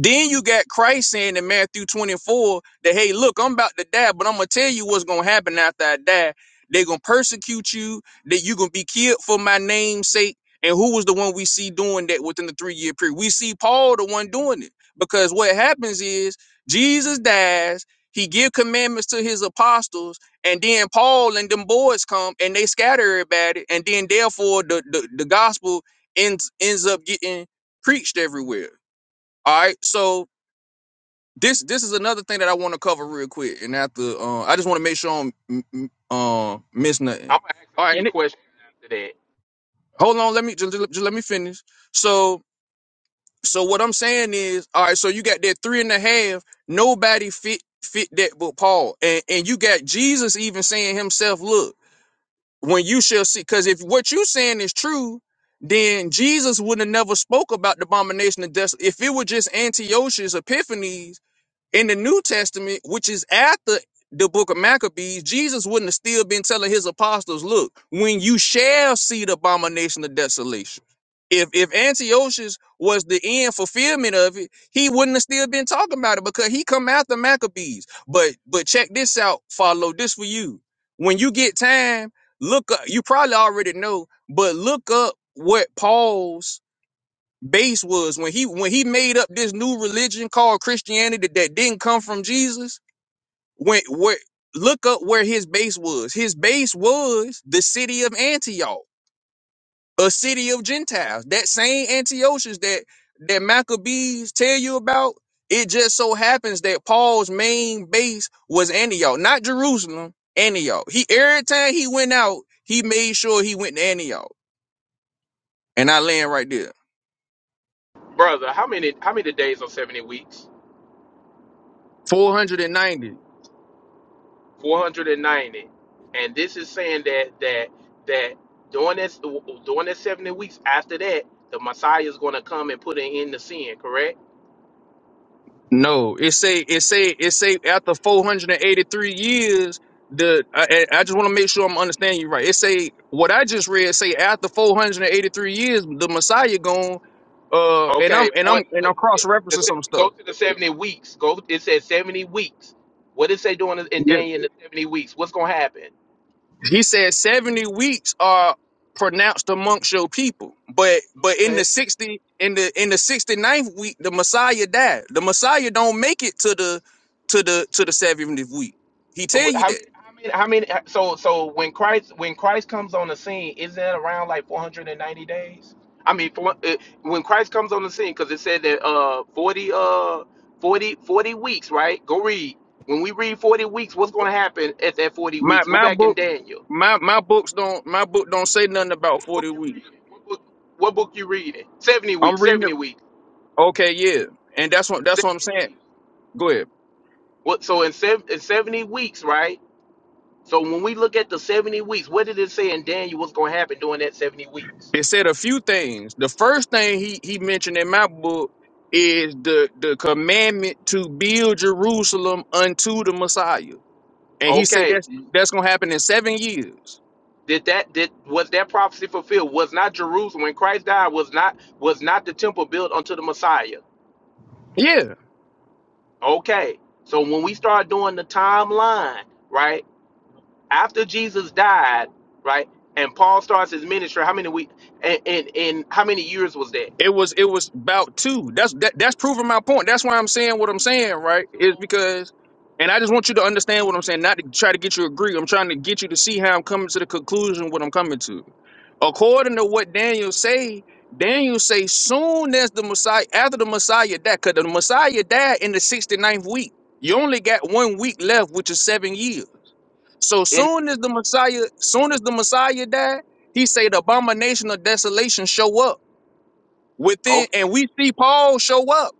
Then you got Christ saying in Matthew 24 that, hey, look, I'm about to die, but I'm going to tell you what's going to happen after I die. They're going to persecute you, that you're going to be killed for my name's sake. And who was the one we see doing that within the three year period? We see Paul, the one doing it. Because what happens is Jesus dies, he give commandments to his apostles, and then Paul and them boys come and they scatter everybody. And then therefore the, the, the gospel ends, ends up getting preached everywhere. All right. So this this is another thing that I want to cover real quick, and after uh, I just want to make sure I don't m- m- uh, miss I'm nothing. gonna ask All a right, key and it, question after that, hold on, let me just, just let me finish. So so what I'm saying is, all right, so you got that three and a half. Nobody fit fit that but Paul, and and you got Jesus even saying himself, look, when you shall see, because if what you saying is true. Then Jesus would not have never spoke about the abomination of desolation. If it were just Antiochus Epiphanes, in the New Testament, which is after the book of Maccabees, Jesus wouldn't have still been telling his apostles, look, when you shall see the abomination of desolation. If if Antiochus was the end fulfillment of it, he wouldn't have still been talking about it because he come after Maccabees. But but check this out, follow this for you. When you get time, look up, you probably already know, but look up what Paul's base was when he when he made up this new religion called Christianity that, that didn't come from Jesus. When where look up where his base was. His base was the city of Antioch, a city of Gentiles. That same Antiochus that that Maccabees tell you about. It just so happens that Paul's main base was Antioch, not Jerusalem. Antioch. He every time he went out, he made sure he went to Antioch. And I land right there. brother. How many how many days are seventy weeks? 490. Four hundred and ninety. And this is saying that that that during this during that seventy weeks after that, the Messiah is gonna come and put an end to sin. Correct? No, it say it say it say after 483 years. The I, I I just want to make sure I'm understanding you right. It say what I just read say after 483 years the Messiah gone. Uh, and I'm Okay, and I'm what, and what I'm cross the referencing sev- some stuff. go to the seventy weeks. Go. It says seventy weeks. What is they doing in Yeah, Daniel in the seventy weeks? What's gonna happen? he said 70 weeks are pronounced amongst your people, but but in Okay. the 60 in the in the sixty ninth week the Messiah died. The Messiah don't make it to the to the to the 70th week. He tell Wh- you How that. many? How many? How many? So so when Christ when Christ comes on the scene, is that around like four hundred and ninety days? I mean, for, uh, when Christ comes on the scene, because it said that uh 40 uh 40 40 weeks, right? Go read. When we read forty weeks, what's gonna happen at that forty My weeks? Go my back in books Daniel. my my books don't my book don't say nothing about What book forty you weeks. reading? What book? What book you reading? Seventy I'm weeks. reading it. Seventy weeks. Okay, yeah, and that's what that's what I'm Seventy saying. weeks. Go ahead. What? So in, sev- in seventy weeks, right? So when we look at the seventy weeks, what did it say in Daniel? What's going to happen during that seventy weeks? It said a few things. The first thing he he mentioned in my book is the the commandment to build Jerusalem unto the Messiah, and he said Okay. that's that's gonna happen in seven years. Did that? Did was that prophecy fulfilled? Was not Jerusalem when Christ died? Was not was not the temple built unto the Messiah? Yeah, Okay. So when we start doing the timeline, right? after Jesus died, right? And Paul starts his ministry. How many weeks? And in, in how many years was that? It was it was about two. That's that, that's proving my point. That's why I'm saying what I'm saying, right? Is because, and I just want you to understand what I'm saying, not to try to get you to agree. I'm trying to get you to see how I'm coming to the conclusion what I'm coming to. According to what Daniel say, Daniel say soon as the Messiah, after the Messiah died, because the Messiah died in the sixty ninth week. You only got one week left, which is seven years. So In soon as the Messiah, soon as the Messiah died, he say the abomination of desolation show up within okay. and we see Paul show up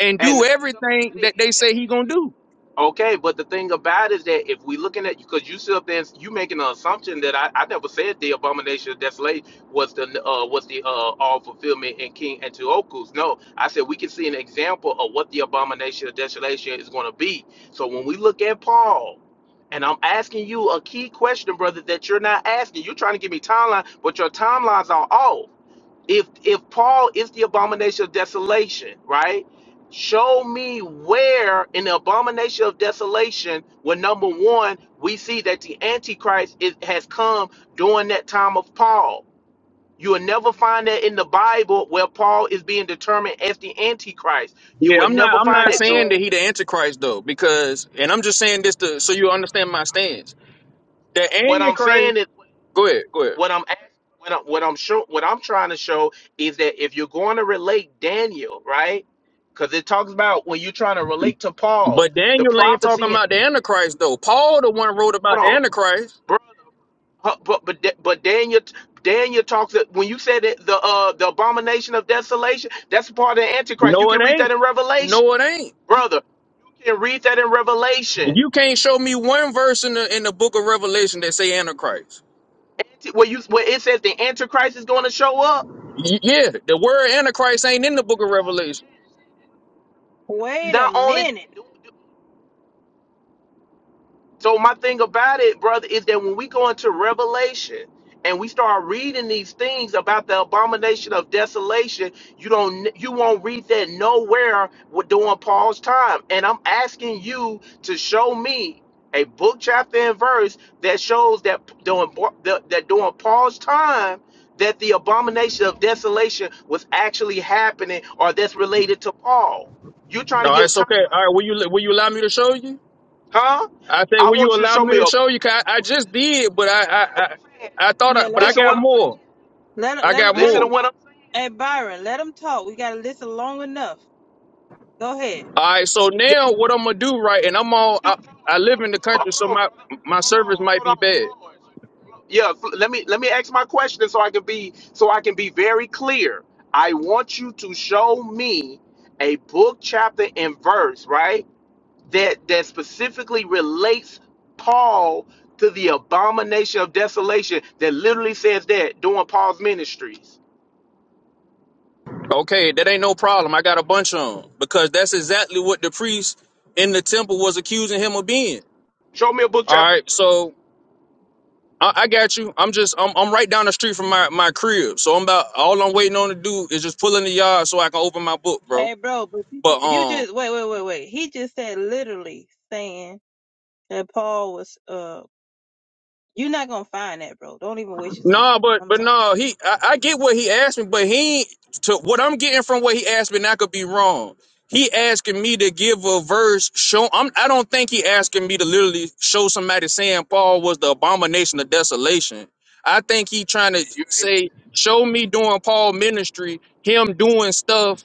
and And do the thing everything about it that is they say he gonna that do. Okay, but the thing about it is that if we looking at because you sit up there and you making an assumption that I, I never said the abomination of desolation was the uh, was the uh, all fulfillment in King and Antiochus. No, I said we can see an example of what the abomination of desolation is going to be. So when we look at Paul, and I'm asking you a key question, brother, that you're not asking. You're trying to give me timeline, but your timelines are off if if Paul is the abomination of desolation, right? Show me where in the abomination of desolation, where number one, we see that the Antichrist is, has come during that time of Paul. You will never find that in the Bible where Paul is being determined as the Antichrist. You Yeah, will I'm not never I'm find not Uh that. saying that oh. he the antichrist though, because and I'm just saying this to so you understand my stance. The What I'm antichrist saying is, go ahead, go ahead. what I'm asking, what I'm what I'm show, what I'm trying to show is that if you're going to relate Daniel, right? Because it talks about when you're trying to relate to Paul, But the Daniel ain't talking prophecy and about the antichrist though. Paul the one wrote hold about the on, antichrist. bro. huh, But but Da- but Daniel Daniel talks that when you said that the uh the abomination of desolation, that's part of the Antichrist. You No, it can read that ain't. in Revelation, No, it ain't. brother. You can read that in Revelation. You can't show me one verse in the in the book of Revelation that say antichrist. Anti, where you where it says the Antichrist is going to show up. Y- yeah, the word antichrist ain't in the book of Revelation. No, Wait a not only minute. that. So my thing about it, brother, is that when we go into Revelation and we start reading these things about the abomination of desolation, you don't you won't read that nowhere with- during Paul's time. And I'm asking you to show me a book, chapter, and verse that shows that p- during Bo- that that during Paul's time that the abomination of desolation was actually happening or that's related to Paul. You're trying All to right, give so timelines. okay. All right, will you will you allow me to show you? Huh? I said, I will you want you to allow show me me a to show you? book. 'Cause I, I just did, but I, I, Listen what I, I'm saying. I thought, Yeah, I, but let I it, Listen what got I'm saying. more. let it, I let got it, let Listen to more. him. what I'm saying. Hey Byron, let him talk. We gotta listen long enough. Go ahead. All right. So Yeah, now that's what I'm what I'm gonna saying. do, right? Hold And on, I'm before all, you I, do, Floyd, I live in Floyd, the Floyd, country, so hold on, my brother. my service might Hold be on, bad. hold on, Floyd. Yeah, Fl- let me let me ask my question so I can be so I can be very clear. I want you to show me a book, chapter, and verse, right? that that specifically relates Paul to the abomination of desolation that literally says that during Paul's ministries. Okay, that ain't no problem. I got a bunch of them because that's exactly what the priest in the temple was accusing him of being. Show me a book, All chapter, and right. So verse. I, I got you. I'm just, I'm, I'm right down the street from my my crib. So I'm about all I'm waiting on to do is just pull in the yard so I can open my book, bro. Hey bro, but you, ju- But you um. just wait, wait, wait, wait. He just said literally saying that Paul was. Uh, you're not gonna find that, bro. Don't even waste your time. No, but I'm but sorry. no, he I, I get what he asked me, but he to what I'm getting from what he asked me, and I could be wrong. He asking me to give a verse show. I'm, I don't think he asking me to literally show somebody saying Paul was the abomination of desolation. I think he trying to You ain't listen. say show me doing Paul ministry, him doing stuff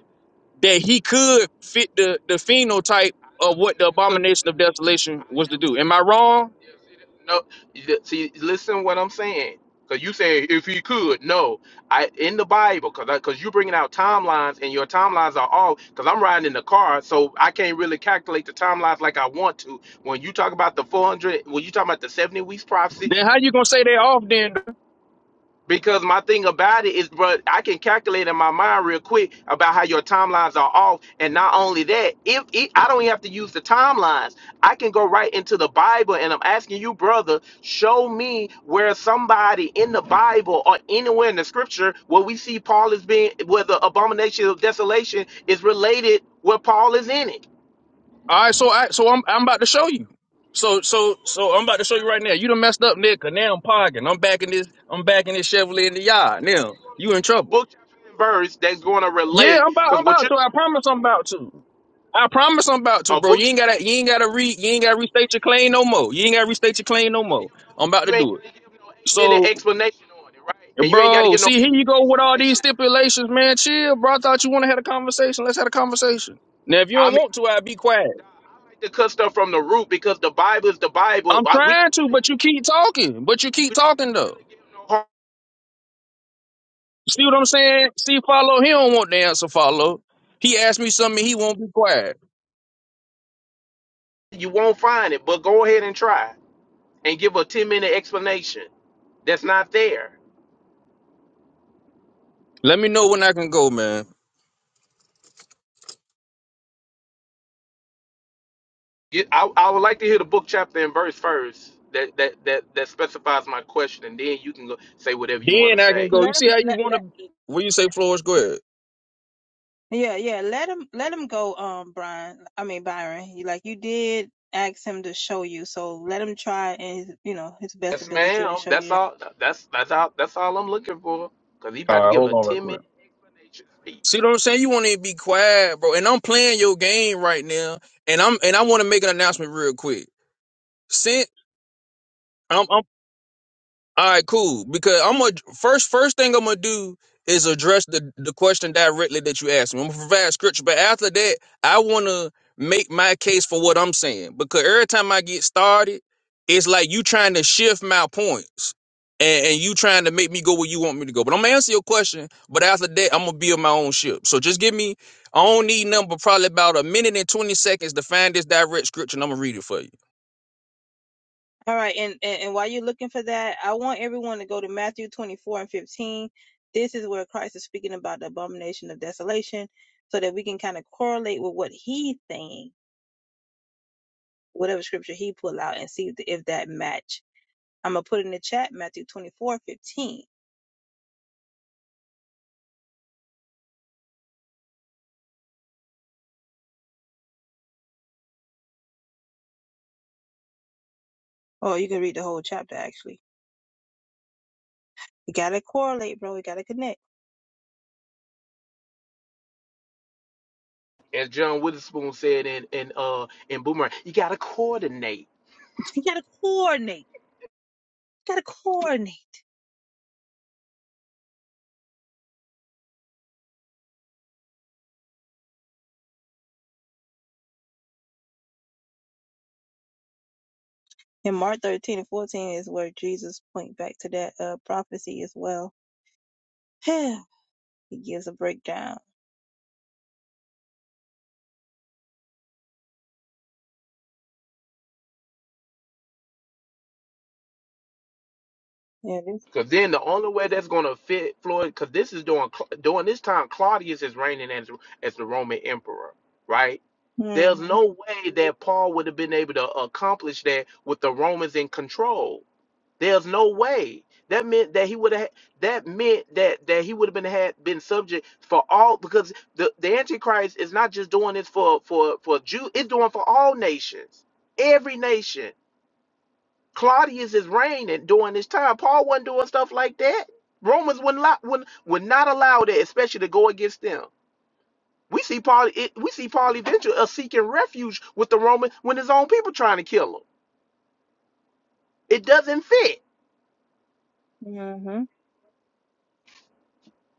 that he could fit the the phenotype I of never what the said could. abomination of desolation I was to do. never. Am I wrong? Yeah, see that? No, you- see, listen what I'm saying. Cause you say if he could, no, I in the Bible, cause cause you bringing out timelines and your timelines are all. Cause I'm riding in the car, so I can't really calculate the timelines like I want to. When you talk about the 400, when you talk about the 70 weeks prophecy, Then how you gonna say they off then because my thing about it is, but I can calculate in my mind real quick about how your timelines are off. And not only that, if it, I don't even have to use the timelines, I can go right into the Bible. And I'm asking you, brother, show me where somebody in the Bible or anywhere in the scripture where we see Paul is being, where the abomination of desolation is related where Paul is in it. All right, so I so I'm I'm about to show you. You So gonna show me so a book, so I'm chapter, about to and show you verse? right now. You done messed up, Nick, 'cause now I'm parking. I'm back in this I'm back in this Chevrolet in Are the you gonna, yard. are Now you gonna you in show me a trouble. book, chapter, and verse that's gonna Yeah, relate? I'm about I'm Because what about you, to. I promise I'm about to. I promise I'm about to, a bro. You book, ain't gotta you ain't gotta re you ain't gotta restate And your you claim ain't no more. You ain't gotta restate your claim no gotta give more. no I'm about to do it. no eight minute So, explanation on it, right? And you ain't gotta bro, give no see eight here you minute go with all these explanation. stipulations, man. Chill, bro. I thought you wanna have a conversation. Let's have a conversation. Now if you I don't mean, want to, I'll be quiet. I like to cut stuff from the root because the Bible is the Bible. I'm I, we trying don't to, really have but you keep talking. But you keep we don't have talking to though. really give no hard. See what I'm saying? See, follow. He don't want the answer. Follow. He asked me something. He won't be quiet. You won't find it, but go ahead and try and give a ten minute explanation that's not there. Let me know when I can go, man. You- I, I would like to hear the book chapter and verse first that that that that specifies my question, and then you can go, say whatever you want to Then I can say. go. You Let him. see how you Let want to? let. What you say, Flores? Go ahead. Yeah, yeah. Let him. Let him go. Um, Brian. I mean Byron. You like you did ask him to show you, so let him try and his, you know his best Yes, ability to ma'am. show That's you all. That's that's all. That's all I'm looking for. Cause he All about to right, give hold a on real ten quick. minute explanation See speech. what I'm saying? You want to be quiet, bro. And I'm playing your game right now, and I'm and I want to make an announcement real quick. Since I'm, I'm All right, cool. Because I'm gonna first first thing I'm gonna do is address the the question directly that you asked me. I'm gonna provide scripture, but after that, I wanna make my case for what I'm saying. Because every time I get started, it's like you trying to shift my points. And, and you trying to make me go where you want me to go. But I'm gonna answer your question, but after that, I'm gonna be on my own ship. So just give me I don't need nothing but probably about a minute and twenty seconds to find this direct scripture and I'm gonna read it for you. All right, and, and and while you're looking for that, I want everyone to go to Matthew 24 and 15. This is where Christ is speaking about the abomination of desolation, so that we can kind of correlate with what he saying, whatever scripture he pull out, and see if if that match. I'm gonna put in the chat Matthew 24 and 15. Oh, you can read the whole chapter actually. You gotta correlate, bro. You gotta connect. As John Witherspoon said in in uh in Boomerang, you gotta coordinate. You gotta coordinate. You gotta coordinate. And Mark 13 and 14 is where Jesus point back to that uh, prophecy as well. He gives a breakdown. Yeah, this. Cause then the only way that's gonna fit Floyd. Cause this is during Cla- during this time Claudius is reigning as as the Roman emperor, right? There's Mhm. no way that Paul would have been able to accomplish that with the Romans in control There's no way. That meant that he would have. That meant that that he would have been had been subject for all because the the Antichrist is not just doing this for for for Jew. It's doing for all nations, every nation. Claudius is reigning during this time. Paul wasn't doing stuff like that. Romans wouldn't allow, would, would not allow that, especially to go against them. We see Paul. It, we see Paul eventually uh, seeking refuge with the Roman when his own people trying to kill him. It doesn't fit. Mhm.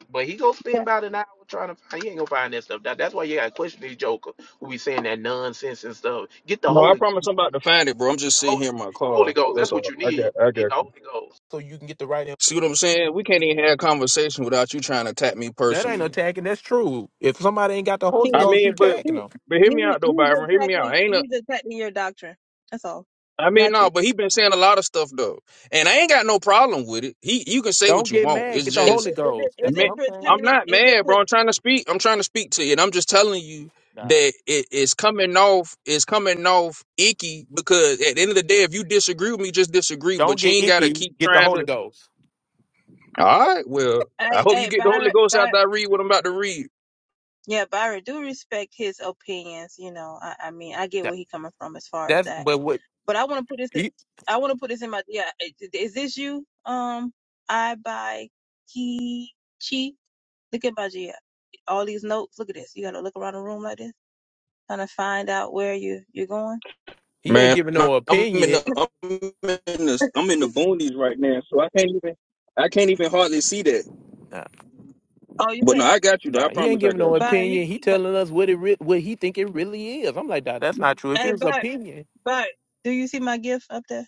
But he gonna spend Yeah. about an hour trying to find. He ain't gonna find that stuff. That, that's why you gotta question these joker who be saying that nonsense and stuff. Get the No, I Holy Ghost. promise I'm about to find it, bro. I'm You need just the sitting Holy. here in You my need the Holy car. Ghost. That's That's what all. you I got need. I You need the got you. Holy Ghost so you can get the right. Info. See what I'm saying? We can't even have a conversation without you trying to attack me That ain't no personally. tagging. That's true. If somebody ain't got the He Holy I is. Ghost, mean, you but tagging He, them. but hear he's me out though, he's Byron. Hear me attacking. out. Ain't a He's attacking your doctrine. That's all. I mean Not no, you. but he been saying a lot of stuff though. And I ain't got no problem with it. He you can say what Don't you get want. mad. It's Get the Is just Holy it? Is Ghost. it? That's Is what man, it I'm saying. I'm pertaining? not Is it mad, bro. put? I'm trying to speak. I'm trying to speak to you. And I'm just telling you Nah. that it is coming off it's coming off icky because at the end of the day if you disagree with me just disagree Don't but you get ain't gotta icky. keep Get the trying to Holy Ghost. All right. Well, I Hey, hope you hey, get the Holy Byron. Ghost Byron. after I read what I'm about to read. Yeah, Byron. Do respect his opinions. You know. I. I mean, I get That, where he coming from as far as that's that. but what But I want to put this. in- he, I want to put this in my. Yeah. i- Is this you? Um. I by Chi. Look at my GL. all these notes. Look at this. You got to look around the room like this, trying to find out where you you're going. he ain't Man, giving I'm, no I'm, opinion. ain't even hard. Oh, you But no, can't. I got you, though. I Nah, he ain't promise I giving got no you. Byron, opinion. you, He but, telling us what it re- what he think it really is. I'm like, nah, that's not true. If hey, it's Byron, opinion, Byron, do you see my gift up there?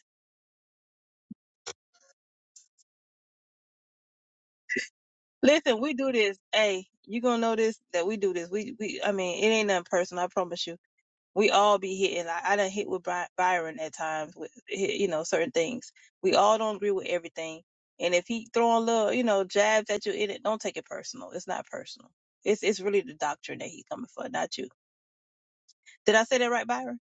Listen, we do this. Hey, you gonna notice that we do this. We we. I mean, it ain't nothing personal. I promise you. We all be hitting. Like I done hit with Bry- Byron at times with you know certain things. We all don't agree with everything. And if he throwing little, you know, jabs at you in it, don't take it personal. It's not personal. It's it's really the doctrine that he coming for, not you. Did I say that right, Byron?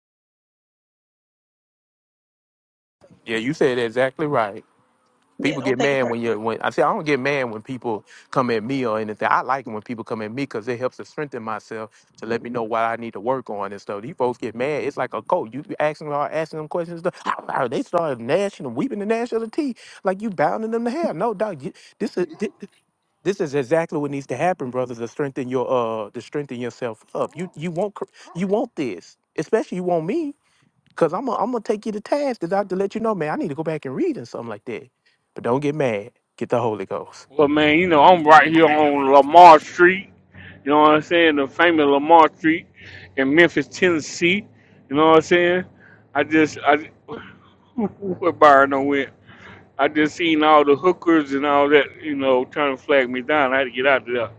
yeah, you said exactly right. Yeah, People don't get take it mad when personal. you when I say I don't get mad when people come at me or anything. I like it when people come at me because it helps to strengthen myself to let me know what I need to work on and stuff. These folks get mad. It's like a coach. You be asking them, asking them questions. and Stuff. They start gnashing and weeping the gnash of the teeth like you bounding them to hell. No, dog. You, this is. This is exactly what needs to happen, brothers, to strengthen your uh to strengthen yourself up. You you want cr- you want this, especially you want me, cause I'm gonna I'm gonna take you to task. 'Cause I have to let you know, man. I need to go back and read and something like that. But don't get mad. Get the Holy Ghost. But man, you know, I'm right here on Lamar Street. You know what I'm saying? The famous Lamar Street in Memphis, Tennessee. You know what I'm saying? I just, I, where Byron done went. I just seen all the hookers and all that, you know, trying to flag me down. I had to get out of there.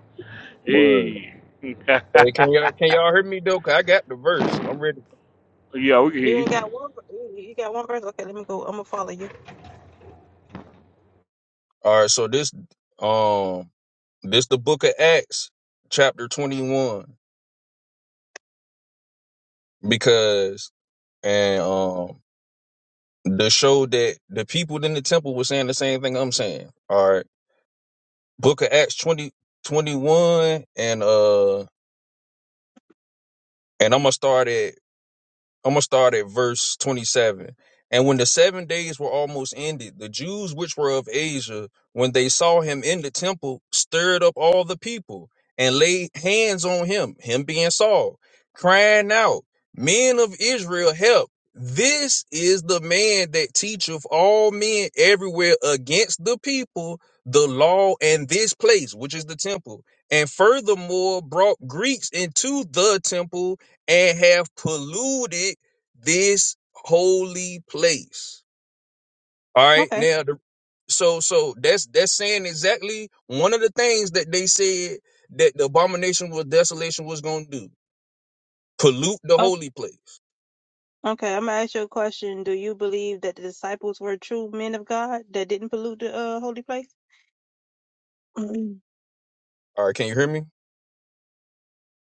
Word. Hey. Hey, can y'all can y'all hear me though? 'Cause I got the verse. I'm ready. yeah, we can hear You you. ain't got one. You you got one verse. Okay, let me go. I'm gonna follow you. All right, so this um this the book of Acts, chapter twenty one. Because and um the show that the people in the temple were saying the same thing I'm saying. All right. Book of Acts 20 21, and uh and I'm gonna start at I'm gonna start. seven. And when the seven days were almost ended, the Jews which were of Asia, when they temple stirred up all the people and laid hands on him, him being Saul, crying out, Men of Israel, help. This is the man that teacheth all men everywhere against the people, the law, and this place, which is the temple. And furthermore, brought Greeks into the temple and have polluted this holy place. All right. Okay. Now, the so so that's that's saying exactly one of the things that they said that the abomination with desolation was gonna do. Pollute the Oh, holy place. okay. I'm gonna ask you a question. Do you believe that the disciples were true men of God that didn't pollute the uh, holy place? Mm. All right, can you hear me?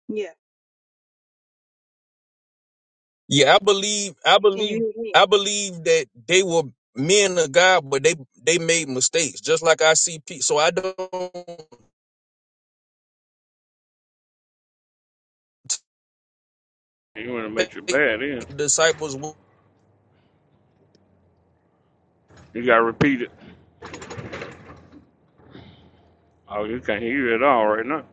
Yeah. Yeah, I believe I Can believe you hear me? I believe that they were men of God, but they they made mistakes. Just see, people don't You want to make you take bad, yeah. disciples You got to repeat it. Oh, you can't hear it at all right now.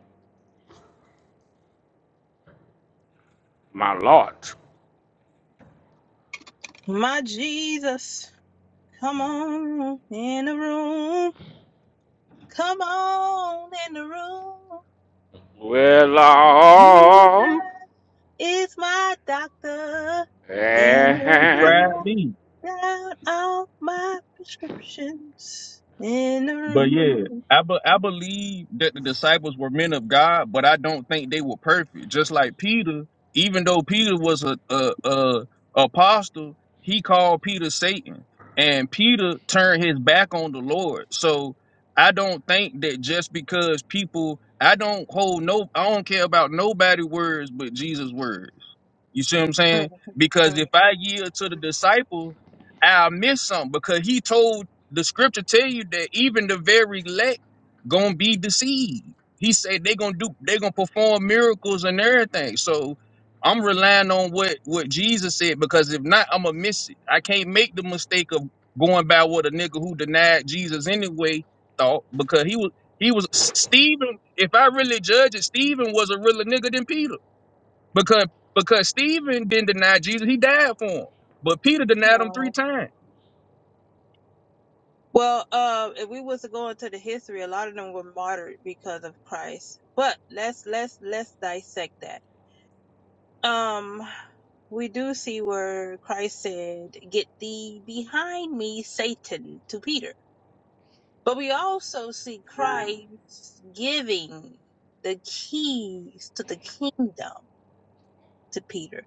My Lord. My Jesus, come on in the room. Come on in the room. Well, Lord. Jesus is my doctor, and he eh, down all my prescriptions in the But room. yeah, I be, I believe that the disciples were men of God, but I don't think they were perfect. Just like Peter, even though Peter was a a, a apostle, he called Peter Satan, and Peter turned his back on the Lord. So I don't think that just because people, I don't hold no, I don't care about nobody words but Jesus' word. You see what I'm Mm, saying? Because mm, if I yield to the disciples, I'll miss something because he told the scripture tell you that even the very elect gonna be deceived. He said they gonna do they gonna perform miracles and everything. So I'm relying on what what Jesus said because if not, I'm gonna miss it. I can't make the mistake of going by what a nigga who denied Jesus anyway thought because he was he was Stephen. If I really judge it, Stephen was a realer nigga than Peter. Because because Stephen didn't deny Jesus, he died for him. But Peter denied him three mm. times. Well, uh, if we was to go into the history, a lot of them were martyred because of Christ. But let's let's let's dissect that. Um, we do see where Christ said, "Get thee behind me, Satan," to Peter. But we also see Christ giving the keys to the kingdom to Peter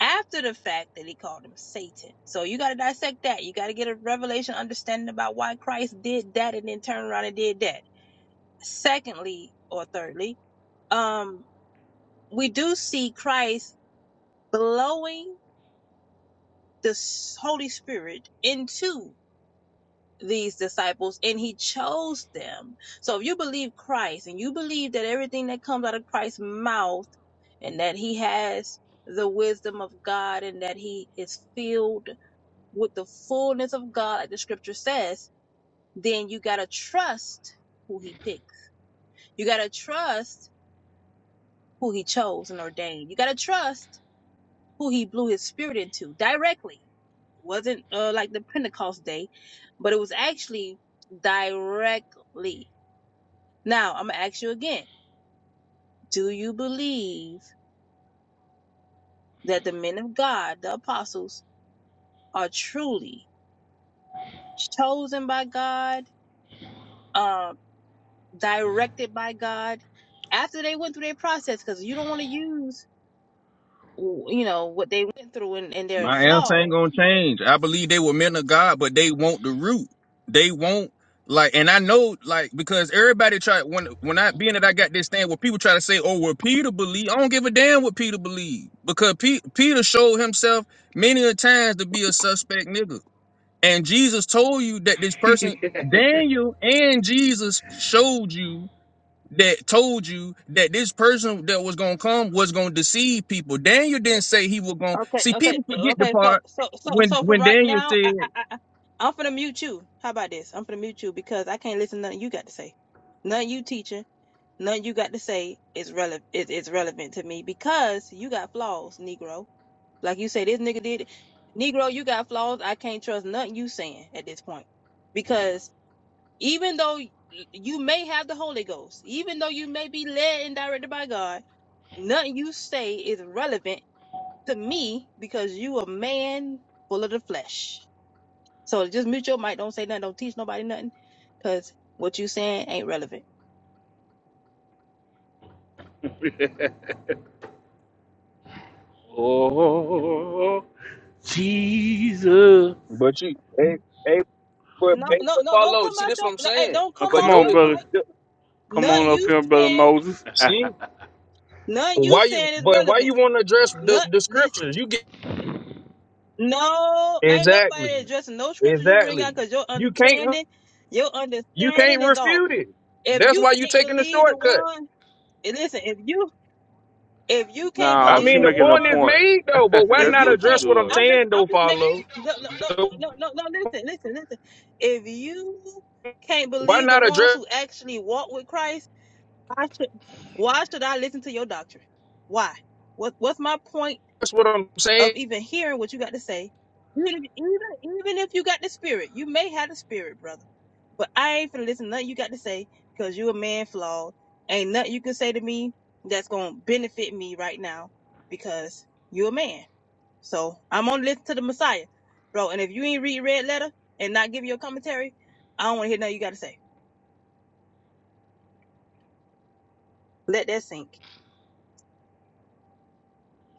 after the fact that he called him Satan. So you got to dissect that. You got to get a revelation understanding about why Christ did that and then turned around and did that. Secondly, or thirdly, um, we do see Christ blowing the Holy Spirit into these disciples and he chose them. So if you believe Christ and you believe that everything that comes out of Christ's mouth and that he has the wisdom of God and that he is filled with the fullness of God, like the scripture says, then you gotta trust who he picked. You gotta trust who he chose and ordained. You gotta trust who he blew his spirit into directly. It wasn't uh, like the Pentecost day, but it was actually directly. Now I'm gonna ask you again: Do you believe that the men of God, the apostles, are truly chosen by God? um, directed by God after they went through their process because you don't want to use you know what they went through and, and their My answer ain't flaw. gonna change. I believe they were men of God, but they want the root. They want like, and I know like because everybody try when when I being that I got this thing where people try to say, oh, well, Peter believe. I don't give a damn what Peter believe because Pe- Peter showed himself many a times to be a suspect nigga. And Jesus told you that this person, Daniel and Jesus showed you that told you that this person that was gonna come was gonna deceive people. Daniel didn't say he was gonna Okay, see okay, people forget the okay. So part so so when so from when right Daniel now, I said I, I I'm gonna mute you. How about this? I'm gonna mute you because I can't listen to nothing you got to say. Nothing you teaching. Nothing you got to say is relevant is, is relevant to me because you got flaws, Negro. Like you say, this nigga did it. Negro, you got flaws. I can't trust nothing you saying at this point. Because even though y- you may have the Holy Ghost, even though you may be led and directed by God, nothing you say is relevant to me because you a man full of the flesh. So just mute your mic. Don't say nothing. Don't teach nobody nothing. Cause what you saying ain't relevant. oh, Jesus. But you, hey, hey, but, No, hey, no, but no, don't follow. come See, out this what your I'm no, hey, saying. don't Oh, come But come off on, your notice, brother. mic. the- Come on Nothing up you here, brother saying, Moses. see, nothing you why you, saying is but why you relevant. want to address the, the Nothing listen, scriptures? You get no, ain't exactly, nobody addressing no scriptures you bring out exactly. because your You can't, re- understanding, your you can't understanding is off. refute it. If That's you why you can't taking the believe the shortcut. one, and listen, if you if you can't I no, believe she mean, the the making a point one, is point. made though. But why if That's not you what she can't address what I'm doing. I'm just saying though, I'm just making follow? no no no no no no no, listen, listen, listen. If you can't Why believe the not address ones who actually walk with Christ Why should why should I listen to your doctrine? Why? What what's my point what I'm saying? of even hearing what you got to say? Even if, even even if you got the spirit, you may have the spirit, brother. But I ain't finna listen to nothing you got to say because you a man flawed. Ain't nothing you can say to me that's gonna benefit me right now because you a man. So I'm gonna listen to the Messiah, bro. And if you ain't read red letter and not give your commentary, I don't wanna hear nothing you got to say. Let that sink.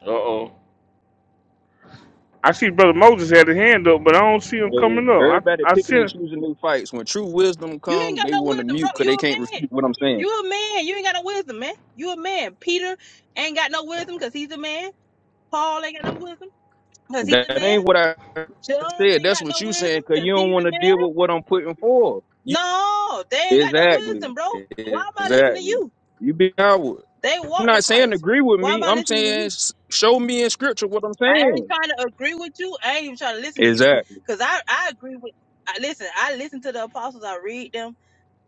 Uh oh. I see brother Moses had his hand up, but I don't see him Hey, coming up. Everybody I I see picking and him. choosing their fights. When true wisdom You ain't come, got they no want to wisdom, mute bro. because You they a can't man. refute what I'm saying. You a man. You ain't got no wisdom, man. You a man. Peter ain't got no wisdom because he's a man. Paul ain't got no wisdom because he's a That man. ain't what I John said. ain't That's got what no you saying wisdom because because you don't he's want a to man. deal with what I'm putting forth. You No, they ain't got no exactly, wisdom, bro. Why am I listening to exactly. you? You be coward. They I'm walk with not saying Christ. agree with Why am me. I I'm listening to saying you? s- show me in scripture what I'm I ain't saying. trying to agree with you. I ain't even trying to listen to you Exactly. because I, I agree with. I, listen, I listen to the apostles. I read them.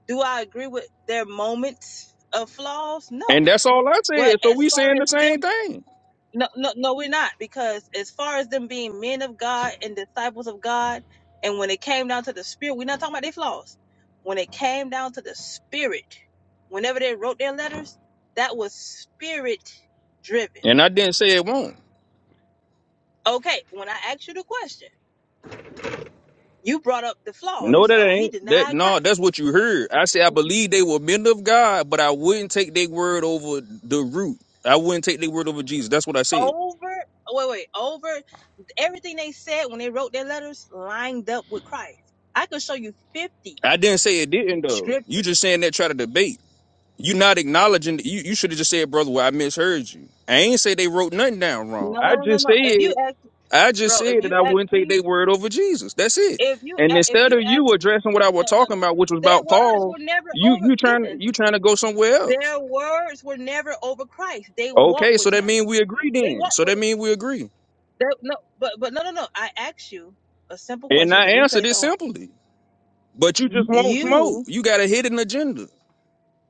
Do I agree with their moments of flaws? No. And that's all I But said. So as we far saying as the same them, thing. no, no, no, we're not because as far as them being men of God and disciples of God, and when it came down to the spirit, we're not talking about their flaws. When it came down to the spirit, whenever they wrote their letters, that was spirit driven. And I didn't say it won't. Okay, when I asked you the question, you brought up the flaw. You No, said, that "Oh, he ain't. That denied no, Christ." that's what you heard. I said I believe they were men of God, but I wouldn't take their word over the root. I wouldn't take their word over Jesus. That's what I said. Over, wait, wait, over everything they said when they wrote their letters lined up with Christ. I could show you fifty I didn't say it didn't though. scriptures You just saying that try to debate. you not acknowledging you, you should have just said, brother, well, I misheard you. I ain't say they wrote nothing down wrong. No, I no, no, no, just no. said If you ask, I just bro, if said that you I ask wouldn't take me, their word over Jesus. That's it. if you And a- if instead you of ask, you addressing what I was no, no, talking no. about, which was Their about words Paul, were never you over. you trying Listen, you trying to go somewhere else. their words were never over Christ. They walked Okay, so with that Him. means we agree They then. walked So with that Him. means we agree. They, no, but but no, no, no. I asked you a simple And question. I The answered replays it are on. simply. But you just won't smoke. You, You got a hidden agenda.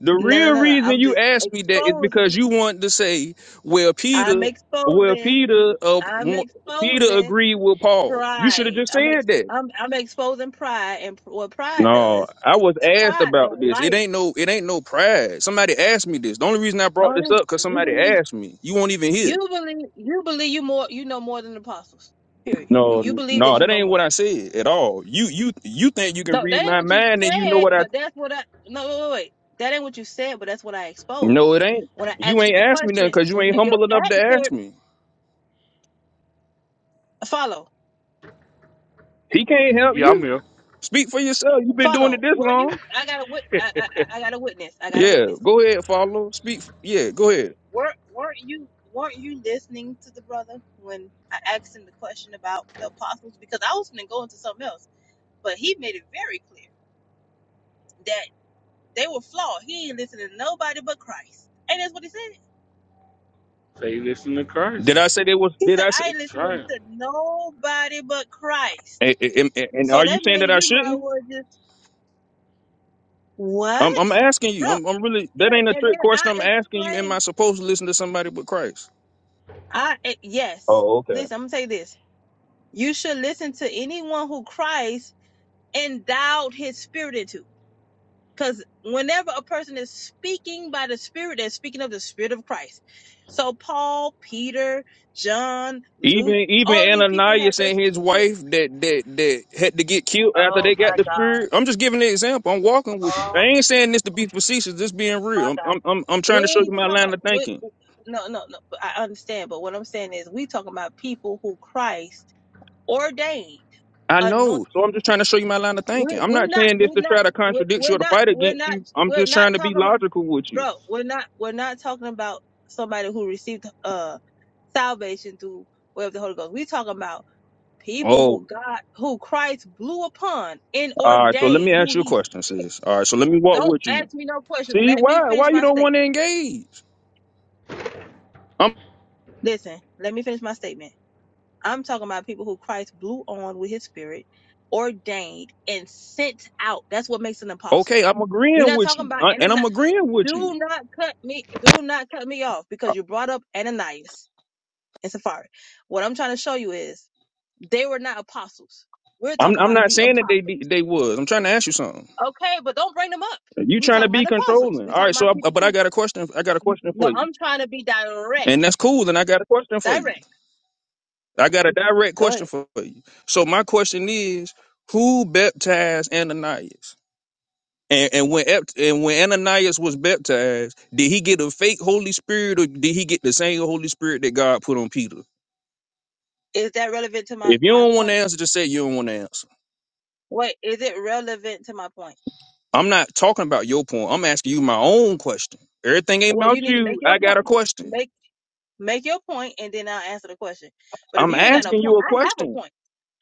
The no, real no, no, no. reason I'm you just asked me that is exposing. because you want to say, "Well, Peter, I'm well, exposing. Peter, uh, I'm wa- Peter exposing agreed with Paul." You should have pride. just I'm said ex, that. I'm I'm exposing pride, and pr- what pride No, does, I was asked pride about don't this. It like. ain't no, it ain't no pride. Somebody asked me this. The only reason I brought Oh, this yeah. up because You somebody believe asked me. You won't even hear. you believe you believe you more you know more than the apostles. Period. You No, you n- believe no, that you that know ain't what more. I said at all. You, you, you think you can No, read that ain't my what you mind and you know said, what I? but that's what I no wait, wait, wait. That ain't what you said, but that's what I No, exposed it ain't. when I You asked you ain't the asked me nothing question because you ain't and your humble enough to ask answer me. follow. He can't help Yeah, you. I'm here. Speak for yourself. You've been doing it Follow. this Were you long. I got a wit I, I I I got a witness. I got a Yeah, witness. go ahead, Follow. follow. Speak. f- Yeah, go ahead. Were weren't you weren't you listening to the brother when I asked him the question about the apostles? Because I was gonna go into something else, but he made it very clear They were flawed. He ain't listening to nobody but Christ. And that's what he said. Say, listen to Did Christ. I say they was? He Did said, I I say? ain't That's listening right. to nobody but Christ. And, and, and So are you that saying means that I you might as shouldn't? well just, I'm, what? I'm asking you. Bro. I'm, I'm really. That And ain't a and trick then question. I I'm asking you. Am I explained, supposed to listen to somebody but Christ? I, e- yes, Oh, okay. listen, I'm going to tell you this. You should listen to anyone who Christ endowed his spirit into. Because whenever a person is speaking by the Spirit, they're speaking of the Spirit of Christ. So Paul, Peter, John, Luke, Even even all of these people had Ananias their and his spirit. wife that that that had to get killed after Oh they got my the God. spirit. I'm just giving an example. I'm walking with you. I Oh ain't saying this to be facetious. This being my real. I'm God. I'm I'm I'm We trying to show you ain't my talking. line of We, thinking. no, no, no. but I understand. But what I'm saying is, we talking about people who Christ ordained, I anointed. know. So I'm just trying to show you my line of thinking. We're, I'm we're not not. saying this We're to not. try to We're, contradict we're you or to not. fight We're against not. you. I'm We're just trying not to be talking about logical with you. bro, we're not we're not talking about somebody who received uh salvation through way of the Holy Ghost. We talking about people who Oh, God, who Christ blew upon and all right. So let ordained, me ask who you a He question, sent. sis. All right. So let me walk Don't with ask you. me no questions. See Let me why? Why finish you my don't want to statement. engage? I'm Listen, let me finish my statement. I'm talking about people who Christ blew on with His Spirit, ordained and sent out. That's what makes an apostle. okay. I'm We're agreeing not with talking you, about I, and Ananias. I'm agreeing with you. Do not cut me. Do not cut me off because you brought up Ananias. and Safari. What I'm trying to show you is they were not apostles. We're I'm talking I'm about not the saying that they apostles. be- they was. I'm trying to ask you something. Okay, but don't bring them up. You We trying to talking be about apostles. controlling? We All talking right. So, about I, people but I who. got a question. I got a question No, for you, I'm trying to be and that's direct. cool. And I got a question for you. Direct. I got a direct Go question ahead. for you. So my question is, who baptized Ananias? And and, and when Ananias was baptized, did he get a fake Holy Spirit or did he get the same Holy Spirit that God put on Peter? Is that relevant to my If you my don't want to point? answer, just say you don't want to answer. Wait, is it relevant to my point? I'm not talking about your point. I'm asking you my own question. Everything ain't Well, about you need to make you. your I point. got a question. Make make your point, and then I'll answer the question. But if I'm you ain't got no asking point, you a I have a question. point.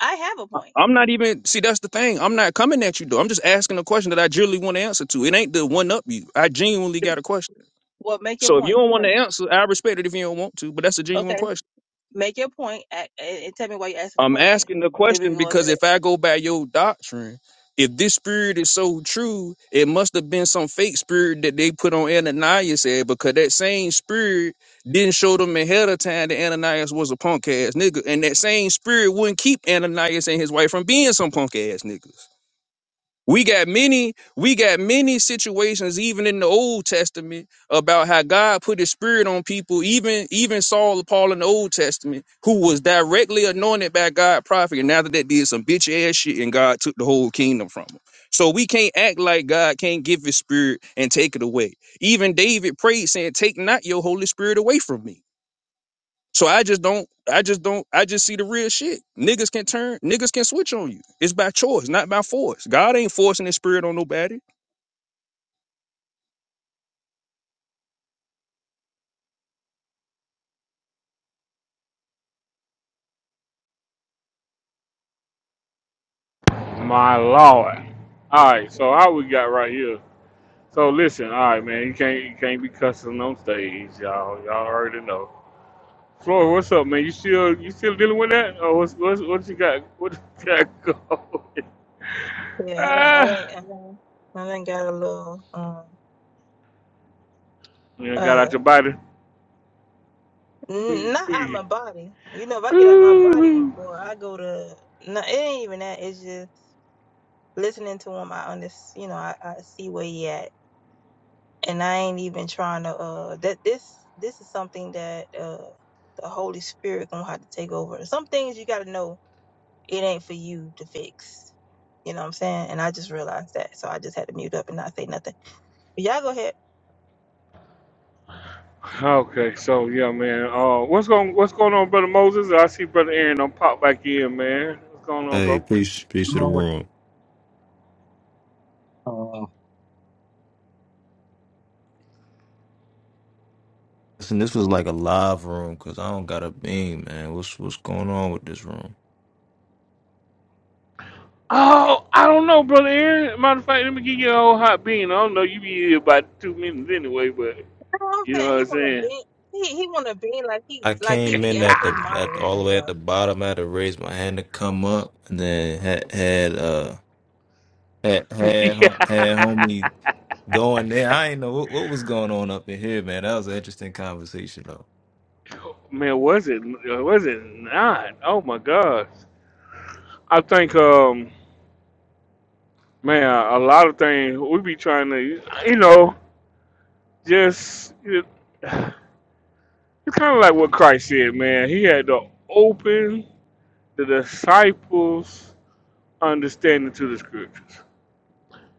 I have a point. I'm not even see that's the thing. I'm not coming at you though. I'm just asking a question that I genuinely want to answer to. It ain't the one up you. I genuinely got a question. Well, make your So if you point don't want to first. answer, I respect it if you don't want to, but that's a genuine Okay. question. Make your point a- and, and tell me why you're asking the I'm question. asking the Then we question can go on to because that. if I go by your doctrine, if this spirit is so true, it must have been some fake spirit that they put on Ananias head because that same spirit didn't show them ahead of time that Ananias was a punk ass nigga. And that same spirit wouldn't keep Ananias and his wife from being some punk ass niggas. We got many, we got many situations even in the Old Testament about how God put his spirit on people, even even Saul of Paul in the Old Testament, who was directly anointed by God prophet, and after that did some bitch ass shit and God took the whole kingdom from him. So we can't act like God can't give his spirit and take it away. Even David prayed saying, Take not your Holy Spirit away from me. So I just don't, I just don't, I just see the real shit. Niggas can turn, niggas can switch on you. It's by choice, not by force. God ain't forcing his spirit on nobody. My Lord. All right. So how we got right here? So listen. All right, man. You can't you can't be cussing on stage, y'all. Y'all already know. Floyd, what's up, man? You still you still dealing with that? Or what's what's what you got? What you got going? Yeah, I don't, I Ah, think, I think, I think got a little, um, you done got uh, out your body. n- not out my body. You know, if I get out my body, Ooh. boy, I go to. No, it ain't even that. It's just listening to him. I understand. You know, I, I see where he at, and I ain't even trying to. Uh, that this this is something that uh the Holy Spirit gonna have to take over. Some things you got to know. it ain't for you to fix. You know what I'm saying? And I just realized that, so I just had to mute up and not say nothing. But y'all go ahead. okay, so yeah, man. Uh, what's going what's going on, brother Moses? I see brother Aaron on pop back in, man. What's going on, bro? Hey, peace, peace to the Lord. room. Uh, Listen, this was like a live room because I don't got a beam, man. What's what's going on with this room? Oh, I don't know, brother Aaron. Matter of fact, let me give you a whole hot bean. I don't know. You be here about two minutes anyway, but You know what you I'm know saying? what He I'm wanna be he he wanna be like he I like saying. he came be in at actually the at all the moderating, way bro. at the bottom. I had to raise my hand to come up, and then had had uh had had ho- had yeah. homie going there. I ain't know what, what was going on up in here, man. That was an interesting conversation though. Man, was it was it not? Oh my gosh. I think um man, a lot of things we be trying to you know, just it, it's kinda like what Christ said, man. He had to open the disciples understanding to the scriptures.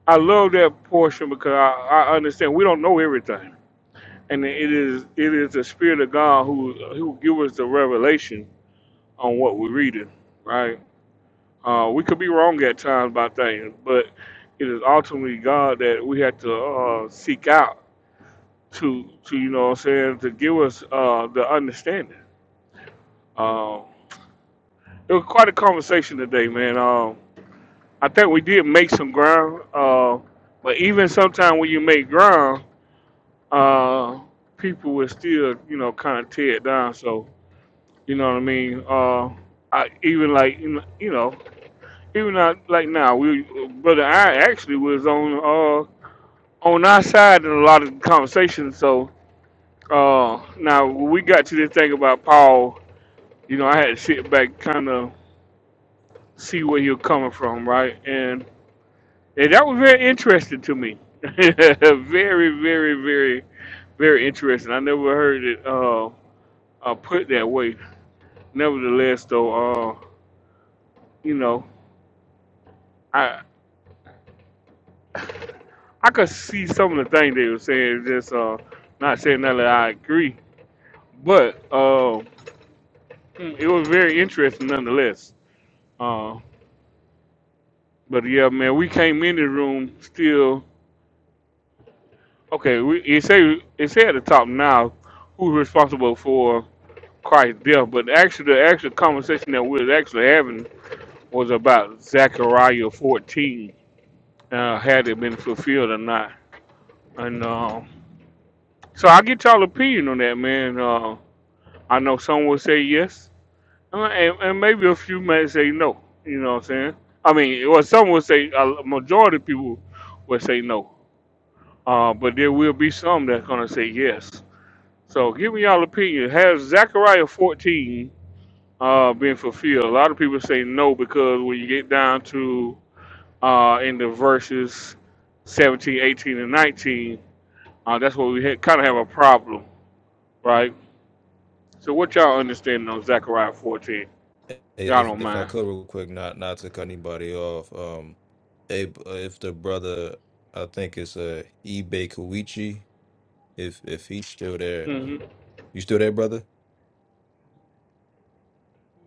I love that portion because I, I understand we don't know everything. And it is it is the spirit of God who who gives us the revelation on what we're reading, right? Uh, we could be wrong at times about things, but it is ultimately God that we have to uh, seek out to, to you know what I'm saying, to give us uh, the understanding. Uh, it was quite a conversation today, man. Um, I think we did make some ground, uh, but even sometimes when you make ground, uh, people will still, you know, kind of tear it down. So, you know what I mean? Uh, I, even like, you know, you know, even not like now, we brother I actually was on uh, on our side in a lot of conversations. So uh, now when we got to this thing about Paul, you know, I had to sit back, kind of see where he was coming from, right? And, and that was very interesting to me. very, very, very, very interesting. I never heard it uh, uh, put that way. Nevertheless, though, uh, you know, I I could see some of the things they were saying. Just uh, not saying that I agree, but uh, mm, it was very interesting nonetheless. Uh, but yeah, man, we came in the room still. Okay, we, it say it say at the top now who's responsible for Christ's death, but actually the actual conversation that we are actually having was about Zechariah 14, uh, had it been fulfilled or not. And um, so I get y'all opinion on that, man. Uh, I know some will say yes, uh, and, and maybe a few may say no. You know what I'm saying? I mean, well, some will say a majority of people will say no. Uh, but there will be some that's going to say yes. So give me y'all opinion. Has Zechariah 14 uh, been fulfilled? A lot of people say no because when you get down to uh, in the verses 17, 18, and 19, uh, that's where we ha- kind of have a problem, right? So what y'all understanding on Zechariah 14? Y'all If don't if I mind. could real quick, not not to cut anybody off. Um, if, if the brother, I think it's uh eBay Koichi. If if he's still there. hmm You still there, brother?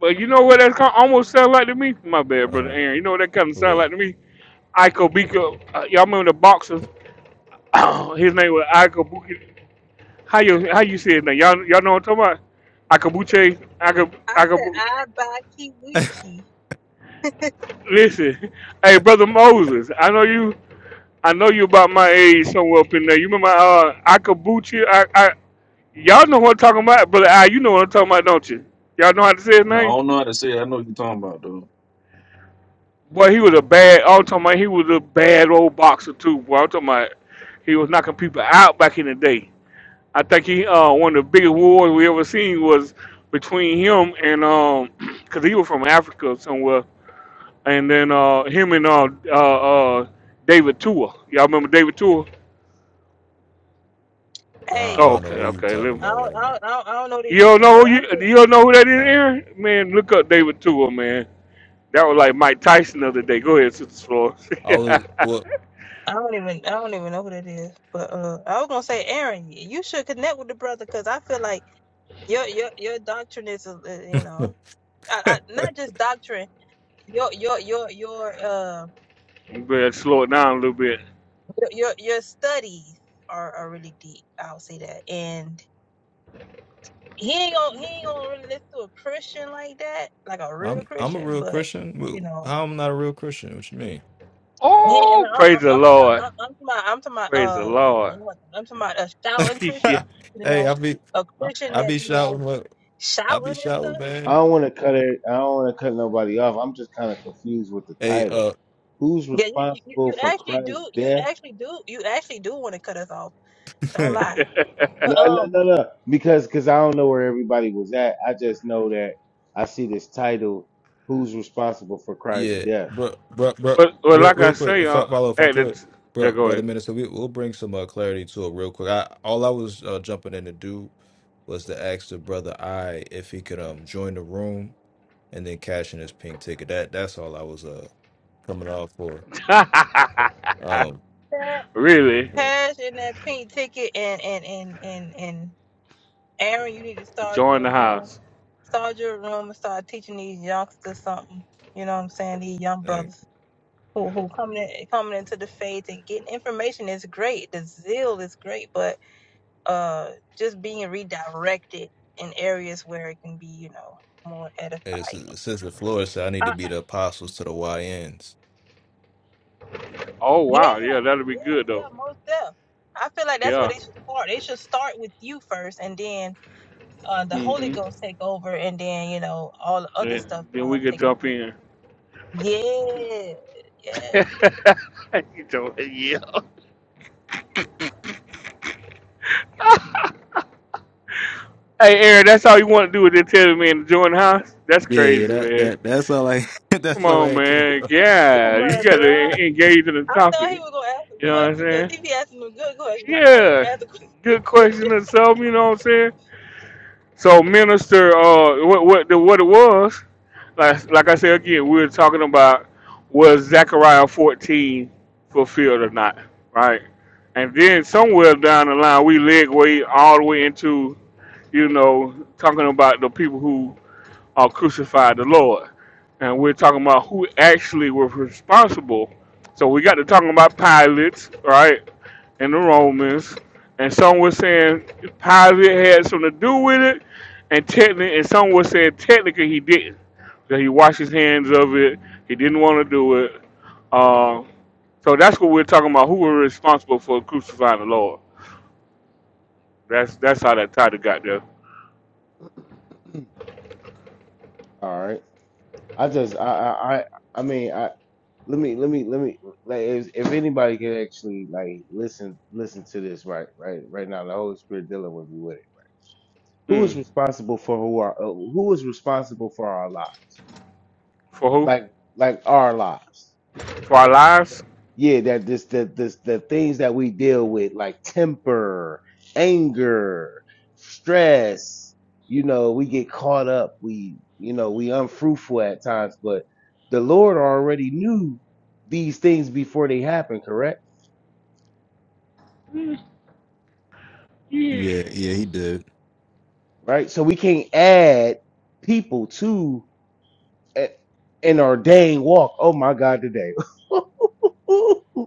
But you know what that kind almost sound like to me? My bad, brother Uh, Aaron. You know what that kind of sound like what? to me? Icobika. Uh, y'all remember the boxer? His name was Icobika How you how you say it now? Y'all y'all know what I'm talking about? Akabuche, Akab, I said Akab. I buy I, Kiwichi. Listen, hey brother Moses, I know you. I know you about my age somewhere up in there. You remember uh, Akabuche? I, I y'all know what I'm talking about, brother. I you know what I'm talking about, don't you? Y'all know how to say his No, I name? don't know how to say. It. I know what you're talking about Boy, he was a bad. I'm talking about he was a bad old boxer too. Boy, I'm talking about he was knocking people out back in the day. I think he uh, one of the biggest wars we ever seen was between him and um 'cause he was from Africa somewhere and then uh, him and uh, uh, uh, David Tua. Y'all remember David Tua? Hey, I Oh, don't okay, know who you okay. talking Let me- I about don't, I right now. don't I don't I don't know these You don't people, know but who I you, think you don't know who that is, Uh, Aaron? Man, look up David Tua, man. That was like Mike Tyson the other day. Go ahead, Sister Flores. I was you what? I don't even I don't even know who that is. But uh, I was gonna say Aaron, y- you should connect with the brother because I feel like your your your doctrine is uh, you know I, I, not just doctrine your your your your um better slow it down a little bit. your your, your studies are, are really deep. I'll say that. And he ain't gonna he ain't gonna really listen to a Christian like that, like a real I'm I'm a Christian. real But Christian. you Wh- know, I'm not a real Christian? What you mean? he ain't- and I, Oh, I- praise the I'm to my Lord. I'm to my I'm to my Praise the uh oh, Lord. what- I'm to my a shouting yeah. Christian. You hey, know, I be a I Christian I that be be I like shouting what I be shouting and stuff. shouting, I man. don't want to cut it. I don't want to cut nobody off. I'm just kind of confused with the Hey, title. uh, Who's Yeah, you, you you responsible you for actually Christ's do you death? actually do you actually do want to cut us off. Don't lie. No, But no, um, no, no. Because because I don't know where everybody was at. I just know that I see this title. Who's responsible for Christ's yeah, death? bro, bro, bro, well, well, real, like I real quick. say, If uh, I follow, if I at the could, t- yeah, bro, go brother minister, we we'll bring some uh, clarity to it real quick. I all I was uh, jumping in to do was to ask the brother I if he could um join the room and then cashing his pink ticket. That that's all I was uh coming off for. ahead. Um, that really, yeah. cash and that pink ticket and and and and and Aaron, you need to start join your the room, house. start your room, and start teaching these youngsters something. You know what I'm saying? These young and brothers who who coming in, coming into the faith and getting information is great. The zeal is great, but uh, just being redirected in areas where it can be, you know, more edifying. and it's, Sister Flores said I need to Uh, be the apostles to the Y YNs. Oh yeah, wow, yeah, that'll be yeah, good though. yeah, most definitely. I feel like that's where Yeah. they should start. They should start with you first, and then uh, the Holy hmm Ghost take over, and then you know all the other stuff Then start we could taking place. jump in. Yeah, yeah. You know, yeah. Hey, Aaron, that's all you want to do is just tell me and join the house? That's Yeah, yeah, crazy, that man. that that's all I Come that's all on, I came. man. Come Yeah, you on, got from. bro. to engage in the I thought he topic. was gonna ask some You know what I'm questions because saying? he be asking the good questions. I thought he was Yeah. gonna ask a question. Good question or something, you know what I'm saying? So minister, uh, what what the, what it was, like like I said again, we were talking about was Zechariah fourteen fulfilled or not, right? And then somewhere down the line, we leg way all the way into you know talking about the people who or crucified the Lord. And we're talking about who actually was responsible. So we got to talking about Pilate, right? And the Romans. And some were saying Pilate had something to do with it. And technically, and some were saying technically he didn't. That he washed his hands of it. He didn't want to do it. Uh, so that's what we're talking about. Who were responsible for crucifying the Lord? That's that's how that title got there. All right. I just I I I I mean I let me let me let me like if, if anybody can actually like listen listen to this right right right now the Holy Spirit dealing with me with it. right? Who is Mm. responsible for who are uh, who is responsible for our lives For like who? like our lives? For our lives? Yeah, that this the this the things that we deal with like temper, anger, stress. You know, we get caught up. We you know we unfruitful at times, but the Lord already knew these things before they happen. Correct Yeah, yeah, he did. right? So we can't add people to a- an ordained walk. Oh my God, today.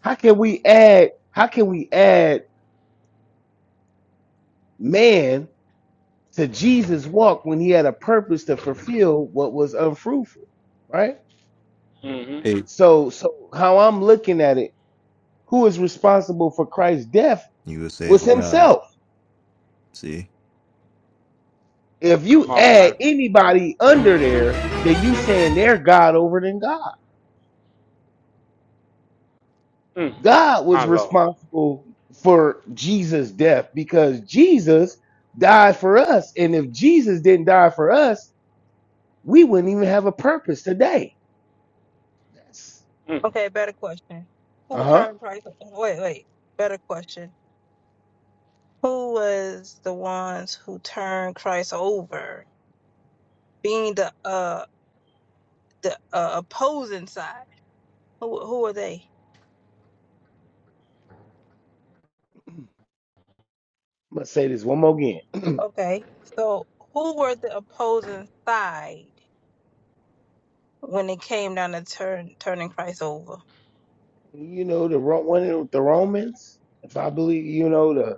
how can we add? How can we add man to Jesus' walk when he had a purpose to fulfill what was unfruitful, right? hmm Hey, So, so how I'm looking at it, who is responsible for Christ's death you were was saved by God. himself. See, If you Come on add now. anybody under there, then you saying they're God over than God. Mm, God my was Lord. responsible for Jesus' death because Jesus died for us. And if Jesus didn't die for us, we wouldn't even have a purpose today. That's Mm, Okay, better question. uh Who huh. turned Christ? Wait, wait. Better question. Who was the ones who turned Christ over? Being the uh the uh, opposing side. Who who are they? I'm to say this one more again. Okay, so who were the opposing side when it came down to turn turning Christ over? You know the Ro- one of the Romans. If I believe, you know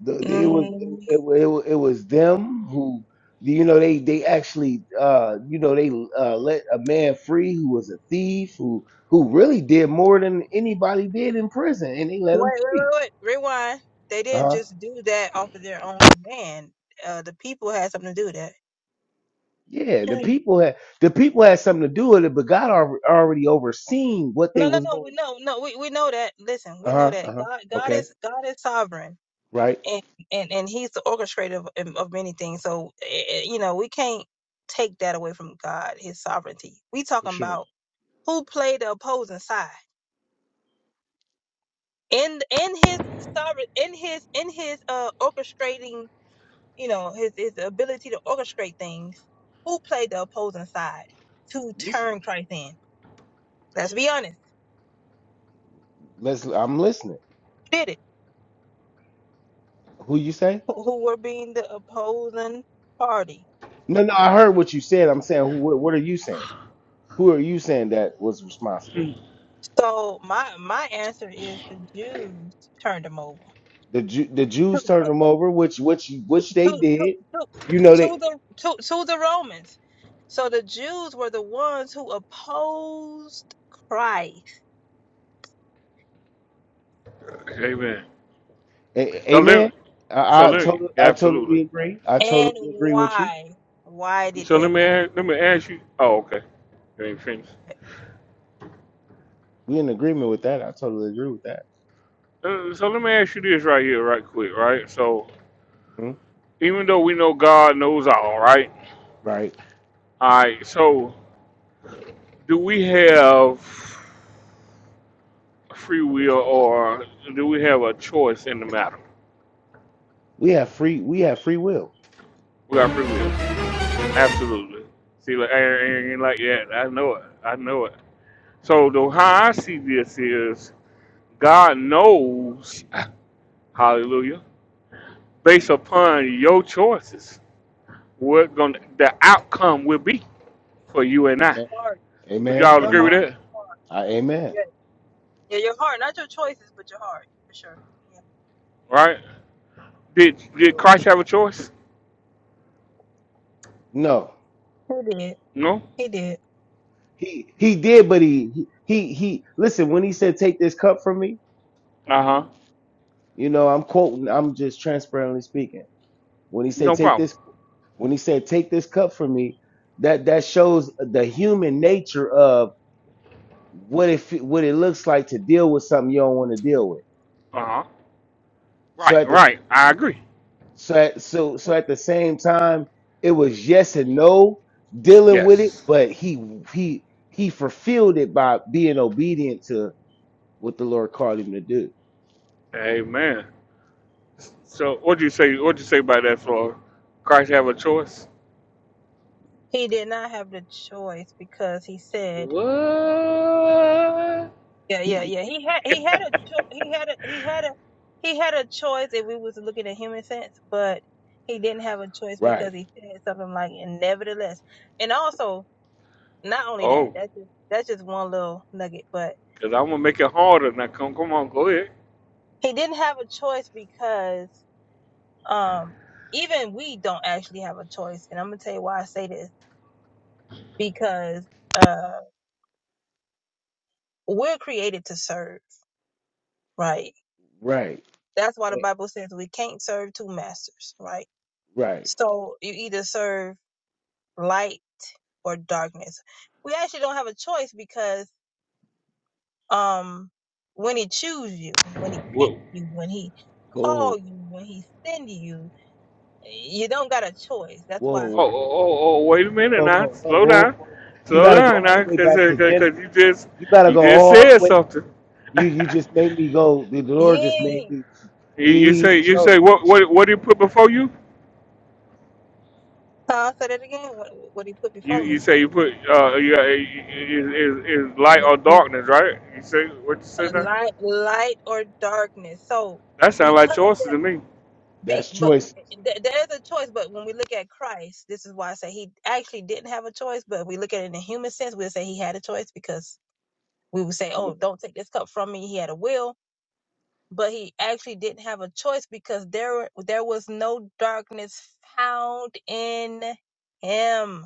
the, the- it was it, it, it, was them who you know they they actually uh you know they uh let a man free who was a thief who who really did more than anybody did in prison and they Wait, let him wait, free wait, wait. Rewind. They didn't uh-huh just do that off of their own command. Uh, the people had something to do with that. yeah the Mm. people had the people had something to do with it but god al- already overseen what they No, no, was no. We going know, no. We we know that. Listen, we know uh-huh that uh-huh God God okay is God is sovereign, right and and and He's the orchestrator of, um, of many things. So eh, eh, you know, we can't take that away from God, His sovereignty. We for talking sure about who played the opposing side in in His sovereign in His in His uh orchestrating you know, his his ability to orchestrate things. Who played the opposing side to this turn Christ in? Let's be honest. let's i'm listening Who did it? who you say Who who were being the opposing party? no no i heard what you said i'm saying who, what are you saying who are you saying that was responsible So my my answer is the Jews turned him over The Ju- the to Jews turned to them over, which which which they to to, did. to, You know they, to the to, to the Romans. So the Jews were the ones who opposed Christ. amen. a- So let me, amen. so I, I let me, totally yeah, I absolutely. totally agree. I And totally agree with you. why? Why did So they let me oppose ask, let me Christ? ask you. Oh, okay. You ain't finished. We in agreement with that. I totally agree with that. Uh, so let me ask you this right here, right quick, right? So Mhm. even though we know God knows all, right? Right. All right. So do we have free will, or do we have a choice in the matter? We have free we have free will. We got free will. hmm Absolutely. See, like Aaron, Aaron ain't like that. I know it. I know it. So the how I see this is God knows, hallelujah, based upon your choices, what gonna the outcome will be for you and I. Amen. Heart, Would Amen. y'all your agree Amen. with heart, that? your heart. I, amen. Yeah, your heart, not your choices, but your heart, for sure. Yeah. Right? Did did Yo, Christ have a choice? No, He did. No? He did. he he did, but he he he. Listen, when he said, "Take this cup from me," Uh-huh. you know, I'm quoting. I'm just transparently speaking. When he said, No "Take problem. this When he said, "Take this cup from me," that that shows the human nature of what it fe- what it looks like to deal with something you don't want to deal with. Uh-huh. So Right, at the right. I agree. so at, so so at the same time, it was yes and no dealing with it, Yes. but he he he fulfilled it by being obedient to what the Lord called him to do. Amen. So what'd you say what'd you say about that, Flora? Christ have a choice? He did not have the choice because he said, What? yeah, He yeah, yeah. He had, he had a, cho- he had a, he had a, he had a choice if we was looking at human sense, but he didn't have a choice because right he said something like, and nevertheless, and also not only that, Oh, that's just, that's just one little nugget, but because I'm gonna make it harder now. Come come on, go ahead. he didn't have a choice because, um, even we don't actually have a choice. And I'm going to tell you why I say this because uh, we're created to serve, right? right That's why the eh, Bible says we can't serve two masters, right? right. So you either serve light or darkness. We actually don't have a choice because um when he choose you, when he pick What you, when he call Oh you, when he send you, you don't got a choice. That's why Oh, whoa oh, whoa oh, oh, whoa wait a whoa minute whoa now. whoa Slow down. whoa! whoa. You Slow got to go down all the now, way cause, back uh, to cause Genesis. 'cause you just, You gotta you go just all said the way. something. You you just made me go. The Lord just made yeah. me. You, you He say, you showed say, what, what, what do you put before you? So I'll say that again. What, what he put You, before you me? say you put, uh, you, uh, you, you, is, is light or darkness, right? You say what you say now? Light, light or darkness. So That sounds like because that. choices to me. Be, that's but choice. eh, eh, th- there is a choice. But when we look at Christ, this is why I say he actually didn't have a choice. But if we look at it in a human sense, we'll say he had a choice because we would say, "Oh, don't take this cup from me." He had a will, but he actually didn't have a choice because there there was no darkness found in him.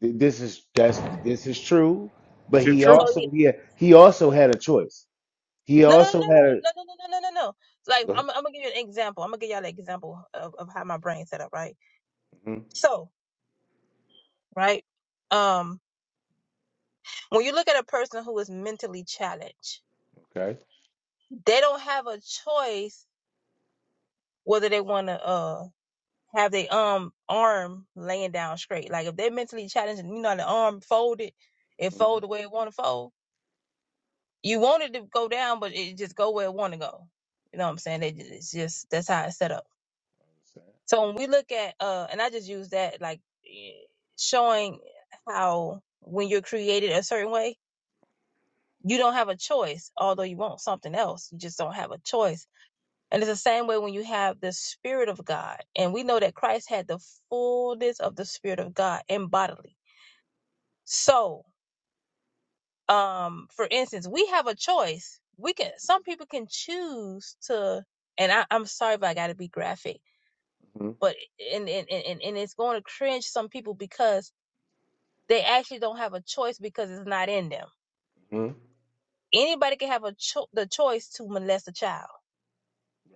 This is that's this is true. But Is it he true? So he, also he he also had a choice. He no, no, no, no, also had a no, no, no, no, no, no, no. no. Like I'm, I'm gonna give you an example. I'm gonna give y'all an example of, of how my brain's set up. Right. Mhm, So, right. Um. When you look at a person who is mentally challenged, okay. they don't have a choice whether they want to uh have their um arm laying down straight. Like if they're mentally challenged, and you know the arm folded, it hmm fold the way it want to fold. You want it to go down, but it just go where it want to go. You know what I'm saying? They ju- It's just that's how it's set up. So when we look at uh, and I just use that like eh, showing how when you're created a certain way, you don't have a choice. Although you want something else, you just don't have a choice And it's the same way when you have the Spirit of God. And we know that Christ had the fullness of the Spirit of God in bodily. So, um, for instance, we have a choice. We can some people can choose to and I, I'm sorry if I gotta be graphic, but and and, and and it's going to cringe some people because they actually don't have a choice because it's not in them. hmm Anybody can have a cho- the choice to molest a child.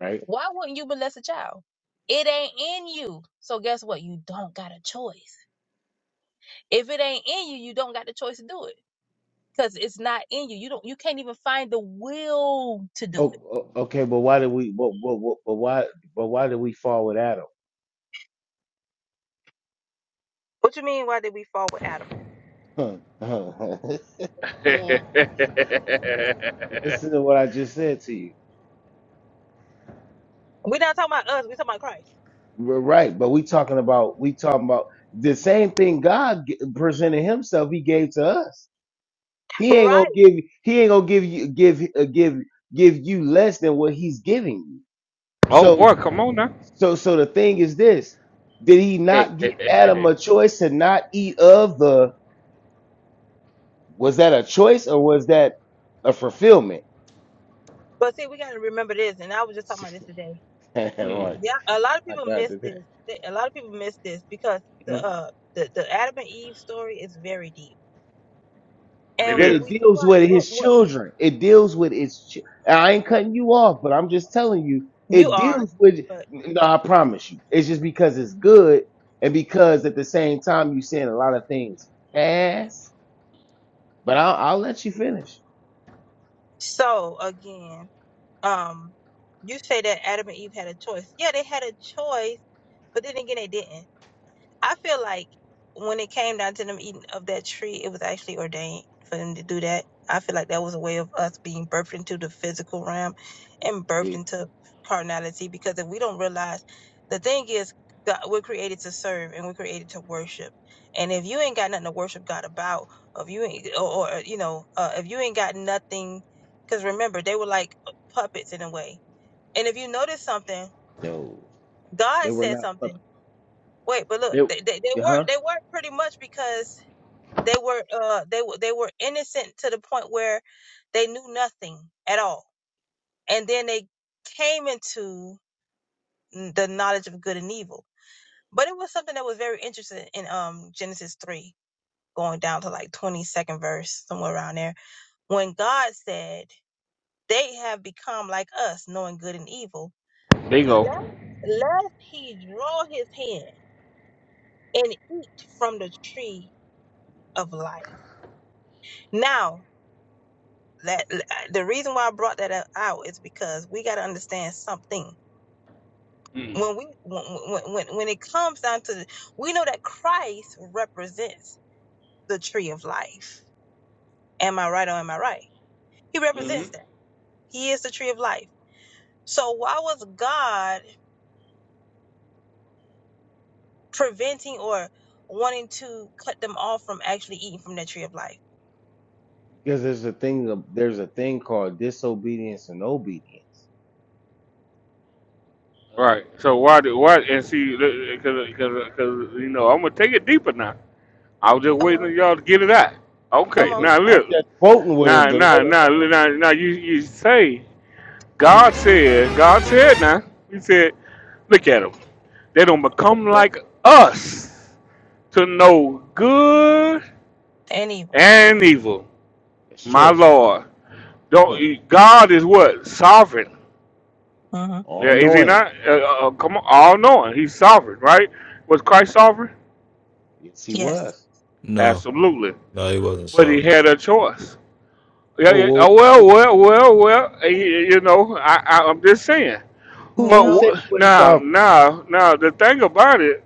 Right. Why wouldn't you molest a child? It ain't in you. So guess what? You don't got a choice if it ain't in you you don't got the choice to do it because it's not in you you don't you can't even find the will to Oh, do it o- okay. But why did we? But, but, but, but why? But why did we fall with Adam? what you mean why did we fall with adam Huh. Listen to what I just said to you. we're not talking about us we're talking about christ We're right, but we talking about we talking about the same thing God g- presented Himself. He gave to us. He ain't gonna right give. He ain't gonna give you give uh, give give you less than what He's giving you. oh So boy, come on now. so so the thing is this: Did He not give Adam a choice to not eat of the? Was that a choice or was that a fulfillment? but see we got to remember this and i was just talking about this today right, Mm, yeah a lot of I people got miss to that. this They- a lot of people miss this because the uh the, the adam and eve story is very deep and it but when it we is. deals try with what, his what children. It deals with its. Ch- I ain't cutting you off, but I'm just telling you, you it are deals with. but No, I promise you, it's just because it's good, and because at the same time you saying a lot of things fast. But I'll, I'll let you finish. so again um you say that adam and eve had a choice yeah they had a choice But then again, they didn't. I feel like when it came down to them eating of that tree, it was actually ordained for them to do that. I feel like that was a way of us being birthed into the physical realm and birthed See, into carnality because if we don't realize the thing is, God, we're created to serve and we're created to worship. And if you ain't got nothing to worship God about, if you ain't, or, or uh, you know, uh, if you ain't got nothing, because remember, they were like puppets in a way. And if you notice something, no, they God were said not something puppets. Wait, but look, they, they, they They, were huh? they were pretty much because they were uh they were they were innocent to the point where they knew nothing at all, and then they came into the knowledge of good and evil. But it was something that was very interesting in um Genesis three, going down to like twenty second verse somewhere around there, when God said they have become like us, knowing good and evil. Lest Bingo. lest he draw his hand and eat from the tree of life. Now That the reason why I brought that out is because we got to understand something. When we when, when when it comes down to, the, we know that Christ represents the tree of life. Am I right or am I right? He Mm. represents that. He is the tree of life. So why was God preventing or wanting to cut them off from actually eating from that tree of life? Because there's a thing. of- There's a thing called disobedience and obedience. Right. So why do why and see because because you know I'm gonna take it deeper now. I was just Come waiting on, on y'all to get it out. I'm come Okay. on just, Now I'm look. just quoting with her Now to now let her now know. now now you you say God said God said now He said look at them they don't become like us to know good and evil. and evil. It's My choice. Lord, Huh. don't God is what sovereign? hmm Yeah, All is He knowing. not? Uh, uh, come on, all knowing He's sovereign, right? Was Christ sovereign? Yes, he Yes. was. no, Absolutely. no, he wasn't But he sovereign. had a choice. Yeah, Whoa, yeah. whoa, Oh, well, whoa, well, well, well. eh, whoa. You know, I, I, I'm just saying. Who, But who No. said he wh- wasn't now, sovereign? now, now, the thing about it,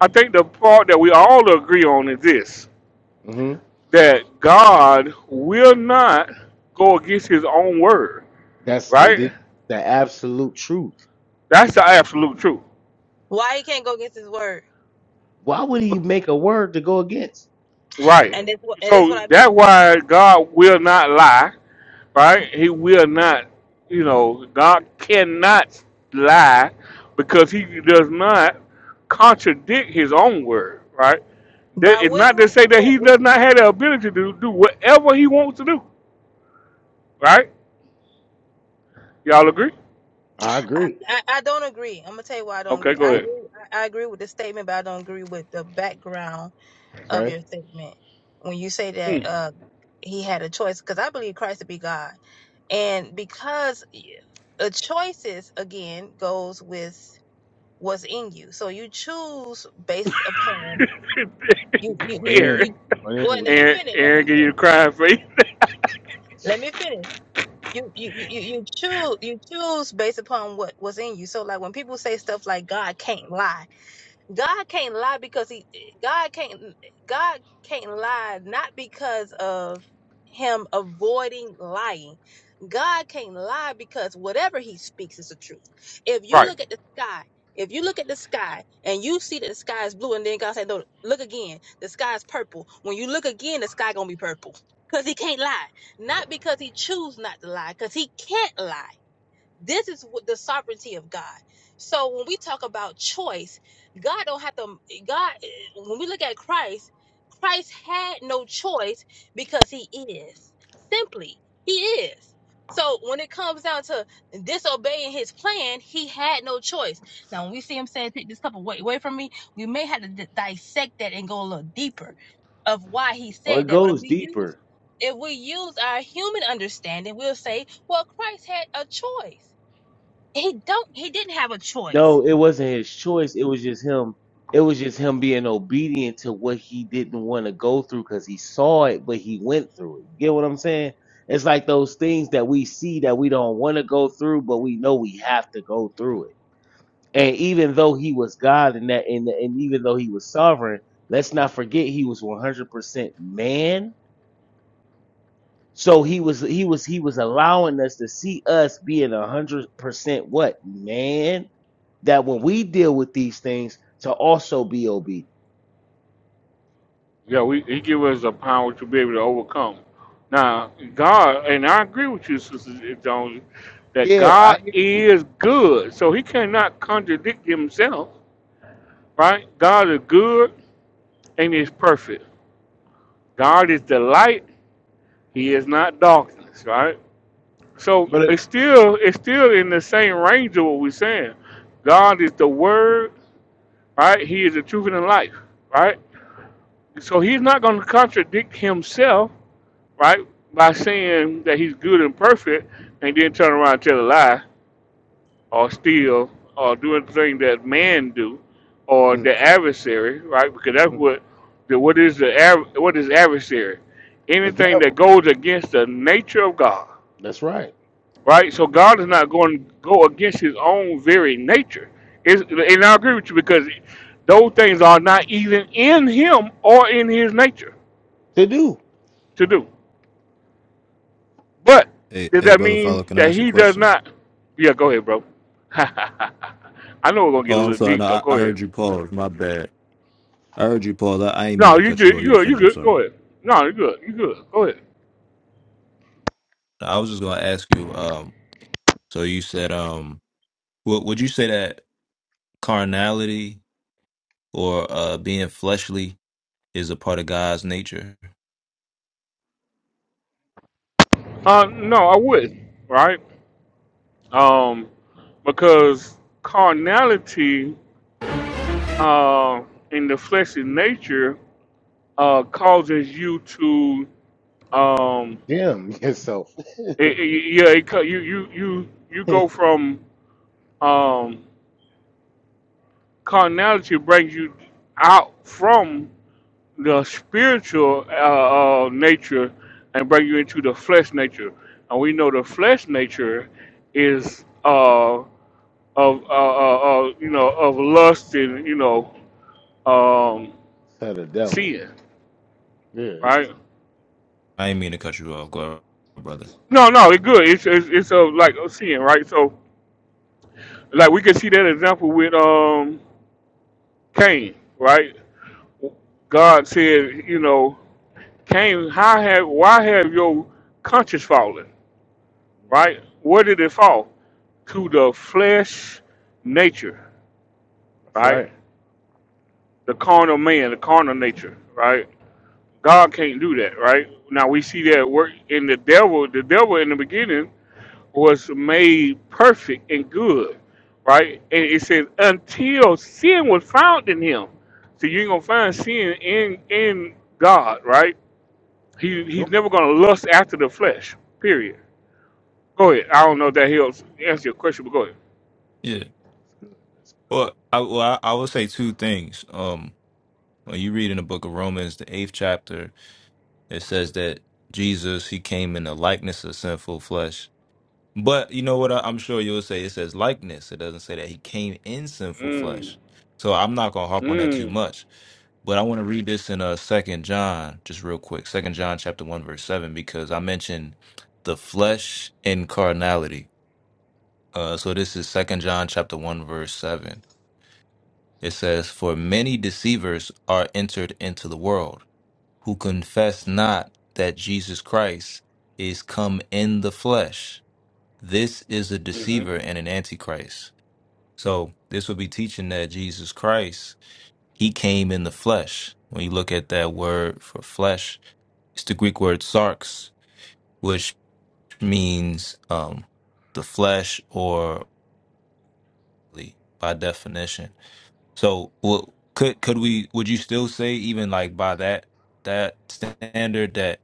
I think the part that we all agree on is this hmm that God will not go against his own word, That's the, right? the, the absolute truth. That's the absolute truth. Why he can't go against his word? Why would he make a word to go against? Right. And this and this is what So I that's mean. why God will not lie, right? He will not, you know, God cannot lie because he does not contradict his own word, right? By That- It's not to will, say that what he what does not have the ability to do, whatever he wants to do, right? Y'all agree? I I, agree. I I don't agree. I'm gonna tell you why I don't Okay, agree. go I Oh, ahead. agree I, I agree with the statement, but I don't agree with the background of okay. your statement. When you say that Mm. uh he had a choice, because I believe Christ to be God. And because a choices again goes with what's in you. So you choose based upon You you you going you, in, Aaron. you you going well, in let with me you. Aaron, finish. Let Aaron, me give you the finish. crying face. Let me finish. you you you you choose you choose based upon what was in you. So like when people say stuff like God can't lie, God can't lie because he God can't God can't lie not because of him avoiding lying. God can't lie because whatever he speaks is the truth. If you right. look at the sky, if you look at the sky and you see that the sky is blue and then God said, No, look again, the sky is purple. When you look again, the sky gonna be purple. Because he can't lie. Not because he choose not to lie, because he can't lie. This is what the sovereignty of God. So when we talk about choice, God don't have to God when we look at Christ, Christ had no choice because he is. Simply, he is. So when it comes down to disobeying his plan, he had no choice. Now when we see him saying take this cup away, away from me, we may have to di- dissect that and go a little deeper of why he Oh, said it that. But if goes we use deeper. if we use our human understanding, we'll say, well, Christ had a choice. He don't. He didn't have a choice. No, it wasn't his choice. It was just him. It was just him being obedient to what he didn't want to go through because he saw it, but he went through it. You get what I'm saying? It's like those things that we see that we don't want to go through, but we know we have to go through it And even though he was God and that and, and even though he was sovereign, let's not forget he was 100% man. So he was he was he was allowing us to see us being 100% what? Man, that when we deal with these things to also be obedient. Yeah, we he give us a power to be able to overcome. Now, God, and I agree with you, Sister Jones, that Yeah, I God hear you. is good, so He cannot contradict Himself. Right? God is good and is perfect. God is the light; He is not darkness. Right? So But it, it's still it's still in the same range of what we're saying. God is the Word. Right? He is the truth and the life. Right? So He's not going to contradict Himself right? By saying that he's good and perfect and then turn around and tell a lie or steal or do anything that man do or Mhm, the adversary, right? Because that's mhm. what the what is the ad- what is adversary? the Anything that devil. goes against the nature of God, That's right. right? So God is not going to go against his own very nature. It's, and I agree with you because those things are not even in him or in his nature To do. to do. But hey, does hey, that brother, mean follow. Can I that ask a he does question? not? Yeah, go ahead, bro. I know we're gonna get Oh, a I'm little sorry. deep No, though. I, Go I ahead. heard you pause. My bad. I heard you pause. I, I ain't mean No, to you cut you good. off. You You can good. You finish. I'm good. sorry. Go ahead. No, you good. You good. Go ahead. I was just gonna ask you. Um. So you said, um, would would you say that carnality or uh being fleshly is a part of God's nature? Uh, no, I would. Right. Um, because carnality, uh, in the fleshly nature, uh, causes you to, um, Damn yourself. it, it, yeah, it, co- you you you you to go from, um, Carnality brings you out from the spiritual uh, uh, nature and bring you into the flesh nature. And we know the flesh nature is uh, of uh, uh, uh, you know of lust and you know um, the devil. sin, Yeah. That's right? I didn't mean to cut you off, go ahead, brother. No, no, it's good. It's it's, it's uh, like a sin, right? So like we can see that example with um Cain, right? God said, you know. Came? how have why have your conscience fallen? Right? Where did it fall? To the flesh nature, that's right? right. The carnal man, the carnal nature, right? That's God good. can't do that, right? Now we see that work in the devil. The devil in the beginning was made perfect and good, right? And it says until sin was found in him. So you ain't gonna find sin in in God, right? He he's Nope. never gonna lust after the flesh, period Go ahead. I don't know if that helps answer your question, but go ahead. Yeah. That's Well, I well I, I would say two things. Um, when you read in the book of Romans, the eighth chapter, it says that Jesus he came in the likeness of sinful flesh. But you know what? I, I'm sure you'll say it says likeness. It doesn't say that he came in sinful Mm. flesh. So I'm not gonna harp on that too Mm. much. But I want to read this in uh Second John, just real quick. Second John chapter one verse seven, because I mentioned the flesh and carnality. Uh, so this is Second John chapter one verse seven. It says, "For many deceivers are entered into the world, who confess not that Jesus Christ is come in the flesh. This is a hmm deceiver and an antichrist." So this would be teaching that Jesus Christ he came in the flesh. When you look at that word for flesh It's the Greek word sarx, which means um, the flesh or the- by definition. So, well, could could we? Would you still say even like by that that standard that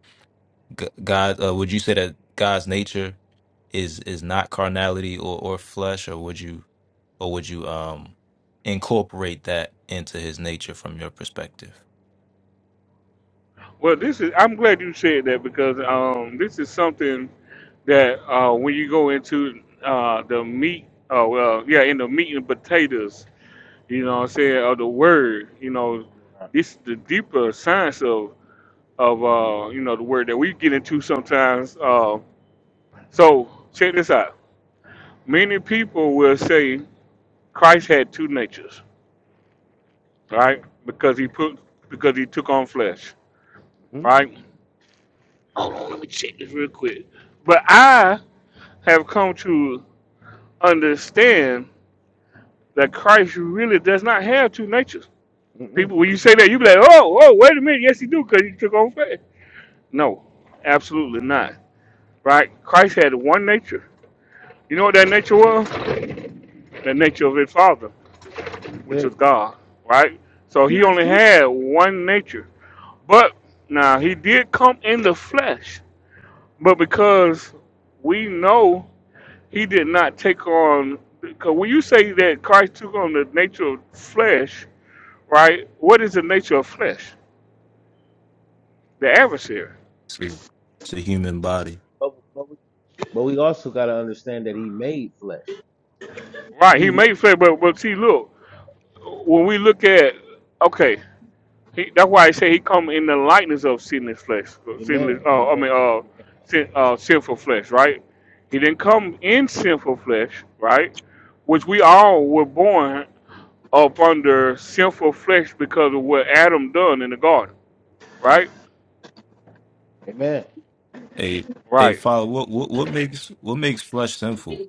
G- God? Uh, would you say that God's nature is is not carnality or or flesh, or would you or would you um incorporate that into His nature from your perspective? Well, this is. I'm glad you said that because um, this is something that uh, when you go into uh, the meat, uh, well, yeah, in the meat and potatoes, you know, what I'm saying, of the word, you know, this the deeper science of of uh, you know the word that we get into sometimes. Uh, so check this out. Many people will say Christ had two natures. right? Because he put because he took on flesh, good. right? Hold on, let me check this real quick. But I have come to understand that Christ really does not have two natures. That's God. People, when you say that, you be like, oh, oh, wait a minute, yes, he do, because he took on flesh. No, absolutely not, right? Christ had one nature. You know what that nature was? The nature of his Father, which There- was God, right? So he That's only good. had one nature. But now he did come in the flesh But because we know he did not take on, because when you say that Christ took on the nature of flesh, right? What is the nature of flesh? The adversary, It's a it's a human body. but, but, we, but we also got to understand that he made flesh. right? He He made. made flesh, but but see, look, when we look at, okay, he, that's why I say he come in the likeness of sinless flesh, uh, sinless, Amen. uh, I Amen. mean, uh, Amen. sin, uh, sinful flesh, right? He didn't come in sinful flesh, right? Which we all were born upon the sinful flesh because of what Adam done in the garden, right? Amen. Hey, hey, Right. Father, what what what makes what makes flesh sinful?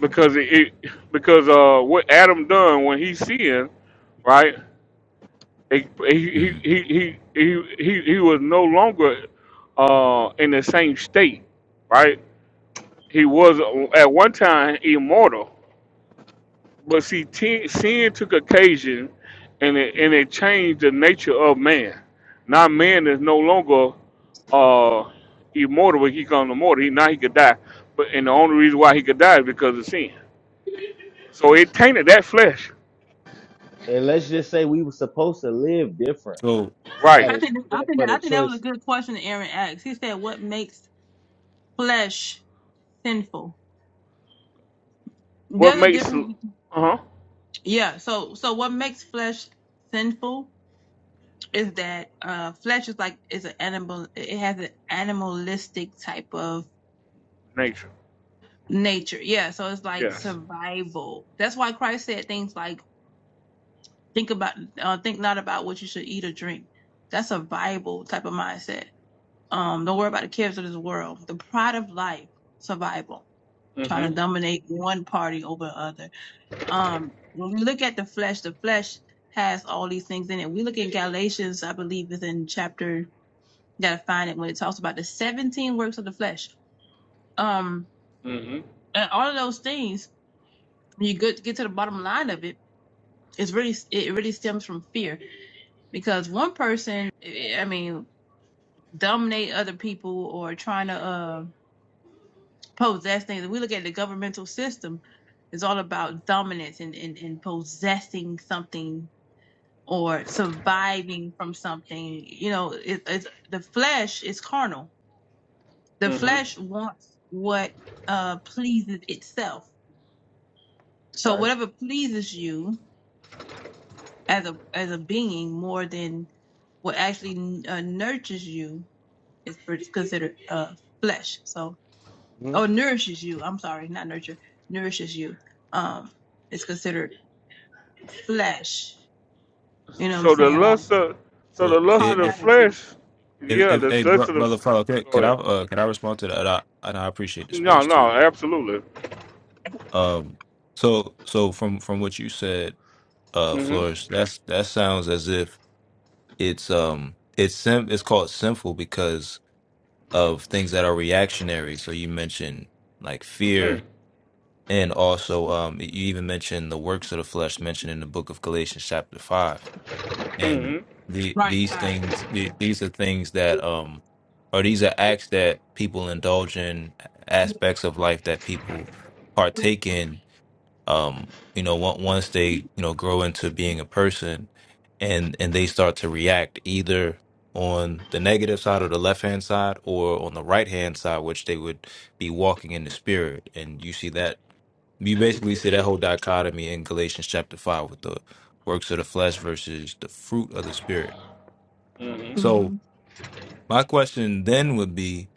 Because it, it because uh what Adam done when he sinned, right? It, he, hmm he, he, he, he, he he was no longer uh, in the same state, right? He was uh, at one time immortal, But see, ten, sin took occasion, and it, and it changed the nature of man. Now man is no longer uh, immortal. When he comes to mortal, he now he could die. But and the only reason why he could die is because of sin. So it tainted that flesh, And let's just say we were supposed to live different So, had I right? it think not I been think for I the think that was a choices, good question that Aaron asked. He said, "What makes flesh sinful?" What There's a makes uh difference. between- huh Yeah. So so what makes flesh sinful is that uh flesh is like is an animal. It has an animalistic type of nature? nature. Yeah. So it's like Yes. survival. That's why Christ said things like, "Think about uh, think not about what you should eat or drink." That's survival type of mindset Um, don't worry about the cares of this world. The pride of life, survival, trying Mhm. to dominate one party over other. Um, when we look at the flesh, the flesh has all these things in it. We look at Galatians, I believe, is in chapter. Gotta find it when it talks about the seventeen works of the flesh. Um, Mhm. and all of those things. When you get get to the bottom line of it, it's really it really stems from fear because one person, I I mean, dominate other people or trying to. uh, possessing we look at the governmental system it's all about dominance and, and, and possessing something or surviving from something you know it, it's the flesh is carnal the Mhm. flesh wants what uh pleases itself so right? whatever pleases you as a as a being more than what actually uh, nurtures you is considered uh flesh so hmm or nourishes you i'm sorry not nurture nourishes you um it's considered flesh. You know what I'm So the saying? Like lust of so the so lust of if the if carnality. flesh, if, yeah, if the hey, lust bro, of the. brother, follow. Okay, Go could I ahead. uh could I respond to that? And I and I appreciate the No, space no, too. absolutely. Um, so so from from what you said, uh, Mm-hmm. Flores, that's that sounds as if it's um it's sim it's called sinful because of things that are reactionary. So you mentioned like Mm. fear. And also, um, you even mentioned the works of the flesh mentioned in the book of Galatians, chapter five and Mm-hmm. the Right, these fine. things the- these are things that um or these are acts that people indulge in aspects of life that people partake in um you know on- once they you know grow into being a person and and they start to react either on the negative side or the left hand side or on the right hand side which they would be walking in the spirit and you see that you basically see that whole dichotomy in Galatians chapter five with the works of the flesh versus the fruit of the spirit. Mm-hmm. So Mm-hmm. my question then would be,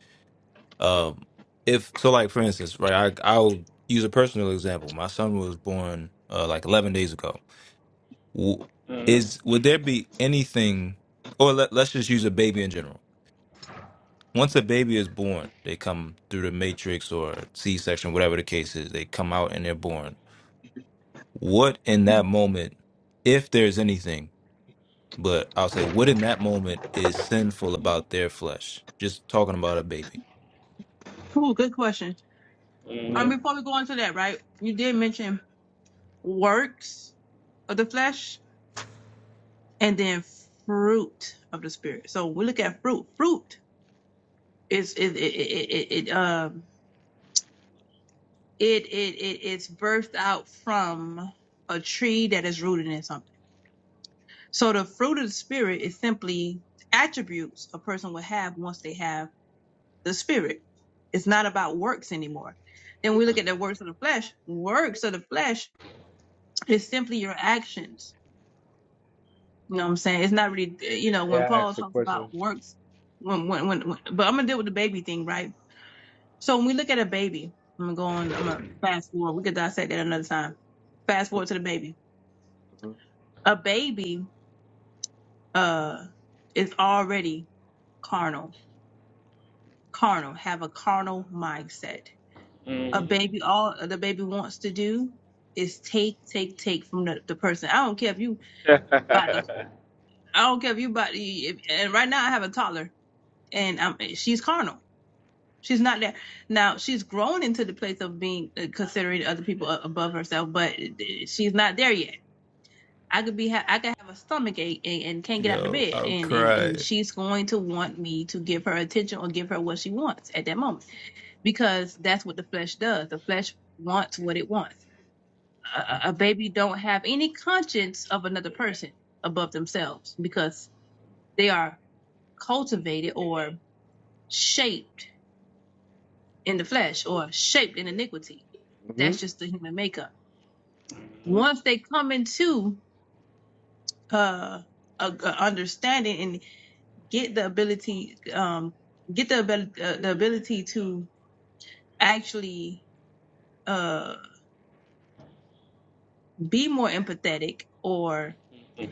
um, if so, like for instance, right? I, I'll use a personal example. My son was born uh, like eleven days ago. W- Mm-hmm. Is would there be anything, or let, let's just use a baby in general? Once a baby is born, they come through the matrix or C section, whatever the case is. They come out and they're born what in that moment, if there's anything, but I'll say what in that moment is sinful about their flesh? Just talking about a baby. Cool, good question. Mm-hmm. hmm Um, before we go on to that, right? You did mention works of the flesh and then fruit of the spirit. So we look at fruit. Fruit is it it it it, it um it it it it's birthed out from a tree that is rooted in something. So the fruit of the spirit is simply attributes a person would have once they have the spirit. It's not about works anymore. Then we look at the works of the flesh. Works of the flesh is simply your actions. You know what I'm saying? It's not really, you know, May when I Paul ask a talks about question? works, when, when, when, when but I'm gonna deal with the baby thing, right? So when we look at a baby, I'm gonna go on, I'm gonna fast forward. We could dissect that another time. Fast forward to the baby. hmm A baby, uh, is already carnal, carnal, have a carnal mindset a Mm-hmm. baby all the baby wants to do is take take take from the, the person i don't care if you about the i don't care if you about the if, and right now i have a toddler and um she's carnal she's not there now she's grown into the place of being uh, considering other people above herself but uh, she's not there yet i could be ha- i could have a stomach ache and, and can't get out of Yo, bed I'll and, and cry. and she's going to want me to give her attention or give her what she wants at that moment because that's what the flesh does the flesh wants what it wants a, a baby don't have any conscience of another person above themselves because they are cultivated or shaped in the flesh or shaped in iniquity. hmm That's just the human makeup. Mhm. Once they come into uh, a, a understanding and get the ability, um, get the uh, the ability to actually uh, be more empathetic or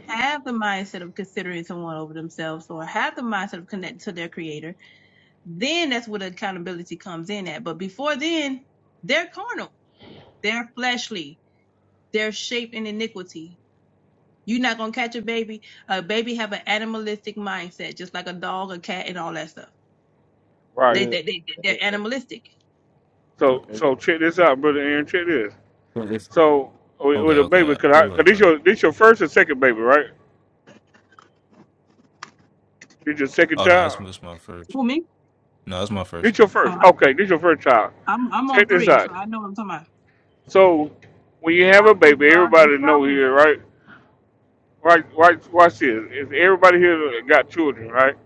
have the mindset of considering someone over themselves or have the mindset of connecting to their creator then that's what accountability comes in at. But before then, they're carnal, they're fleshly, they're iniquity. You're not gonna catch a baby. A baby have an animalistic mindset, just like a dog, a cat, and all that stuff. Uh, right. They and they they and they're animalistic. So and so it- check this out, brother Aaron. Check this. If- So with, okay, with a okay. baby, uh, cause Go I cause ahead, this brother. your this your first and second baby, right? This your second Oh no, that's, child. that's my first. For me, No, that's my first. This your oh, first. I- Okay, this your first child. I'm I'm on Check this three, out. so I know what I'm talking about. So when you have a Selfish, baby, bro. They're everybody know selfish. here, right? Right, right. Watch this. If everybody here got children, right?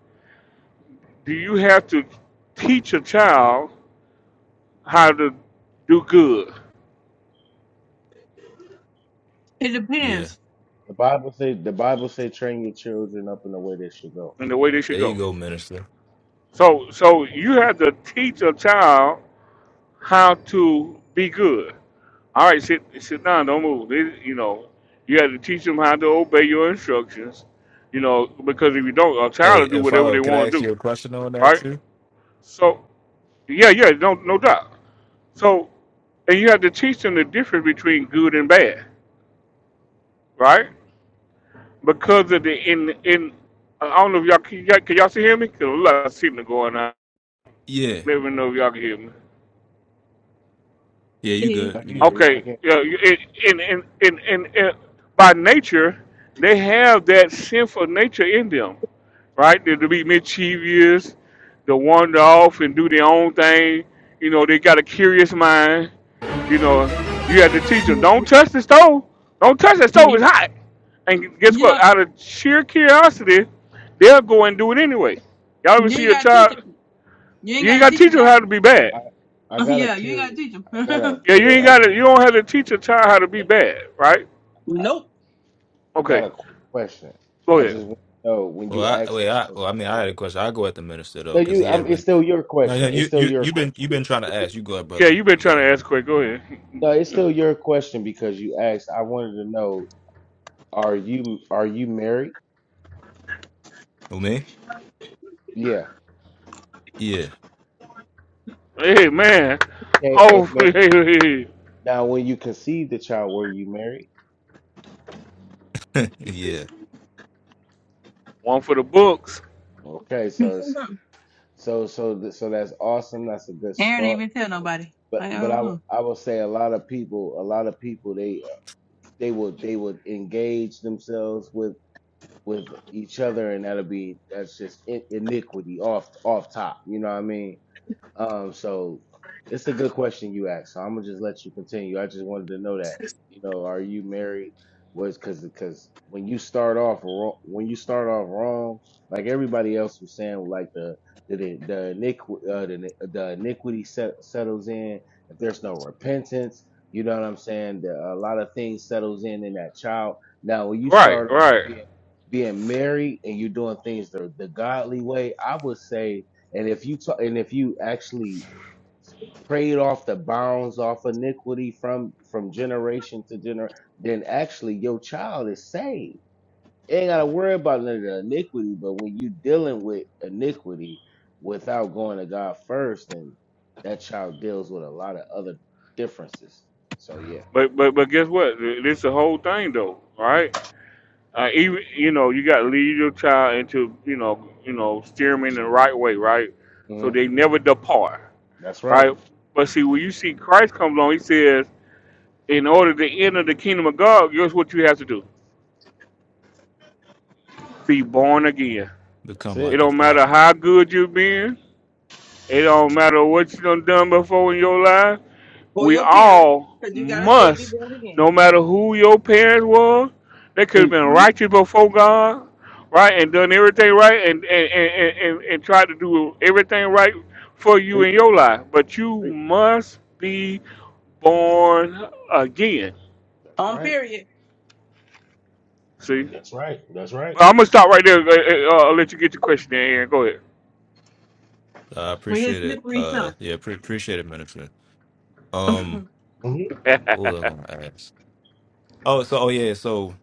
Do you have to teach a child how to do good? It Yeah. depends. the Bible say the Bible say train your children up in the way they should go. and the way they should There you go. go, minister. So, so you have to teach a child how to be good. All right, sit sit down, don't move. They- you know, you have to teach them how to obey your instructions. You know, because if you don't, a child will Hey, do and whatever follow, they can I want to ask do. you a question on that Right? too? So, yeah, yeah, no, no doubt. So, and you have to teach them the difference between good and bad. Right? Because of the in in. I don't know if y'all can y'all, can y'all see hear me? Cause a lot of signal going on. Yeah. Let me know if y'all can hear me. Yeah, you Yeah, I good. You good. hear you. I Okay, can uh, in, in, in, in, in, in, by nature, they have that sinful nature in them, right? They're to be mischievous, to wander off and do their own thing. You know, they got a curious mind. You know, you have to teach them, yeah, yeah. don't touch the stove. Don't touch the yeah, stove, it's yeah. hot. And guess You know, what? Out of sheer curiosity, they'll go and do it anyway. Y'all ever you see ain't a gotta teach child? them. You ain't You ain't gotta got teach to teach them them that. how to be bad. I I got a yeah, you ain't gotta curious. teach I got a them. Yeah, you ain't real. got to, you don't have to teach a child how to be bad, right? nope. I Okay. got a quick question. Go I ahead. just want to know when you Well, I asked wait, I about well, I the mean I had a baby. question. I go at the minister though, No, because you. he has I'm. It's been still your No, no, question. It's you still you your you've been question. you've been trying to ask. You go ahead, Yeah, brother. you been You trying got to it. ask quick. Go ahead. No, it's still your question because you asked. I wanted to know: Are you are you married? Who me? Yeah. Yeah. Hey hey, man, Okay. Amen. hopefully Now, when you conceived the child, were you married? yeah, one for the books. Okay. So so so th- so that's awesome. That's a good Aaron didn't start. even tell nobody. But I got but I would- wrong. I will say a lot of people a lot of people they they will they would engage themselves with. with each other, and that'll be that's just in- iniquity off off top. You know what I mean? Um, so it's a good question you asked. So I'm gonna just let you continue. I just wanted to know that. You know, are you married? Was because because when you start off wrong, when you start off wrong, like everybody else was saying, like the the the, the, iniqui- uh, the, the iniquity set, settles in. If there's no repentance, you know what I'm saying. The, a lot of things settles in in that child. Now, when you Right, start right. being being married and you're doing things the, the godly way, I would say and if you ta- and if you actually prayed off the bounds off iniquity from from generation to generation, then actually your child is saved. You ain't gotta worry about none of the iniquity. But when you dealing with iniquity without going to God first, then that child deals with a lot of other differences. So yeah, But but but guess what? This is the whole thing though, right? Uh, even you know you got to lead your child into you know you know steer them in the right way, right? So hmm they never depart, that's right. right? But see when you see Christ comes along, he says, in order to enter the kingdom of God, here's what you have to do: be born again. That's become It like it. a don't matter child. how good you've been It don't matter what you done done before in your life. Or We your parents, all because you gotta say it be must, born again. no matter who your parents were, they could have Preach, been Mhm. righteous before God, right, and done everything right, and and and and, and, and tried to do everything right for you preach, in your life. But you preach. must be born again. That's On right. period. See, That's right. That's right. but I'm gonna stop right there. Uh, uh, I'll let you get your question in. Aaron. Go I With his appreciate it. slippery Uh, son. yeah, pre- appreciate it, minister. Um, hmm what was I ahead. going to ask? Oh, so oh yeah, so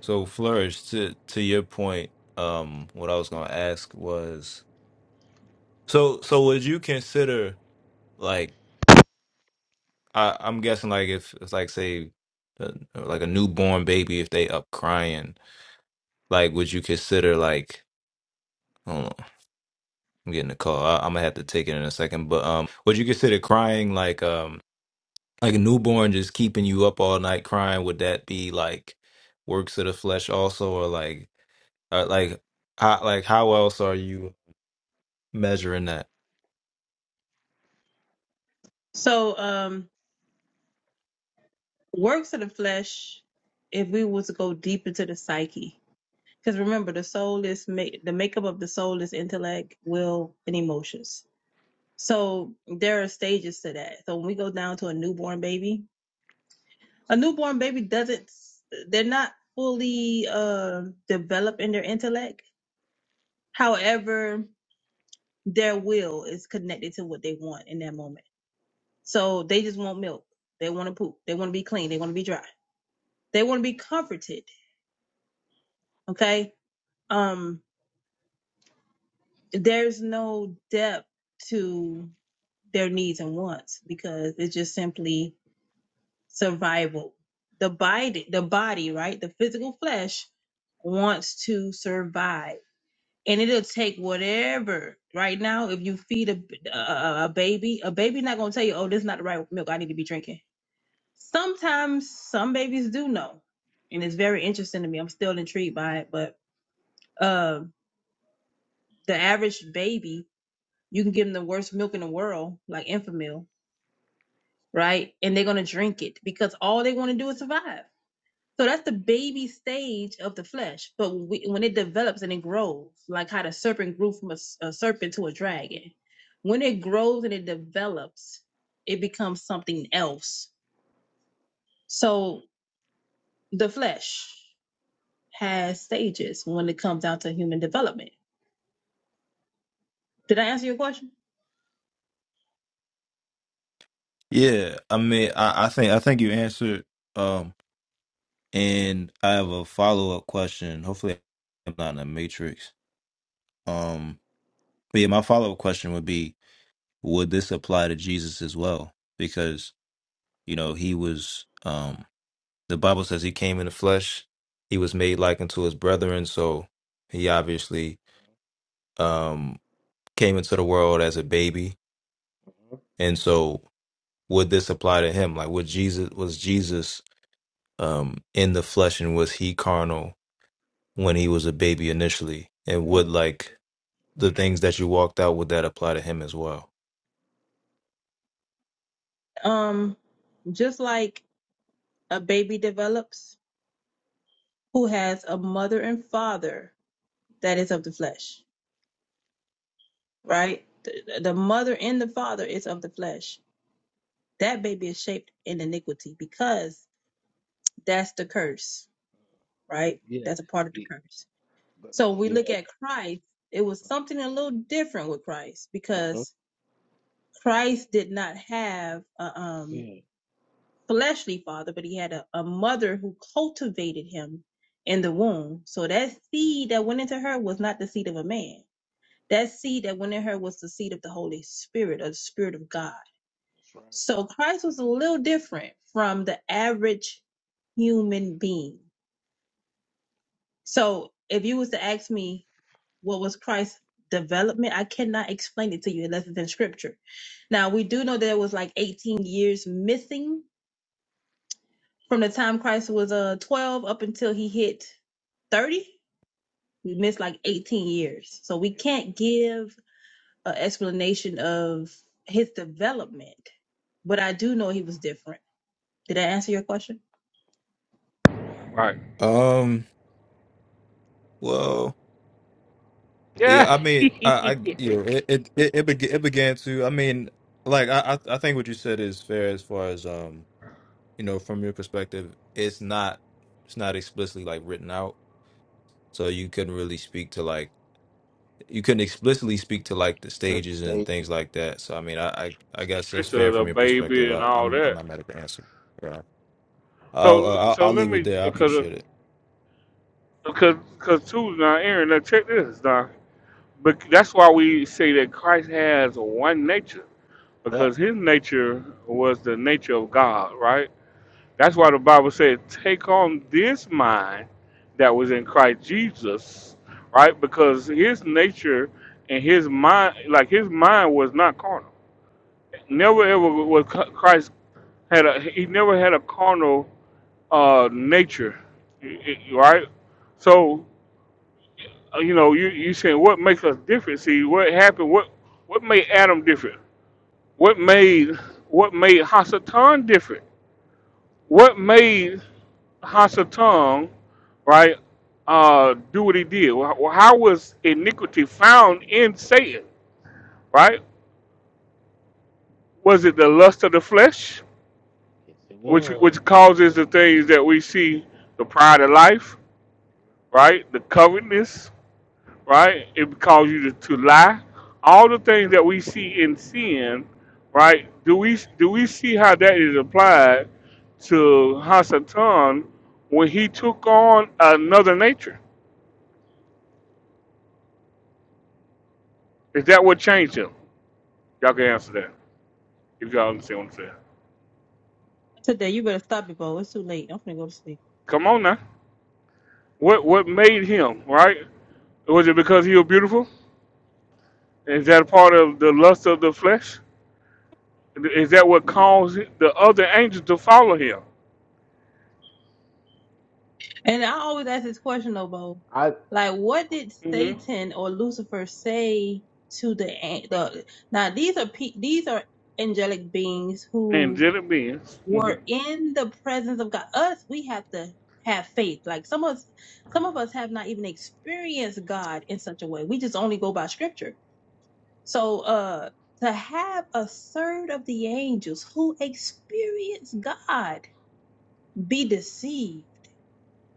so flourish to to your point. Um, what I was going to ask was so so would you consider like I I'm guessing like if it's like say uh, like a newborn baby if they up crying like would you consider like I don't know I'm getting a call I, I'm gonna have to take it in a second but um would you consider crying like um like a newborn just keeping you up all night crying would that be like works of the flesh also or like uh, like how like how else are you measuring that so um works of the flesh, if we was to go deep into the psyche. Because remember, the soul is ma- the makeup of the soul is intellect, will, and emotions. So there are stages to that. So when we go down to a newborn baby, a newborn baby doesn't s- they're not fully uh developed in their intellect. However, their will is connected to what they want in that moment. So they just want milk. They want to poop. They want to be clean. They want to be dry. They want to be comforted. Okay. Um, there's no depth to their needs and wants because it's just simply survival. The bite, the fish wants to buy, and it a, a, a, baby not going to drink milk. I need to be drinking some, and it, but uh, the you can give them the worst milk in the world, like infant right? And they're going to drink it because all they want to do is survive. So that's the baby stage of the flesh. But we, when it develops and it grows, like how the serpent grew from a a serpent to a dragon, when it grows and it develops, it becomes something else. So the flesh has stages when it comes down to human development. Did I answer your question? Yeah, I mean, I, I think I think you answered. Um, and I have a follow up question. Hopefully, I'm not in a matrix. Um, but yeah, my follow up question would be: Would this apply to Jesus as well? Because you know he was. Um, the Bible says he came in the flesh. He was made like unto his brethren, so he obviously um came into the world as a baby. And so would this apply to him? Like would Jesus was Jesus um in the flesh and was he carnal when he was a baby initially? And would like the things that you walked out, would that apply to him as well? Um, just like a baby develops, who has a mother and father that is of the flesh right? The, the mother and the father is of the flesh. That baby is shaped in iniquity because that's the curse, right? yeah. That's a part of the curse. But So but we yeah, look at Christ, it was something a little different with Christ uh-huh. because Christ did not have a um, yeah, fleshly father, but he had a, a mother who cultivated him in the womb. So that seed that went into her was not the seed of a man. That seed that went in her was the seed of the Holy Spirit, or the Spirit of God that's right. So Christ was a little different from the average human being. So if you was to ask me what was Christ's development, I cannot explain it to you unless it's in scripture. Now we do know that it was like 18 years missing from the time Christ was uh 12 up until he hit 30. We missed like 18 years. So we Hey, can't give an explanation of his development, but I do know he was different. Did I answer your question? right. Um well Yeah. yeah, I mean, I, I you know, this it it it, it, beg it began to. I mean, like I, I I think what you said is fair as far as um you know, from your perspective, it's not it's not explicitly like written out. So you couldn't really speak to like you couldn't explicitly speak to like the Certain stages and stages. things like that. So I mean, I I, I guess that's is fair a from your perspective. baby and I, all I'm I'm that. not mad at the answer. Yeah. I'll, So I'll so I'll let leave it me there. I because appreciate it. because because too now Aaron now check this now but that's why we say that Christ has one nature because Yep, his nature was the nature of God right that's why yep. the Bible said take on this mind that was in Christ Jesus right because his nature and his mind like his mind was not carnal never ever was Christ had a he never had a carnal uh, nature, y- y- right? So, uh, you know, you you saying what makes us different? See, what happened? What what made Adam different? What made what made Hasatan different? What made Hasatan, right, uh, do what he did? Wh- How was iniquity found in Satan? Right? Was it the yep. lust of the flesh, Yes, it which was. which causes the things that we see, the pride of life, right, the covetousness, right? It would cause you to, to lie. All the things that we see in sin, right? Do we do we see how that is applied to Hasatan when he took on another nature? Is that what changed him? Y'all can answer that if y'all understand what I'm saying. Today, you better stop it, Bo. It's too late. I'm finna go to sleep. Come on now. What what made him right? Was it because he was beautiful? Is that a part of the lust of the flesh? Is that what caused the other angels to follow him? And I always ask this question, though, Bo. I Like, what did mm hmm Satan or Lucifer say to the an- the? Now, these are pe- these are angelic beings And who did it be? Mm-hmm. were in the presence of God. Us, we have to have faith. Like some of us, some of us have not even experienced God in such a way. We just only go by Scripture. So uh to have a third of the angels who experience God be deceived.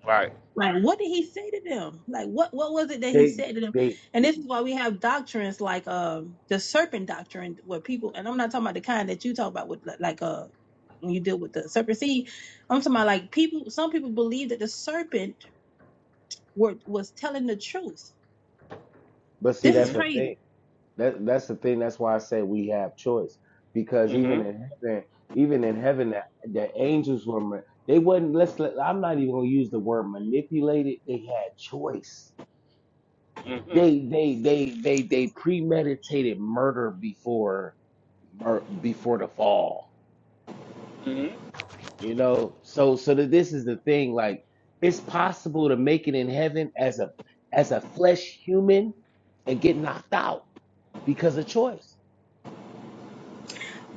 Right. Like what did he say to them? Like what what was it that he they said to them? they And this is why we have doctrines like um the serpent doctrine where people and I'm not talking about the kind that you talk about with li- like uh when you deal with the serpent seed. I'm talking about like people some people believe that the serpent were was telling the truth. but see This is that's Mhm. the crazy. thing. That that's the thing. That's why I say we have choice because even Mhm. in heaven, even in heaven, the, the angels were ma- they wasn't. Let's let, I'm not even gonna use the word manipulated. They had choice. Mhm. They they they they they premeditated murder before mur- before the fall. Mhm. You know, so so that this is the thing, like it's possible to make it in heaven as a as a flesh human and get knocked out because of choice.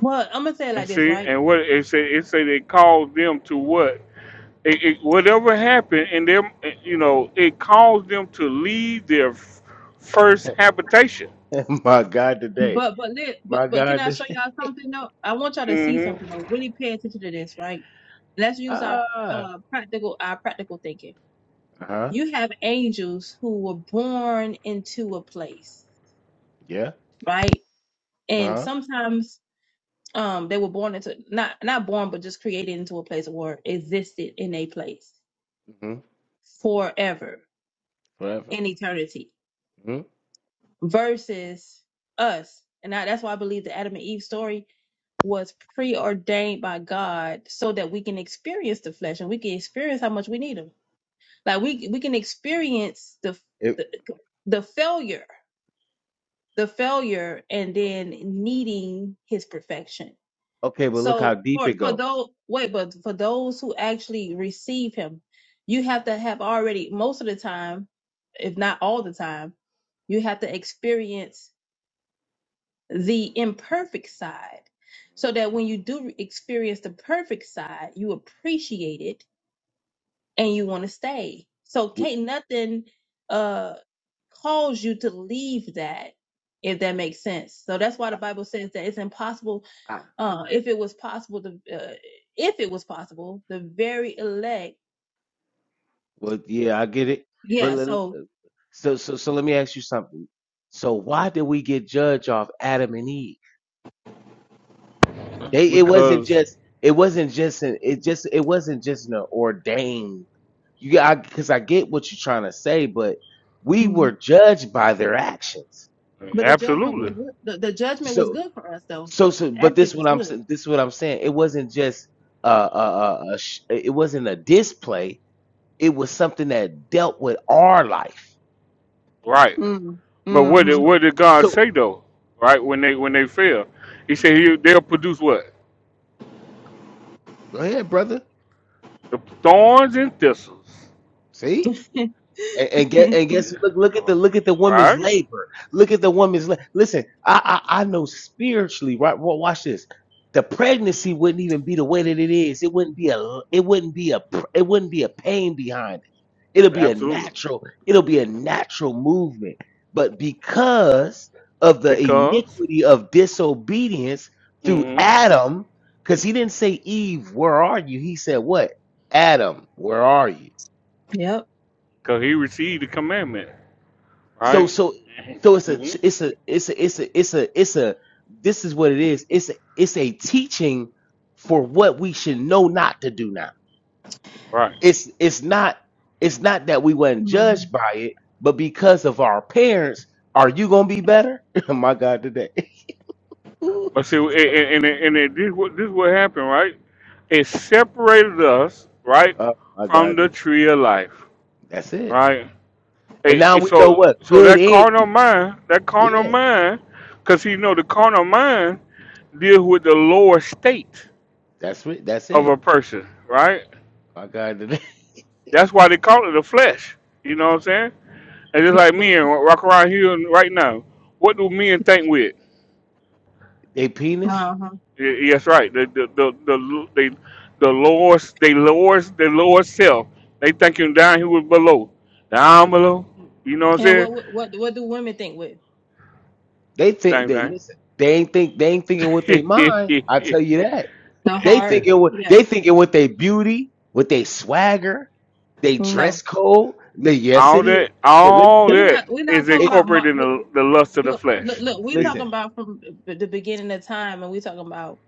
Well, I'm gonna say it And like this, see, right? and what it say, it say they caused them to what? It, it, whatever happened, and them, eh, you know, it caused them to leave their f- first habitation. My God, today. But but lit but My but can God, I show today. y'all something though? I want y'all to see Mhm. something though. Really pay attention to this, right? Let's use our Ah. uh practical our practical thinking. Uh-huh. You have angels who were born into a place, Yeah. right? And Uh-huh. sometimes um they were born into not not born but just created into a place or existed in a place hmm forever Forever. in eternity hmm versus us. And I, that's why I believe the Adam and Eve story was preordained by God so that we can experience the flesh and we can experience how much we need him. Like we we can experience the It, the, the failure, the failure and then needing his perfection. okay, but look how So deep for it for goes. those wait, but for those who actually receive him, you have to have already most of the time, if not all the time, you have to experience the imperfect side so that when you do experience the perfect side you appreciate it and you want to stay so We, can't nothing uh cause you to leave that if that makes sense so that's why the bible says that it's impossible I, uh if it was possible to uh, if it was possible the very elect well, yeah, I get it. But yeah le- so so, so, so let me ask you something. So why did we get judged off Adam and Eve? They it wasn't Because just it wasn't just an it just it wasn't just an ordained you I because I get what you're trying to say, but we Mhm. were judged by their actions. but the judgment was absolutely good the, the judgment was So good for us though so so but actually it this was what I'm sa- good this is what I'm saying. It wasn't just uh uh, uh, uh sh- it wasn't a display. It was something that dealt with our life. right. mm. But what did So what did God so say though? Right when they when they fail, He said he, they'll produce what? go ahead, brother. The thorns and thistles. See. And, and guess, mm-hmm and guess Yeah. look look at the look at the woman's Right. labor. Look at the woman's la- listen. I, I I know spiritually, right? Well, watch this. The pregnancy wouldn't even be the way that it is. It wouldn't be a it wouldn't be a pr- it wouldn't be a pain behind it. It'll be a Absolutely. natural it'll be a natural movement. But because of the because iniquity of disobedience through mm Adam, because he didn't say Eve, where are you? He said what? Adam, where are you? yep he received the commandment, So right? so so it's a hmm it's a it's a it's a it's a it's a this is what it is. It's a, it's a teaching for what we should know not to do now. Right. It's it's not it's not that we weren't judged by it, but because of our parents, are you gonna be better? my God, today. Ooh. But see, and, and, and, and this, what, this what happened, right? It separated us, right, oh my from God, the today. tree of life, that's it. right? And It, now it- we know so, what so good that and carnal evil. mind, that carnal Yeah, mind, because you know the carnal mind deals with the lower state that's it. That's of it. a person, right? My God, today. That's why they call it the flesh. You know what I'm saying? And just But, like but, men walk around here and right now, what do men think with? they penis. uh-huh. Y- Yes, right. The the the the they the lowest they lowest the lowest self. They thinking down here was below, down below. You know what And I'm what what what what do women think with They think saying? Same that thing. listen, they ain't think they ain't thinking with their mind. I tell you that. the They heart? thinking with Yeah, they thinking with their beauty, with their swagger, they no, dress code. Le- Yes, all it is. that Le- Let me all tell we're you, that not we're not is talking it's about mar- incorporated in we- we- the, the lust of the look look flesh. look. We're See, talking listen. about from b- the beginning of time, and we're talking about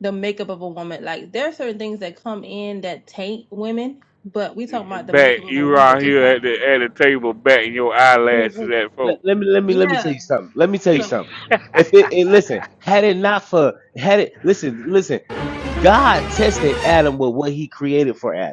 the makeup of a woman. Like there are certain things that come in that taint women, but we talking about the back makeup of a you woman, around just here like at the at the table, batting your mm, eyelashes mm, at Let, folks. let me let me let me tell yeah. you something. Let me tell you the So something. If it, it listen, had it not for had it listen, listen, God tested Adam with what he created for Adam.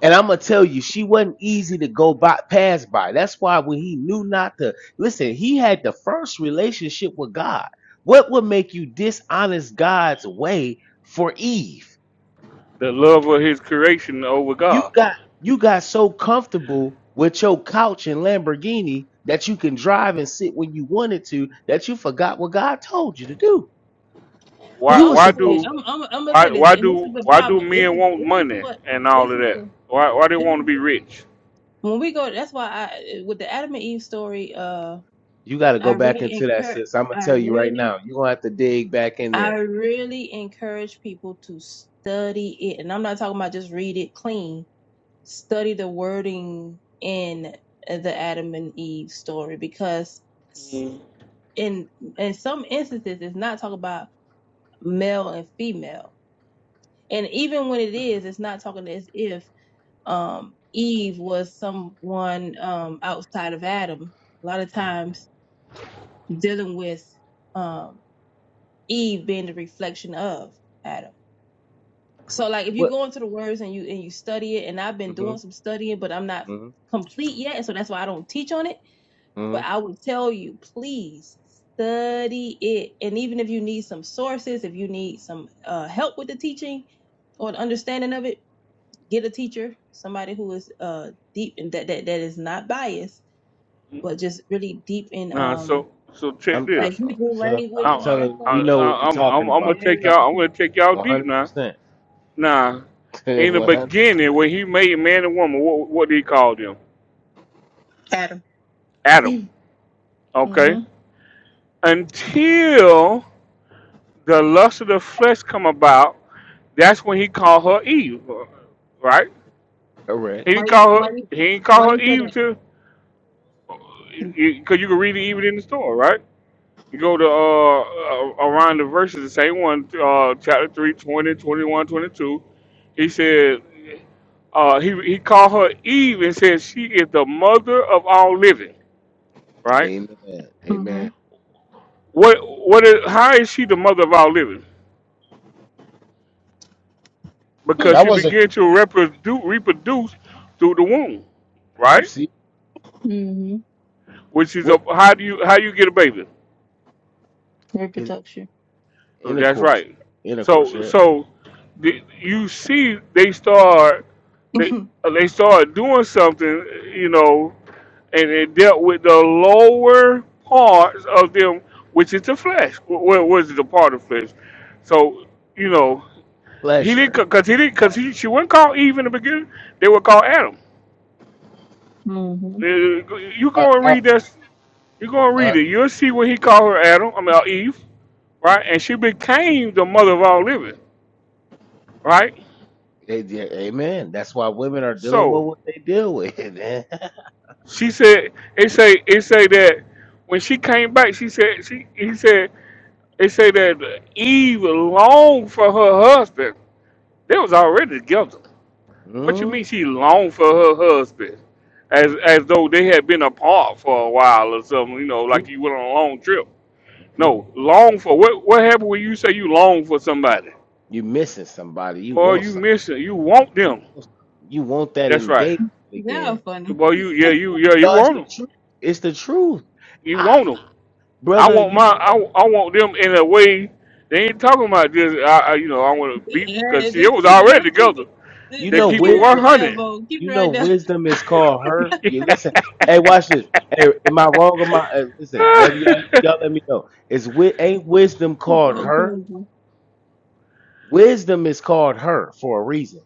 And I'm gonna tell you, she wasn't easy to go by, pass by. That's why when he knew not to listen, he had the first relationship with God. What would make you dishonest God's way for Eve? love of his creation over You God. got you got so comfortable with your couch and Lamborghini that you can drive and sit when you wanted to that you forgot what God told you to do. Why You well, I'm were gonna why say this. supposed do to. I'm I'm, I'm gonna why say this, why and this do is the why do problem. This men is want this is money what and all this of is that? the Why why they this want to is be rich? when we go that's why i with the adam and eve story uh You got to i go back really into that, encourage sis. I'm gonna i tell you right really now. You're gonna have to dig back in i there. really encourage people to study it and i'm not talking about just read it clean study the wording in the adam and eve story because Mm. in in some instances it's not talking about male and female and even when it is it's not talking as if um eve was someone um outside of adam a lot of times dealing with um Eve being the reflection of Adam. So like if you What? go into the words and you and you study it, and I've been doing hmm some studying, but I'm not complete yet, and so that's why I don't teach on it. hmm But I would tell you, please study it. And even if you need some sources, if you need some uh, help with the teaching or the understanding of it, get a teacher, somebody who is uh deep and that that, that is not biased, but just really deep in Nah, um so so check I'm I, the this. Hebrew uh, language I, I'm and all telling that you, stuff I, we know what we I, I'm I'm talking I'm gonna about. Very. take I'm telling y'all. I'm gonna take y'all you, deep 100 now. percent, Now, in the 100 beginning, when he made man and woman, what what did he call them? Adam. Adam. Mm-hmm. Okay. Until the lust of the flesh come about, that's when he called her Eve. Right? correct. He Why didn't call why her. He didn't why call her you said Eve it? till Because you, can read it even in the store, right? You go to uh, uh, around the verses, the same one, uh, chapter 3, 20, 21, 22. He said, uh, he, he called her Eve and said, She is the mother of all living, right? Amen, Mm-hmm. amen. What, what is, how is she the mother of all living? Because That she Hmm. was a. began to reprodu reproduce through the womb, You right? see Mm-hmm. Which is a, what? how do you how you get a baby? Cause Reproduction. That's intercourse, right. intercourse, So yeah, so the, you see they start they they start doing something, you know, and it dealt with the lower parts of them, which is the flesh. Well, was the part of flesh? So you know he didn't pleasure. because he didn't because Uh, he she wasn't called Eve in the beginning. They were called Adam. Mm-hmm. Uh, You a, go and a, read this. You go and read a it. You'll see what he called her Adam. I mean uh, Eve, right? And she became the mother of all living, right? they- they- amen. That's why women are dealing with So what they deal with. Man. she said it say it say that when she came back, she said she he said it say that Eve longed for her husband. They was already together. What you Mm, mean she longed for her husband? As as though they had been apart for a while or something, you know, like true. you went on a long trip. hmm No, long for what what happened when you say you long for somebody? You missing somebody. You Boy, want you something. miss it. You want You them. want something. You want that That's right. engagement Yeah, again. funny. Boy, you yeah, you yeah, you No, it's want the them. truth. It's the truth. You I, want them?" I brother, want you my know I, what? I want them in a way. They ain't talking about just I, I you know I want to beat because Yeah, see it just was keep it already just keep together. it just You They know just keep it keep it one right wisdom. there, hundred. Bo. Keep You it know, right there. wisdom is called her. You listen. Hey, watch this. Hey, am I wrong? Am I? Uh, listen, let me y'all, y'all let me know. Is wi- ain't wisdom called Okay. her? Wisdom is called her for a reason.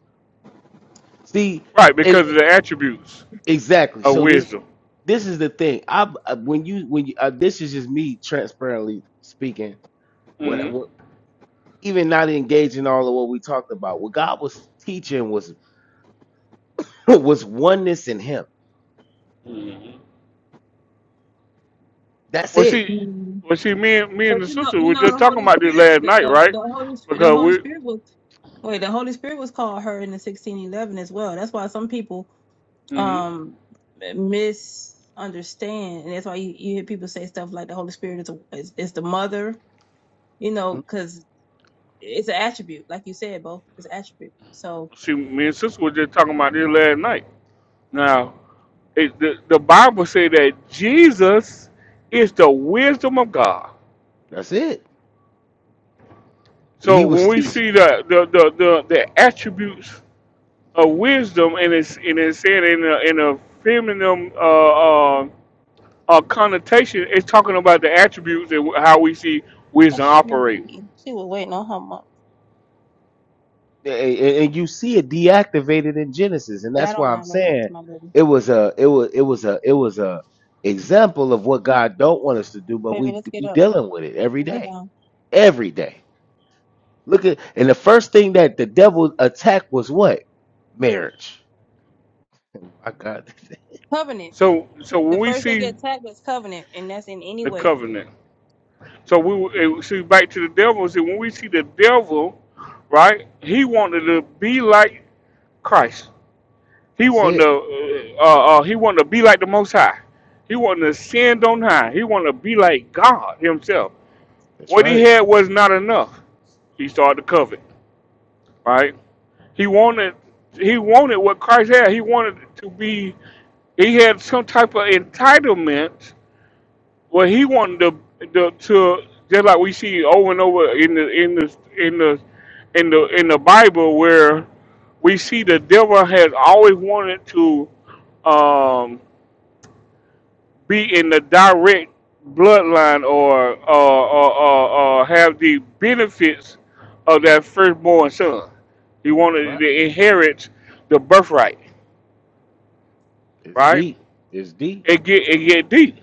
See, right it, because of it- the attributes exactly. of So this wisdom. this is the thing. I uh, when you when you, uh, this is just me transparently speaking. When, I- hmm when even not engaging all of what we talked about, what God was teaching was was oneness in Him. hmm That's Well, it. see, Mm-hmm. well, see, me and me But and the you know sister you were know just the talking Holy about this Spirit last the, night, the, right? the Holy Sp- the Because Holy we, Spirit was wait, the Holy Spirit was called her in the sixteen eleven as well. That's why some people hmm um misunderstand and that's why you, you hear people say stuff like the holy spirit is, a, is, is the mother you know Mhm. because it's an attribute like you said bo it's an attribute so see, me and sister were just talking about this last night. Now, it, the, the Bible say that Jesus is the wisdom of God. That's it. So He was when we teaching. see the the, the, the, the attributes of wisdom, and it's and it's said in a, in a feminine uh, uh, uh, connotation, it's talking about the attributes and how we see wisdom that's really operate. she was waiting on her mom a- and you see it deactivated in Genesis, and i that's don't why I'm mind when I talk saying to my baby it was a it was it was a it was a example of what God don't want us to do, but baby we let's get we up dealing with it every Go lay day, down every day. Look at and the first thing that the devil attacked was what marriage. My God, covenant So so the when we first thing see get attacked is covenant and that's in any the way covenant, so we see back to the devil. See when we see the devil, right? He wanted to be like Christ He that's wanted it. to, uh, uh, he wanted to be like the Most High. He wanted to ascend on high. He wanted to be like God Himself. That's What he right. had was not enough. He started to covet. Right? He wanted, he wanted what Christ had. He wanted to be. He had some type of entitlement where he wanted to, to, to just like we see over and over in the in the in the in the in the Bible where we see the devil has always wanted to um, be in the direct bloodline or or or, or, or have the benefits of that firstborn son. He That's wanted right. to inherit the birthright, It's right? deep. It's deep. It get it get deep.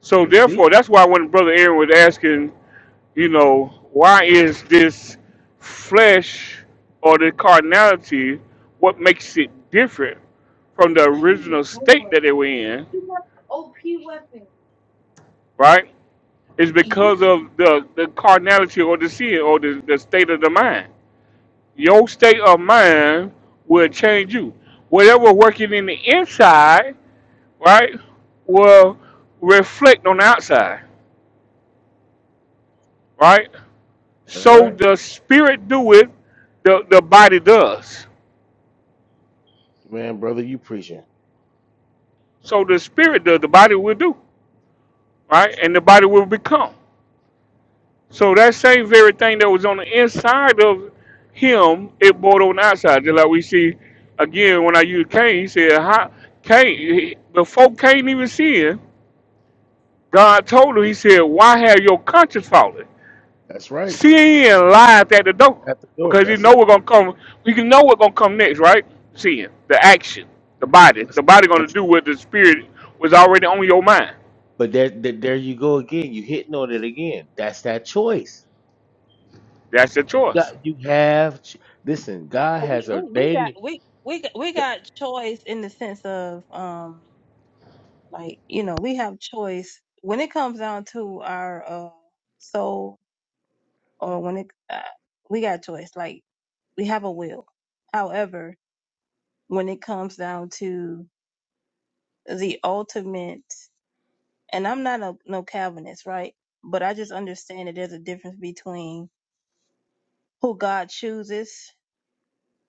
So It's deep. therefore, that's why when Brother Aaron was asking, you know, why is this flesh or the carnality what makes it different from the Op original state that they were in, we, right? It's because of the, the carnality or the sin or the, the state of the mind. Your state of mind will change you. Whatever working in the inside, right, will reflect on the outside, right? That's So right, the spirit do it, the, the body does. man, brother. You preaching. So the spirit does, the body will do, right? That's right. And the body will become. So that same very thing that was on the inside of him, it brought on the outside. Just like we see again when I use Cain, he said, How Cain he- before Cain even sin, God told him, He said, Why have your conscience fallen? That's right. Sin lies at the door. At the door. Because you That's know it. we're gonna come we can know what's gonna come next, right? Sin, the action, the body. But. The body but gonna do what the spirit was already on your mind. But there, there, there you go again. You hitting on it again. That's that choice. That's your You got, choice. you have. ch- Listen, God has we, we got ordained. we, we got we got choice in the sense of um Like, you know, we have choice when it comes down to our uh, soul or when it, uh, we got choice. Like, we have a will. However, when it comes down to the ultimate, and I'm not a no Calvinist, right? But I just understand that there's a difference between who God chooses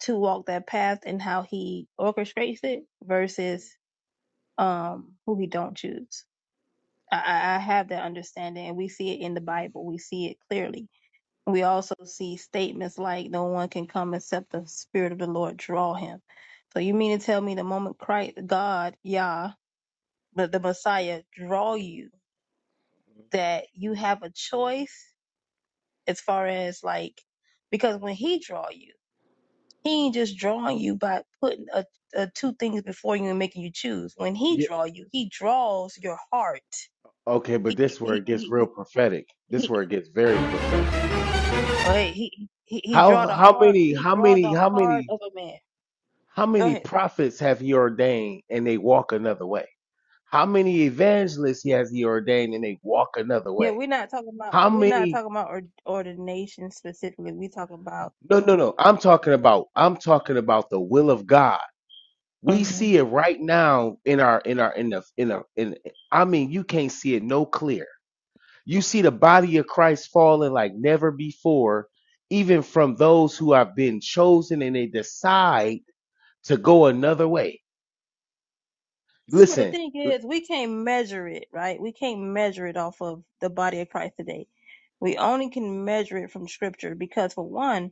to walk that path and how He orchestrates it versus um who He don't choose. I, I I have that understanding, and we see it in the Bible. We see it clearly We also see statements like, No one can come except the Spirit of the Lord draw him. So you mean to tell me the moment Christ, God, Yah, but the Messiah draw you, that you have a choice as far as like, because when he draw you, he ain't just drawing you by putting a, a two things before you and making you choose. When he yeah, draw you, he draws your heart. Okay, He, but this where he, it gets he, he, real prophetic. This where he, it gets very prophetic. hey, he, he How, draw the how heart, many, he how draw many, the how heart many, of a man. how Go many ahead. prophets have He ordained and they walk another way? How many evangelists He has He ordained and they walk another Yeah, way? we're not talking about How we're not many? talking about or, ordination specifically. We're talking about No, no, no. I'm talking about. I'm talking about the will of God We hmm see it right now in our in our in the in the in I mean you can't see it no clear. You see the body of Christ falling like never before, even from those who have been chosen and they decide to go another way. see, but the Listen, thing the is, we can't measure it, right? We can't measure it off of the body of Christ today. We only can measure it from Scripture because, for one.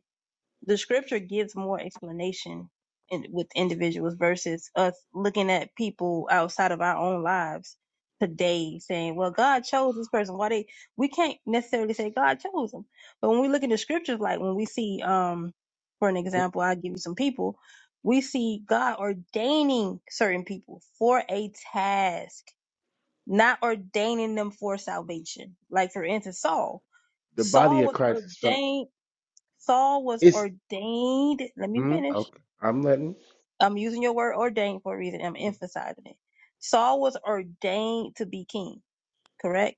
the scripture gives more explanation in, with individuals versus us looking at people outside of our own lives today saying, well, God chose this person. Why they, we can't necessarily say God chose them. But when we look in the scriptures, like when we see, um, for an example, I'll give you some people, we see God ordaining certain people for a task, not ordaining them for salvation. Like for instance, Saul, body Saul of was Christ is felt. ordained Saul was It's ordained. Let me mhm, finish. okay. I'm letting. I'm using your word ordained for a reason. I'm mhm, emphasizing it. Saul was ordained to be king, correct?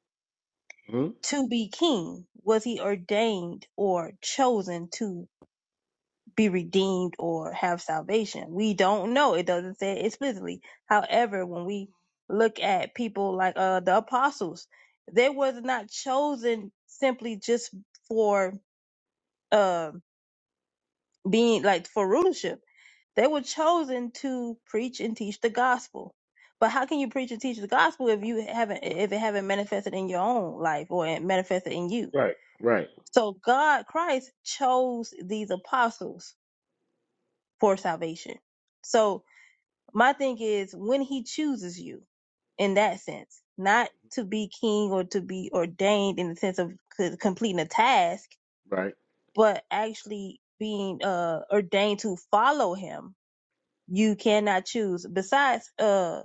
mhm. To be king, was he ordained or chosen to be redeemed or have salvation? We don't know. It doesn't say it explicitly. However, when we look at people like uh, the apostles, they was not chosen simply just for uh, being like for rulership They were chosen to preach and teach the gospel. But how can you preach and teach the gospel if you haven't if it haven't manifested in your own life or it manifested in you? Right, right, So God Christ chose these apostles for salvation. So my thing is when he chooses you in that sense, not to be king or to be ordained in the sense of c- completing a task, right. but actually being uh ordained to follow him you cannot choose. Besides, uh.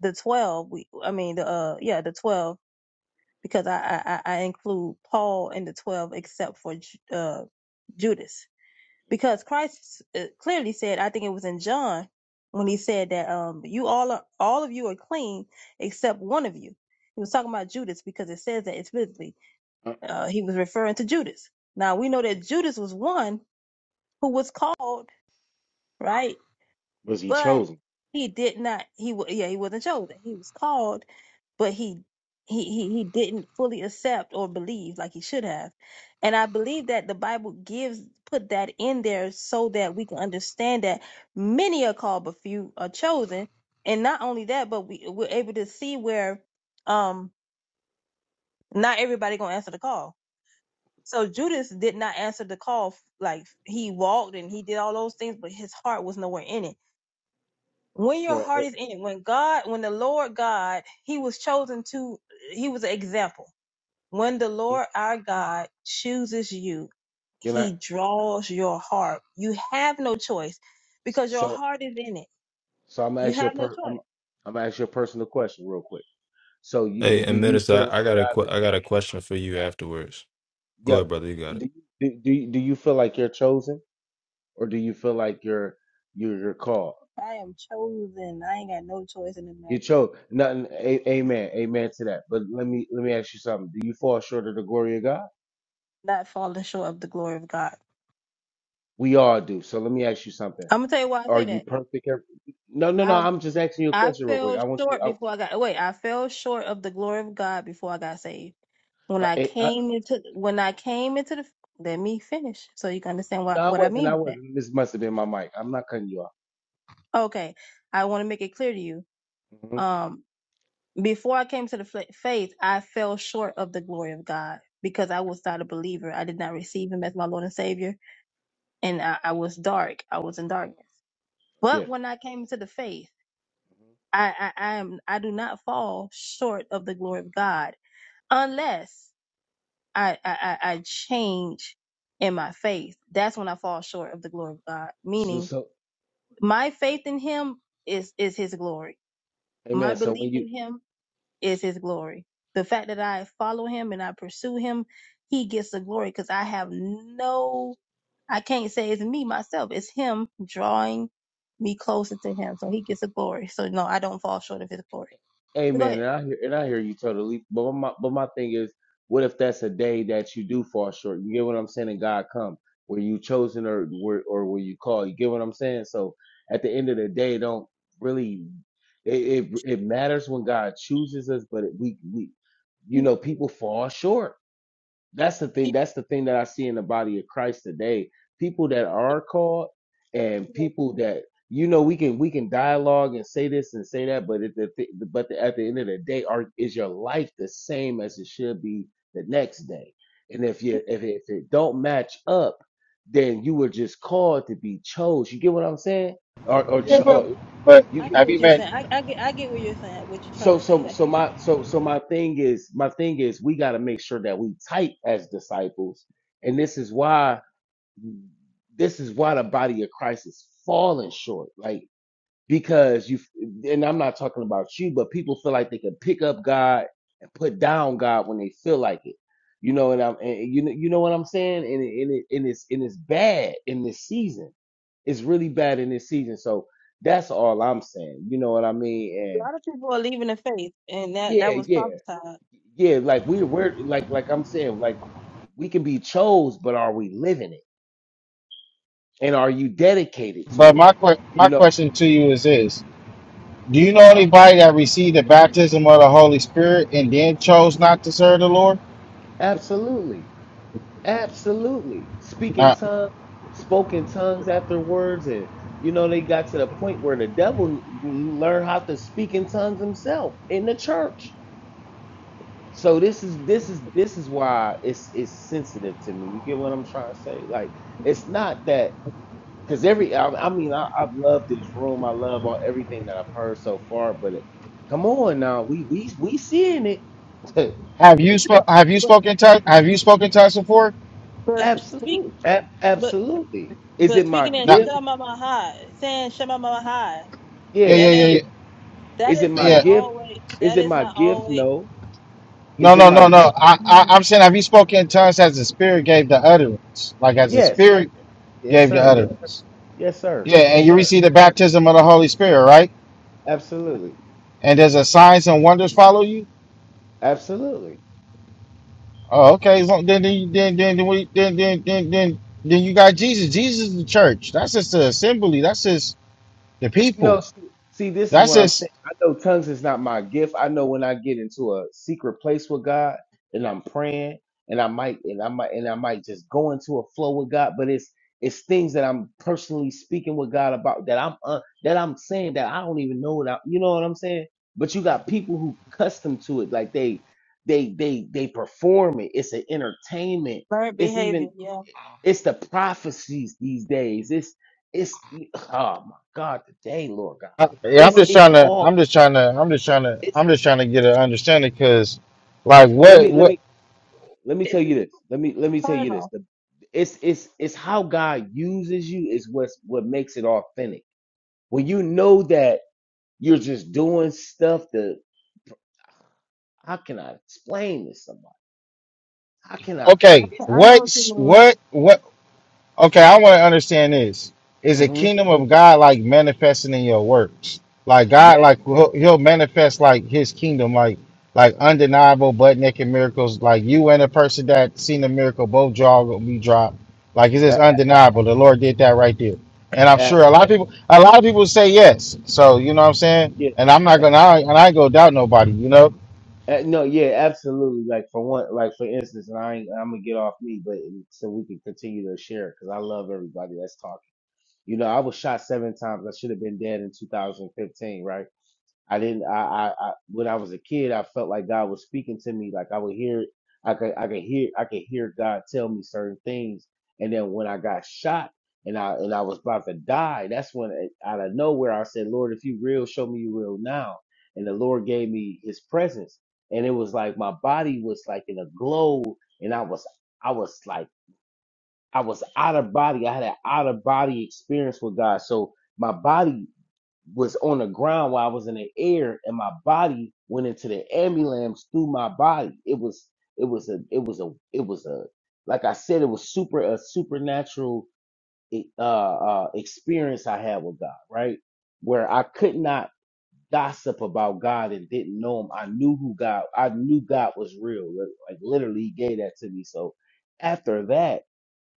the twelve. We, I mean, the uh, yeah, the twelve because I I, I I include Paul in the twelve except for Ju- uh, Judas because Christ uh, clearly said. I think it was in John when he said that um, you all are all of you are clean except one of you. He was talking about Judas because it says that explicitly. Uh, Uh, he was referring to Judas. Now we know that Judas was one who was called right, was he but chosen he did not. He wa- yeah, he wasn't chosen. He was called but he he he he didn't fully accept or believe like he should have and i believe that the bible gives put that in there so that we can understand that many are called but few are chosen and not only that but we we're able to see where um not everybody gonna answer the call so judas did not answer the call like he walked and he did all those things but his heart was nowhere in it when your for? heart oh, is in it when god when the lord god he was chosen to he was an example When the mhm. Lord our God chooses you, Can I? he draws your heart. You have no choice because your So heart is in it. So I'm gonna You ask you a have no per choice. I'm I'm gonna ask you a personal question real quick. So you Hey, do and you feel minister, I, I like got a God que- is I got a question for you afterwards. Go ahead, yep. brother. You got Do it. you do, do, you- do you feel like you're chosen or do you feel like you're you're you're called? I am chosen. I ain't got no choice in the You matter. chose nothing a, amen, amen to that. But let me let me ask you something. Do you fall short of the glory of God? Not falling short of the glory of God. We all do. So let me ask you something. I'm gonna tell you why I Are say you that. perfect? every- No, no, no. I I'm just asking you a I question real fell quick. I want you. short I, before I got wait, I fell short of the glory of God before I got saved. When I I, I, came into when I came into the let me finish so you can understand no, what, I what I wasn't. mean I by that. wasn't. This must have been my mic. I'm not cutting you off. Okay. I want to make it clear to you. hmm Um. Before I came to the fla- faith, I fell short of the glory of God because I Okay. was not a believer. I did not receive Him as my Lord and Savior, and I, I was dark. I was in darkness. Yeah. But when I came to the faith, Mm-hmm. I, I, I am I do not fall short of the glory of God unless I, I, I I change in my faith. That's when I fall short of the glory of God. So, Meaning, so my faith in Him is is His glory. My amen. So belief when in you Him is his glory. The fact that I follow him and I pursue him, he gets the glory because I have no, I can't say it's me myself. It's him drawing me closer to him, so short of his glory. Go amen, ahead. and I hear and I hear you totally. But my but my thing is, what if that's a day that you do fall short? You get what I'm saying? And God come. Were you chosen or were or were you called? You get what I'm saying? So at the end of the day, it don't really it it, it matters when God chooses us, but it, we we you know people fall short that's the thing that's the thing that i see in the body of christ today people that are called and people that you know we can we can dialogue and say this and say that but at the, thi- but the, at the end of the day are is your life the same as it should be the next day and if you if it, if it don't match up then you were just called to be chose you get what i'm saying or or, yeah, cho- but or but I you get have you what you're met? saying. I, I get I get what you're saying, what you're trying so to say. so I get, so my so so my thing is my thing is we got to make sure that we tight as disciples, and this is why this is why the body of Christ is falling short. Like because you and I'm not talking about you, but people feel like they can pick up God and put down God when they feel like it. You know, and I'm and you know you know what I'm saying, and it, and, it, and it's and it's bad in this season. It's really bad in this season. So that's all I'm saying. You know what I mean? a And lot of people are leaving the faith and that yeah, that was yeah prophesied. yeah, like we we're like like I'm saying, like we can be chose, but are we living it? And are you dedicated But to it? my que- my You know, question to you is this: Do you know uh-huh. anybody that received the baptism of the Holy Spirit and then chose not to serve the Lord? Absolutely. Absolutely. Speaking Uh, tongues, spoken tongues after words, and you know, they got to the point where the devil learned how to speak in tongues himself in the church. So this is this is this is why it's it's sensitive to me. You get what I'm trying to say? Like it's not that because every I, I mean I, I've loved this room. I love all everything that I've heard so far. But it, come on now, we we we seeing it. have you spoke? Have you But spoken to? Have you spoken to us before? But speak, Absolutely, but absolutely. Is it but my speaking in No. gift? Shema Mahai, saying Shema Mahai, Yeah, Yeah. yeah, that yeah, Is, ain't yeah. that is is it my not yeah. gift? always that Is it is my not gift? always No. Is No, it no, my no, gift? no. but I, I, mm, I'm saying, have you spoken in tongues as the Spirit gave the utterance? Like as the Yes. Spirit Yes, gave the sir. Yes, utterance. yes, sir. Yeah, and Yes, you sir. receive the baptism of the Holy Spirit, right? Absolutely, And does the signs and wonders follow you. absolutely. Oh, okay. So then, then, then, then, then, we- then, then, then, then, then you got Jesus. Jesus is the church. That's just the assembly. That's just the people. No, see, see, this is That's what I'm just. saying. I know tongues is not my gift. I know when I get into a secret place with God and I'm praying and I might and I might and I might just go into a flow with God, but it's it's things that I'm personally speaking with God about that I'm uh, that I'm saying that I don't even know what I, you know what I'm saying? But you got people who custom to it like they they they they perform it. It's an entertainment. bird It's even behavior. Yeah, it's the prophecies these days. It's it's oh my God, today, Lord God. I, yeah, I'm It's just it's trying to. all I'm just trying to. I'm just trying to. it's I'm just trying to get an understanding because, like, let what, me what? let me let me tell you this. Let me let me tell turn it you this. off. The, it's it's it's how God uses you is what's what makes it authentic. When you know that you're just doing stuff that how can I explain to somebody? How can I? Okay, It's, I know what what's you what what? Okay, I want to understand this. Is a hmm kingdom of God like manifesting in your works? Like God, Yeah, like he'll, he'll manifest like His kingdom, like like undeniable butt naked miracles. Like you and a person that seen the miracle, both jaw will be dropped. Like it's just uh, undeniable. The Lord did that right there, and I'm uh, sure a lot of people, a lot of people say yes. So you know what I'm saying. yeah. And I'm not gonna, and I ain't gonna doubt nobody, you know. Uh, no, yeah, absolutely. Like for one, like for instance, and I ain't, I'm gonna get off me, but so we can continue to share because I love everybody that's talking. You know, I was shot seven times. I should have been dead in 2015, right? I didn't. I, I, I when I was a kid, I felt like God was speaking to me. Like I would hear, I could, I could hear, I could hear God tell me certain things. And then when I got shot and I and I was about to die, that's when it- out of nowhere I said, "Lord, if you real, show me you real now." And the Lord gave me His presence, and it was like my body was like in a glow, and I was, I was like, I was out of body. I had an out of body experience with God. So my body was on the ground while I was in the air, and my body went into the ambulance through my body. It was it was a it was a it was a like I said, it was super a supernatural e- uh, uh, experience I had with God, right? Where I could not gossip about God and didn't know Him. I knew who God. I knew God was real. Like literally, He gave that to me. So after that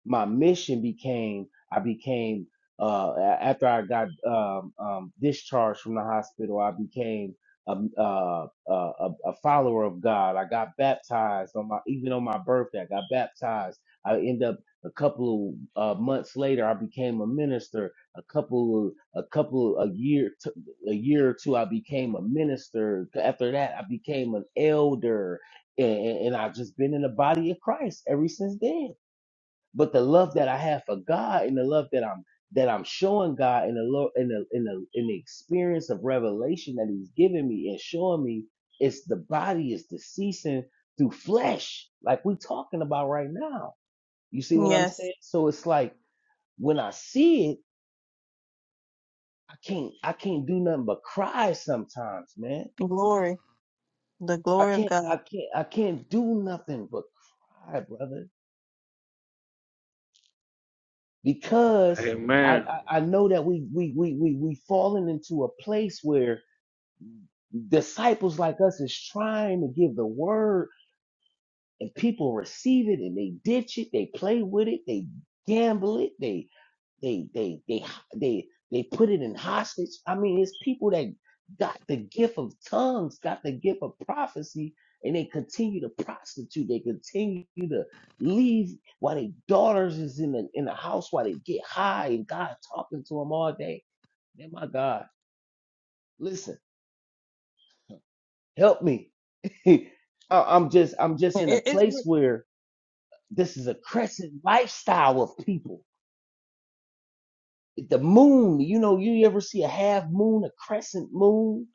my mission became I became uh a- after I got um, um discharged from the hospital I became a, uh, a a a follower of God I got baptized on my even on my birthday I got baptized I end up a couple uh, months later I became a minister a couple a couple a year t- a year or two I became a minister after that I became an elder and, and I've just been in the body of Christ ever since then but the love that I have for God and the love that I'm that I'm showing God in the Lord in the in the in the experience of revelation that He's giving me and showing me it's the body is deceasing through flesh, like we're talking about right now. You see mean. what I'm Yes, saying? So it's like when I see it, I can't I can't do nothing but cry sometimes, man. glory, the I glory of can't I God. can't I can't do nothing but cry, brother. because I, Amen. I, I know that we we we we we fallen into a place where disciples like us is trying to give the word and people receive it and they ditch it, they play with it, they gamble it, they they they they they they put it in hostage. I mean, it's people that got the gift of tongues, got the gift of prophecy, and they continue to prostitute. They continue to leave while their daughters is in the in the house while they get high and God talking to them all day. Man, my God, listen, help me. I- I'm just I'm just in a It, it's place where this is a crescent lifestyle of people. The moon, you know, you ever see a half moon, a crescent moon?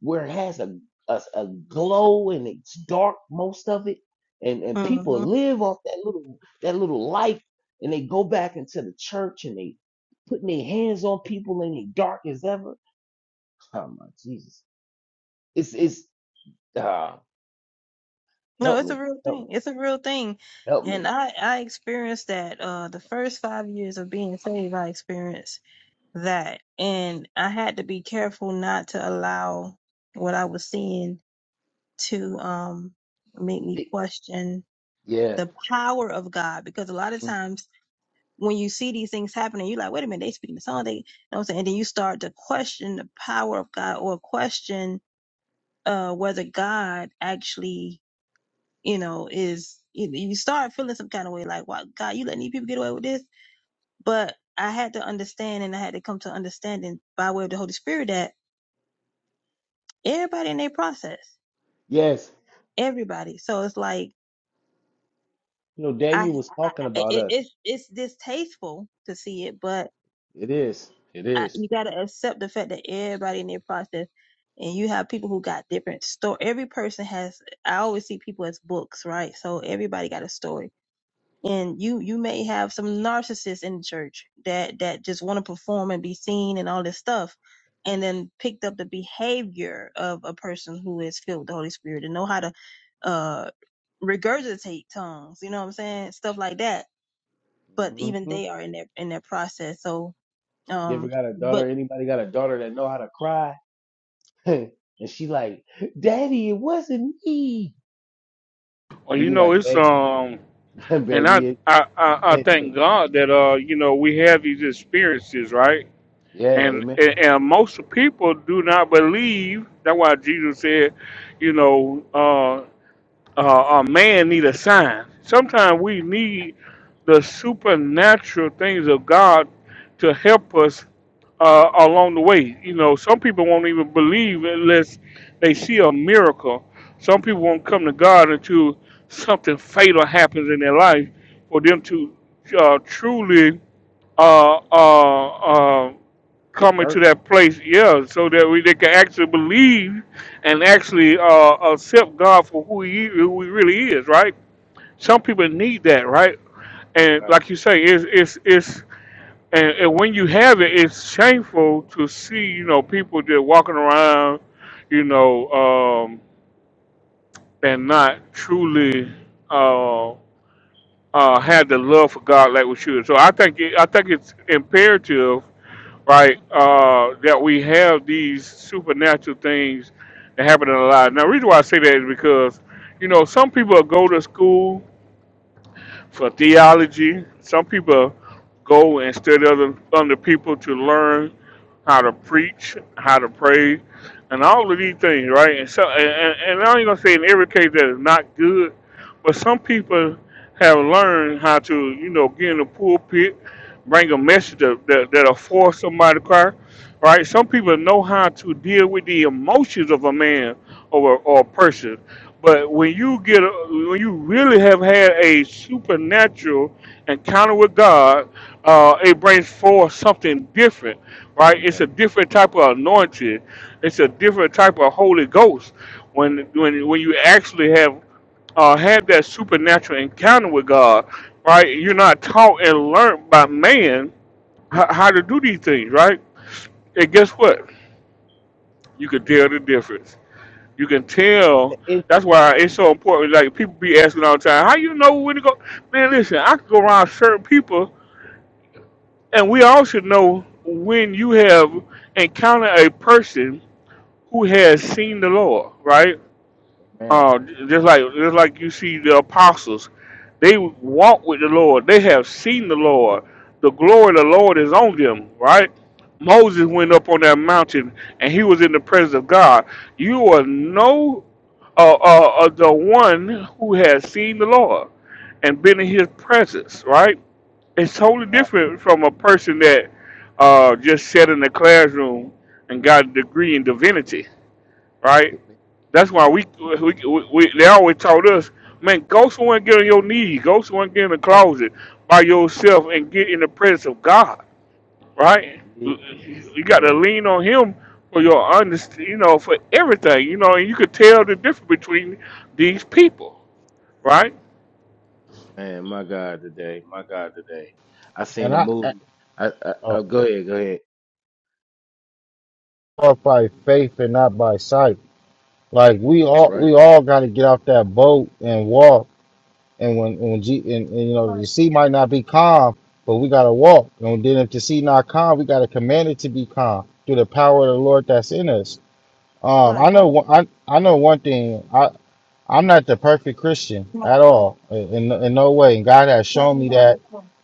where it has a, a a glow and it's dark most of it, and and people mm-hmm. live off that little that little light, and they go back into the church and they putting their hands on people and they dark as ever. Oh my Jesus, it's it's uh, no, help it's a me, real help thing. me, It's a real thing, help me. and I I experienced that. Uh, the first five years of being saved, I experienced. that and I had to be careful not to allow what I was seeing to um make me Big- question Yeah, the power of God because a lot of mm, times when you see these things happening, you're like, wait a minute, they speaking the song, they you know what I'm saying? And then you start to question the power of God or question uh whether God actually, you know, is you you start feeling some kind of way like, wow, God, you letting these people get away with this? But I had to understand and I had to come to understanding by way of the Holy Spirit that everybody in their process yes, everybody so it's like you know i, Daniel was I talking I- about it, us. it's it's distasteful to see it but It is, it I, is. you got to accept the fact that everybody in their process and you have people who got different story every person has i always see people as books right so everybody got a story and you you may have some narcissists in the church that that just want to perform and be seen and all this stuff and then picked up the behavior of a person who is filled with the holy spirit and know how to uh regurgitate tongues, you know what I'm saying? Stuff like that. But even Mhm. they are in their in their process. So You ever um got a but daughter? Anybody got a daughter that know how to cry? and she like, Daddy, it wasn't me. Well, And you you know, like, it's baby, um And I, baby, it, I, I, I it, it- thank God that uh, you know, we have these experiences, right? yeah, And, amen. and and most people do not believe. That's why Jesus said, you know, uh, uh, a man need a sign. Sometimes we need the supernatural things of God to help us uh, along the way. You know, some people won't even believe unless they see a miracle. Some people won't come to God until something fatal happens in their life for them to uh, truly uh, uh, uh, coming to Convert, that place, yeah, so that we they can actually believe and actually uh, accept God for who he who he really is, right? Some people need that, right? And my God, like you say, it's it's it's and, and when you have it, it's shameful to see you know people just walking around, you know, um, and not truly. Uh, uh, have the love for God like we should. So I think it, I think it's imperative right? Uh, that we have these supernatural things that happen in our lives. Now, the reason why I say that is because, you know, some people go to school for theology. Some people go and study other under people to learn how to preach, how to pray, and all of these things, right? And so, and, and and I ain't gonna say in every case that is not good, but some people have learned how to, you know, get in the pulpit, bring a message that, that, that'll force somebody to cry, right? Some people know how to deal with the emotions of a man or a, or a person. But when you get, a, when you really have had a supernatural encounter with God, uh, it brings forth something different, right? you It's a better. different type of anointing. It's a different type of Holy Ghost when when when you actually have uh, had that supernatural encounter with God, right? You're not taught and learned by man how, how to do these things, right? And guess what? You can tell the It's, difference. You can tell. the it's the end, That's why it's so important. Like people be asking all the time, "How you know when to go?" Man, listen, I could go around certain people, and we all should know when you have encountered a person who has seen the Lord, right? amen. Uh, just like just like you see the apostles, they walk with the Lord. They have seen the Lord. The glory of the Lord is on them, right? Moses went up on that mountain and he was in the presence of God. You are no uh, uh, uh, the one who has seen the Lord and been in his presence, right? It's My totally God, different from a person that uh, just sat in the classroom and got a degree in divinity right? it- it- That's why what? we, we, we, we they always taught us, man, go somewhere and get on your knees, go somewhere and get in the the- closet by yourself and get in the presence of God, right? Jesus, You got to today, lean on Him for your underst you know, for everything, you know, and you could tell the difference between these people, right? man, my God, today, my God, today. I And seen a I, I movie. I, I, oh, I go ahead, go ahead. walk by faith and not by sight. Like we That's all right. we all got to get off that boat and walk. And when when G, and, and you know the sea might not be calm, but we got to walk. And then if the sea not calm, we got to command it to be calm through the power of the Lord that's in us. Um, I know one- I I know one thing. I I'm not the perfect Christian at all in in no way. And God has shown me that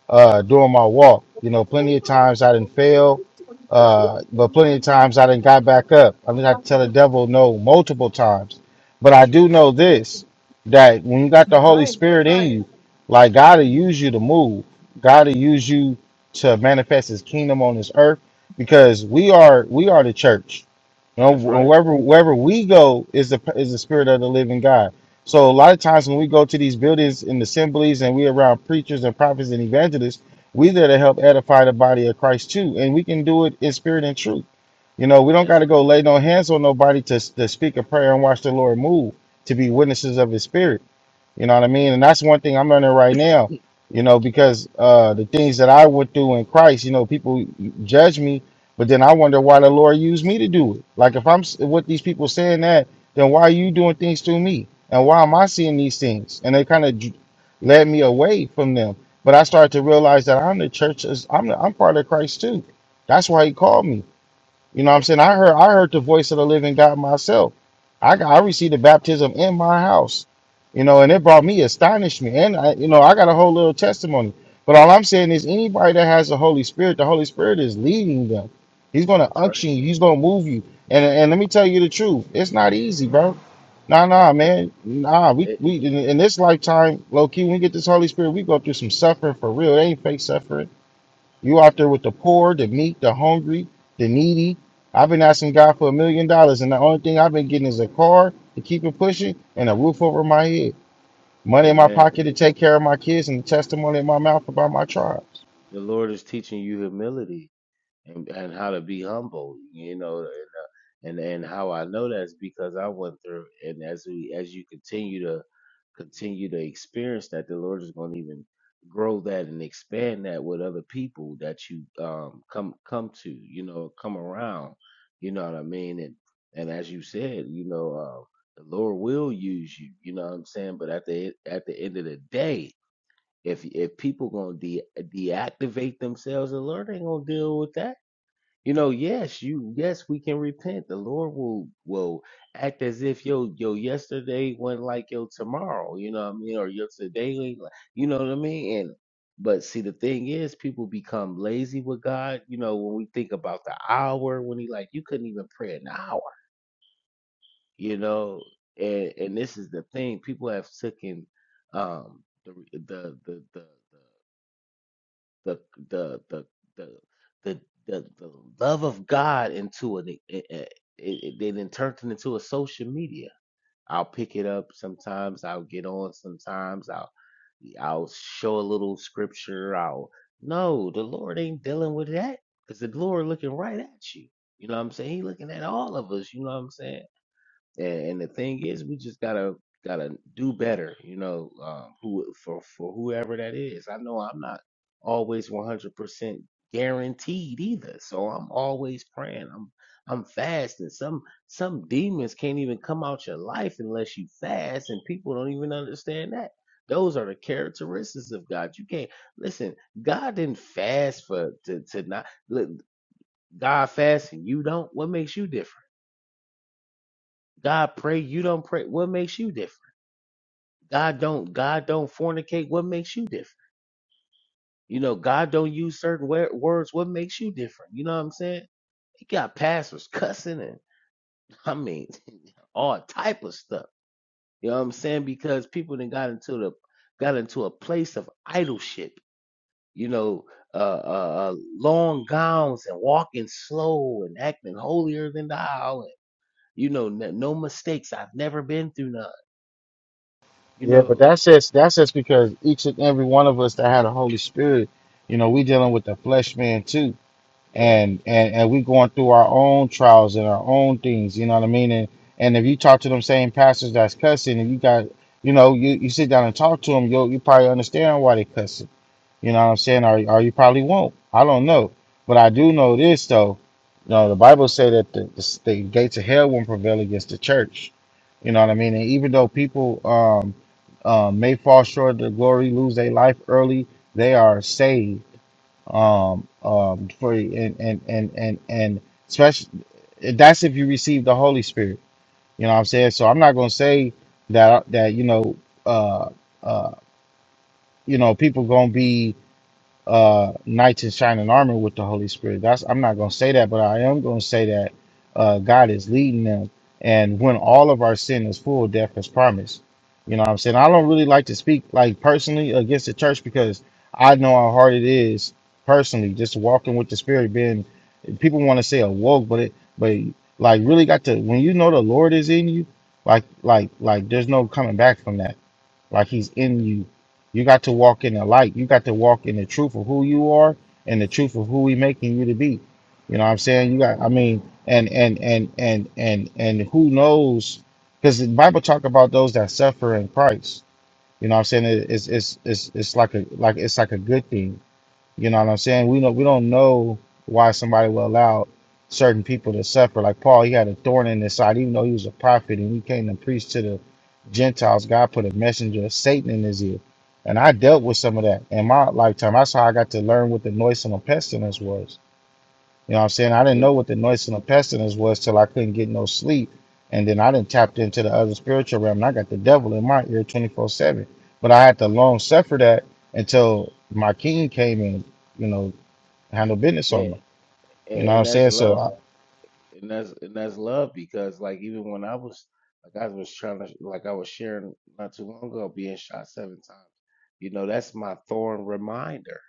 uh, during my walk. You know, plenty of times I didn't fail, uh, but plenty of times I didn't got back up. I didn't have to tell the devil no multiple times. But I That's right. do know this that when you got the Holy Spirit in you, like God will use you to move, God will use you to manifest His kingdom on this earth because we are we are the church. You know, That's right. wherever wherever we go is the is the spirit of the living God. So a lot of times when we go to these buildings and assemblies and we around preachers and prophets and evangelists, we there to help edify the body of Christ too. And we can do it in spirit and truth. You know, we don't got That's to go lay no hands on nobody to, to speak a prayer and watch the Lord move, to be witnesses of his spirit. You know what I mean? And that's one thing I'm learning right now, you know, because uh, the things that I went through in Christ, you know, people judge me, but then I wonder why the Lord used me to do it. Like, if I'm s- what these people saying that, then why are you doing things to me? And why am I seeing these things? And they kind of led me away from them. But I started to realize that I'm the church, I'm, I'm part of Christ too. That's why he called me. You know right. what Eh, I'm saying? I heard I heard the voice of the living God myself. I got, I received the baptism in my house. You know, and it brought me astonished me. And I, you know, I got a whole little testimony. But all I'm saying is anybody that has the Holy Spirit, the Holy Spirit is leading them. He's gonna That's right. unction you, he's gonna move you. And and let me tell you the truth, it's not easy, bro. Nah, nah, Eh, man. Nah, we eh, eh, we in, in this lifetime, low key, when we get this Holy Spirit, we go through some suffering for real. It ain't fake suffering you out yeah. there with the poor, the meek, the hungry, the needy. I've been asking God for a million dollars, and the only thing I've been getting is a car to keep it pushing and a roof over my head, money in my Amen. pocket to take care of my kids, and the testimony in my mouth about my tribes. The Lord is teaching you humility. and, and how to be humble, you know, and and how I know that's because I went through, and as we as you continue to continue to experience that, the Lord is going to even grow that and expand that with other people that you um come come to, you know, come around, you know what I mean, and and as you said, you know, uh, the Lord will use you, you know what I'm saying, but at the at the end of the day. If, if people gonna de- deactivate themselves, the Lord ain't gonna deal with that you know, yes, you yes, we can repent. The Lord will will act as if your your yesterday wasn't like your tomorrow, you know what I mean, or your today, ain't like- you know what I mean? And but see the thing is people become lazy with God, you know, when we think about the hour when he like you couldn't even pray an hour, you know. And and this is the thing, people have taken um the the the the, the the the the the the the, the love of God into it. It, it, it, it they then turned it into a social media. I'll pick it up sometimes. I'll get on sometimes. I'll I'll show a little scripture. I'll no, the Lord ain't dealing with that because the Lord looking right at you. You know what I'm saying? He looking at all of us. You know what I'm saying? And, and the thing is, we just gotta gotta do better, you know, um, who for for whoever that is. I know I'm not always 100% guaranteed either, so I'm always praying. I'm I'm fasting. Some some demons can't even come out your life unless you fast, and people don't even understand that. Those are the characteristics of God. You can't listen. God didn't fast for to to not look. God fasts and you don't. What makes you different? God pray, you don't pray. What makes you different? God don't God don't fornicate. What makes you different? You know, God don't use certain wa- words. What makes you different? You know what I'm saying? He got pastors cussing and I mean all type of stuff. You know what I'm saying? Because people then got into the got into a place of idolship. You know, uh, uh, uh, long gowns and walking slow and acting holier than thou. And, you know, n- no mistakes. I've never been through none. You Yeah, but know, that's just that's just because each and every one of us that had a Holy Spirit, you know, we dealing with the flesh man too. yeah. and and and we going through our own trials and our own things you know what i mean and and if you talk to them same pastors that's cussing and you got you know you, you sit down and talk to them you you probably understand why they cussing you know what i'm saying or, or you probably won't i don't know but i do know this though you know the bible say that the, the, the gates of hell won't prevail against the church you know what i mean and even though people um uh, may fall short of the glory lose their life early they are saved um um for and and and and and especially that's if you receive the Holy Spirit you know what I'm saying so I'm not gonna say that that you know uh uh you know people gonna be uh, knights in shining armor with the Holy Spirit. That's I'm not gonna say that, but I am gonna say that uh, God is leading them. And when all of our sin is full, death is promised. You know what I'm saying? I don't really like to speak like personally against the church because I know how hard it is personally, just walking with the spirit, being people want to say awoke, but it but like really got to when you know the Lord is in you, like like like there's no coming back from that like he's yeah. in you. You got to walk in the light. You got to walk in the truth of who you are and the truth of who he making you to be. You know what I'm saying? You got I mean and and and and and and who knows because the Bible talk about those that suffer in Christ. You know what I'm saying? It- It's it's it's it's like a like it's like a good thing you know what I'm saying? We know we don't know why somebody will allow certain people to suffer. Like Paul, he had a thorn in his side, even though he was a prophet and he came to preach to the Gentiles. God put a messenger of Satan in his ear. And I dealt with some of that in my lifetime. That's how I got to learn what the noise and the pestilence was. You know what I'm saying? I didn't It, know what the noise and the pestilence was till I couldn't get no sleep. And then I didn't tap into the other spiritual realm. And I got the devil in my ear 24 7. But I had to long suffer that until my king came and, you know, handled business yeah, on me. and, You know what I'm and that's saying? So love, I, and that's and that's love because like even when I was like I was trying to like I was sharing not too long ago being shot seven times, you know that's my thorn reminder.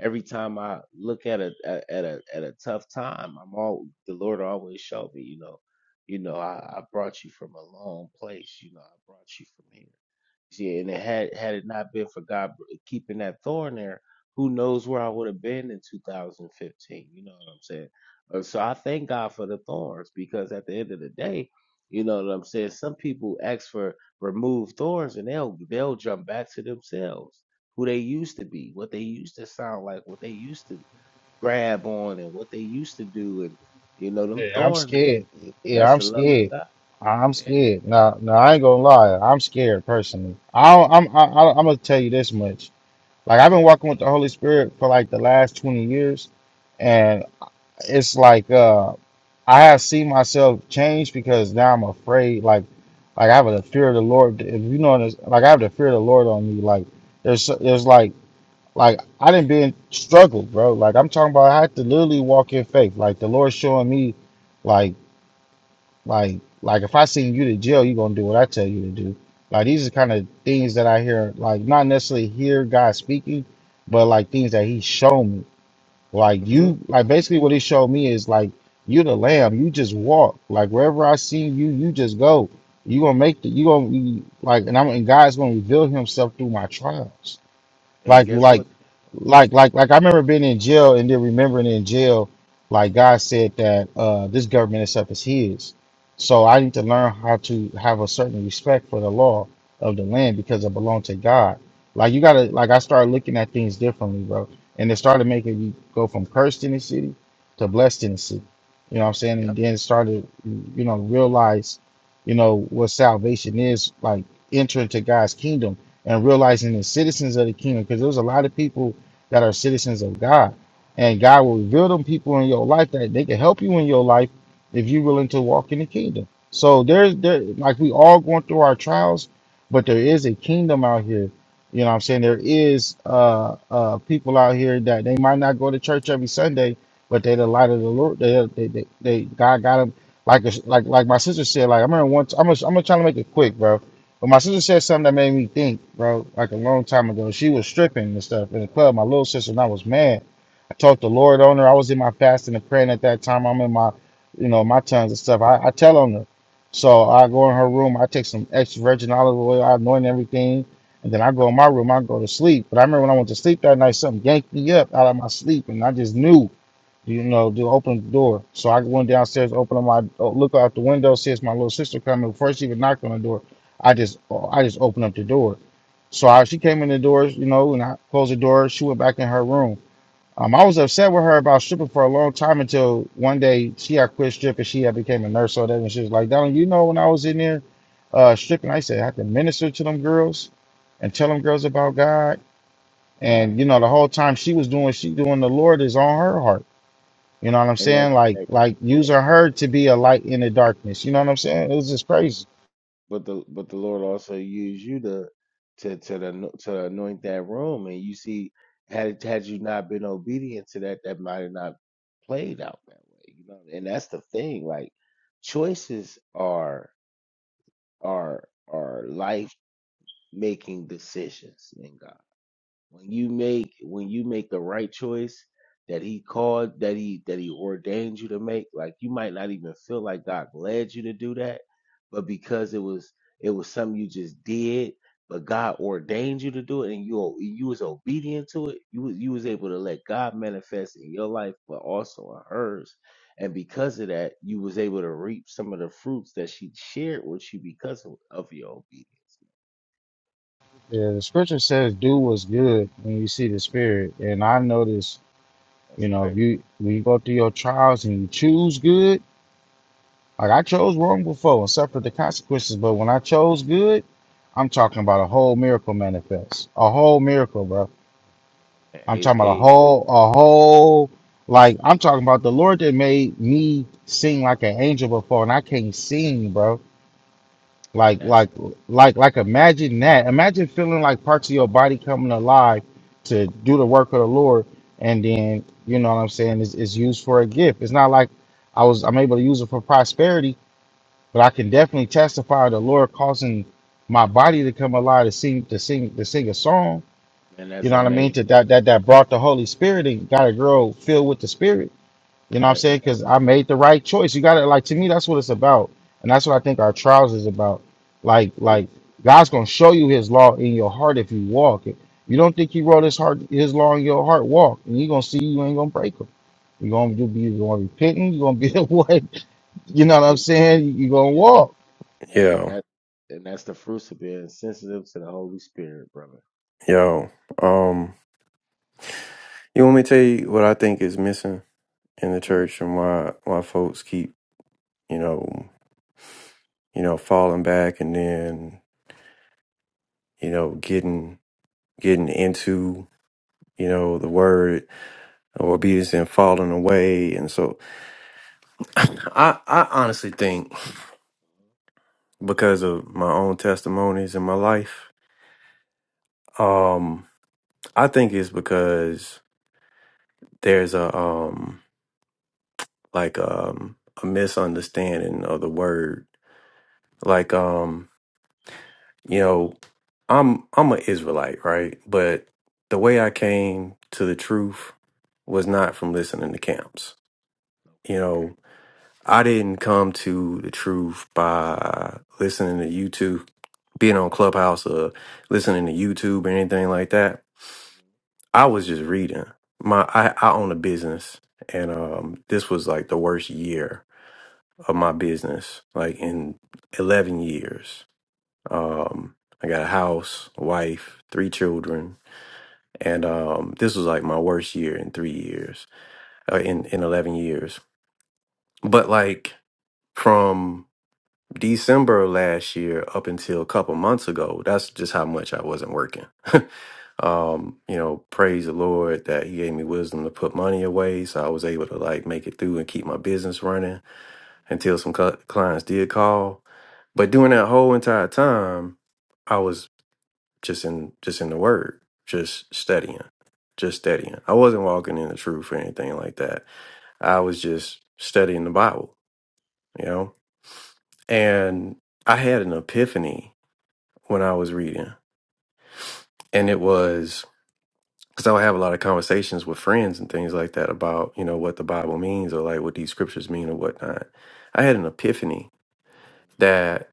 Every time I look at a at at a at a tough time, I'm all the Lord always showed me, you know, you know I, I brought you from a long place, you know I brought you from here. Yeah, and it had had it not been for God keeping that thorn there, who knows where I would have been in 2015? You know what I'm saying? Uh, So I thank God for the thorns because at the end of the day, you know what I'm saying. Some people ask for remove thorns and they'll they'll jump back to themselves, who they used to be, what they used to sound like, what they used to grab on, and what they used to do, and you know them yeah, I'm thorns. scared. Yeah, That's I'm the love scared. of God, I'm man. scared. Now, now I ain't gonna lie. I'm scared personally. I don't, I'm, I, I, I'm gonna tell you this much. Like I've been walking with the Holy Spirit for like the last 20 years, and it's like, uh, I have seen myself change because now I'm afraid. Like, like I have the fear of the Lord. If you know this, like I have the fear of the Lord on me. Like, there's, so, there's like, like I didn't be in struggle, bro. Like I'm talking about, I had to literally walk in faith. Like the Lord showing me, like, like, like if I send you to jail, you gonna do what I tell you to do. Like these are kind of things that I hear, like not necessarily hear God speaking, but like things that He showed me. Like hmm you, like basically what he showed me is like you the lamb. You just walk. Like wherever I see you, you just go. You gonna make the you gonna be like, and I'm and God's gonna reveal Himself through my trials And like guess like what? like like like I remember being in jail and then remembering in jail, like God said that uh, this government and stuff is up as His, so I need to learn how to have a certain respect for the law of the land because it belonged to God. Like you gotta like I started looking at things differently, bro, and it started making me go from cursed Tennessee to blessed Tennessee. You know what I'm saying? And Yep. then started you know realize, you know what salvation is like entering to God's kingdom and realizing the citizens of the kingdom because there's a lot of people that are citizens of God. And God will reveal them people in your life that they can help you in your life if you're willing to walk in the kingdom. So there's there like we all going through our trials, but there is a kingdom out here. You know what I'm saying? There is uh uh people out here that they might not go to church every Sunday, but they the light of the Lord. They they they, they God got them like a, like like my sister said, like I remember once I'm gonna I'm gonna try to make it quick, bro but my sister said something that made me think, bro, like a long time ago. She was stripping and stuff in the club, my little sister, and I was mad. I talked the Lord on her. I was in my fasting and praying at that time. I'm in my, you know, my tongues and stuff. I, I tell on her. So I go in her room, I take some extra virgin olive oil, I anoint everything, and then I go in my room, I go to sleep. But I remember when I went to sleep that night, something yanked me up out of my sleep, and I just knew. You know, do open the door. So I went downstairs, opened up my oh, look out the window, see it's my little sister coming. Before she even knocked on the door, I just oh, I just opened up the door. So I, she came in the doors, you know, and I closed the door. She went back in her room. Um, I was upset with her about stripping for a long time until one day she had quit stripping. She had became a nurse, so that and she was like, "Donald, you know, when I was in there uh, stripping, I said I had to minister to them girls and tell them girls about God." And you Wow. know, the whole time she was doing, she doing the Lord is on her heart. You know what I'm And saying? Like that's like using her to be a light in the darkness. You know what I'm saying? It was just crazy. But the but the Lord also used you to to to the, ano- to anoint that room, and you see, had had you not been obedient to that, that might have not played out that way, you know. And that's the thing, like choices are are are life making decisions in God. when you make when you make the right choice that he called that he that he ordained you to make like you might not even feel like god led you to do that but because it was it was something you just did but god ordained you to do it and you o- you was obedient to it you was you was able to let god manifest in your life but also in hers and because of that you was able to reap some of the fruits that she shared with you because of, of your obedience Yeah, the scripture says do what's good when you see the spirit. And I notice, you that's know, if right you when you go through your trials and you choose good, like I chose wrong before and suffered the consequences, but when I chose good, I'm talking about a whole miracle manifest. A whole miracle, bro. man. I'm hey talking about a hey whole a whole like I'm talking about the Lord that made me sing like an angel before and I can't sing, bro. man Like that's like like like imagine that. Imagine feeling like parts of your body coming alive to do the work of the Lord and then you know what I'm saying is is used for a gift. It's not like I was I'm able to use it for prosperity, but I can definitely testify of the Lord causing my body to come alive to sing to sing to sing a song. Man, You that's know what I amazing. mean? To that that that brought the Holy Spirit and got a girl filled with the Spirit you know what I'm That saying? that Because I made the right choice. You got to like to me. That's what it's about, and that's what I think our trials is about. Like it, like God's gonna show you His law in your heart if you walk it. You don't think He wrote His heart His law in your heart? Walk, and you gonna see you ain't gonna break them. You gonna and, be gonna repenting. You gonna be the way. You know what I'm and, saying? You gonna walk. and, and Yo, that and that's the fruits of being sensitive to the Holy Spirit, brother. yo. Um, you want me to tell you what I think is missing in the hmm church and why why folks keep, you know, you know, falling back and then, you know, getting getting into, you know, the word or obedience and falling away. And so I, I honestly think because of my own testimonies in my life, um, I think it's because there's a um like um a misunderstanding of the word. Like um you know, I'm I'm an Israelite, right? But the way I came to the truth was hmm not from listening to camps. You Okay. know, I didn't come to the truth by listening to YouTube, being on Clubhouse or listening to YouTube or anything like that. hmm I was just reading. My I, I own a business and um this was like the worst year of my business, like in eleven years. Um I got a house, a wife, three children, and um this was like my worst year in three years uh, in in 11 years Okay. but like from december of last year up until a couple months ago that's just how much i wasn't working um you know praise the lord that he gave me wisdom to put money away so i was able to like make it through and keep my business running until some cl- clients did call but during that whole entire time I was just in just in the word, just studying, just studying. I wasn't walking in the truth or anything like that. I was just studying the Bible, you know. And I had an epiphany when I was reading, and it was because I would have a lot of conversations with friends and things like that about you know what the Bible means or like what these scriptures mean or whatnot. I had an epiphany hmm that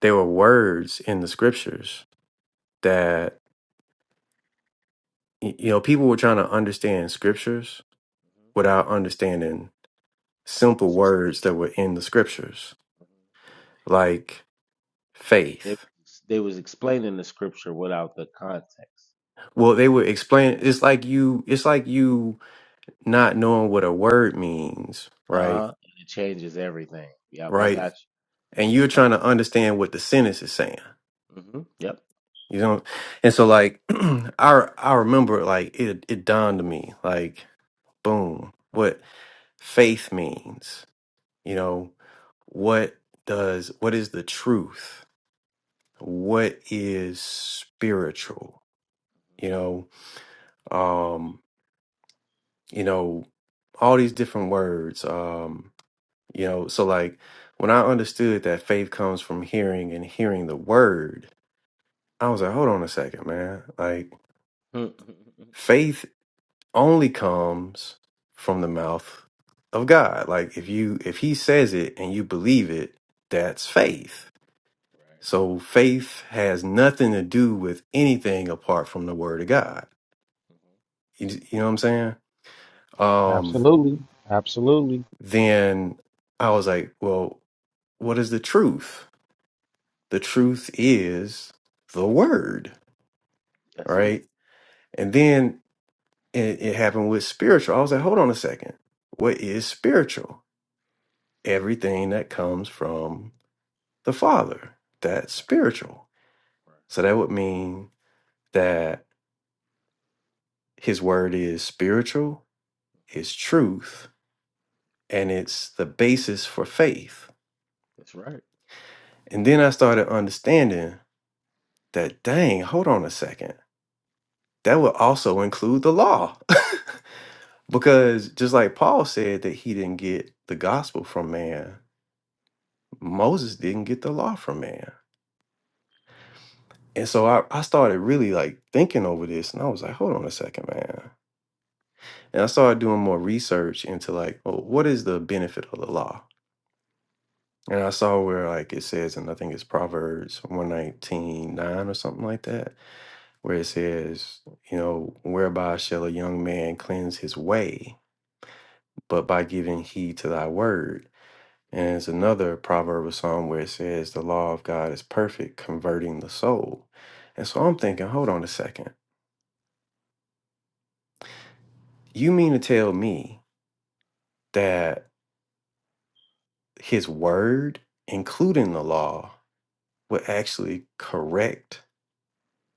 there were words in the scriptures that y- you know people were trying to understand scriptures hmm without understanding The simple scripture. words that were in the scriptures, hmm like They, they faith. was- they was explaining the scripture without the context. Well, they would explain it's like you it's like you not knowing what a word means, Uh right? huh. And it changes everything. Yep, I Right? got you. And you're Uh trying to understand what the sentence is saying. huh. hmm Yep. You know? And so like I I remember like it it dawned on me, like, boom, what faith means, you know, what does what is the truth? What is spiritual? You know, um, you know, all these different words. Um, you know, so like when I understood that faith comes from hearing and hearing the word, I was like, hold on a second, man. Like Mhm, mhm, mhm. faith only comes from the mouth of God. Like if you if he says it and you believe it, that's faith. right. So faith has nothing to do with anything apart from the word of God. hmm You, you know what I'm saying? hmm Um Absolutely. Absolutely. then I was like, well, what is the truth? The truth is the word, That's it. right? And then it, it happened with spiritual. I was like, hold on a second. What is spiritual? Everything that comes from the Father, that's Okay. spiritual. Right. So that would mean that his word is spiritual, hmm is truth, and it's the basis for faith. That's right. And then I started understanding that, dang, hold on a second. That would also include the law. Yeah. Because just like Paul said that he didn't get the gospel from man, Moses didn't get the law from man. And so I, I started really like thinking over this and I was like, hold on a second, man. And I started doing more research into like, well, what is the benefit of the law? And I saw where like it says, and I think it's Proverbs one nineteen nine or something like that, where it says, you know, whereby shall a young man cleanse his way, but by giving heed to thy word. And it's another proverb or song where it says, The law of God is perfect, converting the soul. And so I'm thinking, hold on a second. You mean to tell me that his word, including the law, would actually correct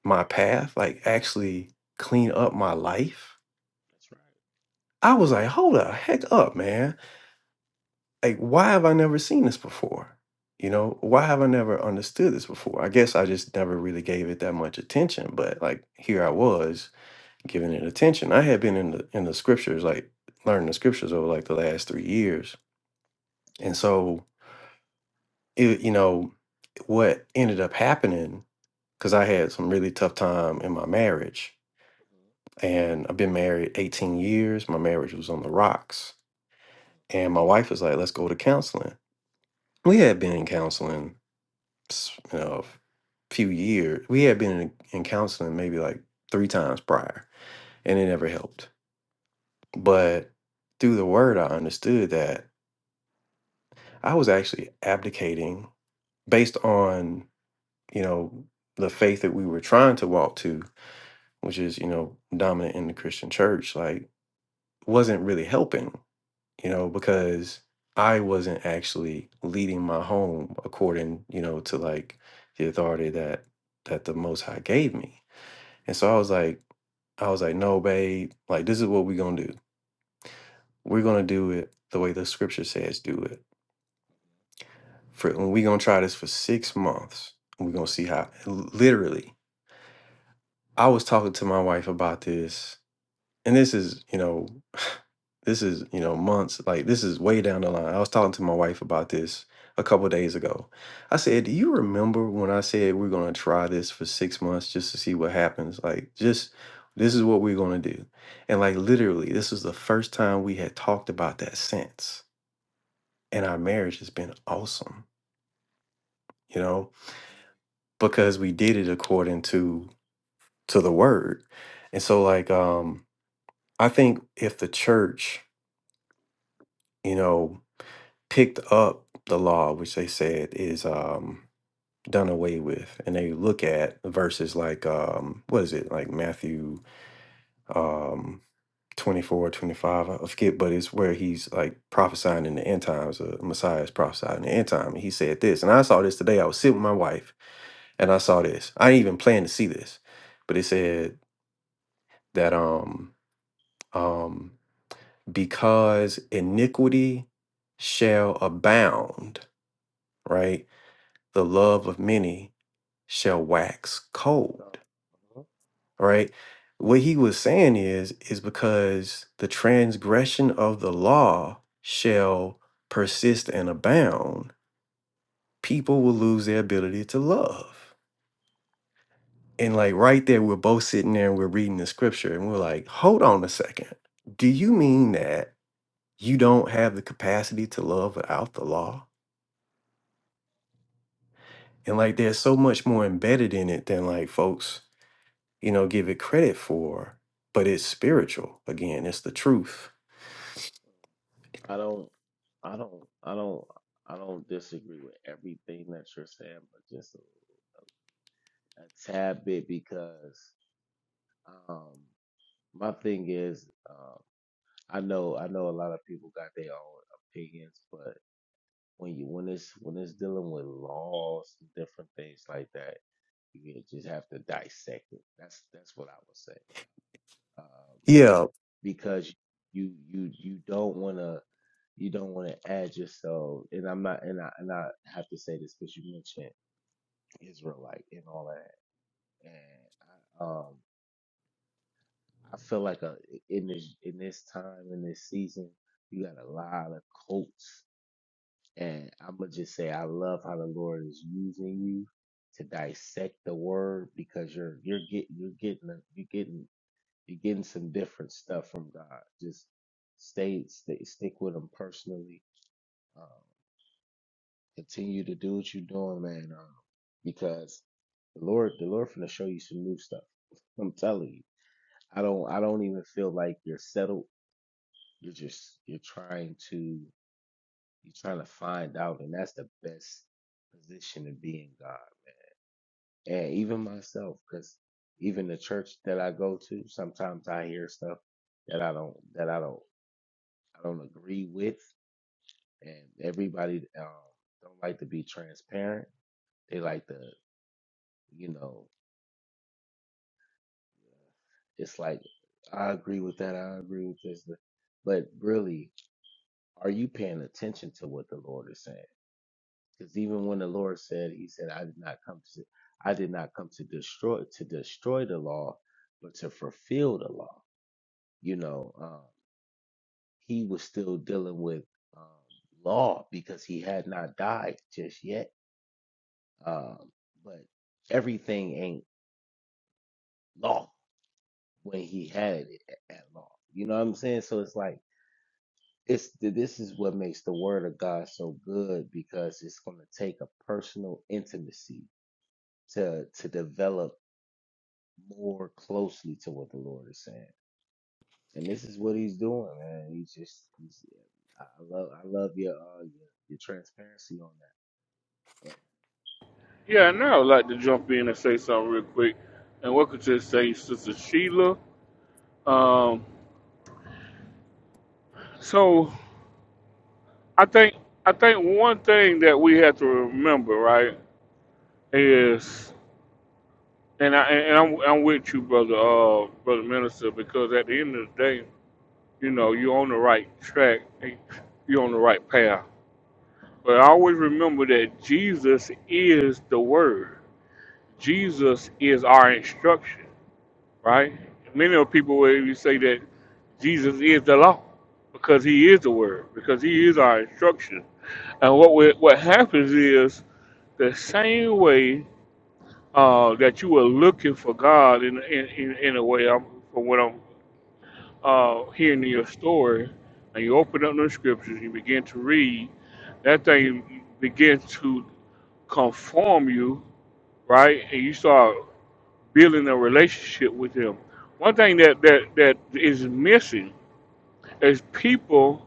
my path, like actually clean up my life? That's right. I was like, hold the heck up, man. Like, why have I never seen this before? You know, why have I never understood this before? I guess I just never really gave it that much attention, but like, here I was giving it attention. I had been in the in the scriptures, like learning the scriptures over like the last three years, and so it, you know, what ended up happening because I had some really tough time in my marriage, hmm and I've been married eighteen years. My marriage was on the rocks, and my wife was like, "Let's go to counseling." We had been in counseling, s- you know, a few years. We had been in, in counseling maybe like three times prior, and it never helped. But through the word, I understood that I was actually abdicating based on, you know, the faith that we were trying to walk to, which is, you know, dominant in the Christian church, like wasn't really helping, you know, because I wasn't actually leading my home according, you know, to like the authority that that the most high gave me. And so I was like, I was like, no, babe, like this is what we're gonna do. We're gonna do it the way the scripture says do it for and we gonna try this for six months. and We're gonna see how literally. I was talking to my wife about this, and this is, you know, this is, you know, months, like this is way down the line. I was talking to my wife about this a couple days ago. I said, Do you remember when I said we're gonna try this for six months just to see what happens? Like, just this is what we're gonna do. And like literally, this is the first time we had talked about that since. And our marriage has been awesome. You know, because we did it according to to the word and so like um i think if the church you know picked up the law which they said is um done away with and they look at verses like um what is it like matthew um 24 twenty-five, i forget but it's where he's like prophesying in the end times uh, messiah is prophesying in the end time and he said this and i saw this today i was sitting with my wife and I saw this. I didn't even plan to see this, but it said that um um because iniquity shall abound right the love of many shall wax cold So. uh-huh. right what he was saying is is because the transgression of the law shall persist and abound people will lose their ability to love and like right there we're both sitting there and we're reading the scripture and we're like hold on a second do you mean that you don't have the capacity to love without the law. And like there's so much more embedded in it than like folks, you know, give it credit for, but it's spiritual. Again, it's the truth. I don't, I don't, I don't, I don't disagree with everything that you're saying, but just a, a tad bit because um, my thing is, um, I know, I know a lot of people got their own opinions, but when you when it's when it's dealing with laws and different things like that, you just have to dissect it. That's that's what I would say. Um, Yeah. because you you you don't want to you don't want to add yourself and i'm not and i and i have to say this because you mentioned israelite and all that and I, um i feel like a in this in this time in this season you got a lot of quotes and i'm gonna just say i love how the lord is using you to dissect the word because you're you're getting you're getting you're getting You're getting some different stuff from God. Just stay, stay stick with Him personally. Um, continue to do what you're doing, man. Um, because the Lord, the Lord, finna show you some new stuff. I'm telling you. I don't, I don't even feel like you're settled. You're just, you're trying to, you're trying to find out, and that's the best position to be in God. And even myself, because even the church that I go to, sometimes I hear stuff that I don't that I don't I don't agree with, and everybody um, don't like to be transparent. They like to, you know, it's like I agree with that. I agree with this, but but really, are you paying attention to what the Lord is saying? Because even when the Lord said, He said, "I did not come to, I did not come to destroy to destroy the law, but to fulfill the law." You know, um, He was still dealing with um, law because He had not died just yet Um, but everything ain't law when he had it a- at law. You know what I'm saying? So it's like it's th- this is what makes the word of God so good because it's going to take a personal intimacy to to develop more closely to what the Lord is saying. And this is what he's doing, man. He's just he's I I love I love your uh your, your transparency on that. Yeah, and now I'd like to jump in and say something real quick, and welcome to the stage, Sister Sheila. Um, so I think I think one thing that we have to remember, right? is, and I and I'm, I'm with you, brother, uh, brother minister, because at the end of the day, you know, you're on the right track, and you're on the right path. But I always remember that Jesus is the Word. Jesus is our instruction, right? Many of people will even say that Jesus is the law because He is the Word, because He is our instruction. And what we, what happens is the same way. uh, that you were looking for God in in, in, in a way. I'm, from what I'm uh, hearing in your story, and you open up the scriptures, you begin to read, that thing begins to conform you, right? And you start building a relationship with Him. One thing that that, that is missing is people.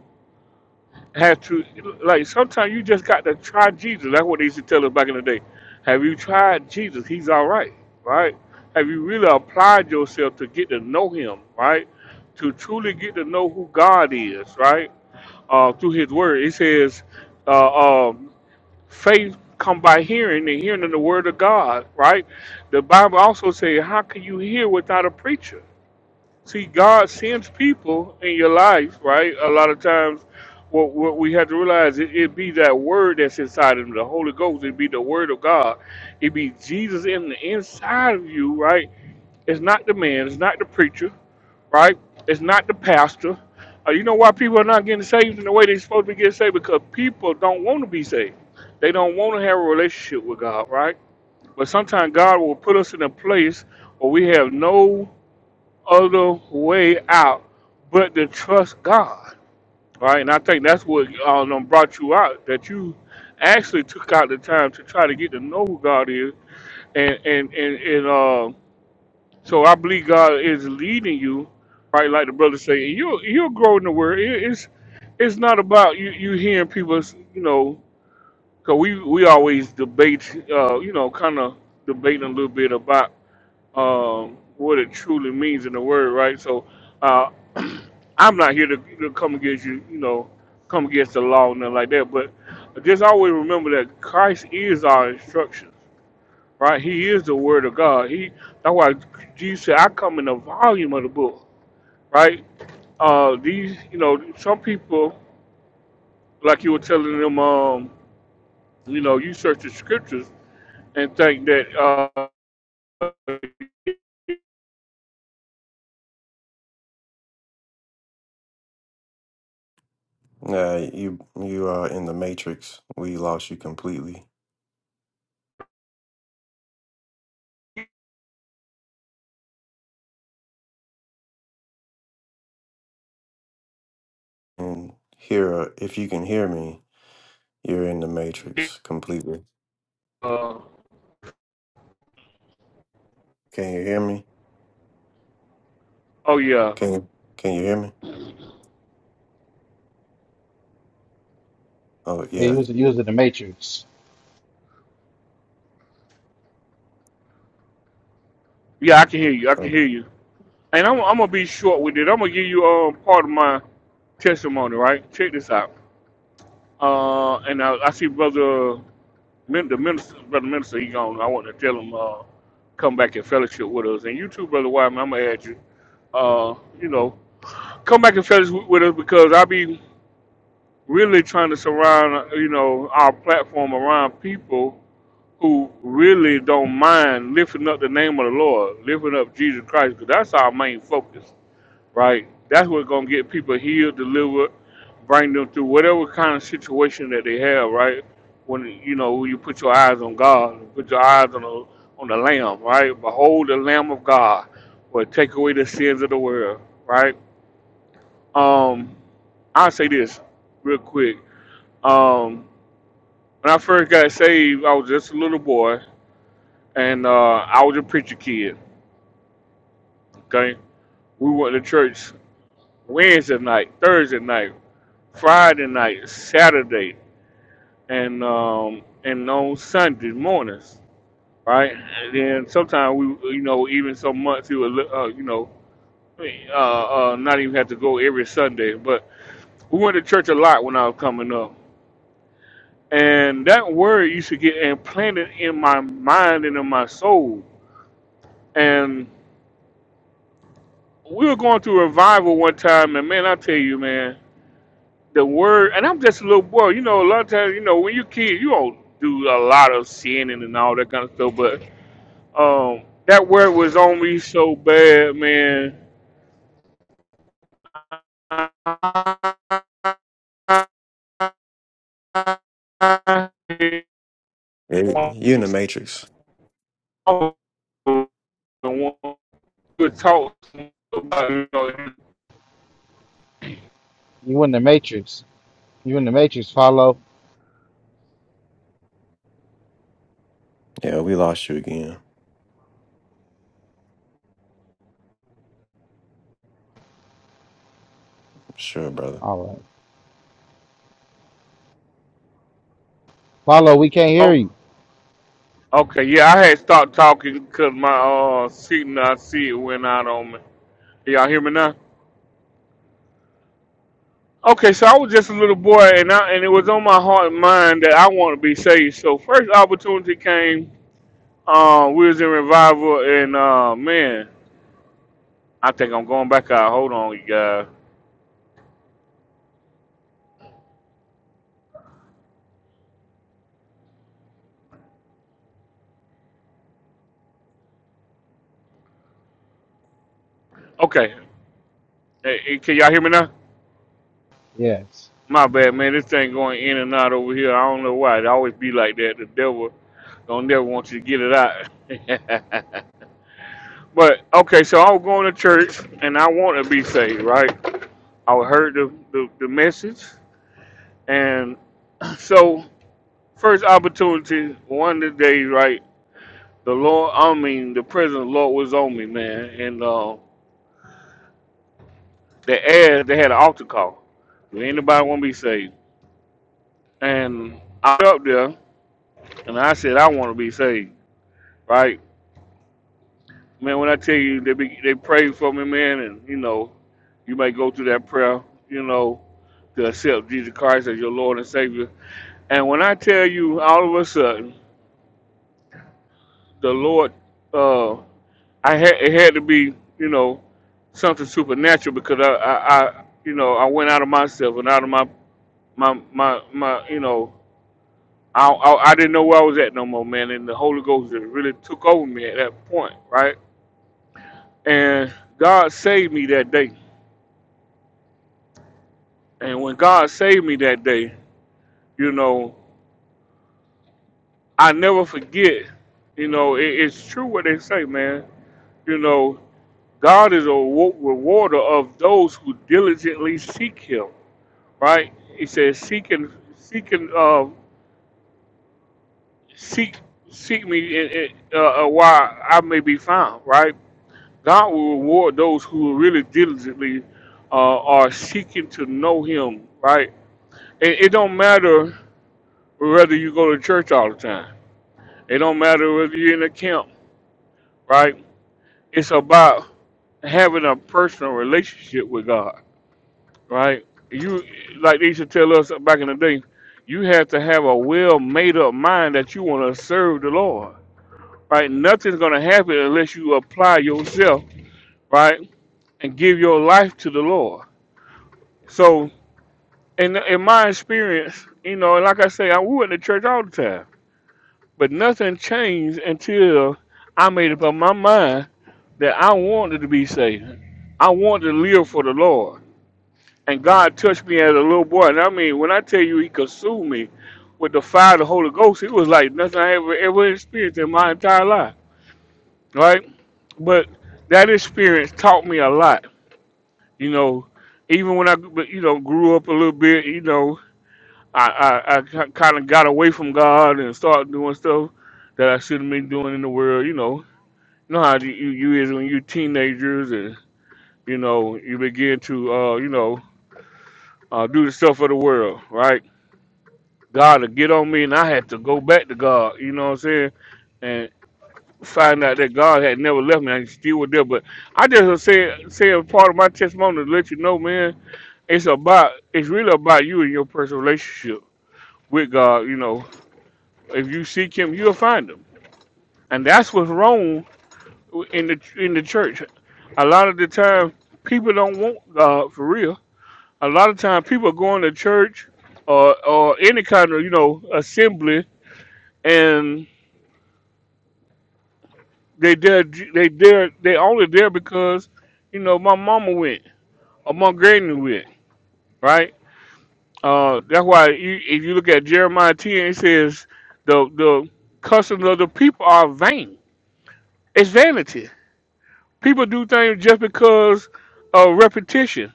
Have to like sometimes you just got to try Jesus. That's what they used to tell us back in the day. Have you tried Jesus? He's all right, right? Have you really applied yourself to get to know Him, right? To truly get to know who God is, right? Uh, through His Word, it says, uh, um, faith come by hearing, and hearing of the Word of God, right? The Bible also says, how can you hear without a preacher? See, God sends people in your life, right? A lot of times, what, what we have to realize, it, it be that word that's inside of them, the Holy Ghost. It be the word of God. It be Jesus in the inside of you, right? It's not the man. It's not the preacher, right? It's not the pastor. Uh, you know why people are not getting saved in the way they're supposed to be getting saved? Because people don't want to be saved. They don't want to have a relationship with God, right? But sometimes God will put us in a place where we have no other way out but to trust God. All Right? And I think that's what um, done brought you out, that you actually took out the time to try to get to know who God is. And and, and, and uh, so I believe God is leading you, right, like the brother say, and you'll you'll grow in the word. It, it's it's not about you, you hearing people, you know, because we, we always debate, uh, you know, kind of debating a little bit about um, what it truly means in the word, right? So uh, I'm not here to, to come against you, you know, come against the law and nothing like that. But just always remember that Christ is our instructions, right? He is the Word of God. He that's why Jesus said, "I come in the volume of the book," right? Uh, these, you know, some people, like you were telling them, um, you know, you search the scriptures and think that, uh, Uh, you you are in the matrix. We lost you completely. And here uh, if you can hear me, you're in the matrix completely. uh, Can you hear me? oh yeah, Can you can you hear me? Oh Yeah, you yeah. was you was in the matrix. yeah, I can hear you, I can Um, hear you And I'm, I'm gonna be short with it. I'm gonna give you um part of my testimony, right? Check this out. Uh, and I, I see brother Min- the minister, brother minister, he gone. I want to tell him uh, come back and fellowship with us. And you too, brother Wyman. I'm gonna add you. Uh, you know, come back and fellowship with us because I be really trying to surround uh, you know our platform around people who really don't mind lifting up the name of the Lord, lifting up Jesus Christ, because that's our main focus right? That's what's gonna get people healed, delivered, bring them through whatever kind of situation that they have, right? When you know when you put your eyes on God, you put your eyes on the on the Lamb, right? Behold the Lamb of God, will take away the sins of the world, right? Um, I'll say this real quick. Um, when I first got saved, I was just a little boy, and uh, I was a preacher kid. Okay, we went to church Wednesday night, Thursday night, Friday night, Saturday, and um and on Sunday mornings, right? And then sometimes we, you know, even some months he would, look, uh, you know, I mean, uh, uh, not even have to go every Sunday. But we went to church a lot when I was coming up, and that word used to get implanted in my mind and in my soul. And we were going through revival one time, and man, I tell you, man, the word. And I'm just a little boy, you know. A lot of times, you know, when you are kid, you don't do a lot of sinning and all that kind of stuff, but Um, that word was on me so bad, man. I did yeah, you're in the matrix. talk about you know. You in the matrix. You in the matrix, follow. Yeah, we lost you again. Sure, brother. All right. Follow, we can't hear Oh, you. okay, yeah, I had stopped talking because my uh seat I see it went out on me. Y'all hear me now? Okay, so I was just a little boy, and I and it was on my heart and mind that I want to be saved. So first opportunity came. Uh, we was in revival, and uh, man, I think I'm going back out. Hold on, you guys. Okay, Hey, hey, can y'all hear me now? Yes. My bad, man. This thing going in and out over here. I don't know why. It always be like that. The devil don't never want you to get it out. but okay, so I was going to church and I want to be saved, right? I heard the, the, the message, and so first opportunity, one of the days, right? The Lord, I mean, the presence of the Lord was on me, man. And uh, the ad, they had an altar call. Do Anybody want to be saved? And I was up there And I said I want to be saved, right? Man, when I tell you they be, they pray for me, man, and you know, you may go through that prayer, you know, to accept Jesus Christ as your Lord and Savior. And when I tell you, all of a sudden, the Lord, uh, I had it had to be, you know, something supernatural because I, I, I you know, I went out of myself and out of my, my, my, my, you know, I, I, I didn't know where I was at no more, man. And the Holy Ghost just really took over me at that point, right? And God saved me that day. And when God saved me that day, you know, I never forget. You know, it, it's true what they say, man. You know, God is a wa- rewarder of those who diligently seek Him. Right? He says, "Seek and seek and uh, seek seek me in, in, uh, uh, while I may be found." Right? God will reward those who really diligently uh, are seeking to know Him. Right? And it don't matter whether you go to church all the time. It don't matter whether you're in a camp, right? It's about having a personal relationship with God, right? You like they used to tell us back in the day, you have to have a well made up mind that you want to serve the Lord. Right? Nothing's gonna happen unless you apply yourself, right? And give your life to the Lord. So in in my experience, you know, and like I say, I we went to church all the time. But nothing changed until I made up my mind that I wanted to be saved. I wanted to live for the Lord. And God touched me as a little boy. And I mean, when I tell you he consumed me with the fire of the Holy Ghost, it was like nothing I ever ever experienced in my entire life. Right? But that experience taught me a lot. You know, even when I you know grew up a little bit, you know, I I, I kind of got away from God and started doing stuff that I shouldn't be doing in the world. You know, you know how you you is when you're teenagers and. you know, you begin to, uh, you know, uh, do the stuff of the world, right? God to get on me, and I had to go back to God. You know what I'm saying? And find out that God had never left me. I still was there. But I just was saying, saying part of my testimony to let you know, man, it's about, it's really about you and your personal relationship with God. You know, if you seek Him, you'll find Him, and that's what's wrong in the in the church. A lot of the time, people don't want God for real a lot of times, people are going to church or or any kind of you know assembly and they there they there they only there because you know my mama went or my granny went right uh that's why you, if you look at jeremiah 10 it says the the customs of the people are vain it's vanity people do things just because of repetition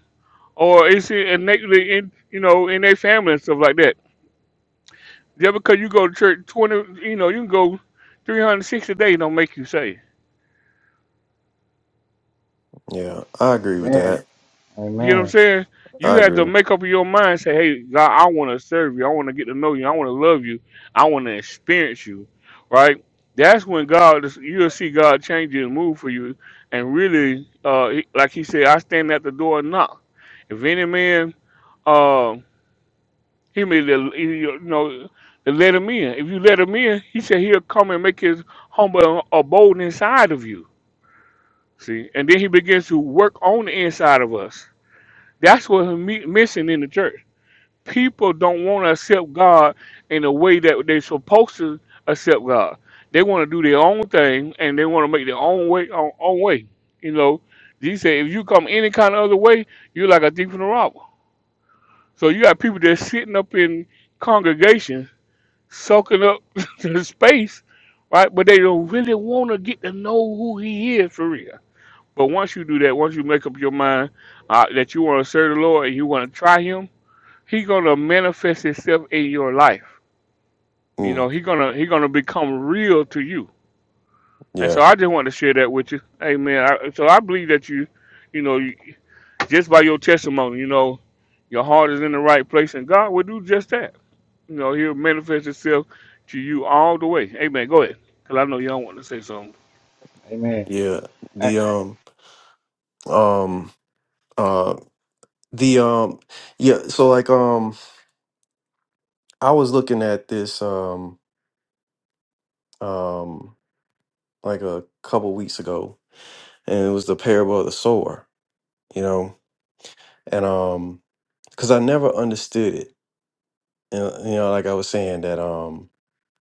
or it's innately in you know in their family and stuff like that Yeah, because you go to church twenty, you know, you can go three hundred sixty days. Don't make you say. Yeah, I agree with Amen. that. You know what Amen. I'm saying? You I have to agree. make up your mind. Say, hey, God, I want to serve you. I want to get to know you. I want to love you. I want to experience you. Right? That's when God, is- you'll see God change His move for you, and really, uh, he- like He said, I stand at the door and knock. If any man, uh, he may, let- you know, let him in. If you let him in, He said He'll come and make His humble abode inside of you. See, and then he begins to work on the inside of us. That's what we're mi- missing in the church. People don't want to accept God in the way that they're supposed to accept God. They want to do their own thing and they want to make their own way, own, own way. You know, Jesus said, if you come any kind of other way, you're like a thief and a robber. So you got people that's sitting up in congregations, soaking up the space, right? But they don't really want to get to know who He is for real but once you do that, once you make up your mind uh, that you want to serve the Lord and you want to try Him, He's gonna manifest Himself in your life. You know, Mm, He's gonna He's gonna become real to you. And yeah, so I just want to share that with you. Amen. I, so I believe that you, you know, you, just by your testimony, you know, your heart is in the right place, and God will do just that. You know, He'll manifest Himself to you all the way. Amen. Go ahead, because I know y'all want to say something. Amen. yeah. Uh, The um um uh the um yeah. So like um I was looking at this um um like a couple weeks ago, and it was the parable of the sower. You know, and um because I never understood it. And you know, like I was saying that um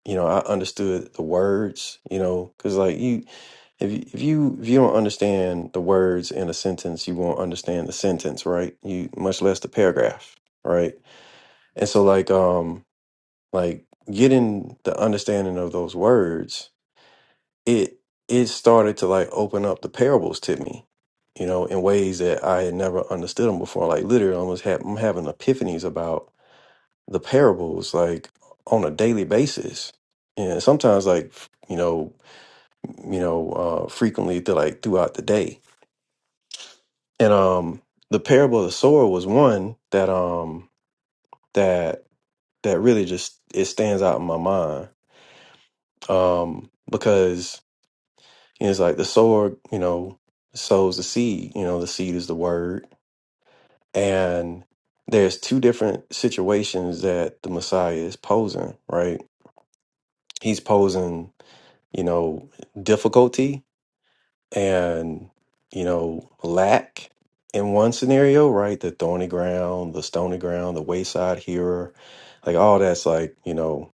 you know, I understood the words, you know, because like you, if you, if you if you don't understand the words in a sentence, you won't understand the sentence, right? You much less the paragraph, right? And so like um like getting the understanding of those words, it it started to like open up the parables to me, you know, in ways that I had never understood them before. Like literally, I almost had I'm having epiphanies about the parables like on a daily basis and sometimes like you know you know uh frequently to like throughout the day and um the parable of the sower was one that um that that really just it stands out in my mind um because you know, it's like the sower you know sows the seed you know the seed is the word and there's two different situations that the messiah is posing right he's posing you know, difficulty and, you know, lack in one scenario, right? The thorny ground, the stony ground, the wayside hearer, like all that's like, you know,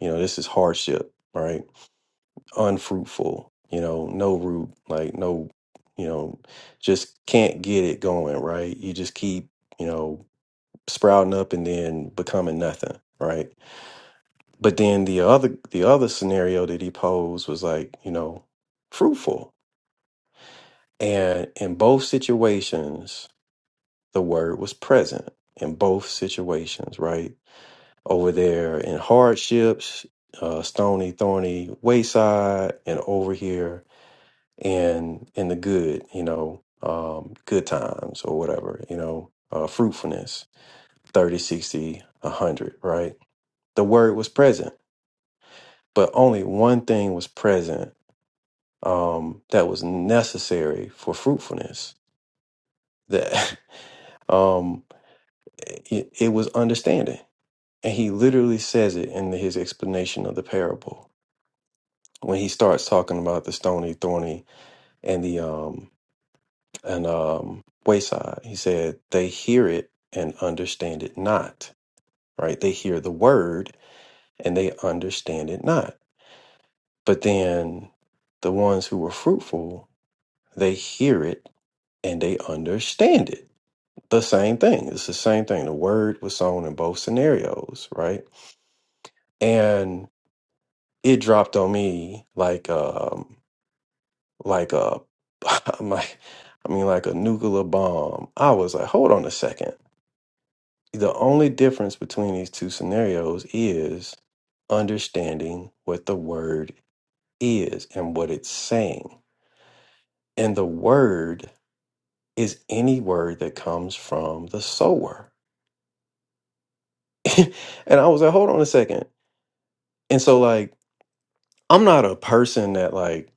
you know, this is hardship, right? Unfruitful, you know, no root, like no, you know, just can't get it going, right? You just keep, you know, sprouting up and then becoming nothing, right? But then the other the other scenario that he posed was like, you know, fruitful, And in both situations, the word was present in both situations, right? Over there in hardships, uh, stony, thorny wayside, and over here in in the good, you know, um, good times or whatever, you know, uh, fruitfulness, 30, 60, 100, right? The word was present, but only one thing was present um, that was necessary for fruitfulness. That um, It, it was understanding. And he literally says it in his explanation of the parable when he starts talking about the stony, thorny, and the um and um wayside. He said they hear it and understand it not. Right? They hear the word and they understand it not. But then the ones who were fruitful, they hear it and they understand it. The same thing. It's the same thing. The word was sown in both scenarios, right? And it dropped on me like um like a my I mean like a nuclear bomb. I was like, hold on a second. The only difference between these two scenarios is understanding what the word is and what it's saying. And the word is any word that comes from the sower. and I was like, hold on a second. And so like I'm not a person that like,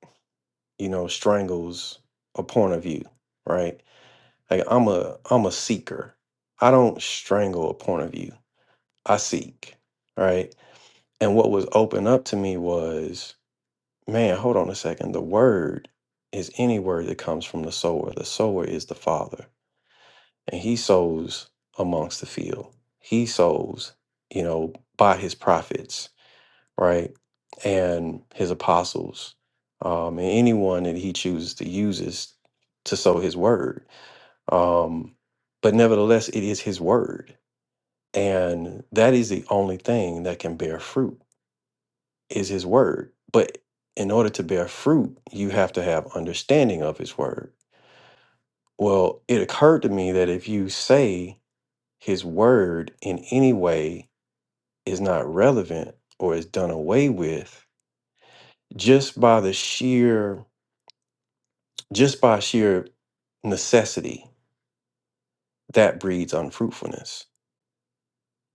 you know, strangles a point of view, right? Like I'm a I'm a seeker. I don't strangle a point of view. I seek. Right. And what was open up to me was, man, hold on a second. The word is any word that comes from the sower. The sower is the father. And he sows amongst the field. He sows, you know, by his prophets, right? And his apostles. Um, and anyone that he chooses to use is to sow his word um, but nevertheless, it is his word. And that is the only thing that can bear fruit is his word. But in order to bear fruit, you have to have understanding of his word. Well, it occurred to me that if you say his word in any way is not relevant or is done away with, just by the sheer, just by sheer necessity, that breeds unfruitfulness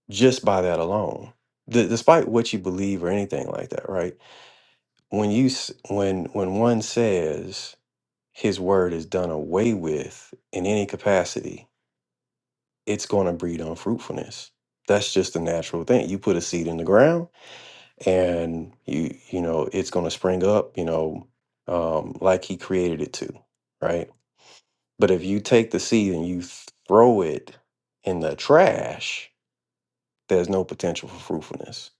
just by that alone D- despite what you believe or anything like that right when you s- when when one says his word is done away with in any capacity it's going to breed unfruitfulness that's just a natural thing you put a seed in the ground and you you know it's going to spring up you know um like he created it to right but if you take the seed and you throw it in the trash there's no potential for fruitfulness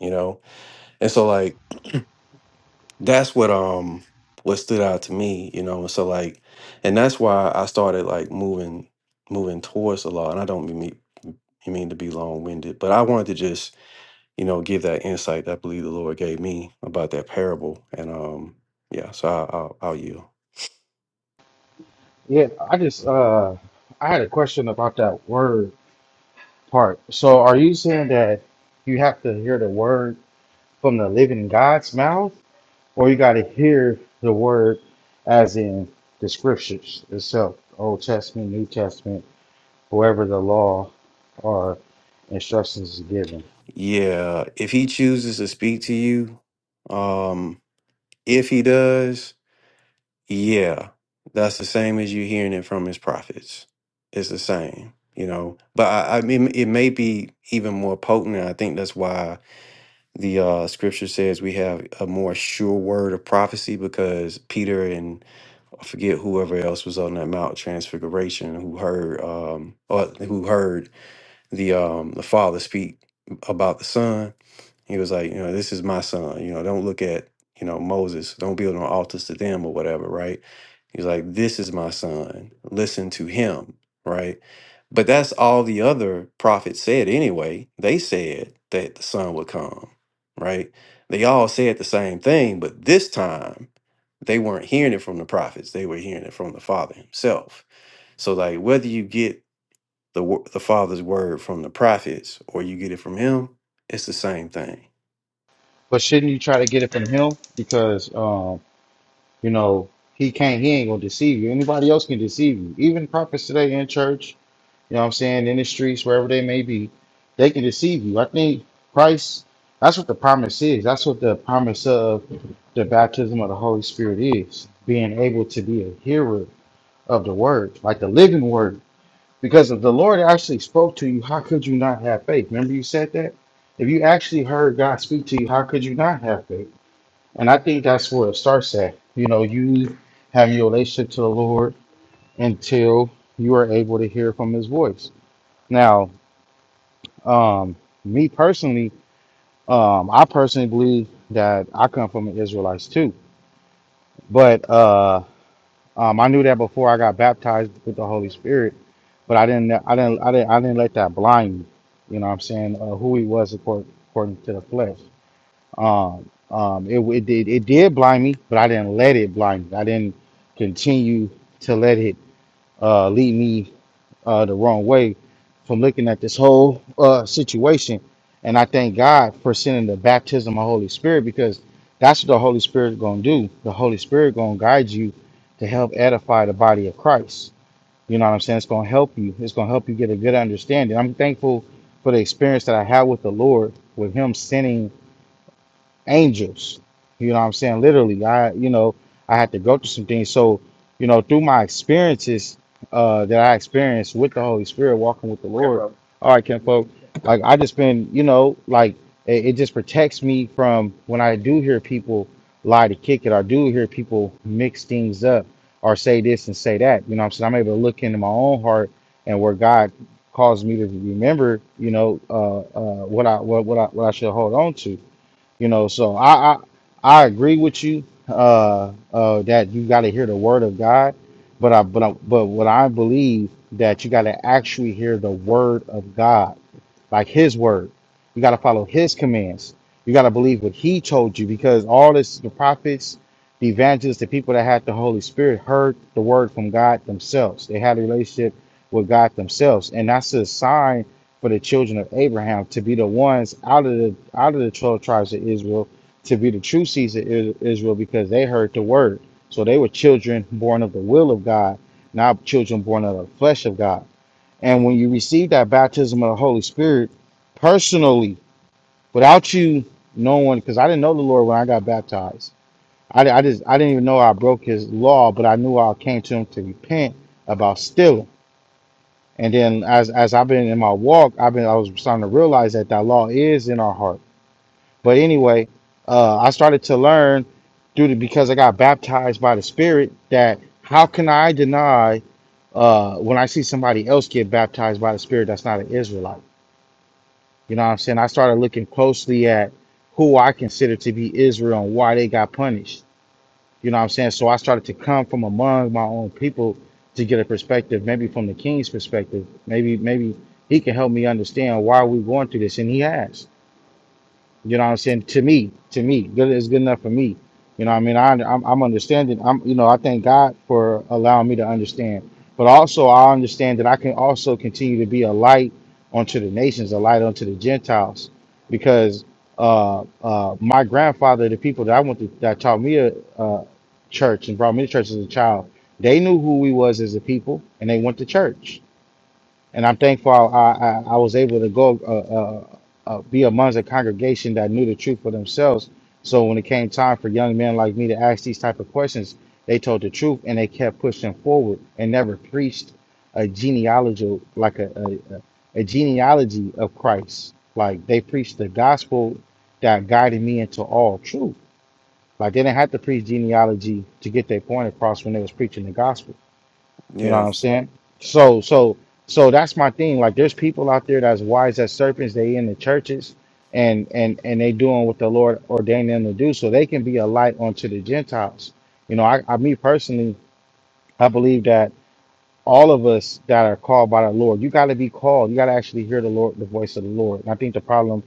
you know and so like that's what um what stood out to me, you know. So like, and that's why I started like moving moving towards the law. And I don't mean mean to be long winded, but I wanted to just you know give that insight that I believe the Lord gave me about that parable. And um yeah, so I, I'll, I'll yield. yeah, I just uh, I had a question about that word part. So, are you saying that you have to hear the word from the living God's mouth, or you got to hear the word as in the scriptures itself, Old Testament, New Testament, whoever the law or instructions is given? Yeah, if He chooses to speak to you, um if He does, Yeah, that's the same as you hearing it from his prophets. It's the same, you know. But I, I mean, it may be even more potent. And I think that's why the uh, scripture says we have a more sure word of prophecy because Peter and I forget whoever else was on that Mount Transfiguration who heard um or who heard the um the Father speak about the Son he was like, you know, this is my son. You know, don't look at, you know, Moses. Don't build no altars to them or whatever, right? He's like, this is my son. Listen to him, right? But that's all the other prophets said anyway. They said that the son would come, right? They all said the same thing, but this time they weren't hearing it from the prophets. They were hearing it from the father himself. So like whether you get the wo- the father's word from the prophets or you get it from him, it's the same thing But shouldn't you try to get it from Him because um, you know He can't, He ain't gonna deceive you. Anybody else can deceive you, even prophets today in church you know what I'm saying, in the streets, wherever they may be, they can deceive you. I think Christ, that's what the promise is. That's what the promise of the baptism of the Holy Spirit is being able to be a hearer of the word, like the living word. Because if the Lord actually spoke to you, how could you not have faith? Remember, you said that? If you actually heard God speak to you, how could you not have faith? And I think that's where it starts at. You know, you having your relationship to the Lord until you are able to hear from his voice. Now, um, me personally, um, I personally believe that I come from the Israelites too. But uh, um, I knew that before I got baptized with the Holy Spirit. But I didn't, I didn't, I didn't, I didn't let that blind me. You know what I'm saying? Uh, who he was according, according to the flesh. Um, um, it, it did, it did blind me, but I didn't let it blind me. I didn't continue to let it uh, lead me uh, the wrong way from looking at this whole uh, situation. And I thank God for sending the baptism of Holy Spirit because that's what the Holy Spirit going to do. The Holy Spirit going to guide you to help edify the body of Christ. You know what I'm saying? It's going to help you. It's going to help you get a good understanding. I'm thankful for the experience that I had with the Lord, with Him sending angels. You know what I'm saying? Literally, I you know I had to go through some things. So you know through my experiences uh, that I experienced with the Holy Spirit, walking with the Lord. All right, Ken folk. Like I just been you know like it, it just protects me from when I do hear people lie to kick it. I do hear people mix things up or say this and say that. You know what I'm saying? I'm able to look into my own heart and where God caused me to remember. You know uh, uh, what I what what I what I should hold on to you know, so I I, I agree with you uh, uh, that you got to hear the word of God, but I but I, but what I believe that you got to actually hear the word of God like his word. You got to follow his commands. You got to believe what he told you because all this, the prophets, the evangelists, the people that had the Holy Spirit heard the word from God themselves. They had a relationship with God themselves. And that's a sign for the children of Abraham to be the ones out of the out of the 12 tribes of Israel to be the true seeds of Is- Israel because they heard the word. So they were children born of the will of God, not children born of the flesh of God. And when you receive that baptism of the Holy Spirit personally, without you knowing, because I didn't know the Lord when I got baptized. I, I just I didn't even know I broke His law, but I knew I came to Him to repent about stealing. And then as as I've been in my walk, I've been I was starting to realize that that law is in our heart. But anyway, uh, I started to learn through the, because I got baptized by the Spirit that how can I deny uh, when I see somebody else get baptized by the Spirit that's not an Israelite? You know what I'm saying? I started looking closely at who I consider to be Israel and why they got punished. You know what I'm saying? So I started to come from among my own people to get a perspective, maybe from the king's perspective. Maybe maybe he can help me understand why we're going through this, and he has. You know what I'm saying? To me, to me, good is good enough for me. You know what I mean? I, I'm, I'm understanding. I'm, you know, I thank God for allowing me to understand. But also, I understand that I can also continue to be a light unto the nations, a light unto the Gentiles, because uh, uh, my grandfather, the people that I went to, that taught me a uh, church and brought me to church as a child, they knew who we was as a people, and they went to church and I'm thankful I, I, I was able to go uh, uh, uh, be amongst a congregation that knew the truth for themselves. So when it came time for young men like me to ask these type of questions, they told the truth and they kept pushing forward and never preached a genealogy like a, a, a genealogy of Christ. Like they preached the gospel that guided me into all truth. Like they didn't have to preach genealogy to get their point across when they was preaching the gospel you know what Yeah, I'm saying? So so so that's my thing. Like there's people out there that's wise as serpents. They in the churches and and and they doing what the Lord ordained them to do, so they can be a light unto the Gentiles. You know, I, I me personally, I believe that all of us that are called by the Lord, you got to be called. You got to actually hear the Lord, the voice of the Lord. And I think the problem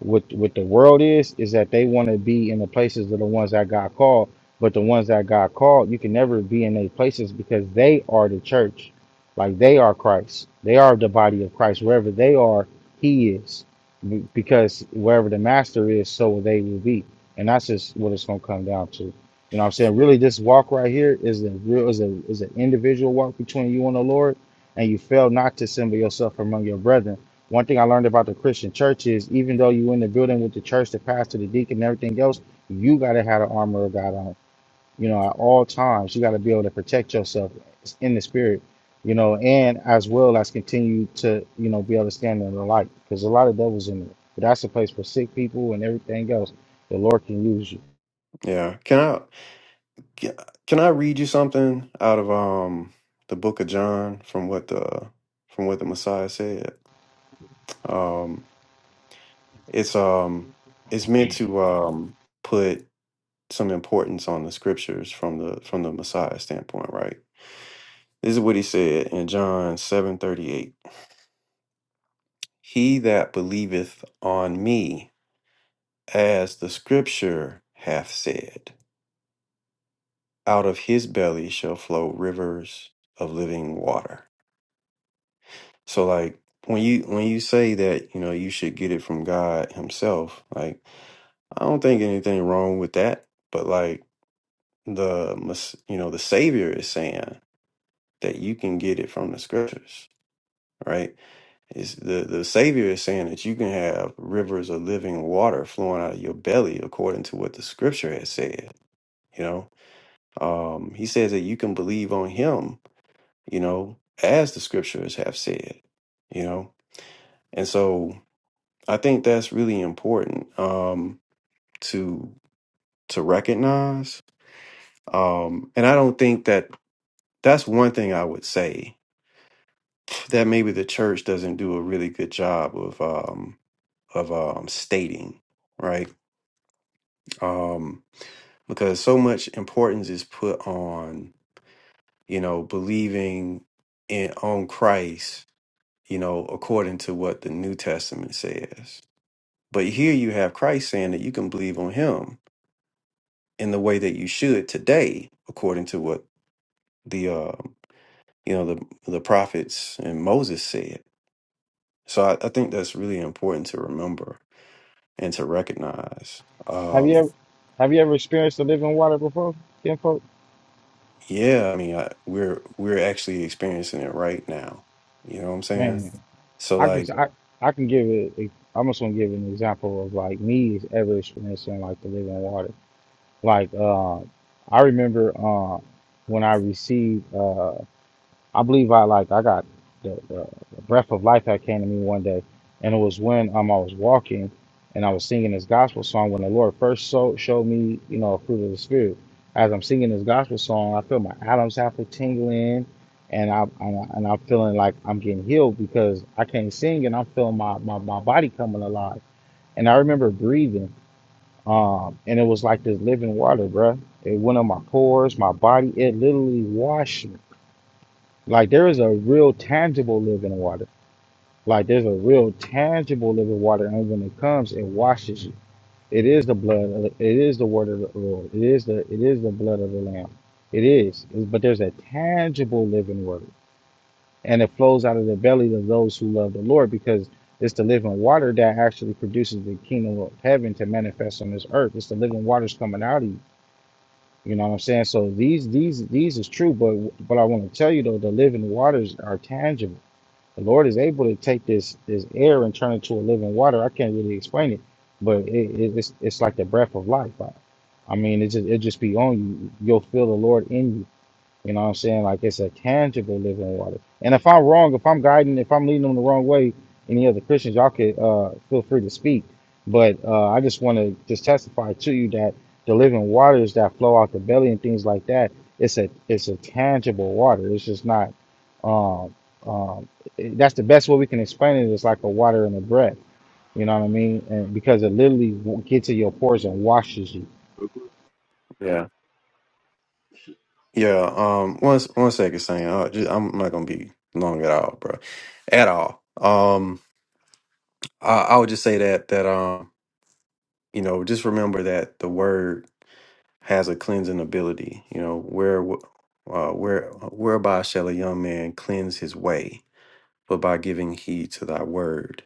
with with the world is is that they want to be in the places of the ones that got called, but the ones that got called, you can never be in their places because they are the church, like they are Christ. They are the body of Christ. Wherever they are, He is, Be- because wherever the Master is, so they will be. And that's just what it's going to come down to. You know what I'm saying? Really, this walk right here is a real is a is an individual walk between you and the Lord, and you fail not to assemble yourself among your brethren. One thing I learned about the Christian church is even though you in the building with the church, the pastor, the deacon, and everything else, you gotta have the armor of God on. You know, at all times, you gotta be able to protect yourself in the spirit, you know, and as well as continue to, you know, be able to stand in the light. Because a lot of devils in there. But that's a place for sick people and everything else. The Lord can use you. yeah. Can I ca- can I read you something out of um the book of John from what the from what the Messiah said? Um it's um it's meant to um put some importance on the scriptures from the from the Messiah standpoint, right? This is what he said in John 7:38. He that believeth on me, as the scripture hath said. out of his belly shall flow rivers of living water so like when you when you say that you know you should get it from god himself like i don't think anything wrong with that but like the mes- you know the savior is saying that you can get it from the scriptures right is the the savior is saying that you can have rivers of living water flowing out of your belly according to what the scripture has said you know um he says that you can believe on him you know, as the scriptures have said, you know. And so I think that's really important um to to recognize. Um and I don't think that that's one thing I would say that maybe the church doesn't do a really good job of um of um stating, right? Um because so much importance is put on, you know, believing in on Christ, you know, according to what the New Testament says But here you have Christ saying that you can believe on him in the way that you should today, according to what the uh, you know the the prophets and Moses said. So I, I think that's really important to remember and to recognize. Have you Um, ever have you ever experienced the living water before, kinfolk? yeah, I mean, I, we're we're actually experiencing it right now. You know what I'm saying? Man, So I can like, I, I can give it. a- I'm just gonna give an example of like me ever experiencing like the living water. Like uh, I remember uh, when I received uh. I believe I like I got the, the, the breath of life that came to me one day, and it was when um I was walking and I was singing this gospel song when the Lord first so, showed me you know a fruit of the spirit. As I'm singing this gospel song, I feel my Adam's apple tingling, and I and, I, and I'm feeling like I'm getting healed because I can't sing and I'm feeling my, my my body coming alive. And I remember breathing, um, and it was like this living water, bruh. It went on my pores, my body. It literally washed me like there is a real tangible living water. Like there's a real tangible living water, and when it comes, it washes you. It is the blood. Of the, it is the word of the Lord. It is the it is the blood of the Lamb. It is. But there's a tangible living word, and it flows out of the belly of those who love the Lord, because it's the living water that actually produces the kingdom of heaven to manifest on this earth. It's the living waters coming out of you. You know what I'm saying? So these these these is true, but but I want to tell you though, the living waters are tangible the Lord is able to take this this air and turn it to a living water. I can't really explain it, but it, it, it's it's like the breath of life. I, I mean, it just it just be on you. You'll feel the Lord in you. You know what I'm saying? Like it's a tangible living water. And if I'm wrong, if I'm guiding, if I'm leading them the wrong way, any other Christians, y'all could uh, feel free to speak. But uh, I just want to just testify to you that the living waters that flow out the belly and things like that, it's a it's a tangible water. It's just not. Um, um, it- that's the best way we can explain it. It's like a water in a breath. You know what I mean? And because it literally w- gets to your pores and washes you. yeah, yeah. Um, one s- one second, saying uh, just, I'm not gonna be long at all, bro, at all. Um, I, I would just say that that um you know, just remember that the word has a cleansing ability. You know, where w- uh, where whereby shall a young man cleanse his way, but by giving heed to thy word.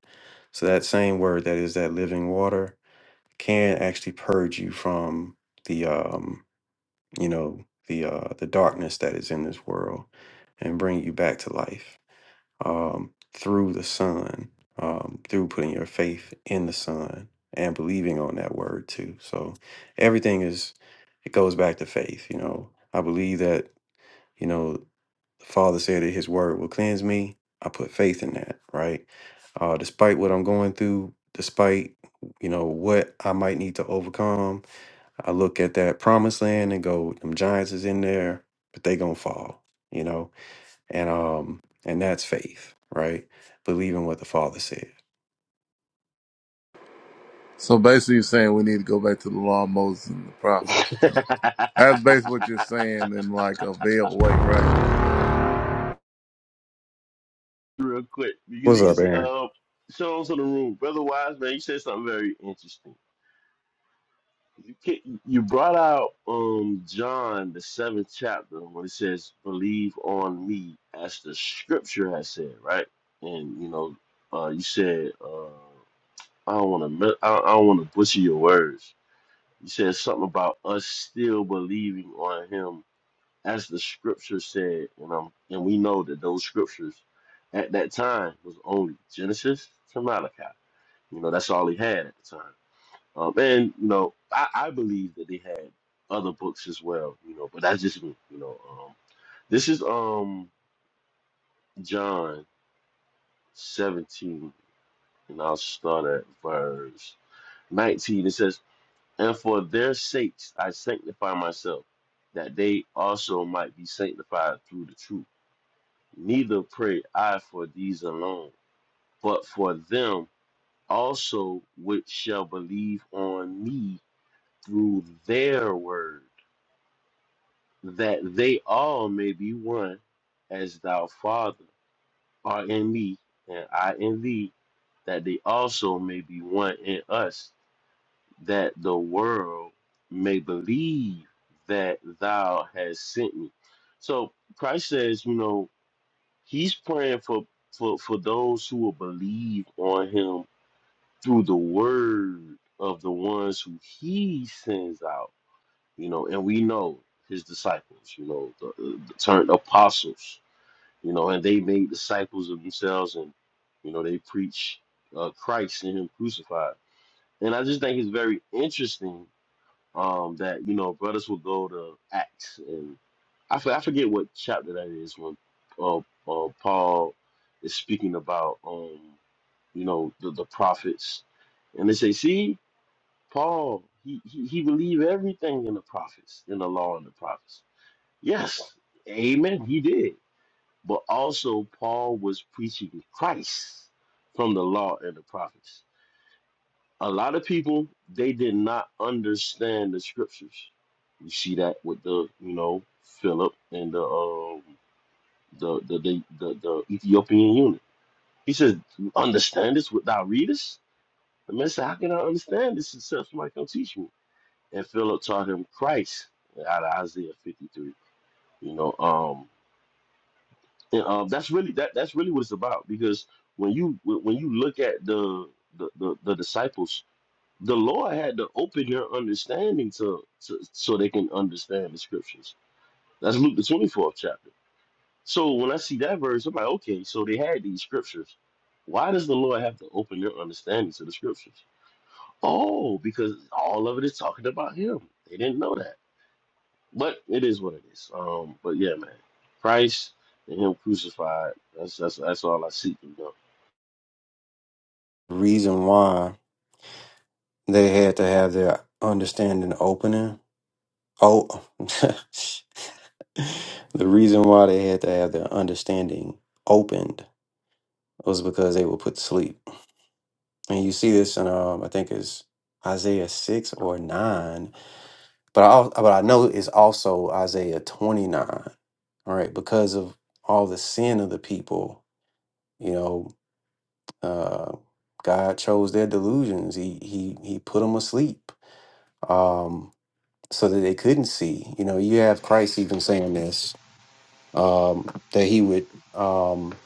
So that same word that is that living water can actually purge you from the um, you know, the uh, the darkness that is in this world and bring you back to life um, through the Son, um, through putting your faith in the Son and believing on that word too. So everything is, it goes back to faith. You know, I believe that, you know, the Father said that His word will cleanse me. I put faith in that, right? Uh, despite what I'm going through, despite, you know, what I might need to overcome, I look at that promised land and go, them giants is in there, but they gonna fall, you know? and um and that's faith right believing what the father said So basically, you're saying we need to go back to the law of Moses and the prophets. That's basically what you're saying in like a veiled way, right? real quick because what's up he's aaron uh shows in the room, brother Wiseman. You said something very interesting. You ca- you brought out um John the seventh chapter when it says, "Believe on me," as the Scripture has said, right? And you know, uh, you said, uh, I don't want to, I I don't want to butcher your words. You said something about us still believing on Him as the scripture said, you know, and we know that those scriptures at that time was only Genesis to Malachi. You know, that's all he had at the time. Um, and you know, I, I believe that they had other books as well. You know, but that's just me. You know, um, this is um John 17, and I'll start at verse 19. It says, "And for their sakes I sanctify myself, that they also might be sanctified through the truth." Neither pray I for these alone, but for them also which shall believe on me through their word, that they all may be one, as thou, Father, art in me, and I in thee, that they also may be one in us, that the world may believe that thou hast sent me. So Christ says, you know, He's praying for for for those who will believe on him through the word of the ones who he sends out. You know, and we know his disciples. You know, the, uh, the turned apostles. You know, and they made disciples of themselves, and you know they preach uh, Christ and him crucified. And I just think it's very interesting um, that you know brothers will go to Acts, and I, for- I forget what chapter that is when uh, uh, Paul is speaking about um, you know the, the prophets, and they say, see, Paul he, he he believed everything in the prophets, in the law and the prophets. Yes, Amen, he did, but also Paul was preaching Christ from the law and the prophets. A lot of people they did not understand the scriptures. You see that with the you know Philip and the um the the the, the, the Ethiopian eunuch. He says, "Understand this without readers." The man said, "How can I understand this except somebody come teach me?" And Philip taught him Christ out of Isaiah fifty three. You know, um, and um, that's really that that's really what it's about because when you when you look at the the, the, the disciples the Lord had to open their understanding to, to so they can understand the scriptures. That's Luke the twenty fourth chapter. So when I see that verse, I'm like, okay, so they had these scriptures. Why does the Lord have to open their understanding to the scriptures? Oh, because all of it is talking about Him. They didn't know that, but it is what it is. Um, but yeah, man, Christ and Him crucified. That's that's that's all I see. You know? reason why they had to have their understanding opening oh the reason why they had to have their understanding opened was because they were put to sleep and you see this in um i think it's isaiah 6 or 9 but i al- but i know it's also isaiah 29 all right because of all the sin of the people you know Uh, God chose their delusions. He he he put them asleep um, so that they couldn't see. You know, you have Christ even saying this um, that he would. Um,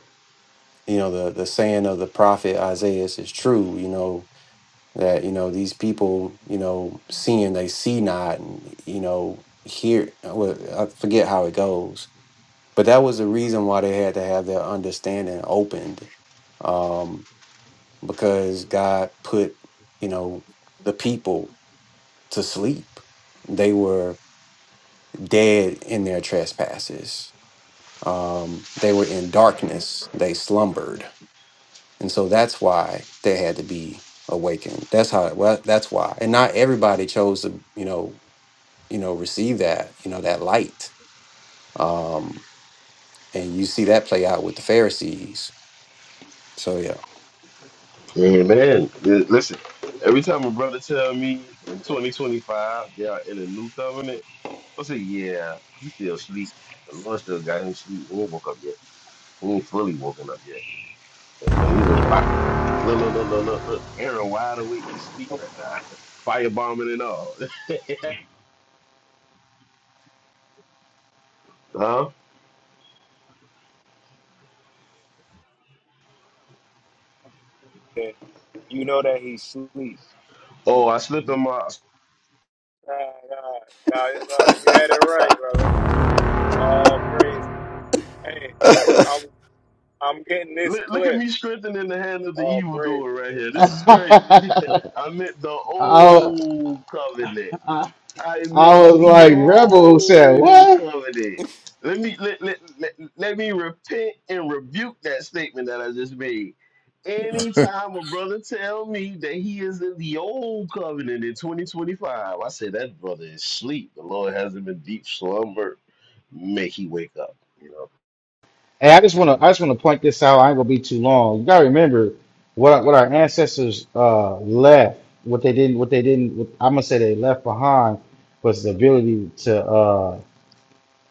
you know, the the saying of the prophet Isaiah is true. You know that you know these people. You know, seeing they see not, and you know hear. Well, I forget how it goes, but that was the reason why they had to have their understanding opened um, because God put, you know, the people to sleep. They were dead in their trespasses. Um, they were in darkness. They slumbered, and so that's why they had to be awakened. That's how. Well, that's why. And not everybody chose to, you know, you know, receive that, you know, that light. Um, and you see that play out with the Pharisees. So yeah, Amen. Eh, Listen, every time a brother tell me in 2025 they are in a new covenant, I say, yeah, he still asleep. The Lord still got him asleep. He ain't woke up yet. He ain't fully woken up yet. So, you know, he's a wide, look, look, look, look, look, look. Aaron wide awake to sleep right now. Firebombing and all. huh? that you know that he sleep. Oh, I slipped on my... Nah, nah, nah, nah, you had it right, brother. All praise. Hey, I'm getting this Look, look at clip. me strengthening the hand of the All praises. evildoer right here. This is crazy. oh, I meant the old covenant. I I meant was the like, Rebel said, old what? covenant. Let me let, let, let, let me repent and rebuke that statement that I just made. Anytime a brother tell me that he is in the old covenant in 2025, I say that brother is asleep. The Lord has him in deep slumber. May he wake up. You know, Hey, I just want to, I just want to point this out. I ain't gonna be too long. You gotta remember what what our ancestors uh left, what they didn't, what they didn't. What, I'm gonna say they left behind was the ability to uh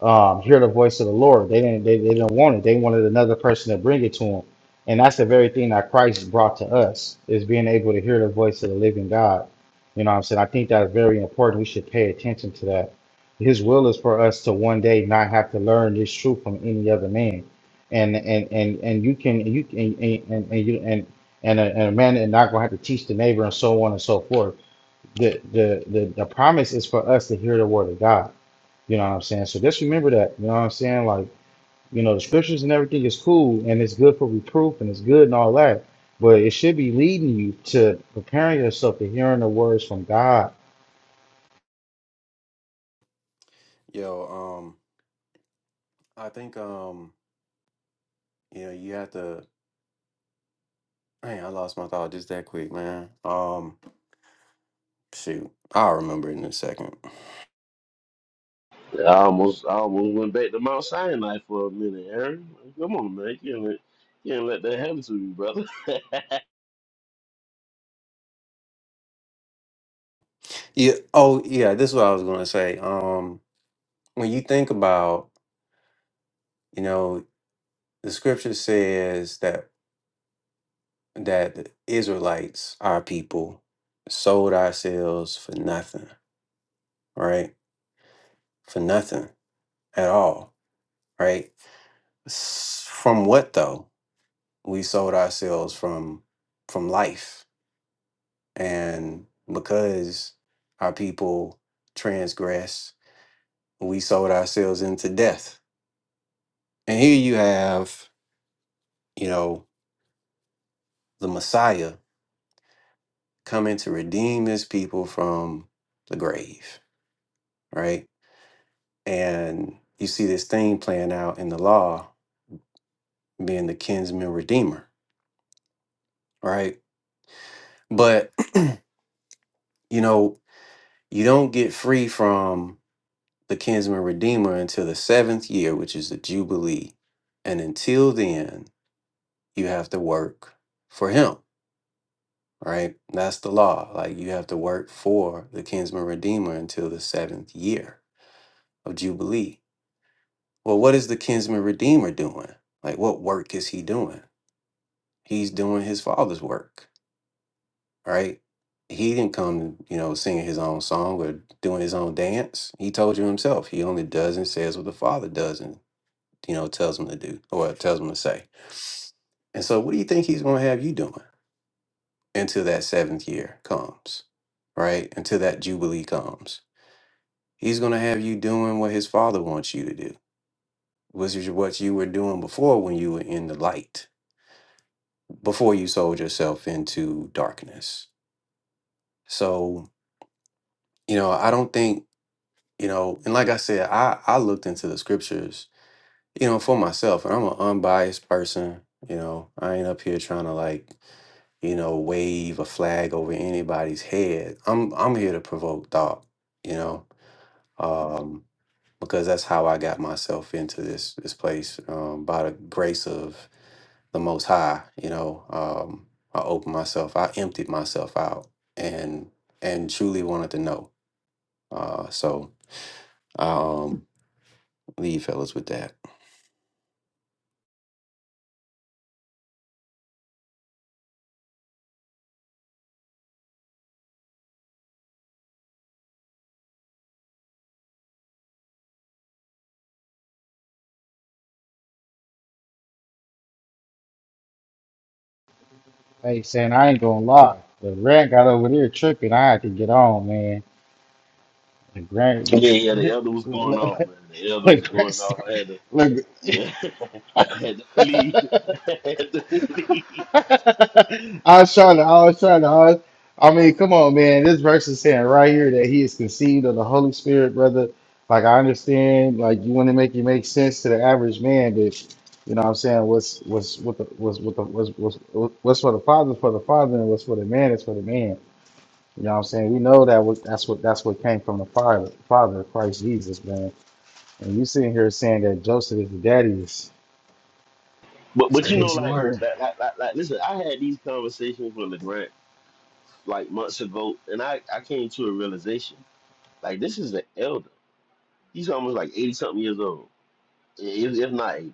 um, hear the voice of the Lord. They didn't. They, they didn't want it. They wanted another person to bring it to them, and that's the very thing that Christ brought to us is being able to hear the voice of the living God. You know what I'm saying? I think that's very important. We should pay attention to that. His will is for us to one day not have to learn this truth from any other man, and and and and you can you can and and, and you and and a, and a man is not gonna have to teach the neighbor and so on and so forth. The, the the the promise is for us to hear the word of God you know what I'm saying? So just remember that. You know what I'm saying? Like, you know, the scriptures and everything is cool and it's good for reproof and it's good and all that. But it should be leading you to preparing yourself to hearing the words from God. yo, um, I think um, you know, you have to Man, I lost my thought just that quick, man. Um, shoot, I'll remember it in a second. I almost I almost went back to Mount Sinai for a minute, Aaron. Come on, man, you can't let, you can't let that happen to you, brother. Yeah. Oh, yeah. This is what I was gonna say. Um, when you think about, you know, the scripture says that that the Israelites, our people, sold ourselves for nothing, right? For nothing at all, right? S- From what though? We sold ourselves from from life, and because our people transgress we sold ourselves into death. And here you have, you know, the Messiah coming to redeem his people from the grave, right? And you see this thing playing out in the law being the kinsman redeemer, right? But, you know, you don't get free from the kinsman redeemer until the seventh year, which is the Jubilee. And until then, you have to work for him right? That's the law. Like you have to work for the kinsman redeemer until the seventh year of Jubilee. Well, what is the kinsman redeemer doing? Like what work is he doing? He's doing his father's work, right? He didn't come, you know, singing his own song or doing his own dance. He told you himself. He only does and says what the father does and, you know, tells him to do or tells him to say. And so what do you think he's going to have you doing? until that seventh year comes, right? Until that jubilee comes. He's going to have you doing what his father wants you to do, which is what you were doing before when you were in the light, before you sold yourself into darkness. So, you know, I don't think, you know, and like I said, I, I looked into the scriptures, you know, for myself, and I'm an unbiased person. You know, I ain't up here trying to like, you know, wave a flag over anybody's head. I'm I'm here to provoke thought you know um, because that's how I got myself into this this place um, by the grace of the Most High. You know, um, I opened myself, I emptied myself out, and and truly wanted to know. Uh, so I um, leave fellas with that. Hey, saying I ain't gonna lie. The rant got over there tripping. I had to get on, man. The grant, Yeah, yeah, the look, elder was going look, off, look, man. The elder was going off. I had to, look. yeah, I had to flee. I had to flee. I was trying to, I was trying to, I, was- I mean, come on, man. This verse is saying right here that he is conceived of the Holy Spirit, brother. Like, I understand, like, you want to make it make sense to the average man, but you know what I'm saying? What's, what's, what the, what's, what the, what's, what's, what's for the father is for the father, and what's for the man is for the man. You know what I'm saying? We know that what that's what that's what came from the father, father Christ Jesus, man. And you sitting here saying that Joseph is the daddy is But but you know, crazy like, word. like, like, like, like listen, I had these conversations with LeGrant like months ago, and I, I came to a realization. Like, this is an elder. He's almost like 80 something years old, if, if not 80.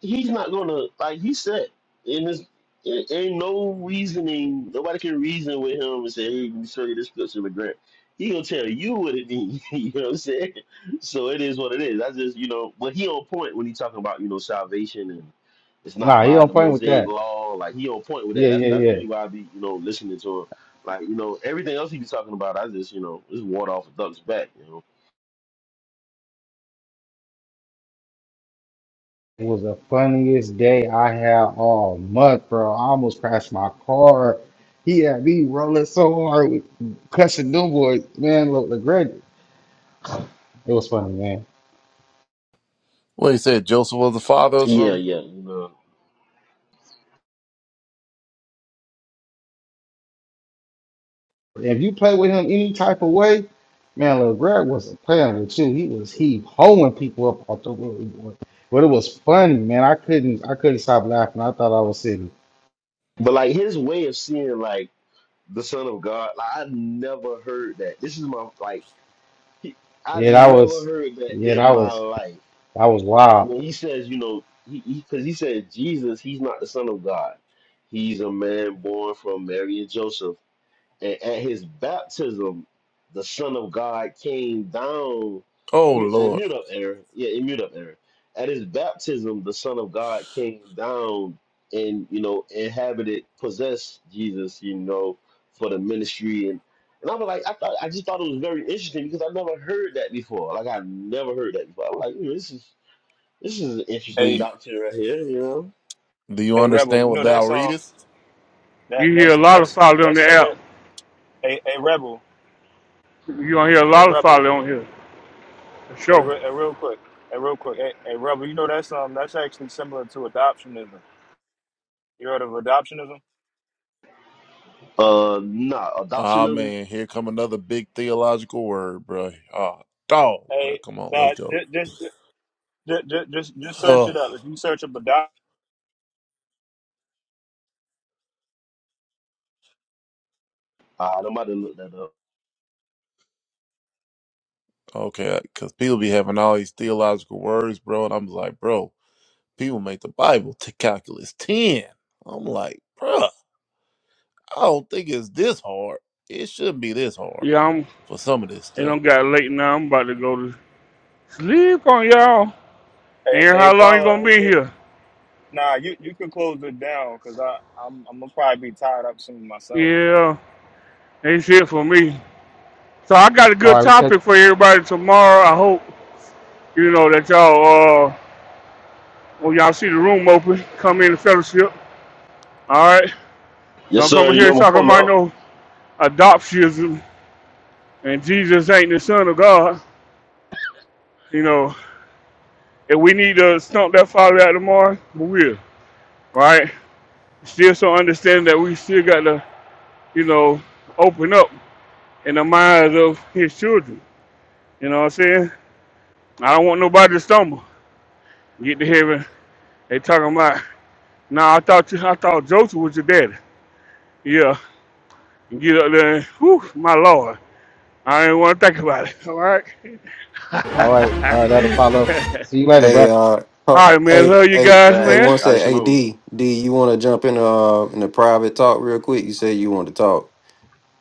he's not gonna like he said in this it ain't no reasoning nobody can reason with him and say hey you show you this picture of grant he gonna tell you what it means you know what i'm saying so it is what it is I just you know but he on point when he talking about you know salvation and it's not Nah, he by don't the play with mosaic that. law like he on point with that Yeah, that's yeah, that's yeah. really why i be you know listening to him like you know everything else he be talking about i just you know just water off a duck's back you know It was the funniest day I had all month, bro. I almost crashed my car. He had me rolling so hard, with cussing them boys, man. Look, LeGrand, it was funny, man. Well, you said Joseph was the father or yeah something. yeah you know If you play with him any type of way, man, LeGrand wasn't playing with you. He was he hoeing people up off the road, boy. But it was funny, man. I couldn't, I couldn't stop laughing. I thought I was sitting. but like his way of seeing like the Son of God. Like I never heard that. This is my like he, I Yeah, that never was, heard that yeah, in that my was, life. that was wild. When he says, you know, he because he, 'cause he said Jesus, he's not the Son of God. He's a man born from Mary and Joseph a- At his baptism, the Son of God came down. Oh mu- uh, Lord, Mute up, Aaron. Yeah, mute up, Aaron. At his baptism, the Son of God came down and you know inhabited, possessed Jesus. You know, for the ministry and. And I was like, I thought, I just thought it was very interesting because I never heard that before. Like I never heard that before. I was like, "Ooh, this is this is an do interesting Hey, you doctrine right here, you do you hey, rebel. understand You what know thou that's um readest? that You hear a that's lot of that's folly on that's the app. similar. Hey, hey, rebel. You gonna hear a Hey, lot of folly rebel. on here. For Hey, Sure. re- hey real quick. Hey, real quick. Hey, hey, rebel. You know that's um that's actually similar to adoptionism. You heard of adoptionism? know. Uh, nah, Ah adoptionism. man, here come another big theological word, bro. Ah, dog, bro. Hey, Come on, nah, let's go. just just just just just, just search Oh, it up. If you search up adopt, Ah, I'm about to look that up. okay, because people be having all these theological words, bro, and I'm like, bro, people make the Bible to calculus ten. I'm like, bro. I don't think it's this hard. It shouldn't be this hard Yeah, I'm. for some of this It stuff. don't got late now. I'm about to go to sleep on y'all. And hey, hey, how long you follow. gonna It, be it, here? nah, you you can close it down because I I'm I'm gonna probably be tied up soon myself. Yeah, that's it for me. So I got a All good right, we catch. topic for everybody tomorrow. I hope you know that y'all uh when y'all see the room open, come in the fellowship. All right, Yes, don't sir. come in You know, here I'm gonna talking pull about up. no adoptionism and Jesus ain't the Son of God. You know, if we need to stump that father out tomorrow, we will. Right? Still, so understand that we still got to you know open up in the minds of his children. You know what I'm saying? I don't want nobody to stumble. Get to heaven. They talking about, nah, I thought you, I thought Joseph was your daddy. Yeah. And get up there and, whew, my Lord. I ain't want to think about it. All right. All right, all right, that'll follow. See you later, bro. Hey, uh, oh, All right, man. hey, Love you hey, guys, hey, That man. one I sec. should Hey, know D, D, you want to jump in uh in the private talk real quick? You said you want to talk.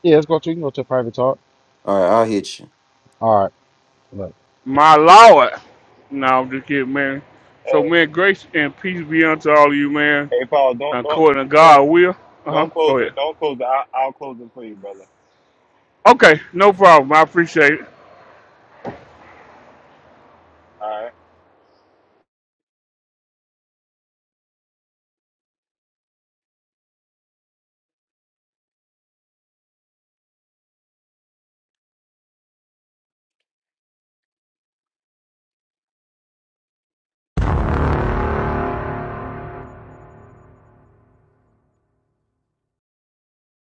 Yeah, let's go to you can go to a private talk. All right, I'll hit you. All right. Look. My Lord. No, I'm just kidding, man. So, Hey, man, grace and peace be unto all of you, man. hey, Paul, don't According to don't. God will. Uh huh. Don't close Go it. ahead. Don't close it. I, I'll close it for you, brother. Okay, no problem. I appreciate it. All right.